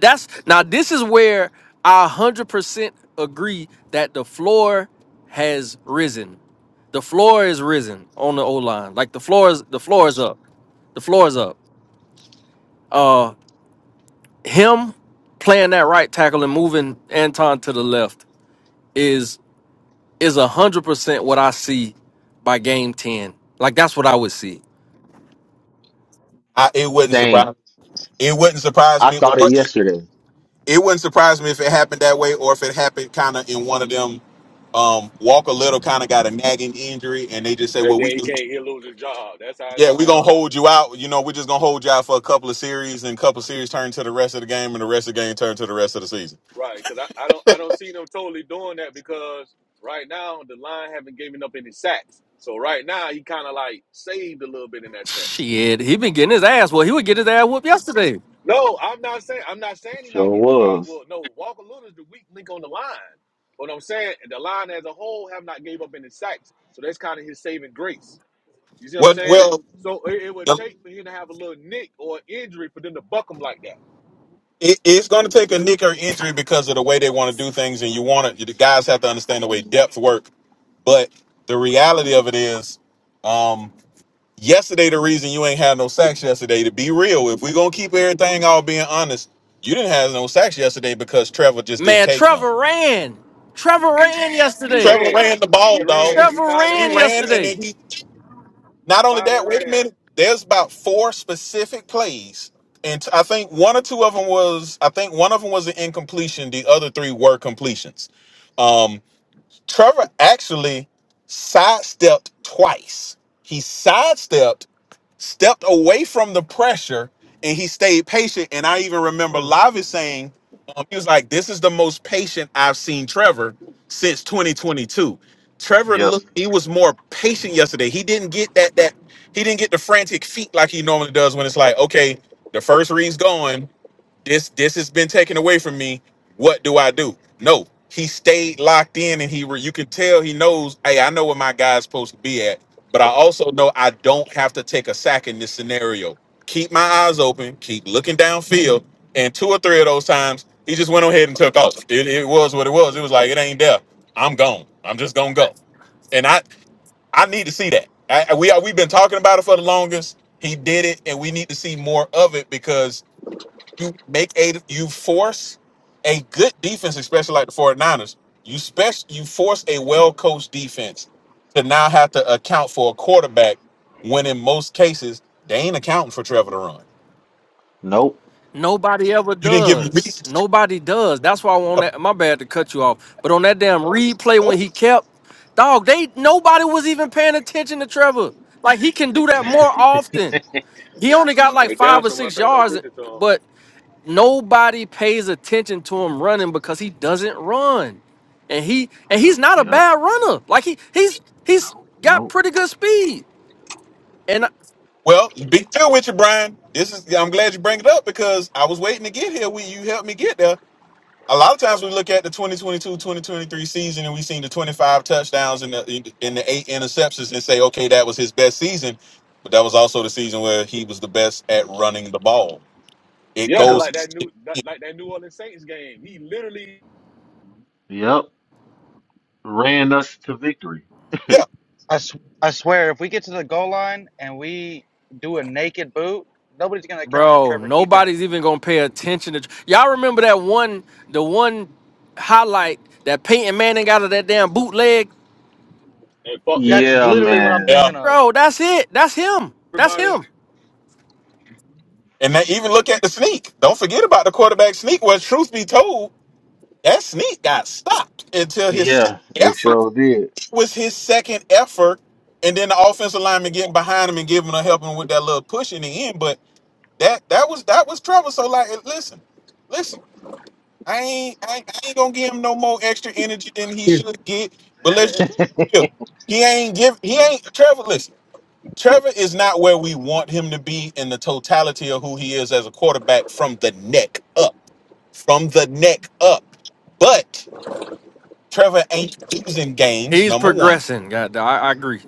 That's now this is where I 100% agree that the floor has risen. The floor is risen on the O line. Like the floor is the floor is up. The floor is up. Uh him playing that right tackle and moving Anton to the left is is 100% what I see by game 10. Like that's what I would see.
I, it wouldn't
Same.
surprise it wouldn't surprise
I
me. Or,
thought it
but
yesterday.
it wouldn't surprise me if it happened that way, or if it happened kind of in one of them. Um, Walker Little kind of got a nagging injury, and they just say,
And
"Well, we
then he
just
can't he'll lose his job. That's how it's
Yeah,
gonna
we're gonna
happen.
hold you out. You know, we're just gonna hold you out for a couple of series, and a couple of series turn to the rest of the game, and the rest of the game turn to the rest of the season.
Right, because I, I don't I don't see them totally doing that because right now the line haven't given up any sacks. So right now he kinda like saved a little bit in that sense.
Shit, he been getting his ass. Well, he would get his ass whooped yesterday.
No, I'm not saying I'm not
It
saying he's
sure
not getting his ass
was.
whooped. No, Walker Little is the weak link on the line. What I'm saying, the line as a whole have not gave up any sacks, so that's kind of his saving grace. You see what I'm
Well,
saying?
well,
So it, it would
the-
take for him to have a little nick or injury for them to buck him like that.
it, it's gonna take a nick or injury because of the way they want to do things, and you want to. The guys have to understand the way depth work. But the reality of it is, um, yesterday the reason you ain't had no sacks yesterday. To be real, if we're gonna keep everything all being honest, you didn't have no sacks yesterday because Trevor just didn't
Man,
take none.
Trevor ran. Trevor ran
He
yesterday.
Trevor
ran,
ran the
he
ball, dog.
ran, he
Trevor
finally
ran
He
ran.
ran
Yeah,
and
yesterday.
then he
he
Not only
finally
that, wait a
ran.
minute. There's about four specific plays, and t- I think one or two of them was. I think one of them was an incompletion. The other three were completions. Um, Trevor actually sidestepped twice. He sidestepped stepped away from the pressure and he stayed patient. And I even remember Lavi saying, um, he was like, This is the most patient I've seen Trevor since 2022. Trevor
Yep.
looked, he was more patient yesterday. He didn't get that, that, he didn't get the frantic feet like he normally does when it's like, okay, the first read's gone this this has been taken away from me. What do I do? No, he stayed locked in, and he were you can tell he knows. Hey, I know where my guy's supposed to be at, but I also know I don't have to take a sack in this scenario. Keep my eyes open, keep looking downfield, and two or three of those times he just went on ahead and took off. It, it was what it was. It was like it ain't there. I'm gone. I'm just gonna go. And I I need to see that. I, I- we are, we've been talking about it for the longest. He did it, and we need to see more of it because you make a you force a good defense, especially like the 49ers. You special you force a well-coached defense to now have to account for a quarterback when in most cases they ain't accounting for Trevor to run.
Nope.
Nobody ever
You didn't give him
does.
reason to
Nobody does. That's why I want that. My bad to cut you off. But on that damn replay
travel.
when he kept, dog, they nobody was even paying attention to Trevor. Like he can do that more often. He only got like
They down
five or
someone
six
paying no
yards,
attention to him.
but nobody pays attention to him running because he doesn't run. And he and he's not a
Yep.
bad runner. Like he he's he's got
Nope.
pretty good speed.
Well, big deal with you, Brian. This is I'm glad you bring it up because I was waiting to get here when you helped me get there a lot of times we look at the twenty twenty two twenty twenty three season and we seen the 25 touchdowns and the and the eight interceptions and say okay that was his best season but that was also the season where he was the best at running the ball it
Yeah, cause
Yep.
goes
like that new that, like that New Orleans Saints game, he literally
Yep. Ran us to victory.
yeah
I, s- I swear, if we get to the goal line and we do a naked boot, nobody's going to account for
Bro,
Trevor keeping it.
nobody's even gonna pay attention to y'all. Remember that one, the one highlight that Peyton Manning got of that damn bootleg,
and fucked there
That's
and
Yeah,
fooled
literally what I'm
yeah
thinking
man.
of.
bro. That's it. That's him. That's
everybody.
him.
and then even look at the sneak don't forget about the quarterback sneak where truth be told that sneak got stopped until his
Yeah,
second
it
effort
sure did.
it was his second effort and then the offensive lineman getting behind him and giving him helping with that little push in the end but That that was that was trouble. So like, and listen, listen. I ain't, I ain't I ain't gonna give him no more extra energy than he
yeah,
should get. But let's just be real. He ain't give. He ain't Trevor. Listen, Trevor is not where we want him to be in the totality of who he is as a quarterback from the neck up. From the neck up. But Trevor ain't losing games.
He's
Number one,
progressing. God, I, I agree.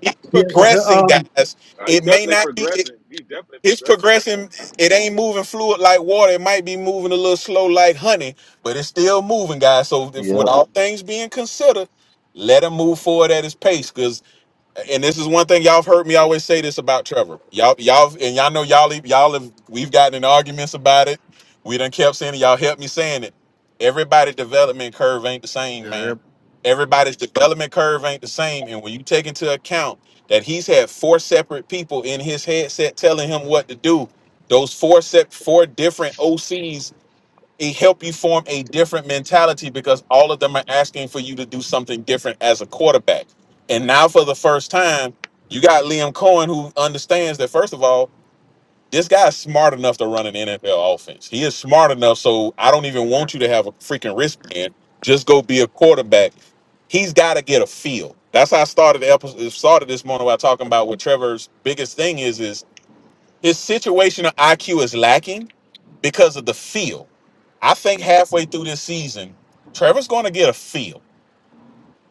he's
yeah, the,
progressing,
um,
guys.
Uh, he's
It may
definitely
not be.
progressing. He's definitely
It's
progressing.
progressing. It ain't moving fluid like water. It might be moving a little slow like honey, but it's still moving, guys. So, if with
yep.
all things being considered, let him move forward at his pace. cause and this is one thing y'all have heard me always say this about Trevor. Y'all, y'all, and y'all know y'all, e- y'all have we've gotten in arguments about it. We done kept saying it. Y'all helped me saying it. Everybody development curve ain't the same,
Yeah. yeah.
man. Everybody's development curve ain't the same. And when you take into account that he's had four separate people in his headset telling him what to do, those four set four different OCs it help you form a different mentality because all of them are asking for you to do something different as a quarterback. And now for the first time, you got Liam Cohen who understands that first of all, this guy's smart enough to run an NFL offense. He is smart enough, so I don't even
yeah.
want you to have a freaking wristband. Just go be a quarterback. He's got to get a feel. That's how I started the episode. Started this morning by talking about what Trevor's biggest thing is. is. His situational IQ is lacking because of the feel. I think halfway
Mhm.
through this season, Trevor's going to get a feel.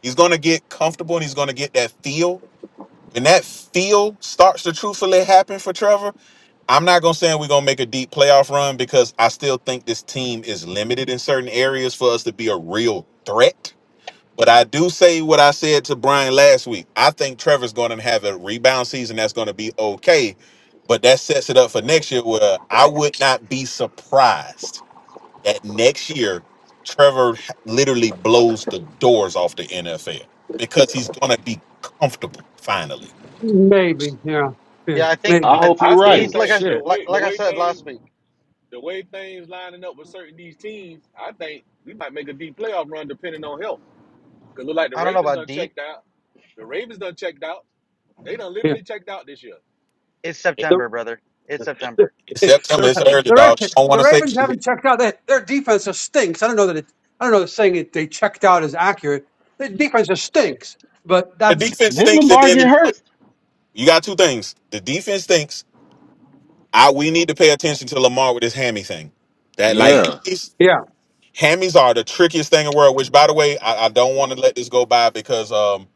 He's going to get comfortable and he's going to get that feel. When that feel starts to truthfully happen for Trevor, I'm not going to say we're going to make a deep playoff run because I still think this team is limited in certain areas for us to be a real threat but I do say what I said to Brian last week. I think Trevor's going to have a rebound season that's going to be okay, but that sets it up for next year where I would not be surprised that next year Trevor literally blows the doors off the NFL because he's going to be comfortable finally.
maybe, yeah, yeah,
Yeah, I think
I
maybe,
I,
hope you're
I
right.
still
he's
Oh
like
think
I
the
shit!
like
way the
like I
way
said
things
last week.
the way things lining up with certain these teams, I think we might make a deep playoff run depending on health. Cause look like the
I don't know
Ravens
about
done
deep.
checked out. The Ravens done checked out. They done
yeah.
literally checked out this year.
It's
The,
September, brother. It's
the,
September.
It's
the,
September, it's early,
Ra-
dog. I don't want
the
to say
Ravens haven't checked out. They, their defense just stinks. I don't know that it, I don't know if saying it they checked out is accurate. The defense just stinks. But
the
that's
defense
Did
stinks, and
Lamar get
then
hurt?
you got two things: the defense stinks. I we need to pay attention to Lamar with his hammy thing. That
Yeah,
like
yeah,
Hammies are the trickiest thing in the world. Which, by the way, I, I don't want to let this go by because um,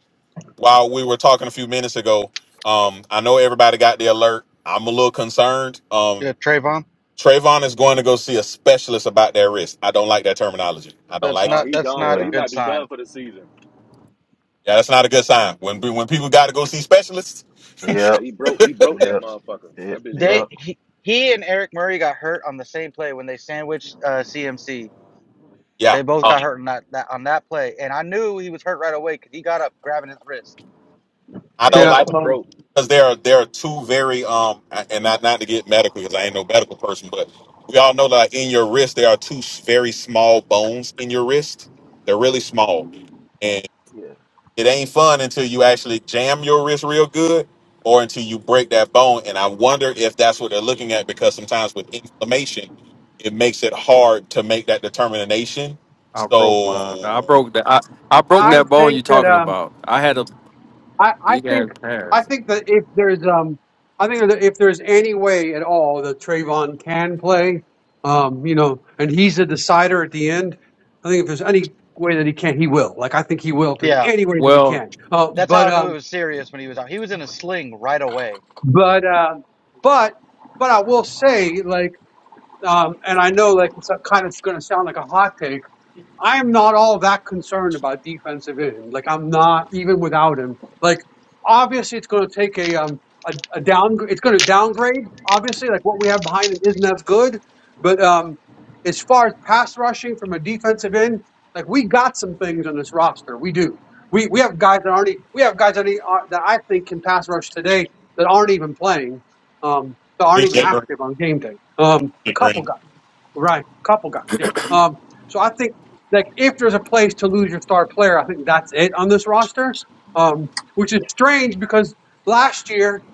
while we were talking a few minutes ago, um, I know everybody got the alert. I'm a little concerned. Um,
Yeah, Trayvon.
Trayvon is going to go see a specialist about their wrist. I don't like that terminology. I don't
That's
like it.
Uh,
not
he
that's
done
not
for.
a
yeah,
He
good
might be
sign.
done for the season.
Yeah, that's not a good sign. When when people got to go see specialists,
Yeah,
yep,
he broke. He broke that
yep,
motherfucker.
yep,
That bitch
They
broke.
yep,
he, he and Eric Murray got hurt on the same play when they sandwiched uh, CMC.
yeah,
They both got hurt on that, that on that play, and I knew he was hurt right away because he got up grabbing his wrist.
I
That
don't
yeah.
yep,
like.
motherfucker
Um,
broke.
because there are there are two very um and not not to get medical because I ain't no medical person, but we all know that in your wrist there are two s- very small bones in your wrist. They're really small, and
yeah,
it ain't fun until you actually jam your wrist real good or until you break that bone. And I wonder if that's what they're looking at because sometimes with inflammation, it makes it hard to make that determination.
I broke my. I
So
broke that. I, I broke
I
Would
that bone
think
you
that.
talking
um.
about. I had a
I, I
big ass
think I
pass.
think that if there's um I think that if there's any way at all that Trayvon can play, um, you know, and he's the decider at the end, I think if there's any way that he can, he will. Like I think he will if there's
yeah.
any way that he
Well,
can. Uh,
That's how
but
I knew it
um
was serious when he was out. He was in a sling right away.
but um but but I will say like um and I know like it's kind of going to sound like a hot take I'm not all that concerned about defensive end. Like I'm not even without him. Like obviously it's going to take a um a, a down it's going to downgrade. Obviously, like what we have behind him isn't as good. But um, as far as pass rushing from a defensive end, like we got some things on this roster. We do. We we have guys that aren't e- we have guys that, e- uh, that I think can pass rush today that aren't even playing. Um, that aren't
be
even
sure.
active on game day. Um, a couple guys. Right. Couple guys, yeah. Um, so I think like if there's a place to lose your star player, I think that's it on this roster. Um, which is strange because last year,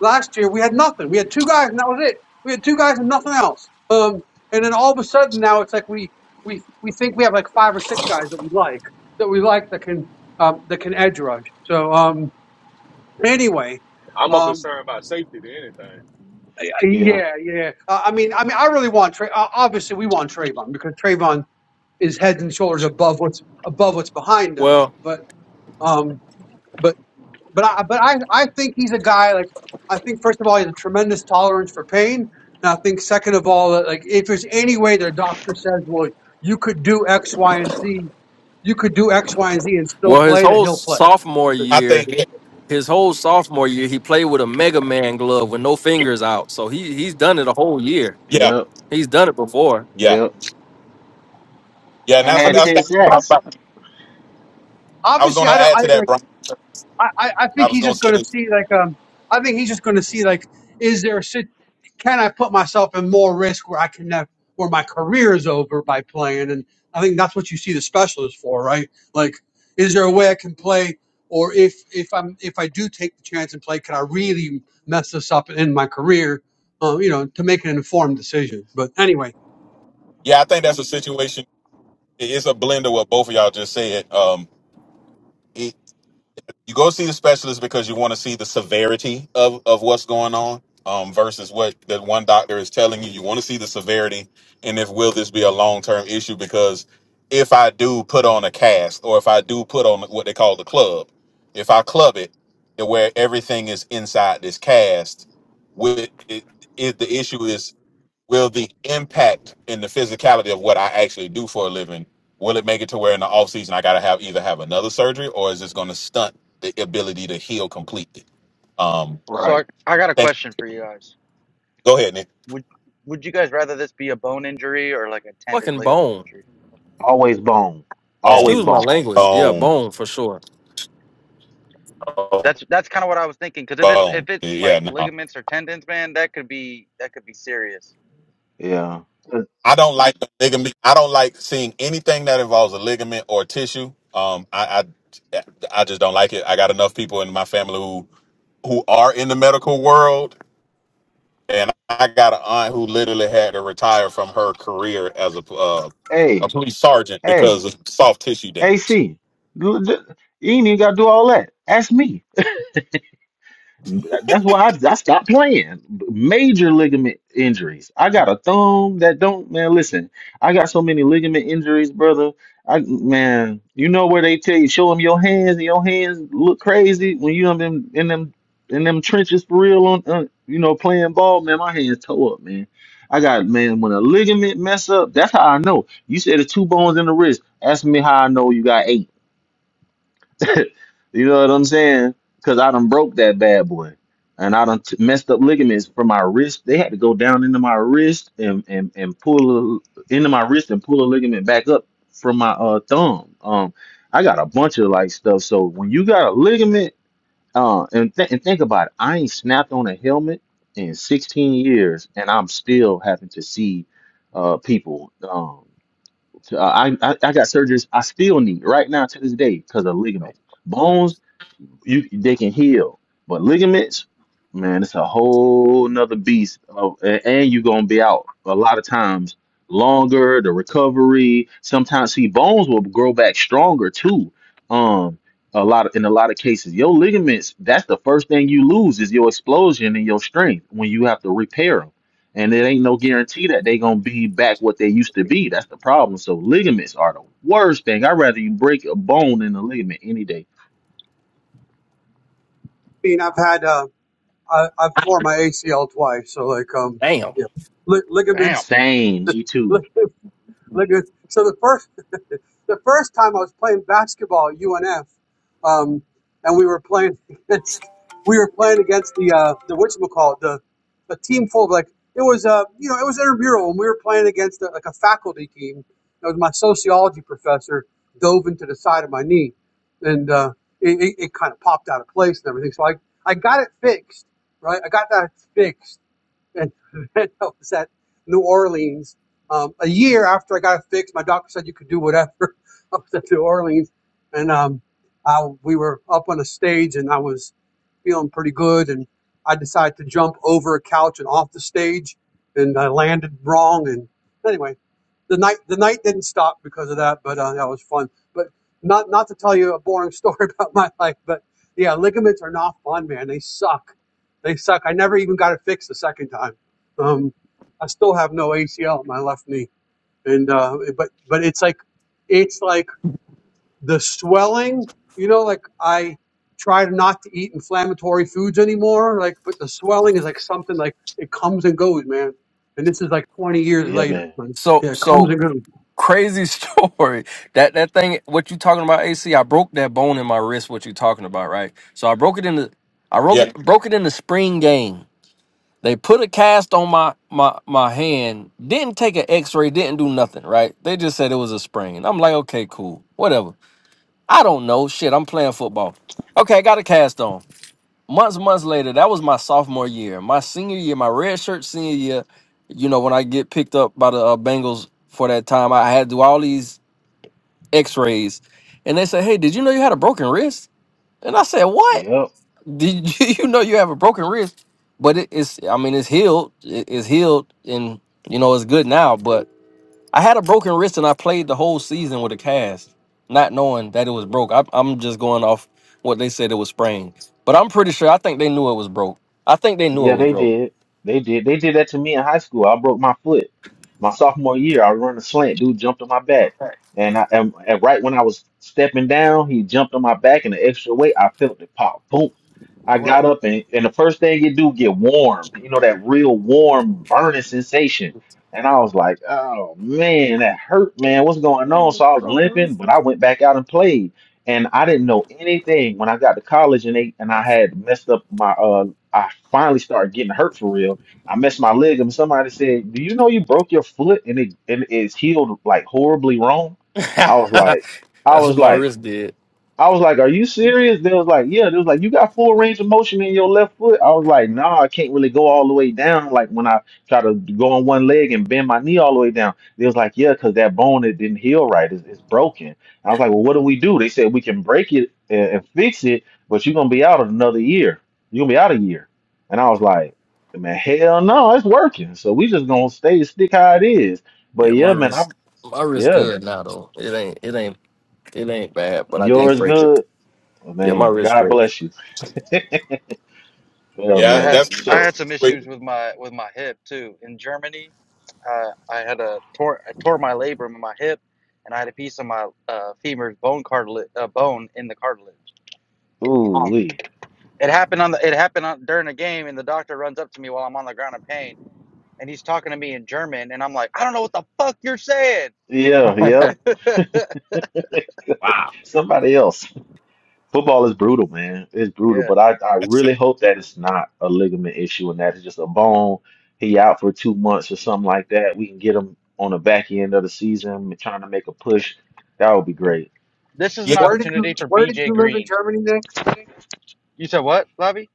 last year we had nothing. We had two guys and that was it. We had two guys and nothing else. Um, and then all of a sudden now it's like we we we think we have like five or six guys that we like that we like that can um that can edge rush. So um anyway,
I'm more
um
concerned about safety than anything.
I- I-
yeah,
yeah, yeah. Uh, I mean, I mean, I really want Trey. Uh, obviously, we want Trayvon because Trayvon is heads and shoulders above what's above what's behind him.
well,
But um, but but I but I I think he's a guy like I think first of all he has a tremendous tolerance for pain, and I think second of all that like if there's any way their doctor says, well, you could do X, Y, and Z, you could do X, Y, and Z and still
well. His
play, that
whole
he'll play.
sophomore
I
year,
think
His whole sophomore year, he played with a Mega Man glove with no fingers out. So he he's done it a whole year.
yeah,
yeah
yep,
He's done it before.
yeah
yep.
yeah, and
I
that's
I
what
had
mean,
that's,
ten
that's
ob-
what
sacks.
I I was going
obviously
to
I don't.
add
I
to that,
like.
Brian.
I, I I
I
think
was
he's
gonna
just
say
going to
this.
see like um I think he's just going to see like is there a sit- can I put myself in more risk where I can have where my career is over by playing and I think that's what you see the specialist for right like is there a way I can play or if if I'm if I do take the chance and play can I really mess this up in my career uh, you know to make an informed decision but anyway I
Yeah, I think that's a situation. it- It's a blend of what both of y'all just said. Um, it, you go see the specialist because you want to see the severity of of what's going on, um, versus what that one doctor is telling you. You want to see the severity, and if will this be a long term issue? Because if I do put on a cast, or if I do put on what they call the club, if I club it to where everything is inside this cast, with it, it, the issue is will the impact and the physicality of what I actually do for a living will it make it to where in the off season I gotta have either have another surgery or is this gonna stunt the ability to heal completely? Um,
So
Right.
I, I got a
thank.
question for you guys.
Go ahead, Nick.
Would would you guys rather this be a bone injury or like a tendon
Fucking
ligament
bone.
injury?
Always bone.
Yeah.
Boom,
Always
Excuse my
bone.
language. Yeah,
boom,
bone for sure.
boom.
That's that's kind of what I was thinking cuz if it's
boom.
if it's
Yeah,
like
no.
ligaments or tendons, man, that could be that could be serious.
Yeah. Uh,
I don't like the ligament. I don't like seeing anything that involves a ligament or tissue. Um, I, I, I just don't like it. I got enough people in my family who who are in the medical world and I got an aunt who literally had to retire from her career as a uh, a
Hey,
police sergeant
hey,
because of soft tissue damage.
AC. You ain't even gotta do all that. Ask me. That's why I, I stopped playing. Major ligament injuries. I got a thumb that don't, man, listen, I got so many ligament injuries, brother. I man, you know where they tell you, show them your hands and your hands look crazy when you in them in them in them trenches for real on, on you know playing ball, man, my hands toe up, man. I got man when a ligament mess up, that's how I know. You said it's two bones in the wrist. Ask me how I know you got eight. You know what I'm saying? Because I done broke that bad boy. And I done t- messed up ligaments from my wrist. They had to go down into my wrist and, and, and pull a, into my wrist and pull a ligament back up from my uh thumb. Um, I got a bunch of like stuff. So when you got a ligament, uh, and, th- and think about it, I ain't snapped on a helmet in 16 years, and I'm still having to see uh people. Um, uh, I, I I got surgeries I still need right now to this day because of ligaments. Bones, you they can heal, but ligaments, man, it's a whole nother beast. Of, a- and you're gonna be out a lot of times longer. The recovery sometimes see bones will grow back stronger too. Um, a lot of, in a lot of cases, your ligaments. That's the first thing you lose is your explosion and your strength when you have to repair them. And it ain't no guarantee that they gonna be back what they used to be. That's the problem. So ligaments are the worst thing. I'd rather you break a bone than a ligament any day.
mean I've had uh I, I've torn my ACL twice so like um
Damn.
yeah li-
Damn.
ligaments
Same. Me too.
Look at so the first the first time I was playing basketball at UNF, um, and we were playing against we were playing against the uh, the whatchamacallit, the a team full of like it was uh you know it was intramural and we were playing against a, like a faculty team. It was my sociology professor dove into the side of my knee, and uh, it, it, it kind of popped out of place and everything. So I I got it fixed, right? I got that fixed and I was at New Orleans. Um, a year after I got it fixed, my doctor said you could do whatever. I was at New Orleans, and um, I, we were up on a stage, and I was feeling pretty good, and I decided to jump over a couch and off the stage, and I landed wrong. And anyway, the night the night didn't stop because of that, but uh, that was fun. But not not to tell you a boring story about my life, but yeah, ligaments are not fun, man. They suck they suck. I never even got it fixed the second time. Um, I still have no ACL in my left knee, and uh, but but it's like it's like the swelling. You know, like I try not to eat inflammatory foods anymore. Like, but the swelling is like something like it comes and goes, man. And this is like 20 years
Yeah,
later.
man.
Man.
So
Yeah, it comes
so
and goes.
crazy story. That that thing. What you talking about? AC. I broke that bone in my wrist. What you talking about? Right. So I broke it in the. I broke
Yeah,
it broke it in the spring game. They put a cast on my my my hand. Didn't take an X ray. Didn't do nothing. Right. They just said it was a sprain. I'm like, okay, cool, whatever. I don't know. Shit, I'm playing football. Okay, I got a cast on. Months, months later, that was my sophomore year. My senior year, my red shirt senior year, you know, when I get picked up by the uh, Bengals for that time, I had to do all these x rays. And they said, hey, did you know you had a broken wrist? And I said, what?
Yep.
Did you know you have a broken wrist? But it, it's, I mean, it's healed. It- it's healed and, you know, it's good now. but. I had a broken wrist and I played the whole season with a cast, not knowing that it was broke. I, I'm just going off what they said it was sprained, but I'm pretty sure I think they knew it was broke. I think they knew it
Yeah,
was
they
broke.
did. They did. They did that to me in high school. I broke my foot. My sophomore year, I run a slant. Dude jumped on my back.
Hey,
And I and, and right when I was stepping down, he jumped on my back and the extra weight, I felt it pop. Boom. I
well,
got up and, and the first thing you do get warm. You know, that real warm burning sensation. And I was like, oh man, that hurt, man. What's going on? So I was limping, but I went back out and played. And I didn't know anything when I got to college and they and I had messed up my uh, I finally started getting hurt for real. I messed my leg, and somebody said, "Do you know you broke your foot and it and it's healed like horribly wrong?" I was like, I
That's what
was
my
like,
wrist did.
I was like, "Are you serious?" They was like, "Yeah." They was like, "You got full range of motion in your left foot." I was like, "Nah, I can't really go all the way down. Like when I try to go on one leg and bend my knee all the way down." They was like, "Yeah, because that bone it didn't heal right. It's, it's broken." I was like, "Well, what do we do?" They said, "We can break it and, and fix it, but you're gonna be out another year. You're gonna be out a year." And I was like, "Man, hell no, it's working. So we just gonna stay stick how it is." But
Yeah, my
yeah, man, I
wrist, my wrist
yeah,
good now though. It ain't, it ain't, it ain't bad, but I did
yours
break it.
good. I
Yeah, my
mean,
wrist
God
straight.
bless you. Yeah,
Yeah, I
yeah,
had
man.
I
So,
had
that's
some
wait,
issues with my with my hip too. In Germany, uh, I had a tore I tore my labrum in my hip, and I had a piece of my uh, femur's bone cartilage uh, bone in the cartilage.
ooh,
oh,
we.
It happened on the. It happened on, during a game, and the doctor runs up to me while I'm on the ground in pain, and he's talking to me in German, and I'm like, I don't know what the fuck you're saying.
Yeah, yep. Somebody else. Football is brutal, man. It's brutal,
Yeah.
but I, I
that's,
really hope that it's not a ligament issue and that it's just a bone. He out for two months or something like that. We can get him on the back end of the season, trying to make a push. That would be great.
This is
yeah.
an
Where did you
opportunity for
Where did
BJ
you live in
Green.
Germany, Nick?
You said what, Lavi?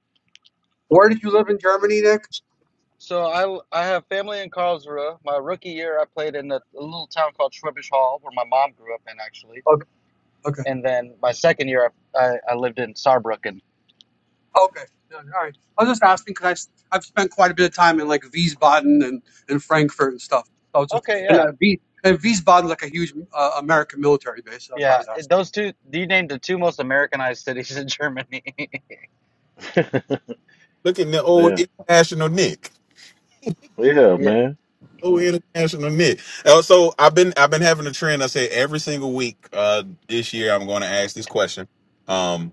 Where did you live in Germany, Nick?
So I I have family in Karlsruhe. My rookie year, I played in a, a little town called Schwabish Hall, where my mom grew up in actually.
Okay. okay.
And then my second year, I I, I lived in Saarbrücken.
Okay. No, All right. I was just asking because I I've spent quite a bit of time in like Wiesbaden and, and Frankfurt and stuff. So I was just
Okay,
and
yeah.
uh, Wies, and Wiesbaden's like a huge uh, American military base. So that's why I
Yeah,
was asking.
those two, you named the two most Americanized cities in Germany.
Look at the old
Yeah,
international Nick.
yeah,
yeah,
man.
Oh, international Nick. Uh, so I've been I've been having a trend. I say every single week uh, this year I'm going to ask this question, um,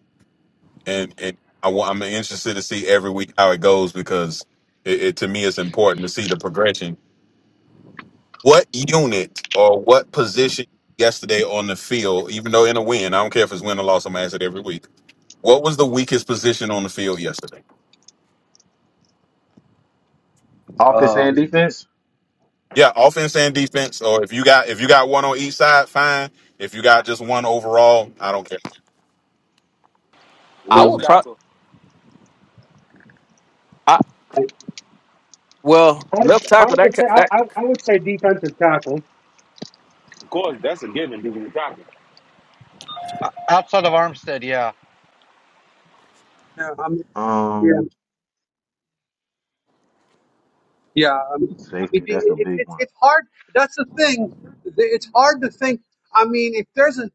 and and I, wa- I'm interested to see every week how it goes because it, it to me it's important to see the progression What unit or what position yesterday on the field, even though in a win, I don't care if it's win or loss, I'm gonna ask it every week. What was the weakest position on the field yesterday?
Offense and
Um,
defense.
Yeah, offense and defense, or if you got if you got one on each side, fine. If you got just one overall, I don't care.
I
I
Left
would
mean,
probably,
tackle.
I well
hard,
left tackle
hard to
that ca-
say. I,
that
I, I would say defensive tackle.
Of course, that's a given. Defensive tackle.
outside of Armstead, yeah.
Yeah. I mean, yeah.
Um,
Yeah. I mean, I mean,
safety.
the-
That's a
it,
big
it's
one.
it's hard. That's the thing. The- It's hard to think. I mean, if there's a,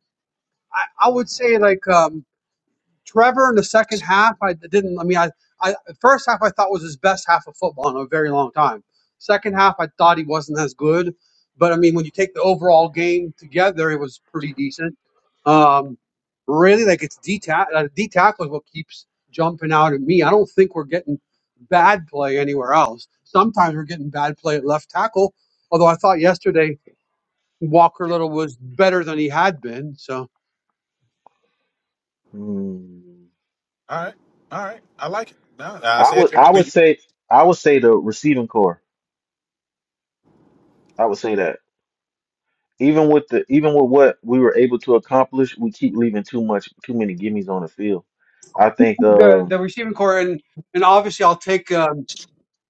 I, I would say like um, Trevor in the second half, I didn't. I mean, I, I first half I thought was his best half of football in a very long time. Second half, I thought he wasn't as good, but I mean, when you take the overall game together, it was pretty decent. Um, really, like it's D tackle. Uh, D tackle is what keeps jumping out at me. I don't think we're getting bad play anywhere else. Sometimes we're getting bad play at left tackle. Although I thought yesterday Walker Little was better than he had been. So
Hmm.
All right, all right, I like it. No, I
I
said
would, I would say, I would say the receiving core. I would say that. Even with the even with what we were able to accomplish, we keep leaving too much too many gimmies on the field. I think
the
um
the receiving core and and obviously I'll take. Um,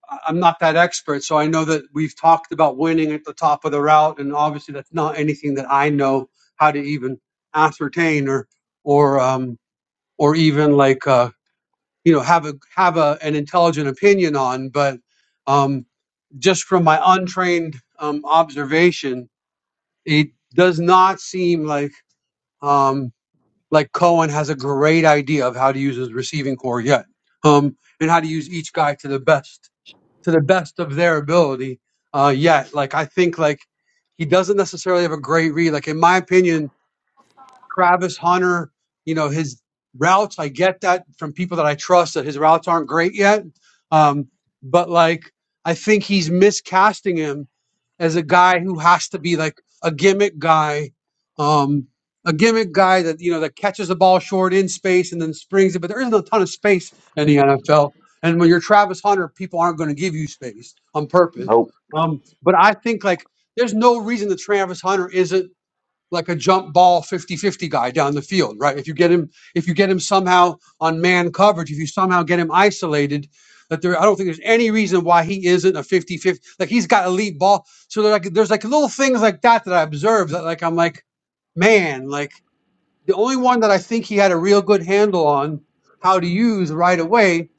I- am not that expert, so I know that we've talked about winning at the top of the route, and obviously that's not anything that I know how to even ascertain or or um, or even like uh, you know have a have a, an intelligent opinion on. But um, just from my untrained um, observation, it does not seem like um, like Cohen has a great idea of how to use his receiving core yet, um, and how to use each guy to the best to the best of their ability uh, yet. Like I think like he doesn't necessarily have a great read. Like in my opinion, Travis Hunter, you know, his routes, I get that from people that I trust that his routes aren't great yet. Um, but like, I think he's miscasting him as a guy who has to be like a gimmick guy, um, a gimmick guy that, you know, that catches the ball short in space and then springs it. But there isn't a ton of space in the NFL. And when you're Travis Hunter, people aren't going to give you space on purpose.
nope.
Um, but I think like there's no reason that Travis Hunter isn't like a jump ball 50-50 guy down the field, right? If you get him if you get him somehow on man coverage, if you somehow get him isolated, that there I don't think there's any reason why he isn't a 50-50. Like he's got elite ball. So there like there's like little things like that that I observe that like I'm like, man, like the only one that I think he had a real good handle on how to use right away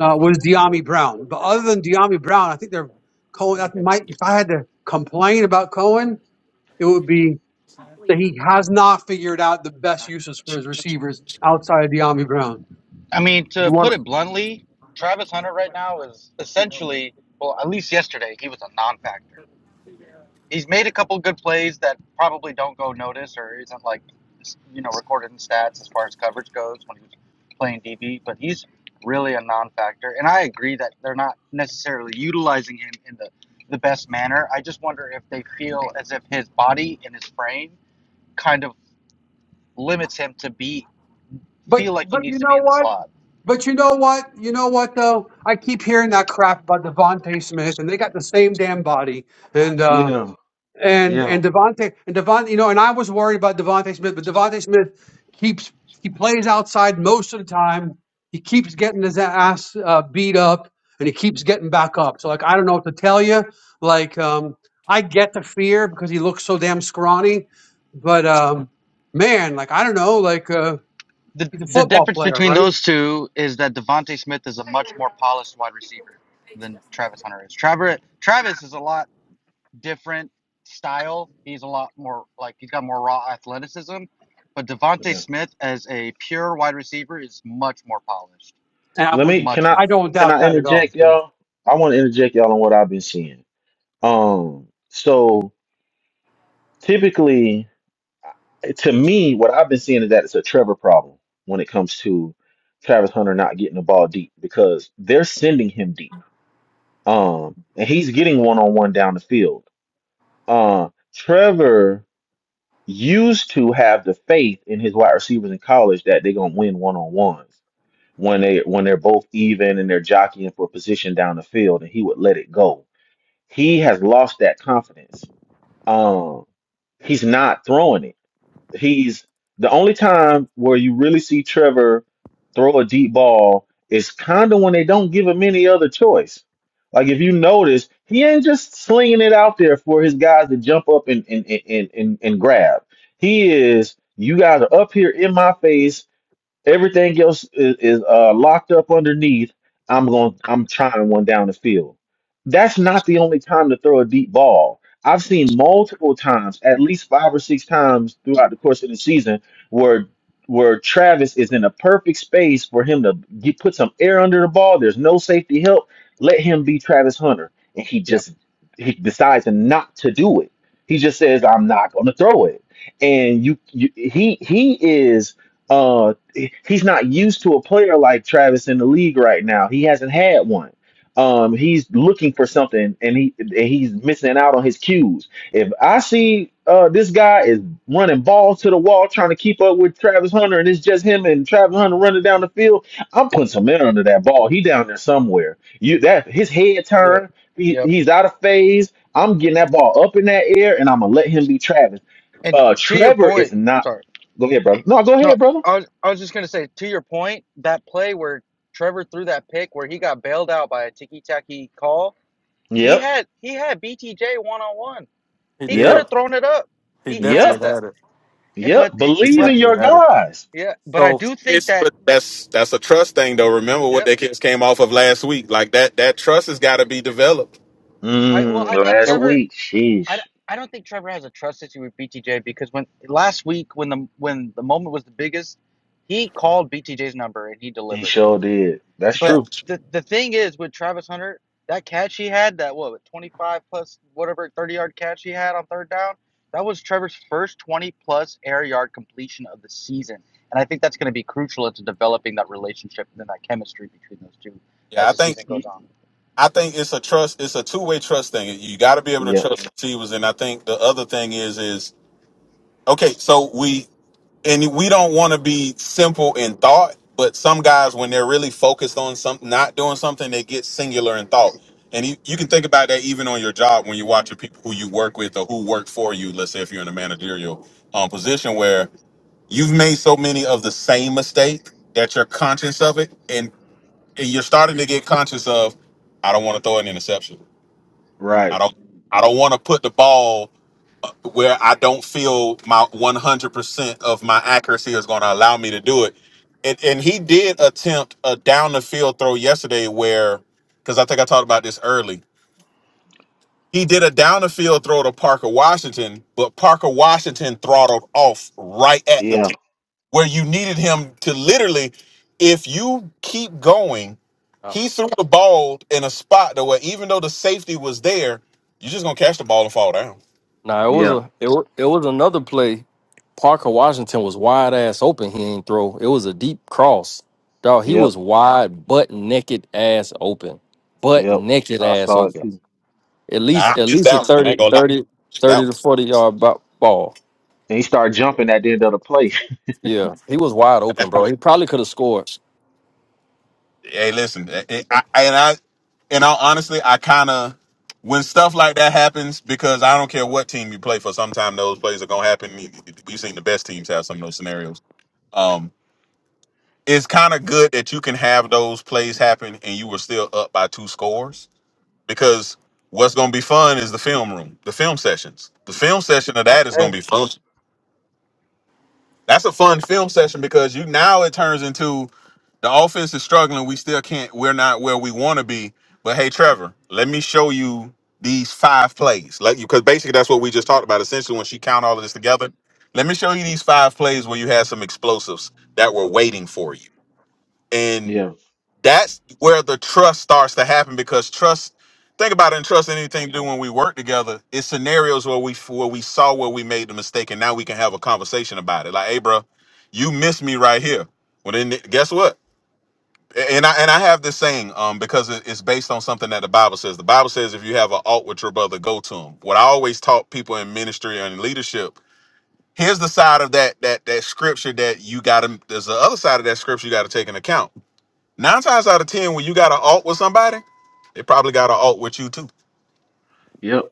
uh, was Deami Brown. But other than Deami Brown, I think they're Cohen that might if I had to complain about Cohen, it would be that he has not figured out the best uses for his receivers outside of De'Ami Brown.
I mean,
You
to put
want
it bluntly, Travis Hunter right now is essentially, well, at least yesterday, he was a non factor. He's made a couple good plays that probably don't go notice or isn't like, you know, recorded in stats as far as coverage goes when he was playing DB, but he's really a non factor. And I agree that they're not necessarily utilizing him in the, the best manner. I just wonder if they feel as if his body and his frame kind of limits him to be,
But
feel like he
but
needs
you
to be
know
in the
what?
slot
But you know what? You know what though? I keep hearing that crap about Devontae Smith, and they got the same damn body. And uh,
yeah,
And
yeah,
and Devontae and Devon, you know, and I was worried about Devontae Smith, but Devontae Smith keeps he plays outside most of the time. He keeps getting his ass uh, beat up, and he keeps getting back up. So like, I don't know what to tell you. Like, um, I get the fear because he looks so damn scrawny, but um, man, like I don't know, like uh,
The
he's a
the
football
difference
player,
between
right?
those two is that Devonte Smith is a much more polished wide receiver than Travis Hunter is. Travis Travis is a lot different style. He's a lot more like he's got more raw athleticism, but Devonte
yeah.
Smith as a pure wide receiver is much more polished,
And I
Let me
wouldn't,
can
much
I
I
more.
don't
can
doubt
I
that at all.
interject y'all? I want to interject y'all on what I've been seeing. Um so typically to me, what I've been seeing is that it's a Trevor problem when it comes to Travis Hunter not getting the ball deep because they're sending him deep. Um, and he's getting one on one down the field. Uh, Trevor used to have the faith in his wide receivers in college that they're gonna win one on ones when they when they're both even and they're jockeying for position down the field, and he would let it go. He has lost that confidence. Um, he's not throwing it he's the only time where you really see Trevor throw a deep ball is kind of when they don't give him any other choice. Like if you notice, he ain't just slinging it out there for his guys to jump up and and and and, and grab. He is. You guys are up here in my face Everything else is, is uh, locked up underneath. I'm going. I'm trying one down the field. That's not the only time to throw a deep ball. I've seen multiple times, at least five or six times throughout the course of the season, where where Travis is in a perfect space for him to get, put some air under the ball. There's no safety help. Let him be Travis Hunter, and he
Yep.
just he decides not to do it. He just says,
Yeah.
"I'm not going to throw it," and you, you he he is. uh, he's not used to a player like Travis in the league right now. He hasn't had one. Um, he's looking for something, and he and he's missing out on his cues. If I see uh, this guy is running balls to the wall, trying to keep up with Travis Hunter, and it's just him and Travis Hunter running down the field, I'm putting some men under that ball. He down there somewhere. You that his head
Yep.
turned. He,
Yep.
he's out of phase. I'm getting that ball up in that air, and I'm gonna let him be Travis.
And
Uh,
to your
Trevor is
point,
not.
sorry.
Go ahead, brother. No, go
No,
ahead, brother.
I was, I was just going to say, to your point, that play where Trevor threw that pick where he got bailed out by a ticky tacky call, He
Yep,
had he had BTJ one on one.
he
He could
did.
yep,
have thrown it up.
He
He has
yep,
definitely
that.
had it.
Eh,
yep.
But it,
He
Believe
but
in
definitely
your
had it.
guys.
yeah, but I do think
it's
that
but that's that's a trust thing though. Remember what
yep.
they kids came off of last week? Like that that trust has got to be developed.
I well
Mm,
I think
last
Oh,
Trevor
week,
I
sheesh,
don't, I don't think Trevor has a trust issue with BTJ because when last week when the when the moment was the biggest, he called BTJ's number and he
he
delivered.
sure did. That's
But
Yeah,
true.
the the thing is with Travis Hunter, that catch he had, that what, 25 plus whatever 30 yard catch he had on third down, that was Trevor's first 20 plus air yard completion of the season. And I think that's going to be crucial into developing that relationship and then that chemistry between those two
yeah. I
as the
think
season goes
Ye-
on.
I think it's a trust. It's a two way trust thing. You got to be able to
Yep,
trust receivers. And I think the other thing is is okay. So we and we don't want to be simple in thought, but some guys when they're really focused on something, not doing something, they get singular in thought. And you, you can think about that even on your job when you're watching people who you work with or who work for you. Let's say if you're in a managerial um, position where you've made so many of the same mistake that you're conscious of it, and, and you're starting to get conscious of, I don't want to throw an interception. I
right.
don't I don't want to put the ball where I don't feel my 100% of my accuracy is going to allow me to do it. And and he did attempt a down the field throw yesterday where cuz I think I talked about this early. He did a down the field throw to Parker Washington, but Parker Washington throttled off right at the
Yeah,
t- where you needed him to literally if you keep going, he threw the ball in a spot that where even though the safety was there, you're just going to catch the ball and fall down.
Nah, it was
yeah,
a it, wa- it was another play. Parker Washington was wide ass open. He ain't throw. It was a deep cross. Dog, he
yep,
was wide, butt naked ass open. Butt
yep.
naked
I
ass
saw it
open.
too.
At
Nah,
least at
it's
least a
that one. I ain't
30
gonna lie,
30
it's that
30 to
one.
40 yard bo- ball.
And he started jumping at the end of the play.
Yeah. He was wide open, bro. He probably could have scored.
Hey, listen, it, it- I, I- and I, and I honestly, I kind of when stuff like that happens because I don't care what team you play for. sometime those plays are gonna happen. We've seen the best teams have some of those scenarios. Um, it's kind of good that you can have those plays happen and you were still up by two scores because what's gonna be fun is the film room, the film sessions. The film session of that is gonna
Okay.
be fun. That's a fun film session because you now it turns into The offense is struggling. We still can't. We're not where we want to be. But hey, Trevor, let me show you these five plays. Like you, because basically that's what we just talked about. Essentially, when she count all of this together, let me show you these five plays where you had some explosives that were waiting for you. And
Yeah.
that's where the trust starts to happen because trust. Think about it and trust anything to do when we work together. It's scenarios where we where we saw where we made the mistake, and now we can have a conversation about it. Like, hey, bro, you missed me right here. Well, then guess what? and I and I have this saying um because it- it's based on something that the Bible says. The Bible says if you have an alt with your brother, go to him. What I always taught people in ministry and in leadership. Here's the side of that that that scripture that you got to. There's the other side of that scripture you got to take into account. Nine times out of ten, when you got an alt with somebody, they probably got an alt with you too.
Yep.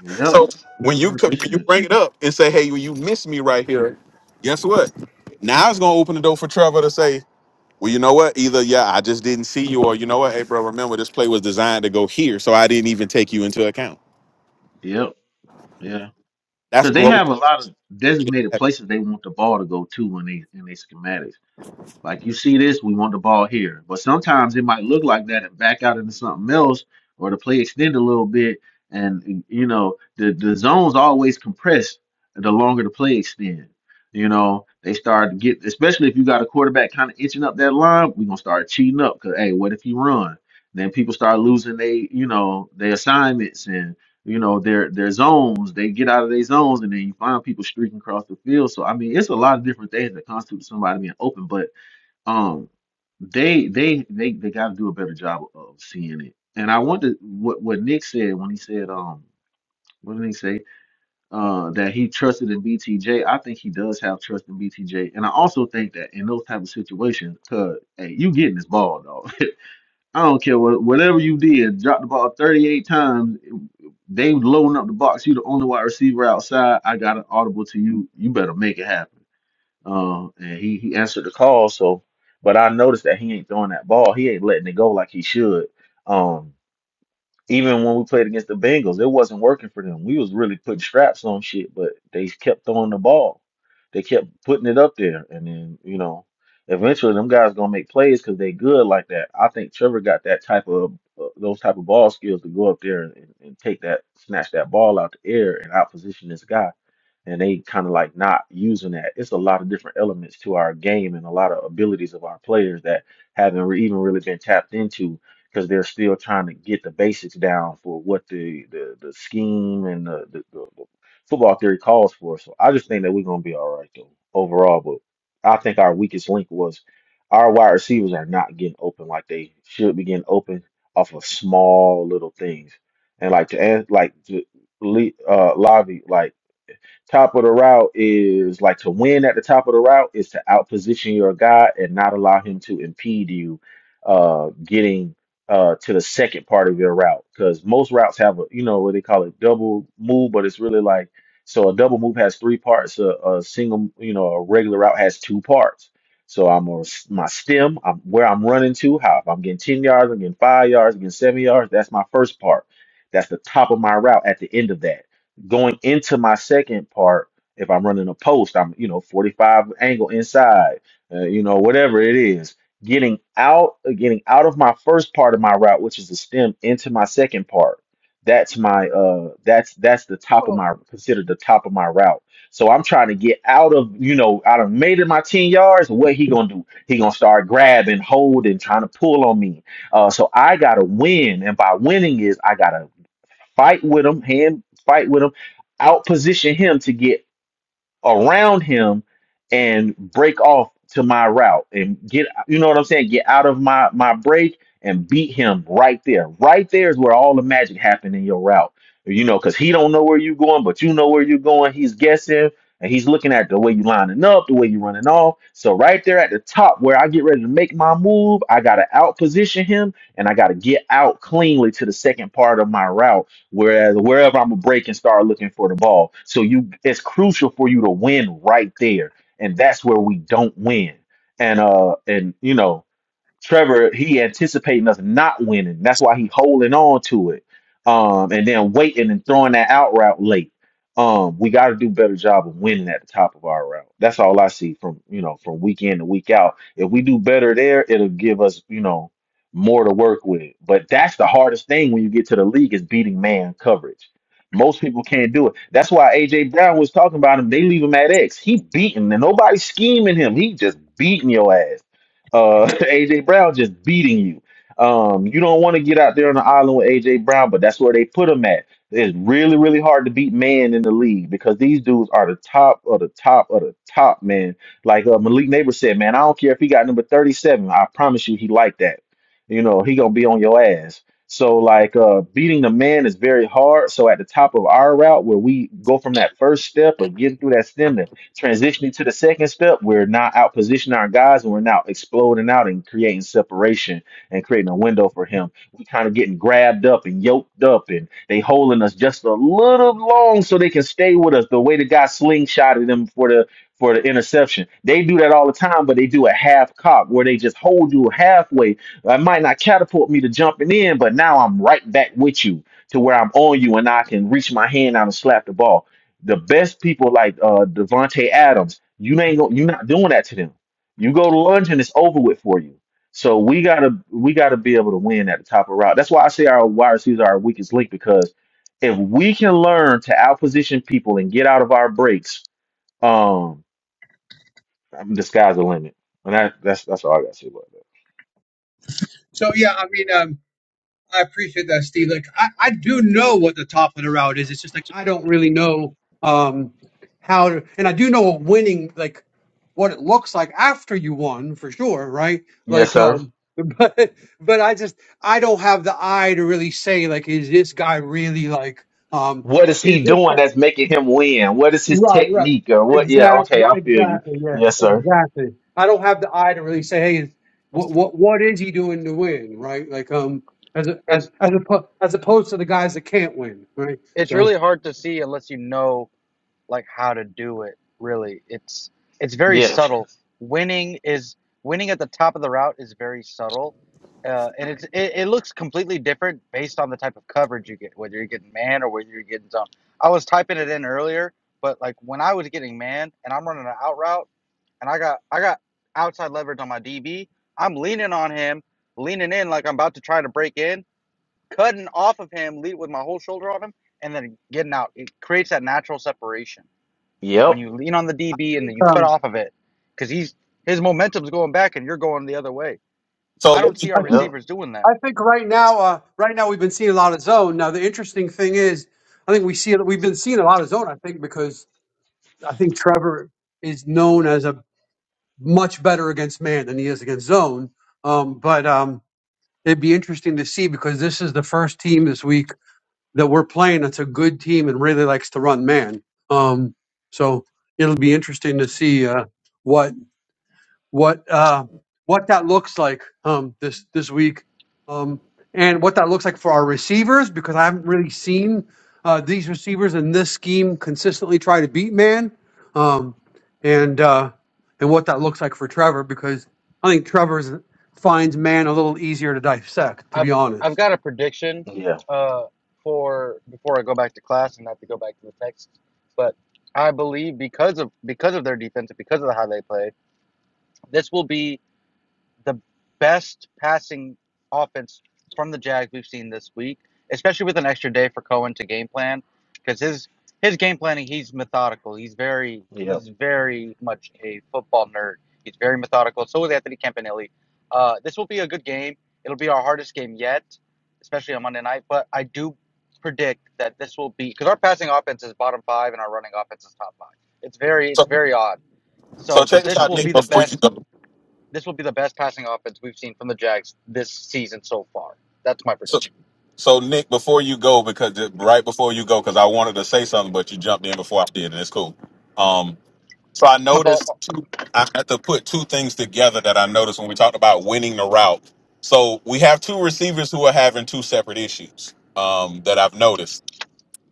Yep.
So when you
Hundred
co- when you
percent.
bring it up and say, "Hey, you you miss me right here," guess what? Now it's gonna open the door for Trevor to say. Well, you know what? Either yeah, I just didn't see you, or you know what, hey bro, remember this play was designed to go here, so I didn't even take you into account.
Yep. Yeah.
That's
Because they
growth.
have a lot of designated places they want the ball to go to in they in their schematics. Like you see this, we want the ball here. But sometimes it might look like that and back out into something else, or the play extend a little bit. And you know, the the zone's always compressed the longer the play extend. You know, they start to get, especially if you got a quarterback kind of itching up that line, we're gonna start cheating up. Cause hey, what if you run? Then people start losing they, you know, their assignments and you know their their zones. They get out of their zones, and then you find people streaking across the field. So I mean, it's a lot of different things that constitute somebody being open, but um, they they they they got to do a better job of seeing it. And I wonder what what Nick said when he said um what did he say uh that he trusted in BTJ. I think he does have trust in BTJ, and I also think that in those type of situations, cause hey, you getting this ball, dog. I don't care what whatever you did, drop the ball 38 times. They loading up the box. You the only wide receiver outside. I got an audible to you. You better make it happen. Uh, and he he answered the call. So, but I noticed that he ain't throwing that ball. He ain't letting it go like he should. Um, even when we played against the Bengals, it wasn't working for them. We was really putting straps on shit, but they kept throwing the ball. They kept putting it up there, and then you know, eventually them guys gonna make plays because they good like that. I think Trevor got that type of uh, those type of ball skills to go up there and, and take that, snatch that ball out the air and out position this guy and they kind of like not using that. It's a lot of different elements to our game and a lot of abilities of our players that haven't re- even really been tapped into because they're still trying to get the basics down for what the the, the scheme and the, the, the, the football theory calls for. So I just think that we're gonna be all right though overall. But I think our weakest link was our wide receivers are not getting open like they should be getting open off of small little things. And like to add, like to, Le- uh, Lavi, like Top of the route is like to win at the top of the route is to outposition your guy and not allow him to impede you uh getting uh to the second part of your route. Because most routes have a you know what they call it double move, but it's really like so a double move has three parts. A, a single, you know, a regular route has two parts. So I'm a, my stem, I'm where I'm running to, how if I'm getting 10 yards, I'm getting five yards, I'm getting seven yards, that's my first part. That's the top of my route at the end of that going into my second part, if I'm running a post, I'm, you know, 45 angle inside, uh, you know, whatever it is, getting out, uh, getting out of my first part of my route, which is the stem into my second part. That's my, uh, that's, that's the top of
Oh,
my, considered the top of my route. So I'm trying to get out of, you know, I done made it my 10 yards. What he gonna do? He gonna start grabbing, holding, trying to pull on me. Uh, so I gotta win. And by winning is I gotta fight with him, hand fight with him, outposition him to get around him and break off to my route and get you know what I'm saying, get out of my my break and beat him right there. Right there is where all the magic happened in your route. You know, because he don't know where you're going, but you know where you're going. He's guessing and he's looking at the way you lining up, the way you running off. So right there at the top where I get ready to make my move, I gotta outposition him and I gotta get out cleanly to the second part of my route Whereas wherever I'm gonna break and start looking for the ball. So you it's crucial for you to win right there. And that's where we don't win. And uh and you know Trevor, he anticipating us not winning. That's why he holding on to it. Um, and then waiting and throwing that out route late. Um, we got to do a better job of winning at the top of our route. That's all I see from you know from week in to week out. If we do better there, it'll give us you know more to work with. But that's the hardest thing when you get to the league is beating man coverage. Most people can't do it. That's why AJ Brown was talking about him. They leave him at X. He beating and nobody's scheming him. He just beating your ass. Uh, AJ Brown just beating you. Um, you don't want to get out there on the island with AJ Brown, but that's where they put him at. It's really, really hard to beat man in the league because these dudes are the top of the top of the top, man. Like uh, Malik Neighbor said, man, I don't care if he got number 37. I promise you, he like that. You know, he gonna be on your ass. So like uh, beating the man is very hard. So at the top of our route, where we go from that first step of getting through that stem transitioning to the second step, we're now out positioning our guys and we're now exploding out and creating separation and creating a window for him. we kind of getting grabbed up and yoked up and they holding us just a little long so they can stay with us the way the guy slingshotted them for the for the interception. They do that all the time, but they do a half cock where they just hold you halfway. I might not catapult me to jumping in, but now I'm right back with you to where I'm on you and I can reach my hand out and slap the ball the best people like uh Devonte Adams, you ain't go, you're not doing that to them. You go to lunch and it's over with for you. So we gotta we gotta be able to win at the top of the route. That's why I say our wide receivers are our weakest link because if we can learn to outposition people and get out of our breaks, um, the sky's the limit. And that, that's that's all I gotta say about that.
so yeah, I mean, um, I appreciate that, Steve. Like, I, I do know what the top of the route is. It's just like I don't really know um, how to, and I do know winning, like what it looks like after you won for sure, right?
Yes,
Like,
sir.
um, but but I just I don't have the eye to really say like, is this guy really like, um,
What is
is
he
this guy?
doing that's making him win? What is his
Right, right.
technique or what? Yeah,
Exactly,
okay, I feel you.
exactly. Yeah,
Yes, sir.
exactly. I don't have the eye to really say, hey, what what what is he doing to win? Right, like um, as a, as
It's
as, oppo- as opposed to the guys that can't win, right?
it's
So
really hard to see unless you know like how to do it really it's it's very
Yes.
subtle winning is winning at the top of the route is very subtle uh, and it's it, it looks completely different based on the type of coverage you get whether you're getting man or whether you're getting zone i was typing it in earlier but like when i was getting man and i'm running an out route and i got i got outside leverage on my db i'm leaning on him leaning in like i'm about to try to break in cutting off of him lead with my whole shoulder on him and then getting out it creates that natural separation when
Yep.
you lean on the DB and then you cut
um,
off of it, because he's his momentum's going back and you're going the other way.
So
I don't
let me-
see our
I think
Yep.
receivers doing that.
I think right now, uh, right now we've been seeing a lot of zone. Now the interesting thing is, I think we see it. We've been seeing a lot of zone. I think because I think Trevor is known as a much better against man than he is against zone. Um, but um, it'd be interesting to see because this is the first team this week that we're playing that's a good team and really likes to run man. Um, so it'll be interesting to see uh, what what uh, what that looks like um, this this week, um, and what that looks like for our receivers because I haven't really seen uh, these receivers in this scheme consistently try to beat man, um, and uh, and what that looks like for Trevor because I think Trevor finds man a little easier to dissect, to be
I've I've
honest.
got a prediction
Yeah.
uh, for before I go back to class and not to go back to the text, but I believe because of because of their defense, because of how they play, this will be the best passing offense from the Jags we've seen this week, especially with an extra day for Cohen to game plan, because his his game planning he's methodical. He's very
Yep,
he's very much a football nerd. He's very methodical. So is Anthony Campanelli. Uh, this will be a good game. It'll be our hardest game yet, especially on Monday night. But I do predict that this will be because our passing offense is bottom five and our running offense is top five. It's very it's
so
very odd.
so
So,
check
but
this
this
out,
will
Nick,
be the
before you
best.
go.
This will be the best passing offense we've seen from the Jags this season so far. That's my
So
prediction.
so Nick, before you go, because it- right before you go, because I wanted to say something, but you jumped in before I did, and it's cool. Um, so I
The ball.
noticed two. I had to put two things together that I noticed when we talked about winning the route. So we have two receivers who are having two separate issues um, that I've noticed.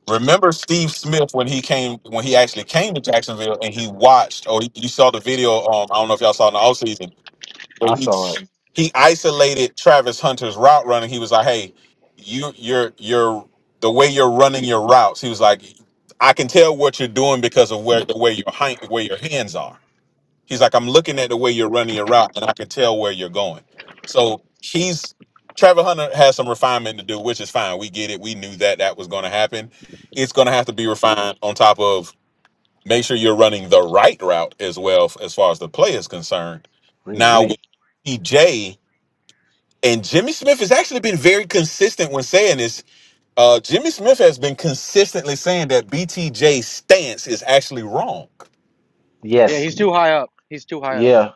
Remember Steve Smith when he came when he actually came to Jacksonville and he watched or you saw the video. Um, I don't know if y'all saw in the offseason.
I saw it.
He isolated Travis Hunter's route running. He was like, "Hey, you, you're, you're the way you're running your routes." He was like, "I can tell what you're doing because of where the way your hand, where your hands are." He's like, I'm looking at the way you're running your route and I can tell where you're going. So he's Trevor Hunter has some refinement to do, which is fine. We get it. We knew that that was going to happen. It's going to have to be refined on top of make sure you're running the right route as well f- as far as the play is concerned. Now with
Ooh-wee.
EJ and Jimmy Smith has actually been very consistent when saying this. Uh, Jimmy Smith has been consistently saying that BTJ's stance is actually wrong.
Yeah,
Yes,
he's too high up. He's too high up.
yeah.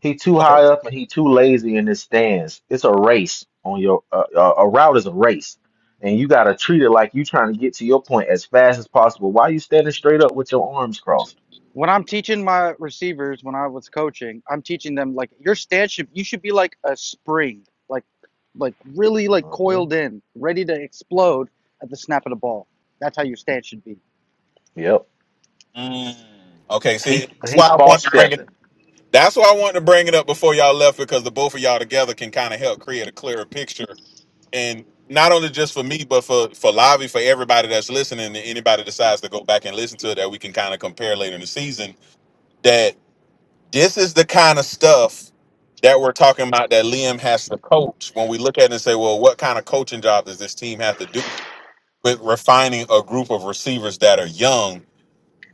He too
Okay.
high up and he too lazy in his stands. It's a race on your uh, uh, a route is a race, and you gotta treat it like you trying to get to your point as fast as possible. Why you standing straight up with your arms crossed?
When I'm teaching my receivers, when I was coaching, I'm teaching them like your stance should you should be like a spring, like like really like
hmm
coiled in, ready to explode at the snap of the ball. That's how your stance should be.
Yep.
Mm. Okay. See,
He
that's why
he
I want
false
to bring it.
stepping.
That's why I wanted to bring it up before y'all left because the both of y'all together can kind of help create a clearer picture. And not only just for me, but for for Lavi, for everybody that's listening, and anybody decides to go back and listen to it, that we can kind of compare later in the season. That this is the kind of stuff that we're talking about that Liam has to coach. When we look at it and say, well, what kind of coaching job does this team have to do with refining a group of receivers that are young?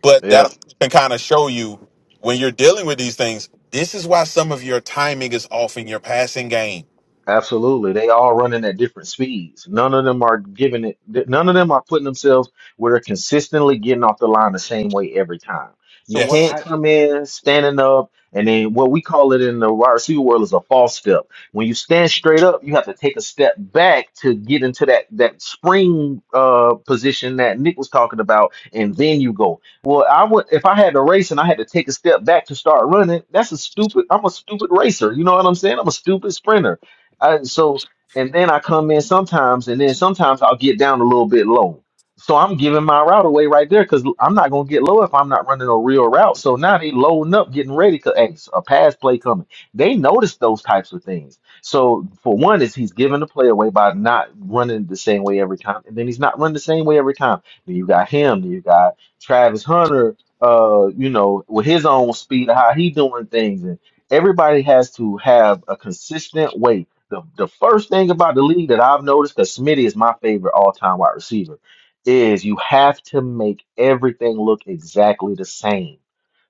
But
Yep.
that can kind of show you when you're dealing with these things, this is why some of your timing is off in your passing game.
Absolutely. They all running at different speeds. None of them are giving it, th- none of them are putting themselves where they're consistently getting off the line the same way every time. You
So what
Yes.
can't
I
come in standing up and then what we call it in the wide receiver world is a false step. When you stand straight up, you have to take a step back to get into that that spring uh position that Nick was talking about, and then you go. Well, I would if I had to race and I had to take a step back to start running, that's a stupid, I'm a stupid racer. You know what I'm saying? I'm a stupid sprinter. I, so and then I come in sometimes, and then sometimes I'll get down a little bit low. So I'm giving my route away right there because I'm not gonna get low if I'm not running a real route. So now they loading up, getting ready because hey, a pass play coming. They notice those types of things. So for one, is he's giving the play away by not running the same way every time, and then he's not running the same way every time. Then you got him, then you got Travis Hunter, uh, you know, with his own speed, how he doing things, and everybody has to have a consistent way the the first thing about the league that I've noticed, because Smitty is my favorite all time wide receiver, is you have to make everything look exactly the same.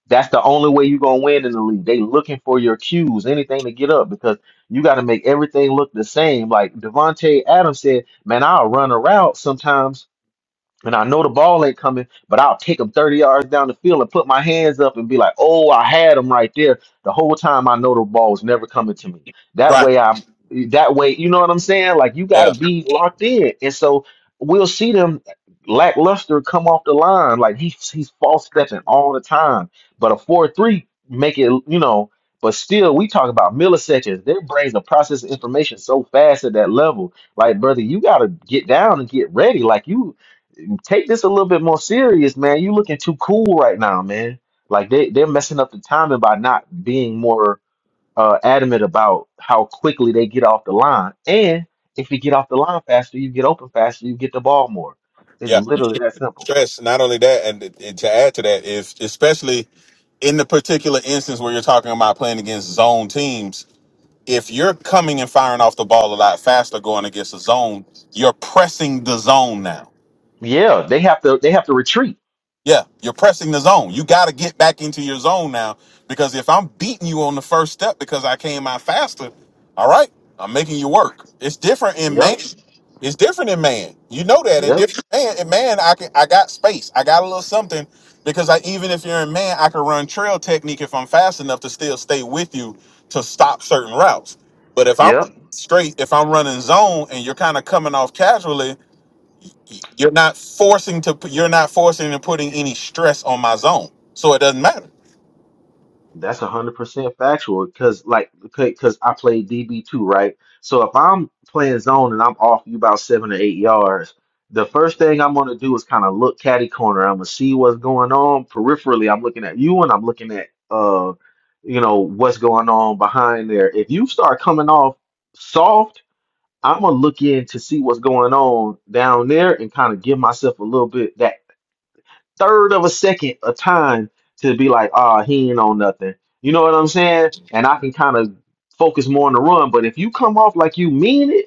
That's the only way you're gonna win in the league. They looking for your cues, anything to get up, because you got to make everything look the same. Like Devontae Adams said, man, I'll run a route sometimes and I know the ball ain't coming, but I'll take them 30 yards down the field and put my hands up and be like, oh, I had them right there. The whole time I know the ball's never coming to me. That
Right.
way I'm that way, you know what I'm saying? Like you gotta
Yeah.
be locked in. And so we'll see them lackluster come off the line. Like he's he's false stepping all the time. But a 4-3 make it, you know, but still we talk about milliseconds. Their brains are processing information so fast at that level. Like, brother, you gotta get down and get ready. Like you take this a little bit more serious, man. You looking too cool right now, man. Like they they're messing up the timing by not being more uh, adamant about how quickly they get off the line. And if you get off the line faster, you get open faster, you get the ball more. It's
Yeah.
literally that simple.
Stress. Not only that, and, and to add to that, if especially in the particular instance where you're talking about playing against zone teams, if you're coming and firing off the ball a lot faster going against a zone, you're pressing the zone now.
Yeah, they have to they have to retreat.
Yeah, you're pressing the zone. You got to get back into your zone now because if I'm beating you on the first step because I came out faster, all right, I'm making you work. It's different in man.
Yep.
It's different in man. You know that in
Yep.
different man. In man, I can I got space. I got a little something because I even if you're in man, I can run trail technique if I'm fast enough to still stay with you to stop certain routes. But if I'm
Yep.
straight, if I'm running zone and you're kind of coming off casually, you're not forcing to. put- You're not forcing and putting any stress on my zone, so it doesn't matter.
That's a hundred percent factual because, like, because I played DB too, right? So if I'm playing zone and I'm off you about seven or eight yards, the first thing I'm gonna do is kind of look catty corner. I'm gonna see what's going on peripherally. I'm looking at you and I'm looking at uh, you know, what's going on behind there. If you start coming off soft, I'm gonna look in to see what's going on down there and kind of give myself a little bit that third of a second of time to be like, ah, he ain't on nothing. You know what I'm saying? And I can kind of focus more on the run. But if you come off like you mean it,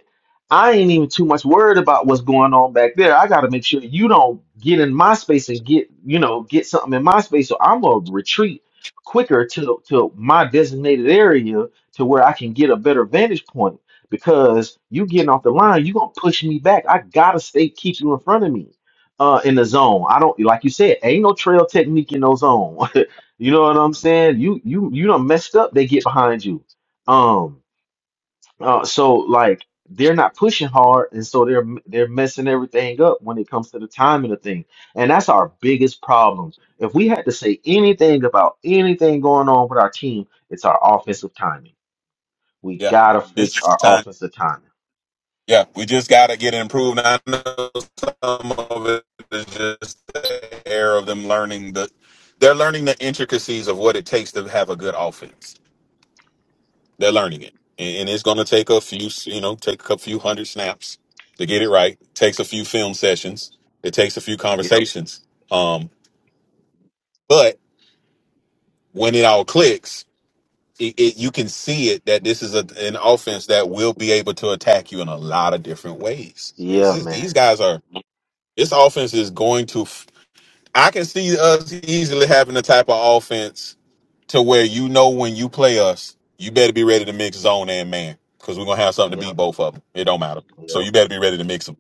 I ain't even too much worried about what's going on back there. I got to make sure you don't get in my space and get, you know, get something in my space. So I'm gonna retreat quicker to to my designated area to where I can get a better vantage point. Because you getting off the line, you gonna push me back. I gotta stay keep you in front of me uh in the zone. I don't like you said, ain't no trail technique in no zone. you know what I'm saying? You you you done messed up, they get behind you. Um uh so like they're not pushing hard and so they're they're messing everything up when it comes to the timing of things. And that's our biggest problem. If we had to say anything about anything going on with our team, it's our offensive timing. We
Yeah,
gotta
it's
fix
just
our
time.
offensive timing.
Yeah, we just gotta get it improved. I know some of it is just the air of them learning the. They're learning the intricacies of what it takes to have a good offense. They're learning it, and and it's gonna take a few. You know, take a few hundred snaps to get it right. Takes a few film sessions. It takes a few
Yep.
conversations. Um, but when it all clicks it, it, you can see it that this is a, an offense that will be able to attack you in a lot of different ways. This
Yeah,
is these
man.
guys are this offense is going to. f- I can see us easily having the type of offense to where you know when you play us, you better be ready to mix zone and man because we're gonna have something to beat
Yep.
both of them. It don't matter, so
Yep.
you better be ready to mix them.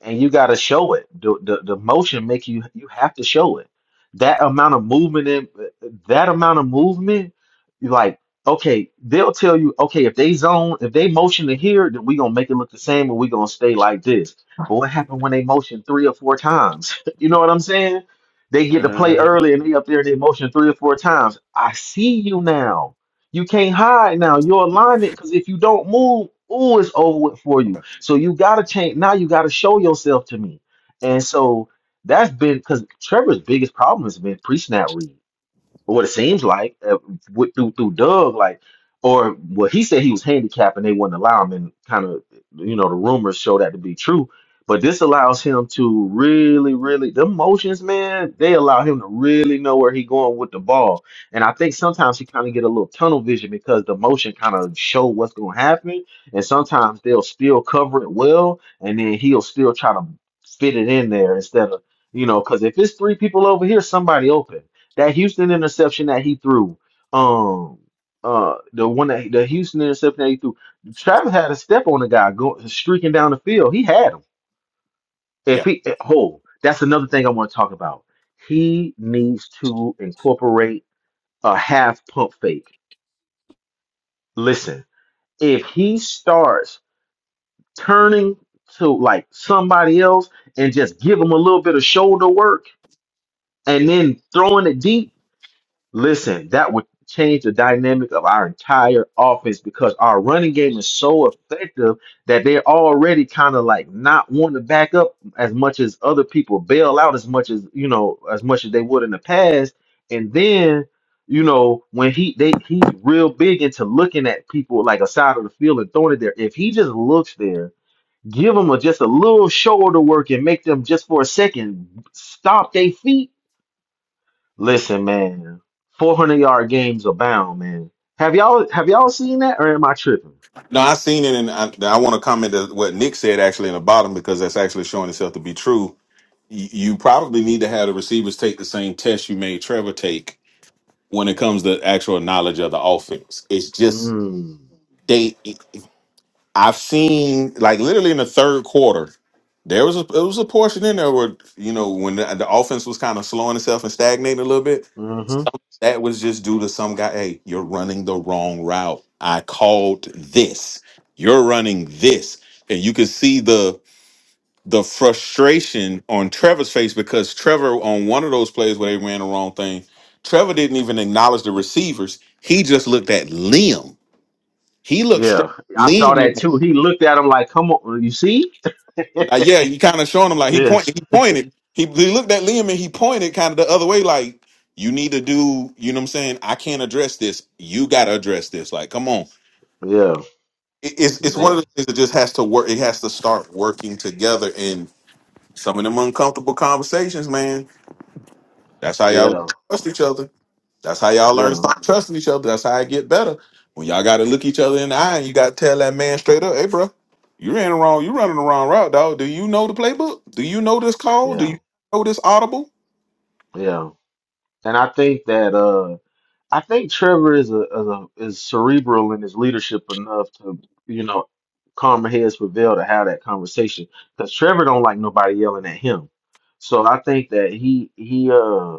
and you got to show it. The, the the motion make you you have to show it. That amount of movement in that amount of movement, you like okay, they'll tell you okay if they zone if they motion to here, then we gonna make it look the same and we gonna stay like this. But what happened when they motion three or four times? you know what I'm saying? They get to play early and they up there and they motion three or four times. I see you now. You can't hide now. Your alignment, because if you don't move, ooh, it's over with for you so you gotta change now. You gotta show yourself to me. And so that's been because Trevor's biggest problem has been pre-snap reads or what it seems like uh, with, through through Doug, like, or well, he said he was handicapped and they wouldn't allow him, and kind of, you know, the rumors show that to be true. But this allows him to really, really, the motions, man, they allow him to really know where he going with the ball. And I think sometimes he kind of get a little tunnel vision because the motion kind of show what's going to happen. And sometimes they'll still cover it well, and then he'll still try to fit it in there instead of, you know, because if it's three people over here, somebody open. That Houston interception that he threw, um, uh, the one that the Houston interception that he threw, Travis had a step on the guy going streaking down the field. He had him. If
Yeah.
he, eh, oh, that's another thing I want to talk about. He needs to incorporate a half pump fake. Listen, if he starts turning to like somebody else and just give him a little bit of shoulder work and then throwing it deep. Listen, that would change the dynamic of our entire offense because our running game is so effective that they're already kind of like not wanting to back up as much as other people bail out as much as you know as much as they would in the past. And then you know when he they he's real big into looking at people like a side of the field and throwing it there. If he just looks there, give them a, just a little shoulder work and make them just for a second stop their feet Listen, man, 400 yard games abound, man. Have y'all have y'all seen that or am I tripping?
No, I seen it, and I, I want to comment to what Nick said actually in the bottom because that's actually showing itself to be true y- you probably need to have the receivers take the same test you made Trevor take when it comes to actual knowledge of the offense. It's just
Mm.
they. I've seen like literally in the third quarter, there was a it was a portion in there where you know when the, the offense was kind of slowing itself and stagnating a little bit.
hmm
That was just due to some guy. Hey, you're running the wrong route. I called this. You're running this, and you could see the the frustration on Trevor's face because Trevor on one of those plays where they ran the wrong thing, Trevor didn't even acknowledge the receivers. He just looked at Liam. He looked straight
Yeah,
at
I saw that
Liam.
too. He looked at him like, "Come on, you see?"
Uh, yeah, you kind of showing him like he
Yeah,
pointed. He pointed. He, he looked at Liam and he pointed kind of the other way, like you need to do. You know what I'm saying? I can't address this. You got to address this. Like, come on.
yeah,
It, it's it's one of
man.
the things that just has to work. It has to start working together. And some of them uncomfortable conversations, man That's how y'all
Yeah,
trust each other. That's how y'all learn to
yeah,
stop trusting each other. That's how I get better. When y'all got to look each other in the eye and you got to tell that man straight up, hey, bro, you ran the wrong, you running the wrong route, dog. Do you know the playbook? Do you know this call? Do
yeah,
you know this audible?
yeah. And I think that. uh, I think Trevor is a, is a is cerebral in his leadership enough to, you know, calm heads prevail to have that conversation. Because Trevor don't like nobody yelling at him. So I think that he he uh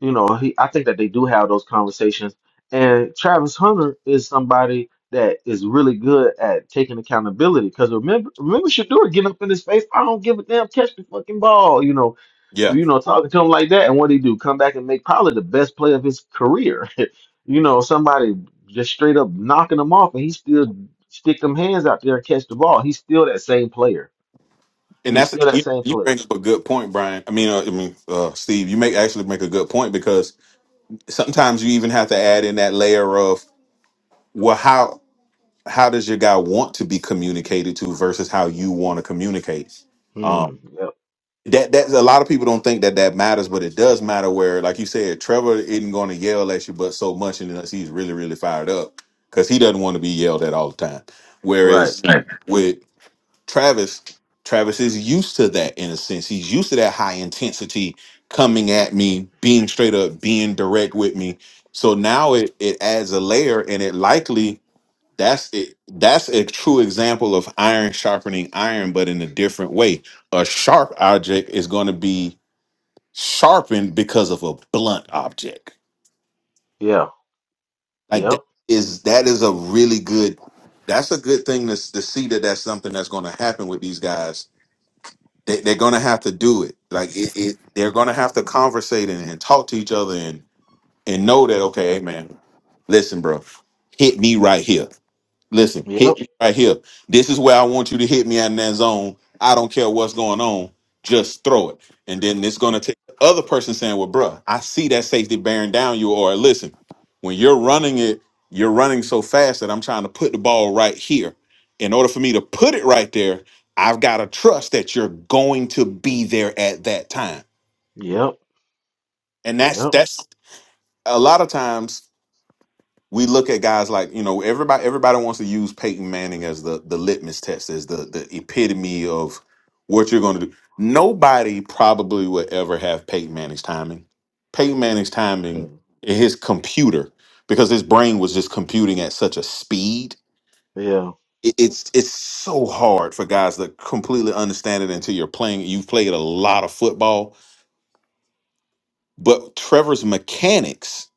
you know, he I think that they do have those conversations. And Travis Hunter is somebody that is really good at taking accountability. Because remember, remember Shador getting up in his face. I don't give a damn. Catch the fucking ball. You know,
Yeah,
you know, talking to him like that. And what he do? Come back and make probably the best play of his career. you know, somebody just straight up knocking him off, and he still stick them hands out there and catch the ball. He's still that same player.
and
He's
that's
still that
you,
same
you bring
player.
up a good point, Brian. I mean, uh, I mean, uh, Steve, you make actually make a good point because sometimes you even have to add in that layer of well, how how does your guy want to be communicated to versus how you want to communicate? Um,
Hmm. Yep.
that that's a lot of people don't think that that matters, but it does matter. Where, like you said, Trevor isn't going to yell at you, but so much unless he's really really fired up because he doesn't want to be yelled at all the time.
Right.
Whereas with Travis, Travis is used to that in a sense. He's used to that high intensity coming at me, being straight up, being direct with me. So now it it adds a layer, and it likely that's it. That's a true example of iron sharpening iron, but in a different way. A sharp object is going to be sharpened because of a blunt object.
Yeah.
Like that
Yep.
is that is a really good. That's a good thing to to see that that's something that's going to happen with these guys. They, they're going to have to do it. Like it, it they're going to have to conversate and, and talk to each other and and know that okay, hey man, listen, bro, hit me right here Listen, hit me
Yep.
right here. This is where I want you to hit me out in that zone. I don't care what's going on. Just throw it. And then it's going to take the other person saying, well, bruh, I see that safety bearing down you. Or listen, when you're running it, you're running so fast that I'm trying to put the ball right here. In order for me to put it right there, I've got to trust that you're going to be there at that time.
Yep.
And that's
Yep.
that's a lot of times we look at guys like you know everybody everybody wants to use Peyton Manning as the the litmus test as the the epitome of what you're going to do. Nobody probably will ever have Peyton Manning's timing. Peyton Manning's timing,
Mm.
his computer, because his brain was just computing at such a speed.
Yeah.
It, it's it's so hard for guys to completely understand it until you're playing. You've played a lot of football, but Trevor's mechanics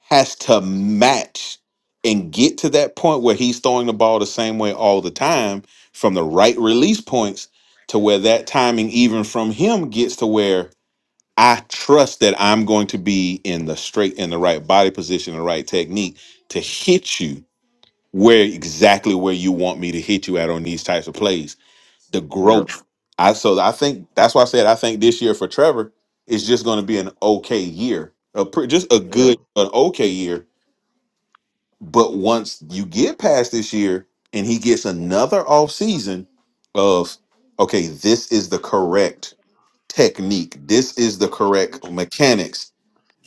has to match and get to that point where he's throwing the ball the same way all the time from the right release points to where that timing even from him gets to where I trust that I'm going to be in the straight in the right body position, the right technique to hit you where exactly where you want me to hit you at on these types of plays. The
Yeah.
growth. I so I think that's why I said I think this year for Trevor is just going to be an okay year. A pre, just a
Yeah.
good an okay year but once you get past this year and he gets another off season of okay, this is the correct technique, this is the correct mechanics,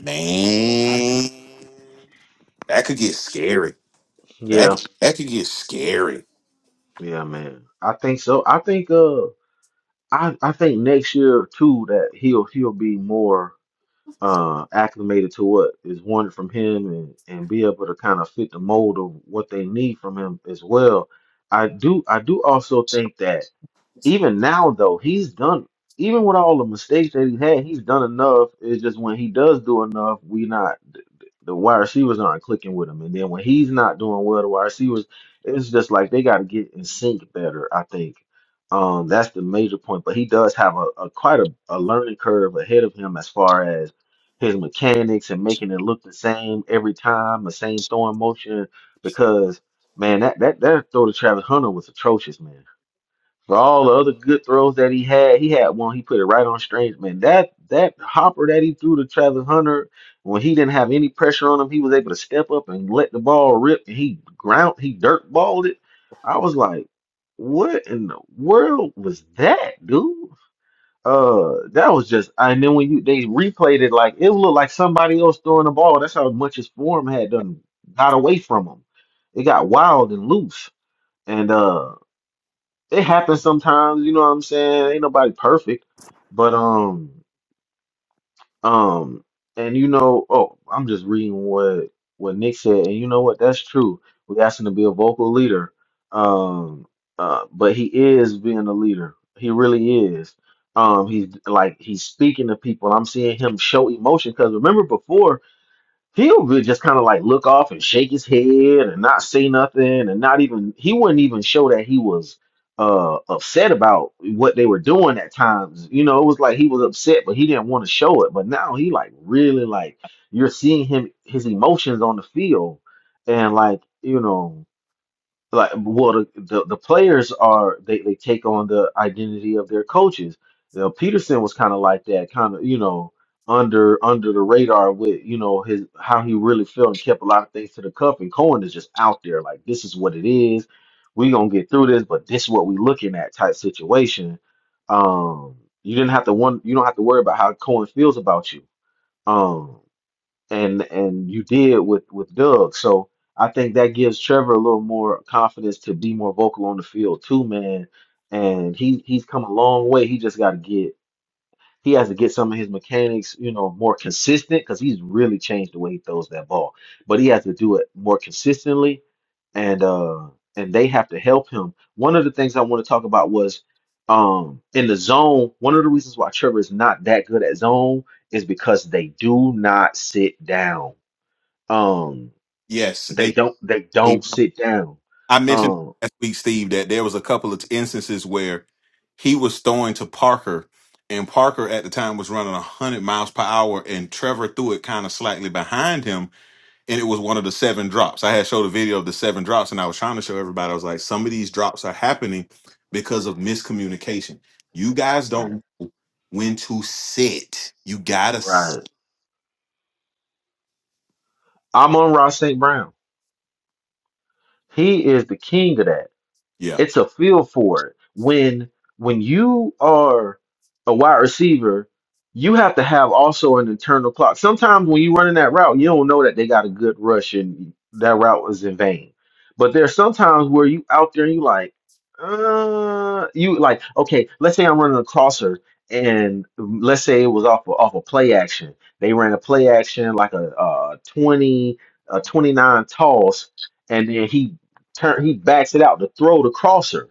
man, that could get scary. That
Yeah.
that could get scary.
Yeah, man. I think so. I think uh I I think next year too that he'll he'll be more uh acclimated to what is wanted from him and and be able to kind of fit the mold of what they need from him as well. I do I do also think that even now though, he's done even with all the mistakes that he had, he's done enough. It's just when he does do enough, we not the, the wide receivers aren't clicking with him, and then when he's not doing well, the wide receivers, it's just like they got to get in sync better. I think um, that's the major point. But he does have a, a quite a, a learning curve ahead of him as far as his mechanics and making it look the same every time, the same throwing motion. Because man, that that that throw to Travis Hunter was atrocious, man. For all the other good throws that he had, he had one. He put it right on Strange. Man, that that hopper that he threw to Travis Hunter when he didn't have any pressure on him, he was able to step up and let the ball rip. And he ground, he dirt balled it. I was like, what in the world was that, dude? Uh, that was just. And then when you they replayed it, like it looked like somebody else throwing the ball. That's how much his form had done got away from him. It got wild and loose. And uh it happens sometimes, you know what I'm saying? Ain't nobody perfect. But um um and you know, oh, I'm just reading what what Nick said, and you know what, that's true. We asked him to be a vocal leader. Um uh but he is being a leader. He really is. Um he's like he's speaking to people. I'm seeing him show emotion because remember before he would really just kind of like look off and shake his head and not say nothing and not even he wouldn't even show that he was uh upset about what they were doing at times. You know, it was like he was upset, but he didn't want to show it. But now he like really like you're seeing him his emotions on the field and like you know like well the, the, the players are they, they take on the identity of their coaches you know peterson was kind of like that kind of you know under under the radar with you know his how he really felt and kept a lot of things to the cup and cohen is just out there like this is what it is we gonna get through this but this is what we looking at type situation um you didn't have to one you don't have to worry about how cohen feels about you Um and and you did with with Doug. So I think that gives Trevor a little more confidence to be more vocal on the field too, man. And he he's come a long way. He just got to get he has to get some of his mechanics, you know, more consistent because he's really changed the way he throws that ball. But he has to do it more consistently, and uh and they have to help him. One of the things I want to talk about was um in the zone. One of the reasons why Trevor is not that good at zone is because they do not sit down um,
Yes,
they
they.
don't they
they
don't sit down.
I mentioned
Um,
last week, Steve, that there was a couple of instances where he was throwing to Parker, and Parker at the time was running hundred miles per hour, and Trevor threw it kind of slightly behind him and it was one of the seven drops. I had showed a video of the seven drops, and I was trying to show everybody. I was like, some of these drops are happening because of miscommunication. You guys
right,
don't know when to sit. You gotta, s-
right. I'm on Ross St. Brown. He is the king of that.
yeah,
It's a feel for it. When when you are a wide receiver, you have to have also an internal clock. Sometimes when you running that route, you don't know that they got a good rush and that route was in vain. But there's sometimes where you out there and you like, uh, you like, okay, let's say I'm running a crosser and let's say it was off of, off a play action. They ran a play action like a, uh 20 a 29 toss and then he turn he backs it out to throw the crosser.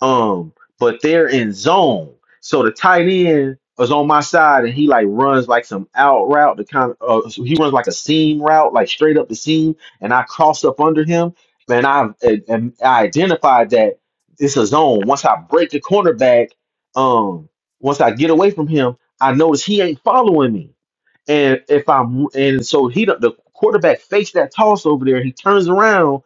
Um, but they're in zone. So the tight end is on my side and he like runs like some out route to kind of uh, so he runs like a seam route, like straight up the seam, and I cross up under him. Man, i and and I identified that it's a zone. Once I break the cornerback, um, once I get away from him, I notice he ain't following me. And if I'm and so he the quarterback fakes that toss over there, he turns around,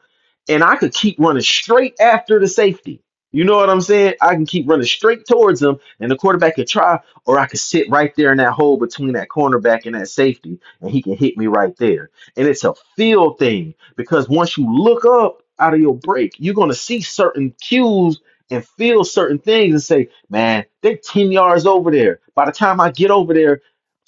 and I could keep running straight after the safety. You know what I'm saying? I can keep running straight towards him, and the quarterback could try, or I could sit right there in that hole between that cornerback and that safety, and he can hit me right there. And it's a feel thing because once you look up out of your break, you're gonna see certain cues and feel certain things and say, man, they're 10 yards over there. By the time I get over there,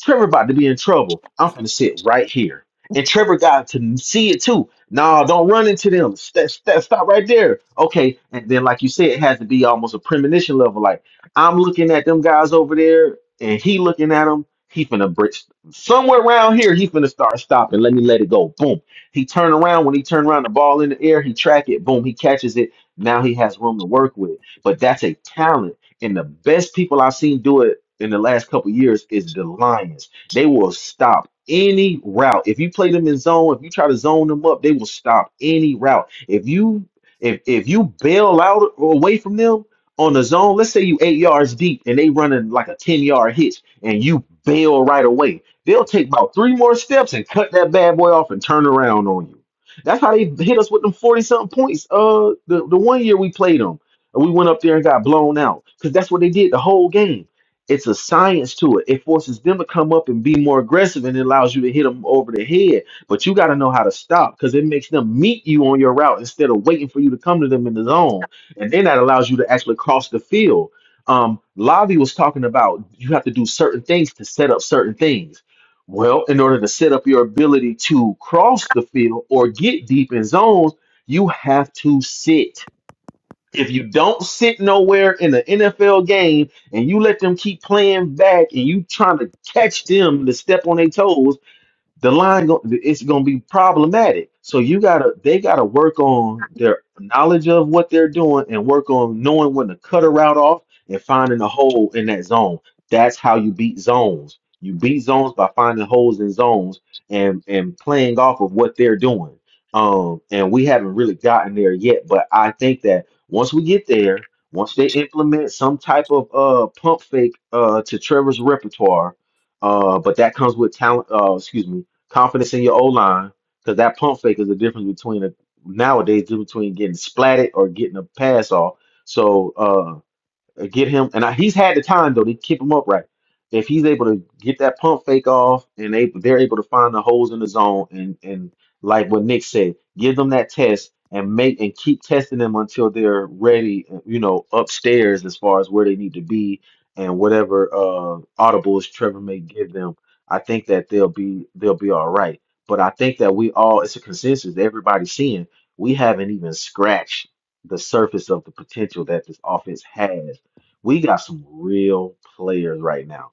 Trevor about to be in trouble. I'm gonna sit right here. And Trevor got to see it too. Nah, don't run into them. St- st- stop right there. Okay. And then, like you said, it has to be almost a premonition level. Like I'm looking at them guys over there, and he looking at them. He finna break somewhere around here. He finna start stopping. Let me let it go. Boom. He turn around. When he turn around, the ball in the air. He track it. Boom. He catches it. Now he has room to work with. But that's a talent and the best people I've seen do it in the last couple years is the Lions. They will stop any route. If you play them in zone, if you try to zone them up, they will stop any route. If you if if you bail out or away from them on the zone, let's say you eight yards deep and they running like a 10 yard hitch and you bail right away, they'll take about three more steps and cut that bad boy off and turn around on you. That's how they hit us with them 40 something points. Uh the, the one year we played them. And we went up there and got blown out because that's what they did the whole game. It's a science to it. It forces them to come up and be more aggressive and it allows you to hit them over the head. But you got to know how to stop because it makes them meet you on your route instead of waiting for you to come to them in the zone. And then that allows you to actually cross the field. Um, Lavi was talking about you have to do certain things to set up certain things. Well, in order to set up your ability to cross the field or get deep in zones, you have to sit if you don't sit nowhere in the NFL game and you let them keep playing back and you trying to catch them to step on their toes, the line go, it's going to be problematic. So you gotta they gotta work on their knowledge of what they're doing and work on knowing when to cut a route off and finding a hole in that zone. That's how you beat zones. You beat zones by finding holes in zones and and playing off of what they're doing. Um, and we haven't really gotten there yet, but I think that once we get there, once they implement some type of uh pump fake uh to Trevor's repertoire, uh, but that comes with talent. Uh, excuse me Confidence in your O line, because that pump fake is the difference between a, nowadays the difference between getting splatted or getting a pass off. So uh, uh, Get him, and I, he's had the time though to keep him upright. If he's able to get that pump fake off, and they they're able to find the holes in the zone, and and like what Nick said, give them that test and make and keep testing them until they're ready. uh, You know, upstairs as far as where they need to be and whatever uh audibles Trevor may give them. I think that they'll be they'll be all right. But I think that we all it's a consensus. that Everybody's seeing we haven't even scratched the surface of the potential that this offense has we got some real players right now.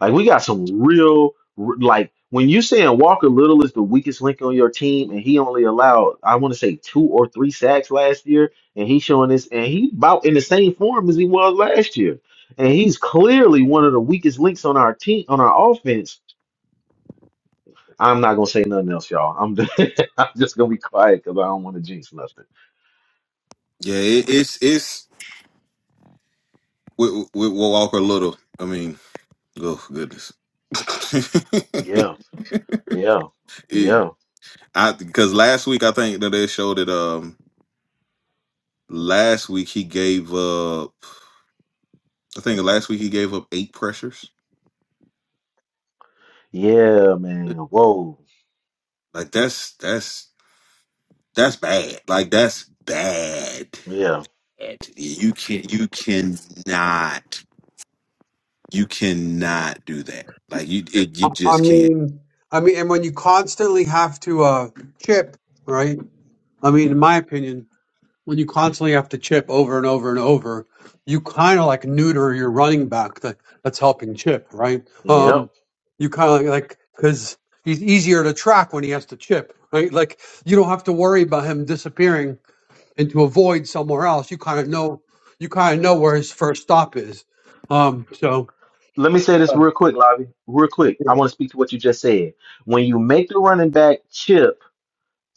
Like we got some real r- like when you saying Walker Little is the weakest link on your team and he only allowed I want to say two or three sacks last year and he's showing this and he about in the same form as he was last year. And he's clearly one of the weakest links on our team on our offense. I'm not gonna say nothing else, y'all. I'm just, I'm just gonna be quiet because I don't want to jinx nothing.
Yeah, it, it's it's with, with Walker Little. I mean, oh goodness.
Yeah, yeah,
it,
yeah,
I because last week I think that they showed that Um, last week he gave up. I think last week he gave up eight pressures.
yeah, man. Whoa,
Like that's that's That's bad. Like that's bad.
yeah.
You can you cannot you cannot do that. Like you it, you
I, I
just can't.
mean, I mean, and when you constantly have to uh, chip, right? I mean, in my opinion. when you constantly have to chip over and over and over, you kind of like neuter your running back that, that's helping chip, right?
Yeah,
Yep.
Um, you kind of like because he's easier to track when he has to chip, right? Like you don't have to worry about him disappearing into a void somewhere else. You kind of know, you kind of know where his first stop is. Um, so
Let me say this
uh,
real quick, Lavi. Real quick. I want to speak to what you just said. When you make the running back chip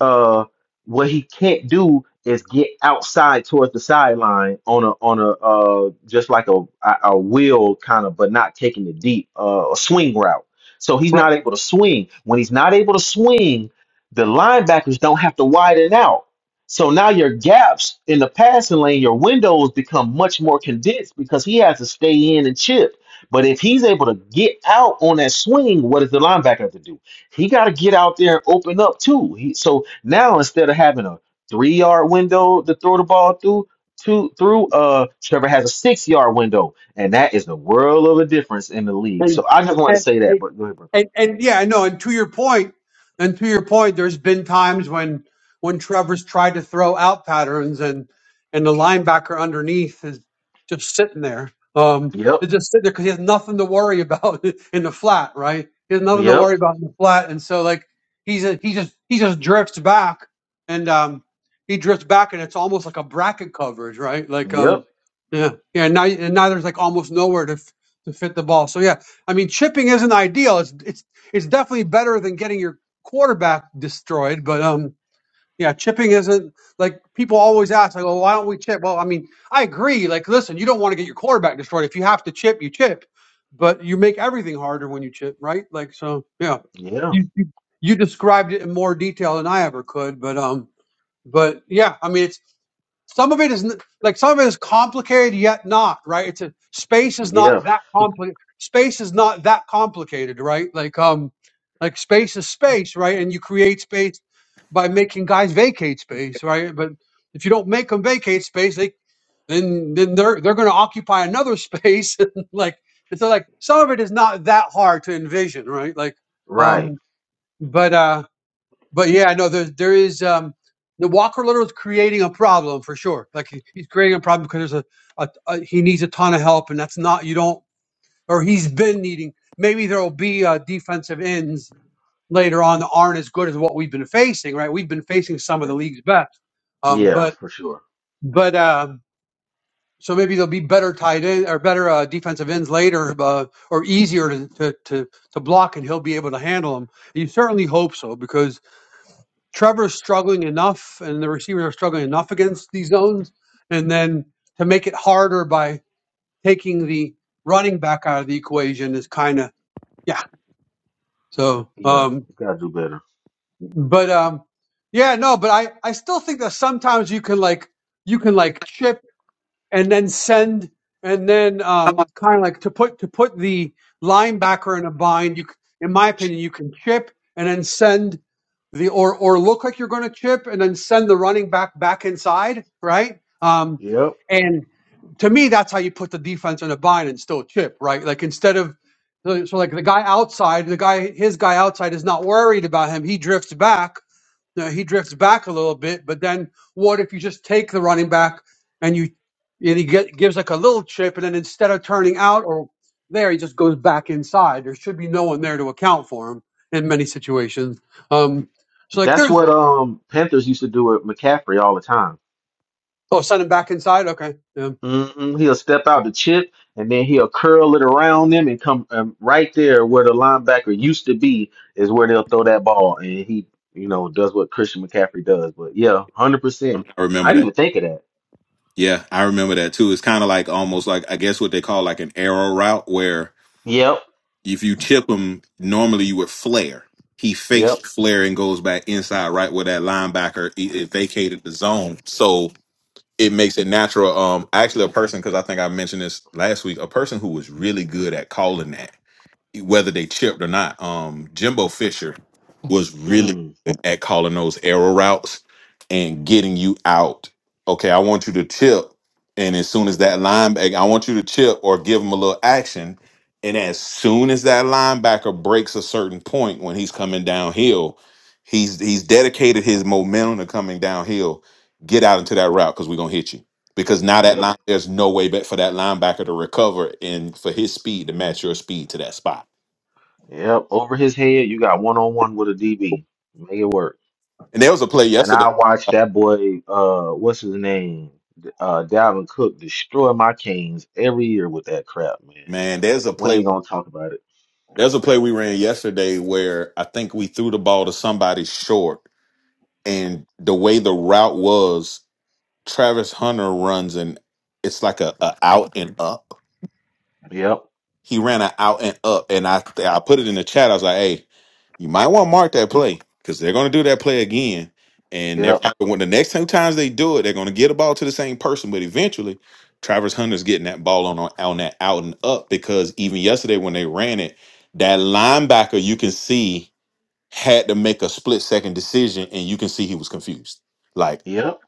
uh what he can't do is get outside towards the sideline on a on a uh just like a a a wheel kind of but not taking it deep uh, a swing route. So he's
right,
not able to swing. When he's not able to swing, the linebackers don't have to widen out. So now your gaps in the passing lane, your windows become much more condensed because he has to stay in and chip. But if he's able to get out on that swing, what does the linebacker have to do? he got to get out there and open up too. He so now instead of having a three yard window to throw the ball through, two through uh Trevor has a six yard window, and that is the world of a difference in the league. So
and
I just wanted to say that, but go ahead, bro.
and and yeah, no, and to your point, and to your point, there's been times when when Trevor's tried to throw out patterns and and the linebacker underneath is just sitting there. Um,
Yep,
it's just sitting there because he has nothing to worry about in the flat, right? He has nothing to
yep,
worry about in the flat, and so like he's a, he just he just drifts back, and um, he drifts back, and it's almost like a bracket coverage, right? Like
yep,
um, yeah, yeah. And now and now there's like almost nowhere to f- to fit the ball. So yeah, I mean, chipping isn't ideal. It's it's it's definitely better than getting your quarterback destroyed. But um, yeah, chipping isn't like people always ask, like, oh, why don't we chip? Well, I mean, I agree. Like, listen, you don't want to get your quarterback destroyed. If you have to chip, you chip. But you make everything harder when you chip, right? Like, so yeah,
yeah,
you you, you described it in more detail than I ever could. But um, but yeah, I mean, it's some of it is n- like some of it is complicated yet not right it's a space is
yeah,
not that complicated space is not that complicated right like um like space is space right and you create space by making guys vacate space right but if you don't make them vacate space they then then they're they're going to occupy another space and like and so like some of it is not that hard to envision right like
right,
um but uh but yeah, no, there there is um the Walker Little is creating a problem for sure. Like he- he's creating a problem because there's a, a, a he needs a ton of help, and that's not you don't or he's been needing. Maybe there will be uh, defensive ends later on that aren't as good as what we've been facing. Right, we've been facing some of
yeah,
the league's best, um,
yeah,
but
for sure,
but um, so maybe there'll be better tight end or better uh, defensive ends later, uh, or easier to, to to to block, and he'll be able to handle them. You certainly hope so because Trevor's struggling enough, and the receivers are struggling enough against these zones, and then to make it harder by taking the running back out of the equation is kind of yeah. So,
yeah,
um,
we gotta do better.
but um, yeah, no, but I I still think that sometimes you can like you can like chip and then send and then um kind of like to put to put the linebacker in a bind. You c- in my opinion, you can chip and then send the or or look like you're going to chip and then send the running back back inside, right? Um,
Yep,
and to me, that's how you put the defense in a bind and still chip, right? Like instead of so so like the guy outside, the guy his guy outside is not worried about him. He drifts back now he drifts back a little bit, but then what if you just take the running back and you and he get, gives like a little chip, and then instead of turning out or there, he just goes back inside. There should be no one there to account for him in many situations. Um, so like
that's
there's
what um Panthers used to do with McCaffrey all the time
oh, send him back inside. Okay, yeah.
hmm He'll step out the chip and then he'll curl it around them and come um, right there where the linebacker used to be is where they'll throw that ball. And he, you know, does what Christian McCaffrey does. But yeah, 100%.
I
I
remember
didn't
that.
even think of that.
Yeah, I remember that too. It's kind of like almost like I guess what they call like an arrow route where
Yep.
if you chip him, normally you would flare. He fakes
Yep.
the flare and goes back inside right where that linebacker i- it vacated the zone. So it makes it natural. Um, actually, a person because I think I mentioned this last week. A person who was really good at calling that whether they chipped or not, um, Jimbo Fisher was really
Hmm.
good at calling those arrow routes and getting you out. Okay, I want you to chip, and as soon as that linebacker, I want you to chip or give him a little action, and as soon as that linebacker breaks a certain point when he's coming downhill, he's he's dedicated his momentum to coming downhill. Get out into that route because we're gonna hit you. Because now that
Yep.
line, there's no way but for that linebacker to recover and for his speed to match your speed to that spot
Yep. Over his head, you got one on one with a DB. Make it work.
And there was a play
And
yesterday.
I watched that boy, uh, what's his name? Uh, Dalvin Cook destroy my Canes every year with that crap, man.
Man, there's a
We
play.
ain't gonna talk about it.
There's a play we ran yesterday where I think we threw the ball to somebody short, and the way the route was, Travis Hunter runs and it's like a, a out and up.
Yep.
He ran an out and up, and I I put it in the chat. I was like, hey, you might want to mark that play because they're going to do that play again. And they're
Yep,
probably when the next two times they do it, they're going to get a ball to the same person. But eventually, Travis Hunter's getting that ball on on that out and up because even yesterday when they ran it, that linebacker you can see had to make a split second decision, and you can see he was confused. Like,
yep,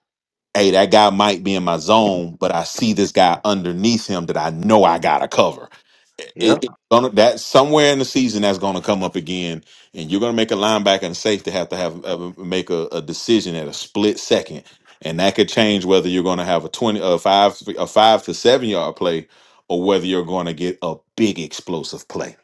hey, that guy might be in my zone, but I see this guy underneath him that I know I gotta cover. It,
yep,
it- it's gonna that somewhere in the season that's gonna come up again, and you're gonna make a linebacker and safety have to have, have make a, a decision at a split second, and that could change whether you're gonna have a twenty, a five, a five to seven yard play, or whether you're gonna get a big explosive play.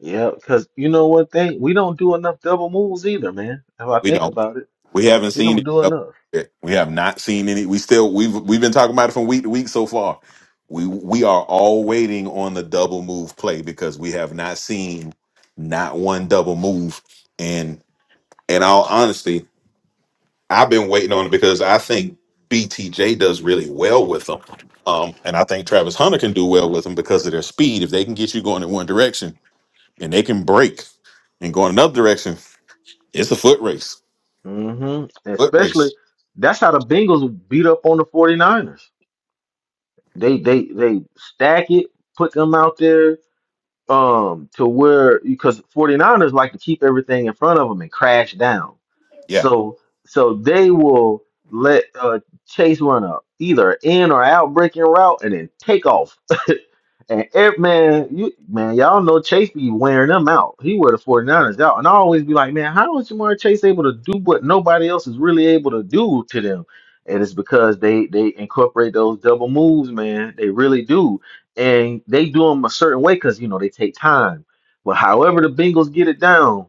yep. Because you know what thing we don't do enough double moves either, man. If I
We
think
don't.
about it,
We haven't
we
seen
don't
it
do
up
enough.
yet. We have not seen any. We still we've we've been talking about it from week to week so far. We we are all waiting on the double move play because we have not seen not one double move. And in all honesty, I've been waiting on it because I think BTJ does really well with them. Um, and I think Travis Hunter can do well with them because of their speed. If they can get you going in one direction and they can break and go in another direction, it's a foot race.
hmm
Foot
Especially
race.
that's how the Bengals beat up on the 49ers. They they they stack it, put them out there um to where because 49ers like to keep everything in front of them and crash down.
Yeah.
So so they will let uh Chase run up either in or out breaking route and then take off And every, man, you man, y'all know Chase be wearing them out. He wear the 49ers out. And I always be like, man, how is Jamar Chase able to do what nobody else is really able to do to them? And it's because they they incorporate those double moves, man. They really do. And they do them a certain way because you know they take time. But however the Bengals get it down,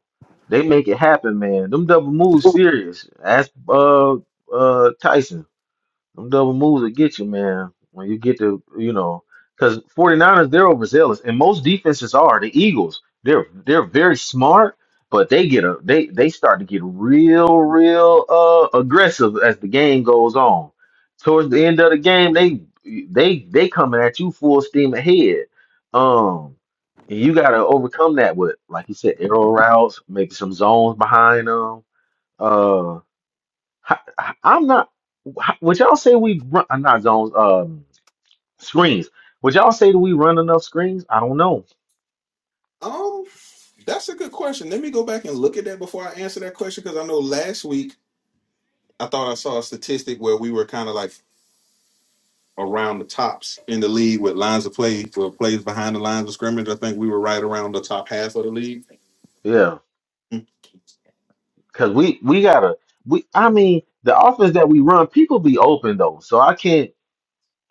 they make it happen, man. Them double moves serious. Ask uh uh Tyson. Them double moves will get you, man. When you get to, you know, because 49ers, they're overzealous, and most defenses are. The Eagles, they're they're very smart, but they get a they they start to get real, real uh aggressive as the game goes on. Towards the end of the game, they they they coming at you full steam ahead. Um, and you gotta overcome that with, like you said, arrow routes, maybe some zones behind them. How- I'm not. how- Would y'all say we run? I'm not zones. Um, screens. Would y'all say that we run enough screens? I don't know.
That's a good question. Let me go back and look at that before I answer that question because I know last week I thought I saw a statistic where we were kind of like around the tops in the league with lines of play for plays behind the lines of scrimmage. I think we were right around.
Yeah, because we we gotta. We I mean the offense that we run, people be open though, so I can't.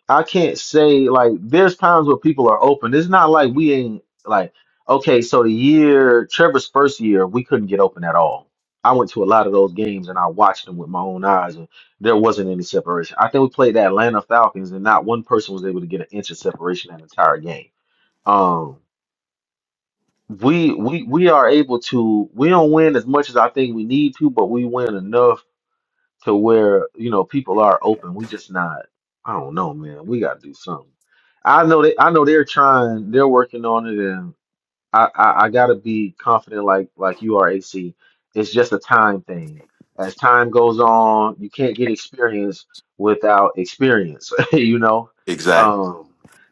I can't say like there's times where people are open. It's not like we ain't like okay. So the year Trevor's first year, we couldn't get open at all. I went to a lot of those games and I watched them with my own eyes, and there wasn't any separation. I think we played the Atlanta Falcons, and not one person was able to get an inch of separation that entire game. Um, we we we are able to. We don't win as much as I think we need to, but we win enough to where you know people are open. We just not. I don't know, man. We got to do something. I know they. I know they're trying. They're working on it, I, I I gotta be confident like like you are AC. It's just a time thing. As time goes on, you can't get experience without experience, you know?
Exactly.
Um,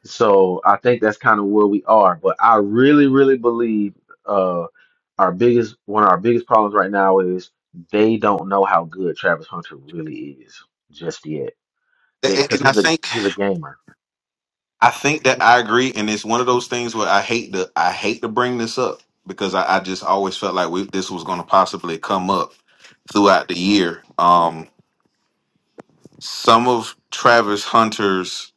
so I think that's kind of where we are. But I really, really believe uh our biggest one of our biggest problems right now is they don't know how good Travis Hunter really is just yet. They
And
because
and I
he's a
think
he's a gamer.
I think that I agree, and it's one of those things where I hate to I hate to bring this up because I, I just always felt like we, this was going to possibly come up throughout the year. Um, some of Travis Hunter's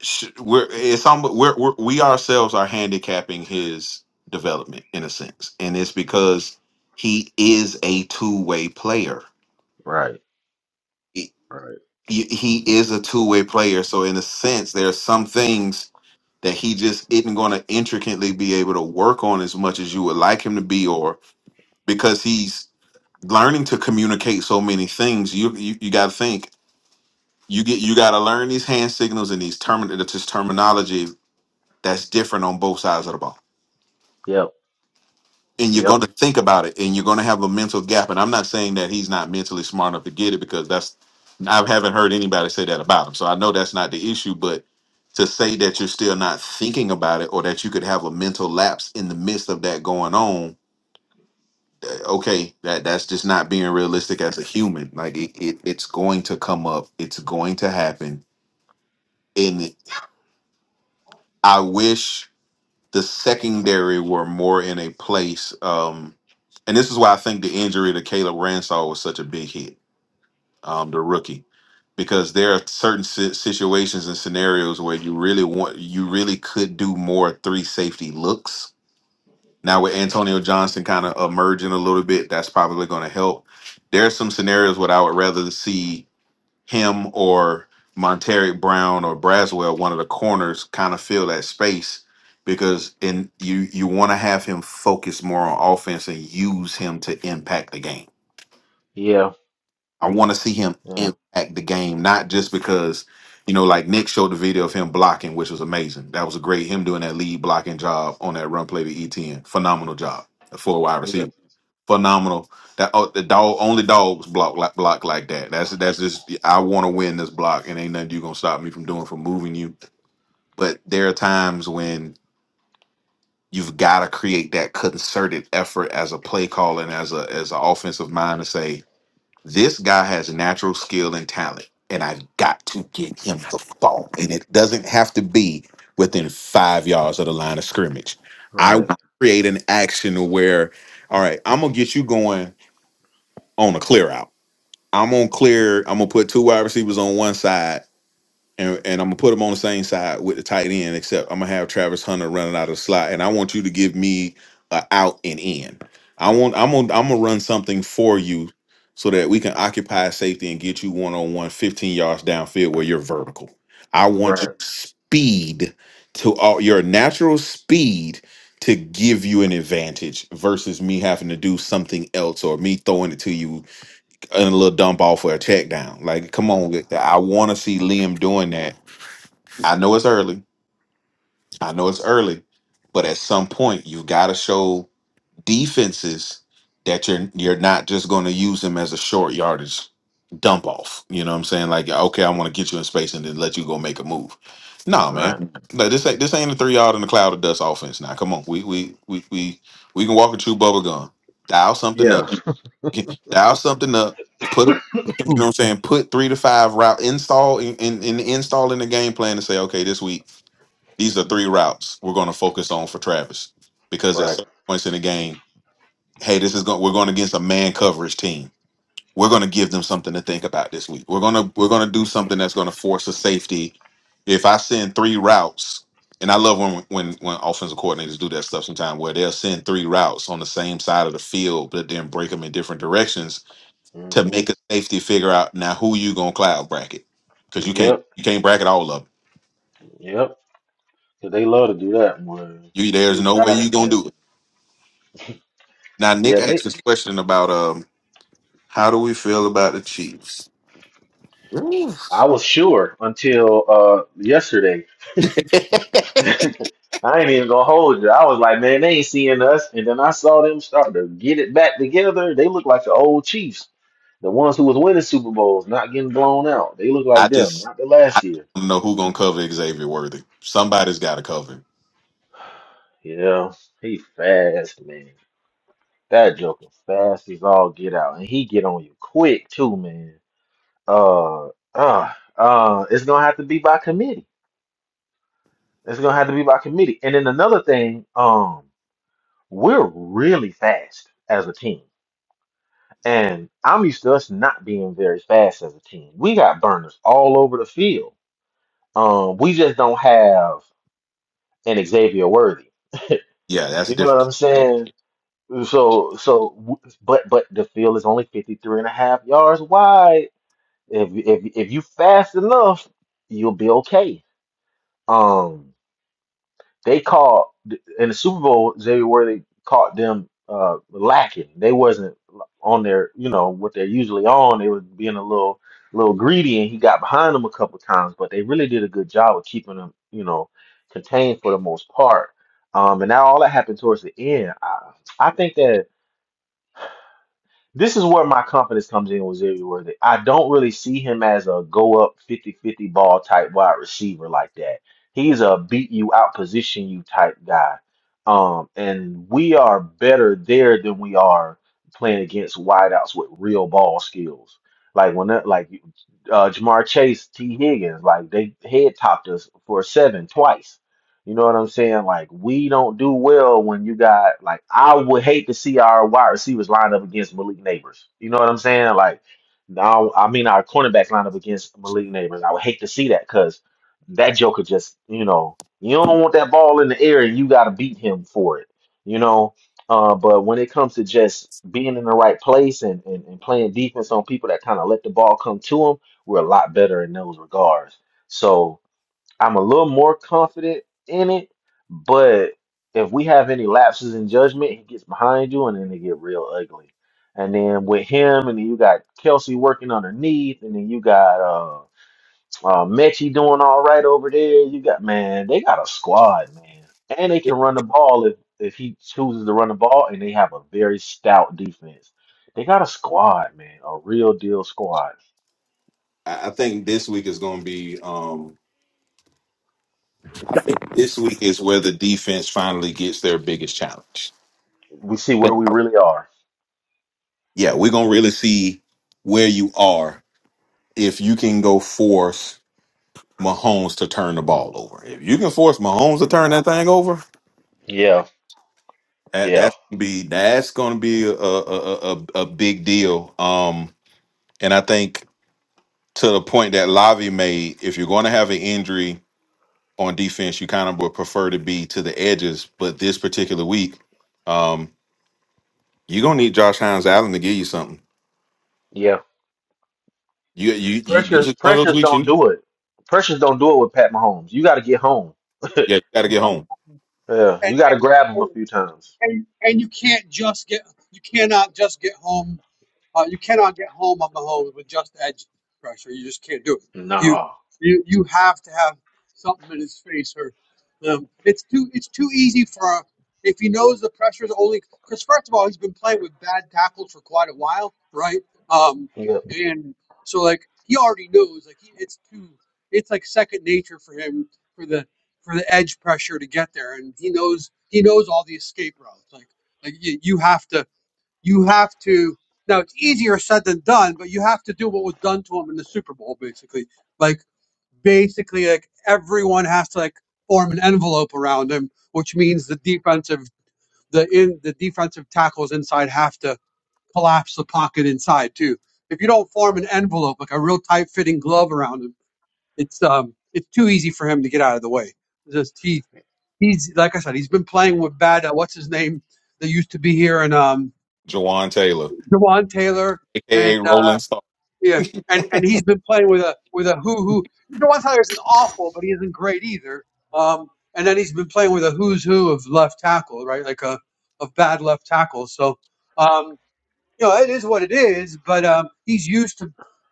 sh- we're it's almost we're, we're we ourselves are handicapping his development in a sense and it's because he is a two-way player
Right,
he,
right.
he he is a two-way player so in a sense there are some things that he just isn't going to intricately be able to work on as much as you would like him to be or because he's learning to communicate so many things you you, you got to think you get you got to learn these hand signals and these termin this terminology that's different on both sides of the ball
Yep,
and you're
yep,
going to think about it and you're going to have a mental gap and i'm not saying that he's not mentally smart enough to get it because that's i haven't heard anybody say that about him so i know that's not the issue but to say that you're still not thinking about it or that you could have a mental lapse in the midst of that going on eh, okay that that's just not being realistic as a human like it, it it's going to come up it's going to happen and i wish the secondary were more in a place. Um, and this is why I think the injury to Caleb Ransall was such a big hit, um, the rookie, because there are certain si- situations and scenarios where you really want, you really could do more three safety looks. Now with Antonio Johnson kind of emerging a little bit, that's probably going to help. There are some scenarios where I would rather see him or Monteric Brown or Braswell, one of the corners, kind of fill that space because in you you want to have him focus more on offense and use him to impact the game.
yeah,
I want to see him
yeah,
impact the game, not just because you know, like Nick showed the video of him blocking, which was amazing. That was a great him doing that lead blocking job on that run play to ETN. Phenomenal job for a wide receiver
yep,
phenomenal. That oh, the dog only dogs block like block like that. That's that's just I want to win this block, and ain't nothing you gonna stop me from doing from moving you. But there are times when you've got to create that concerted effort as a play caller and as a as an offensive mind to say this guy has natural skill and talent, and I've got to get him the ball. And it doesn't have to be within five yards of the line of scrimmage. I
right.
want to create an action where, all right, I'm gonna get you going on a clear out I'm gonna clear. I'm gonna put two wide receivers on one side, and and I'm gonna put them on the same side with the tight end. Except I'm gonna have Travis Hunter running out of the slot, and I want you to give me a out and in. I want. I'm gonna. I'm gonna run something for you so that we can occupy safety and get you one on one, 15 yards downfield where you're vertical. I want you
Right,
speed to all your natural speed to give you an advantage versus me having to do something else or me throwing it to you and a little dump off or a check down. Like, come on, get that. I want to see Liam doing that. I know it's early. I know it's early, but at some point, you got to show defenses that you're you're not just going to use them as a short yardage dump off. You know what I'm saying? Like, okay, I want to get you in space and then let you go make a move. Nah,
right.
man. No, this ain't this ain't a three yard in the cloud of dust offense. Now, come on, we we we we we can walk and chew bubble gum. Dial something up.
Yeah.
Get- dial something up, put a- you know what I'm saying, put three to five route install in, in, in install in the game plan to say, okay, this week, these are three routes we're gonna focus on for Travis. Because at
right.
certain points in the game, hey, this is going we're going against a man coverage team. We're gonna give them something to think about this week. We're gonna we're gonna do something that's gonna force a safety. If I send three routes, and I love when when when offensive coordinators do that stuff sometimes where they'll send three routes on the same side of the field, but then break them in different directions to
hmm
make a safety figure out now who you gonna cloud bracket because you can't
Yep,
you can't bracket all of them.
yep. 'Cause they love to do that one.
You there's
You
no way
got it.
you gonna
Yeah.
do it. Now
Yeah,
Nick asked
they
this question about um how do we feel about the Chiefs?
I was sure until uh yesterday. I ain't even gonna hold you. I was like, man, they ain't seeing us. And then I saw them start to get it back together. They look like the old Chiefs, the ones who was winning Super Bowls, not getting blown out. They look
I
like them,
just
not the
I
last
just
year.
want to know who gonna cover Xavier Worthy. Somebody's got to cover. him.
Yeah, he fast, man. That joker fast as all get out, and he get on you quick too, man. Uh, uh, uh, it's gonna have to be by committee. It's gonna have to be by committee. And then another thing, um, we're really fast as a team, and I'm used to us not being very fast as a team. We got burners all over the field. Um, we just don't have an Xavier Worthy.
Yeah, that's
You know what
different.
I'm saying? So, so, w- but, but the field is only 53 and a half yards wide. If you- if you- if you fast enough, you'll be okay. Um, they caught in the Super Bowl, Xavier Worthy caught them uh lacking. They wasn't on their, you know, what they're usually on. They were being a little little greedy, and he got behind them a couple times. But they really did a good job of keeping them, you know, contained for the most part. Um, and now all that happened towards the end. I I think that. This is where my confidence comes in with Xavier Worthy. I don't really see him as a go up fifty fifty ball type wide receiver like that. He's a beat you out position you type guy. Um, and we are better there than we are playing against wideouts with real ball skills. Like when that, like uh, Jamar Chase, T. Higgins, like they head topped us for seven twice you know what I'm saying? Like we don't do well when you got like I would hate to see our wide receivers line up against Malik Neighbors. You know what I'm saying? Like now, I mean our cornerbacks line up against Malik Neighbors. I would hate to see that because that Joker just you know you don't want that ball in the air and you got to beat him for it. You know. Uh, but when it comes to just being in the right place and, and, and playing defense on people that kind of let the ball come to them, we're a lot better in those regards. So I'm a little more confident in it, but if we have any lapses in judgment, he gets behind you and then they get real ugly. And then with him, and then you got Kelsey working underneath, and then you got uh, uh Mechie doing all right over there. You got man, they got a squad, man, and they can run the ball if if he chooses to run the ball, and they have a very stout defense. They got a squad, man, a real deal squad.
I I think this week is gonna be um this week is where the defense finally gets their biggest challenge.
We see where we really are.
Yeah, we're gonna really see where you are if you can go forth Mahomes to turn the ball over. If you can force Mahomes to turn that thing over,
Yeah,
that,
yeah.
that's gonna be that's going to be a a, a a a big deal. Um, and I think to the point that Lavi made, if you're going to have an injury on defense, you kind of would prefer to be to the edges. But this particular week, um, you're gonna need Josh Hines Allen to give you something.
Yeah.
You you, you this
Pressure
is one of those
pressures
weeks you
don't
need.
do it. Pressures don't do it with Pat Mahomes. You got to get home.
Yeah, you got to get
The-
home.
yeah,
and
you got to grab him a
and
few times.
and and you can't just get you cannot just get home uh, you cannot get home on Mahomes with just edge pressure. You just can't do it. You
No.
you you have to have something in his face or um, it's too it's too easy for a- if he knows the pressure's only because first of all he's been playing with bad tackles for quite a while, right? Um,
Yeah.
and so like he already knows like he, it's too it's like second nature for him for the for the edge pressure to get there, and he knows he knows all the escape routes. Like like you, you have to you have to now it's easier said than done, but you have to do what was done to him in the Super Bowl, basically. Like basically like everyone has to like form an envelope around him, which means the defensive the in the defensive tackles inside have to collapse the pocket inside too. If you don't form an envelope like a real tight fitting glove around him, it's um it's too easy for him to get out of the way. Just he He's like I said, he's been playing with bad. Uh, what's his name? That used to be here and um,
Jawan Taylor,
Jawan Taylor
aka
and uh,
Rolling Star.
yeah, and and he's been playing with a with a who who. Jawan Taylor isn't awful, but he isn't great either. Um, and then he's been playing with a who's who of left tackle, right? Like a of bad left tackle. So. Um, you know, it is what it is. But um, he's used to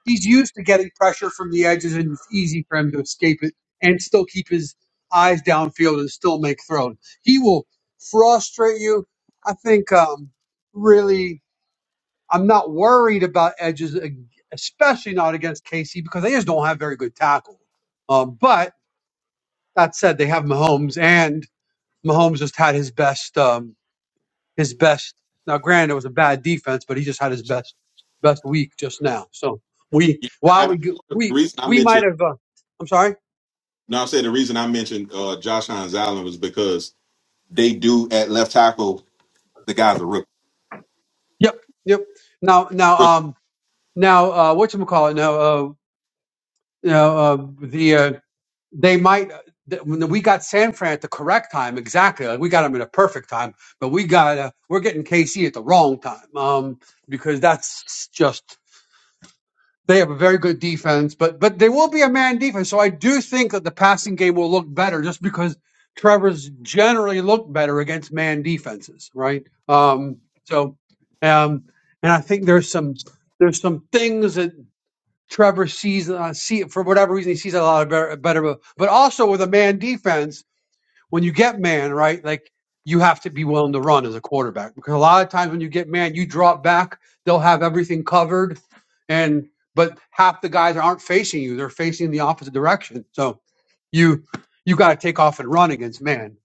he's used to getting pressure from the edges, and it's easy for him to escape it and still keep his eyes downfield and still make throws. He will frustrate you. I think um, really, I'm not worried about edges, ag- especially not against KC because they just don't have very good tackle. Um, but that said, they have Mahomes, and Mahomes just had his best. Um, his best. Now, granted, it was a bad defense, but he just had his best best week just now. So we
Yeah, I,
while
I,
we go-
the
we
reason I
we
mentioned
might have. Uh, I'm sorry.
No, I said the reason I mentioned uh, Josh Hines Allen was because they do at left tackle. The guy's a rookie.
Yep. Yep. Now now
rookie.
um now uh, what you call it now uh you know uh, the uh, they might. uh, th- When we got San Fran at the correct time, exactly. Like we got them at a perfect time, but we got uh, we're getting KC at the wrong time um, because that's just They have a very good defense, but but they will be a man defense. So I do think that the passing game will look better just because Trevor's generally looked better against man defenses, right? Um, so, um, and I think there's some there's some things that Trevor sees uh, see for whatever reason he sees a lot of better, better. But also with a man defense, when you get man, right, like you have to be willing to run as a quarterback because a lot of times when you get man, you drop back, they'll have everything covered, and but half the guys aren't facing you; they're facing the opposite direction. So you you got to take off and run against man,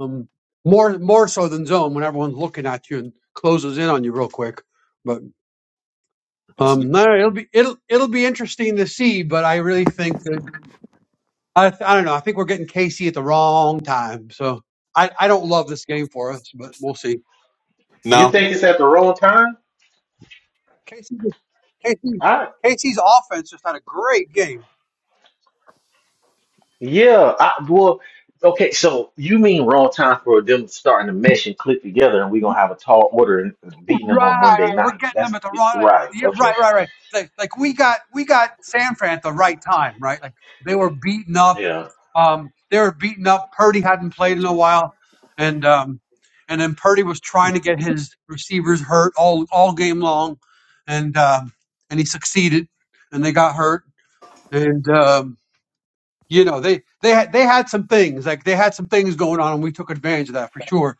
um, more more so than zone when everyone's looking at you and closes in on you real quick. But
That's good.
um, no, no, it'll be it'll it'll be interesting to see. But I really think that I, I don't know. I think we're getting Casey at the wrong time. So I, I don't love this game for us, but we'll see.
You
no.
think it's at the wrong time?
Casey, Casey,
I
Casey's offense just had a great game.
yeah. I well. Okay, so you mean wrong time for them starting to mesh and click together, and we're gonna have a tall order and
Right,
beating them on Monday
right. We're
nights.
getting them
That's
at the wrong.
right.
Yeah,
Okay.
right, right, right. Like, like we got we got San Fran at the right time, right? Like they were beaten up.
Yeah.
Um, they were beaten up. Purdy hadn't played in a while, and um, and then Purdy was trying to get his receivers hurt all all game long, and um, and he succeeded, and they got hurt and um, you know they they had they had some things like they had some things going on, and we took advantage of that for sure.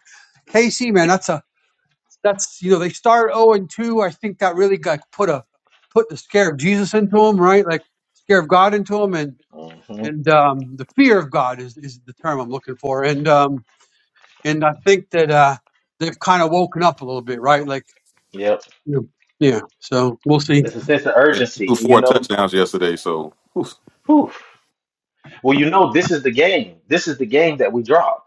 KC, man, that's a that's you know they start zero and two. I think that really got put a put the scare of Jesus into them, right? Like scare of God into them, and
hmm
and um, the fear of God is is the term I'm looking for, and um, and I think that uh, they've kind of woken up a little bit, right? Like
Yep.
you know, yeah, so we'll see.
There's a sense of
He
urgency,
threw
and you
four
know,
touchdowns yesterday, so
whew, well, you know, this is the game. This is the game that we dropped.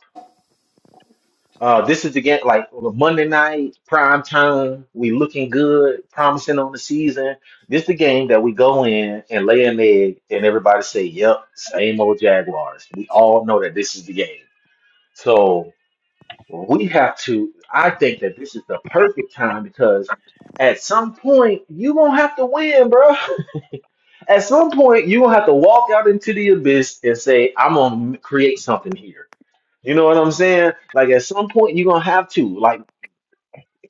Uh, this is again like on a Monday night prime time. We looking good, promising on the season. This the game that we go in and lay an egg, and everybody say, "Yep, same old Jaguars." We all know that this is the game. So we have to. I think that this is the perfect time because at some point you gonna have to win, bro. At some point you gonna have to walk out into the abyss and say, "I'm gonna create something here." You know what I'm saying? Like at some point you're gonna have to. Like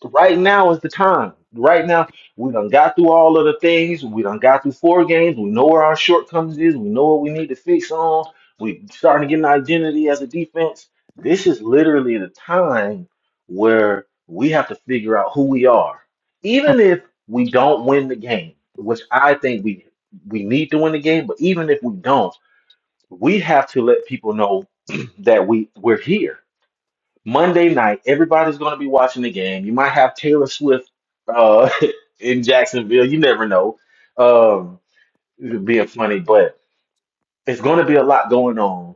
Right now is the time. Right now, we done got through all of the things. We done got through four games. We know where our shortcomings is. We know what we need to fix on. We starting to get an identity as a defense. This is literally the time where we have to figure out who we are. Even if we don't win the game, which I think we we need to win the game, but even if we don't, we have to let people know that we we're here Monday night, everybody's going to be watching the game. You might have Taylor Swift uh, in Jacksonville. You never know. Um, it being funny, but it's going to be a lot going on.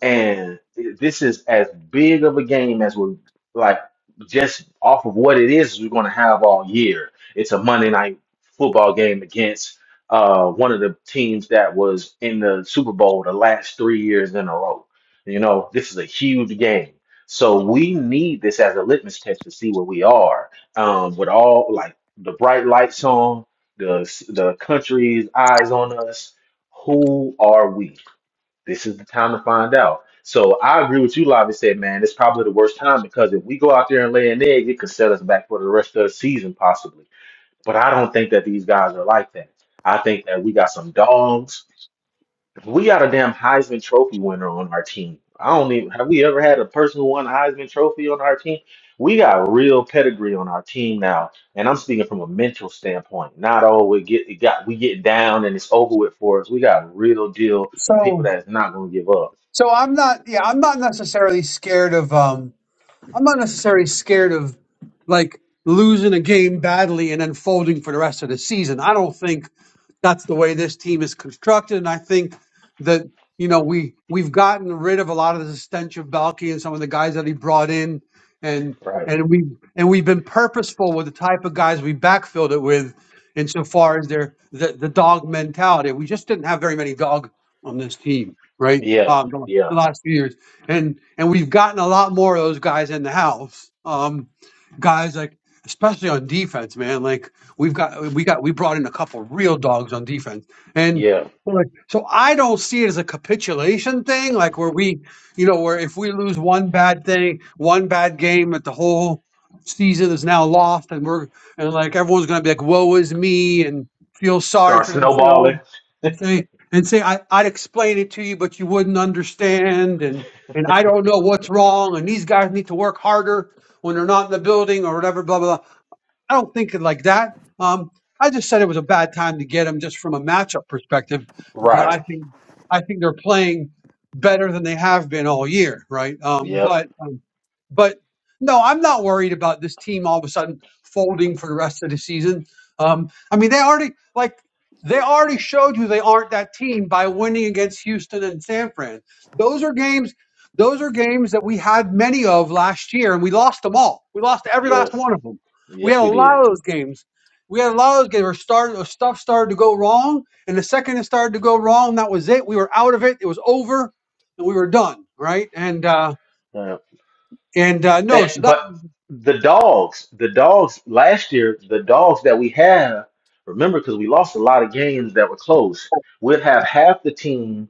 And this is as big of a game as we're like just off of what it is we're going to have all year. It's a Monday night football game against uh, one of the teams that was in the Super Bowl the last three years in a row. You know, this is a huge game. So we need this as a litmus test to see where we are. Um, with all like the bright lights on, the the country's eyes on us, who are we? this is the time to find out. So I agree with you, Lavi said, man, it's probably the worst time because if we go out there and lay an egg, it could set us back for the rest of the season, possibly. But I don't think that these guys are like that. I think that we got some dogs. We got a damn Heisman Trophy winner on our team. I don't even have we ever had a person who won a Heisman Trophy on our team. We got real pedigree on our team now, and I'm speaking from a mental standpoint. Not all we get, it got we get down and it's over with for us. We got real deal
So
people that's not gonna give up.
so I'm not yeah I'm not necessarily scared of um I'm not necessarily scared of like losing a game badly and then folding for the rest of the season. I don't think that's the way this team is constructed. And I think that you know we we've gotten rid of a lot of the stench of Balky and some of the guys that he brought in, and
Right.
and we and we've been purposeful with the type of guys we backfilled it with, insofar as their the, the dog mentality. We just didn't have very many dog on this team, right?
Yeah.
Um, the, the
Yeah.
last few years, and and we've gotten a lot more of those guys in the house. Um, guys like especially on defense, man, like. We've got we got we brought in a couple real dogs on defense, and
Yeah.
we're like, so I don't see it as a capitulation thing, like where we, you know, where if we lose one bad thing, one bad game, that the whole season is now lost, and we're and like everyone's gonna be like, woe is me, and feel sorry
Start
for themselves,
snowballing.
and say and say I, I'd explain it to you, but you wouldn't understand, and and I don't know what's wrong, and these guys need to work harder when they're not in the building or whatever, blah blah. blah. I don't think it like that. Um, I just said it was a bad time to get him just from a matchup perspective because
Right.
I think I think they're playing better than they have been all year, right? Um,
Yep.
but um, but no, I'm not worried about this team all of a sudden folding for the rest of the season. Um, I mean, they already like they already showed you they aren't that team by winning against Houston and San Fran. Those are games. Those are games that we had many of last year, and we lost them all. We lost every last
Yes.
one of them. We
Yes,
had a
we did.
lot of those games. We had a lot of those games where started, where stuff started to go wrong, and the second it started to go wrong, that was it. We were out of it. It was over, and we were done, right? And uh,
Yeah.
and uh, no, so
And-
that.
but the dogs, the dogs last year, the dogs that we have, remember, because we lost a lot of games that were close, we'd have half the team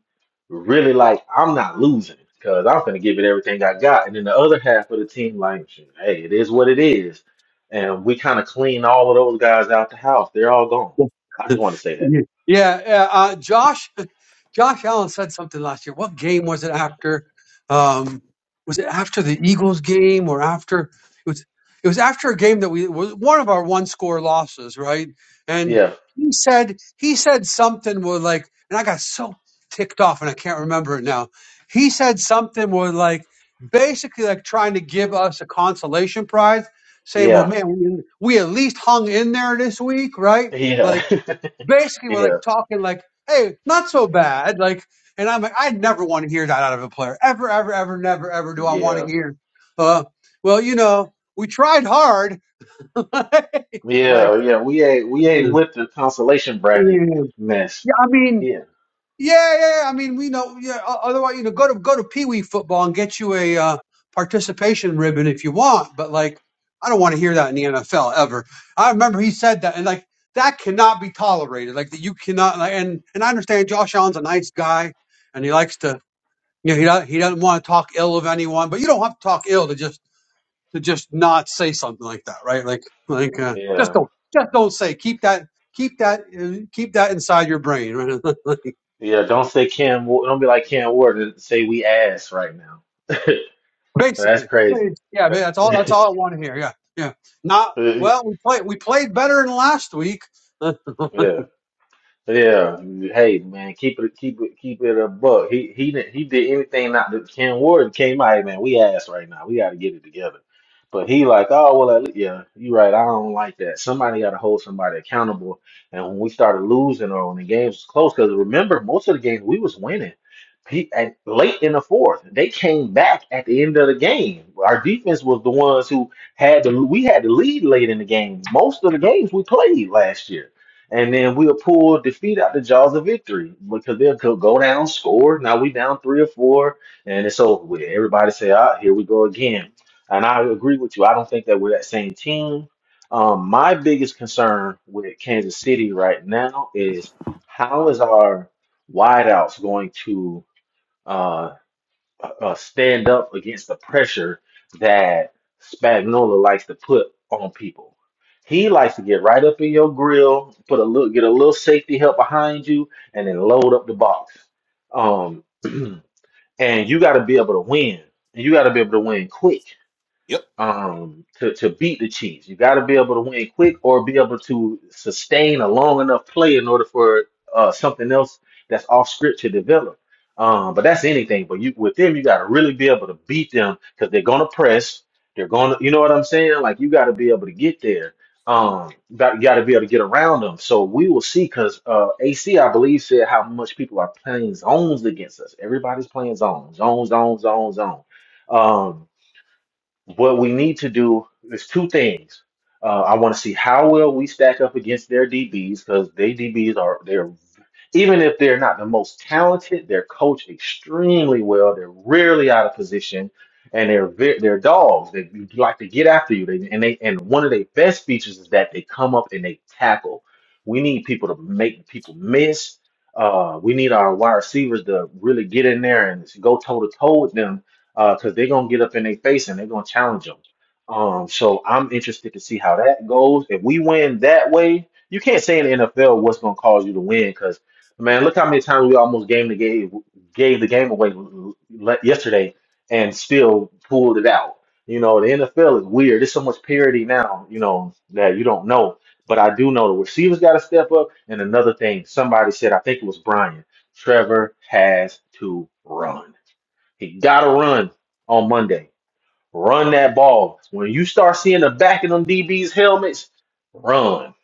really like, I'm not losing because I'm going to give it everything I got. And then the other half of the team, like, hey, it is what it is. And we kind of clean all of those guys out the house. They're all gone. I just want to say that.
yeah, yeah. Uh, Josh, Josh Allen said something last year. What game was it after? Um, was it after the Eagles game or after? It was. It was after a game that we was one of our one score losses, right? And
Yeah.
he said he said something where like, and I got so ticked off, and I can't remember it now. He said something where like, basically like trying to give us a consolation prize, saying, "Well,
Yeah,
man, we, we at least hung in there this week, right?"
yeah,
like basically we're
yeah,
like talking like, hey, not so bad. Like, and I'm like, I never want to hear that out of a player. Ever, ever, ever, never, ever do I want to
yeah,
hear. Uh, well, you know, we tried hard. like,
yeah, yeah. We ain't we ain't
yeah,
with the consolation bracket
Yeah,
mess.
I mean,
Yeah,
Yeah, yeah. yeah. I mean, we know. Yeah. o- Otherwise, you know, go to go to Pee Wee football and get you a uh, participation ribbon if you want. But like, I don't want to hear that in the NFL ever. I remember he said that, and like that cannot be tolerated. Like that you cannot. Like, and and I understand Josh Allen's a nice guy, and he likes to. You know, he doesn't, he doesn't want to talk ill of anyone, but you don't have to talk ill to just to just not say something like that, right? Like like uh, just
yeah,
don't just don't say. Keep that keep that uh, keep that inside your brain. Right?
yeah. Don't say Cam. Wa- Don't be like Cam Ward and say we ass right now. That's
Basically,
crazy.
yeah, but that's all. That's all I want to hear. Yeah, yeah. Not well. We played. We played better than last week. Uh,
yeah, Yeah, hey man, keep it keep it keep it a buck. He he didn't he did anything not that Ken Warden came out, "Hey, man. We ass right now. We got to get it together. But he like, oh well, at le- yeah, you right. I don't like that. Somebody got to hold somebody accountable. And when we started losing or when the games was close, because remember most of the games we was winning. He, at, late in the fourth, they came back at the end of the game. Our defense was the ones who had the we had the lead late in the game. Most of the games we played last year and then we'll pull defeat out the jaws of victory because they'll go go down, score. Now we down three or four, and it's over with. Everybody say, "Ah, here we go again." And I agree with you. I don't think that we're that same team. Um, my biggest concern with Kansas City right now is how is our wideouts going to? uh, uh, uh, stand up against the pressure that Spagnola likes to put on people. He likes to get right up in your grill, put a little, get a little safety help behind you, and then load up the box. Um, and you got to be able to win, and you got to be able to win quick
yep.
um to, to beat the Chiefs. You got to be able to win quick or be able to sustain a long enough play in order for uh something else that's off script to develop. Um, but that's anything. But you with them, you got to really be able to beat them because they're gonna press. They're gonna, you know what I'm saying? Like you got to be able to get there. Um, you got to be able to get around them. So we will see. Because uh, AC, I believe, said how much people are playing zones against us. Everybody's playing zones, zones, zones, zones, zones. Um, what we need to do is two things. Uh, I want to see how well we stack up against their DBs because their DBs are they're even if they're not the most talented, they're coached extremely well. They're rarely out of position, and they're ve- they're dogs. They like to get after you. They, and they and one of their best features is that they come up and they tackle. We need people to make people miss. Uh, we need our wide receivers to really get in there and go toe to toe with them because they're gonna get up in their face and they're gonna challenge them. Um, so I'm interested to see how that goes. If we win that way, you can't say in the NFL what's gonna cause you to win Man, look how many times we almost gave the game gave the game away l- yesterday and still pulled it out. You know, the NFL is weird. There's so much parity now, you know, that you don't know. But I do know the receivers got to step up. And another thing, somebody said, I think it was Brian, Trevor has to run. He got to run on Monday. Run that ball. When you start seeing the back of them DBs' helmets, run.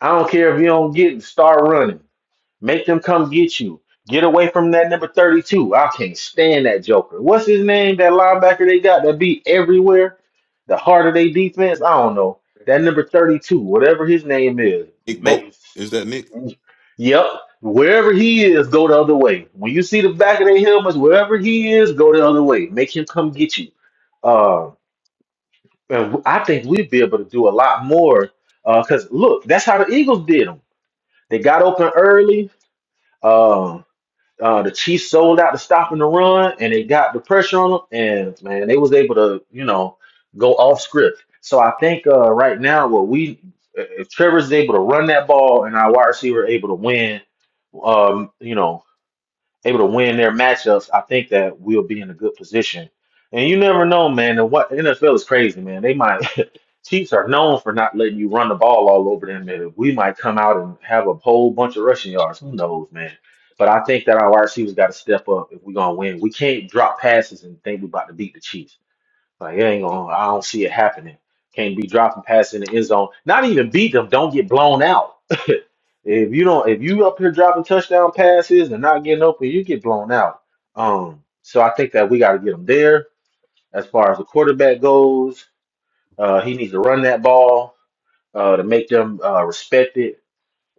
I don't care if you don't get, it. start running. Make them come get you. Get away from that number 32. I can't stand that Joker. What's his name? That linebacker they got that beat everywhere? The heart of their defense? I don't know. That number 32, whatever his name is.
Nick Bolt
Make,
is that Nick?
yep. Wherever he is, go the other way. When you see the back of their helmets, wherever he is, go the other way. Make him come get you. Uh, and I think we'd be able to do a lot more. Because look, that's how the Eagles did them. They got open early. um, uh, the Chiefs sold out to stopping the run, and they got the pressure on them, and man, they was able to, you know, go off script. So I think uh, right now, what we if Trevor's able to run that ball and our wide receiver able to win, um, you know, able to win their matchups, I think that we'll be in a good position. And you never know, man. And what NFL is crazy, man. They might Chiefs are known for not letting you run the ball all over them. And we might come out and have a whole bunch of rushing yards. Who knows, man? But I think that our wide receivers got to step up if we're gonna win. We can't drop passes and think we're about to beat the Chiefs. Like it ain't gonna. I don't see it happening. Can't be dropping passes in the end zone. Not even beat them. Don't get blown out. if you don't, if you up here dropping touchdown passes and not getting open, you get blown out. Um. So I think that we got to get them there. As far as the quarterback goes, uh, he needs to run that ball uh, to make them uh, respect it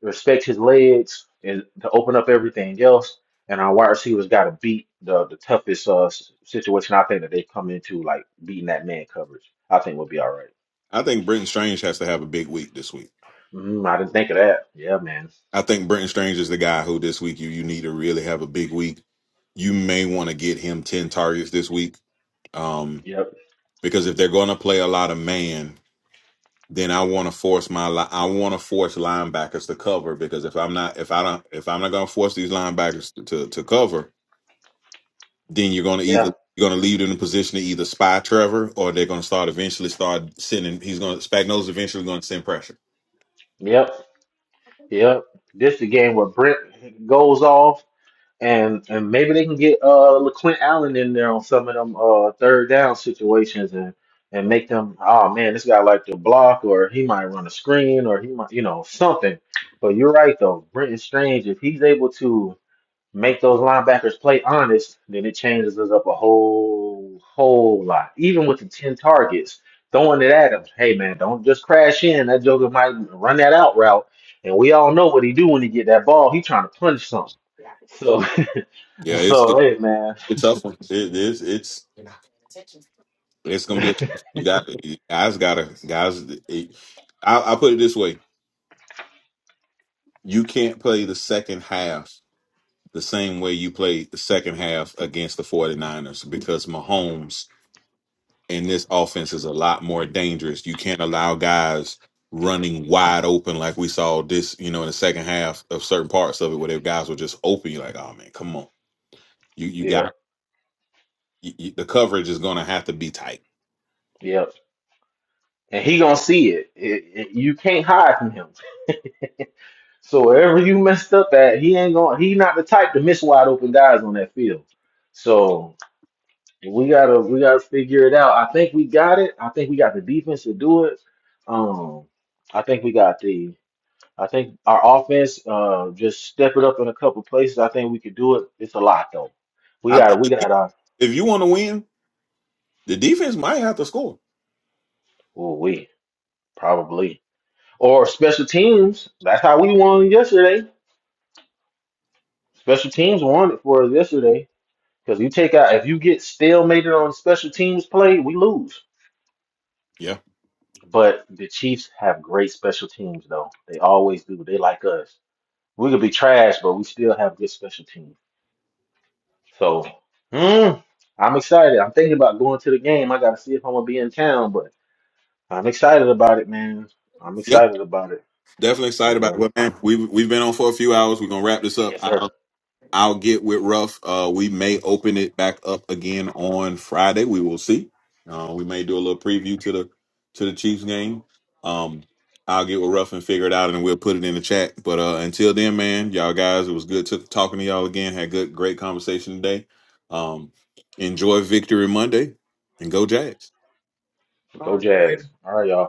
respect his legs and to open up everything else. And our wide receivers got to beat the the toughest uh s- situation I think that they come into, like beating that man coverage. I think we'll be all right.
I think Brenton Strange has to have a big week this week.
Mm, I didn't think of that. Yeah, man.
I think Brenton Strange is the guy who this week you you need to really have a big week. You may want to get him ten targets this week, um,
Yep.
because if they're going to play a lot of man, then I want to force my li- I want to force linebackers to cover because if I'm not if I don't if I'm not going to force these linebackers to, to cover, then you're going to
Yeah.
either you're going to leave them in a position to either spy Trevor or they're going to start eventually start sending. He's going to Spagnola's eventually going to send pressure.
Yep. Yep. This the game where Brent goes off And and maybe they can get uh LaQuint Allen in there on some of them uh third down situations and and make them oh man this guy like to block or he might run a screen or he might you know something. But you're right though, Brenton Strange if he's able to make those linebackers play honest, then it changes us up a whole whole lot. Even with the ten targets, throwing it at him, hey man, don't just crash in. That Joker might run that out route, and we all know what he do when he get that ball. He trying to punch something. So
Yeah, it's
So
it's
hey, man.
it's a tough one. It is it's it's going to be a tough one. You got you guys got to guys. It, I, I put it this way: you can't play the second half the same way you played the second half against the 49ers because Mahomes and this offense is a lot more dangerous. You can't allow guys running wide open like we saw this, you know, in the second half of certain parts of it where their guys were just open. You're like, oh man, come on. You you
Yeah,
got you, you- the coverage is going to have to be tight.
yeah. And he gonna see it. It, it. You can't hide from him. So wherever you messed up at, he ain't gonna. He not the type to miss wide open guys on that field. So we gotta we gotta figure it out. I think we got it. I think we got the defense to do it. Um, I think we got the. I think our offense uh just step it up in a couple places. I think we could do it. It's a lot though. We
I
gotta
think
we
the de-
gotta.
if you want to win, the defense might have to score.
Ooh, we probably. Or special teams. That's how we won yesterday. Special teams won it for us yesterday. Because you take out if you get stalemated on special teams play, we lose.
Yeah.
But the Chiefs have great special teams though. They always do. They like us. We could be trash, but we still have good special teams. So mm, I'm excited. I'm thinking about going to the game. I gotta see if I'm gonna be in town, but I'm excited about it, man. I'm
Yep.
excited about it.
Definitely excited
But
about
yeah.
it. Well, man, we've, we've been on for a few hours. We're going to wrap this
Yes,
up.
sir.
I'll get with Ruff. Uh, we may open it back up again on Friday. We will see. Uh, we may do a little preview to the to the Chiefs game. Um, I'll get with Ruff and figure it out, and we'll put it in the chat. But uh, until then, man, y'all guys, it was good to, talking to y'all again. Had good, great conversation today. Um, enjoy Victory Monday, and go Jags.
all
Go
right, later.
Jags. All right, y'all.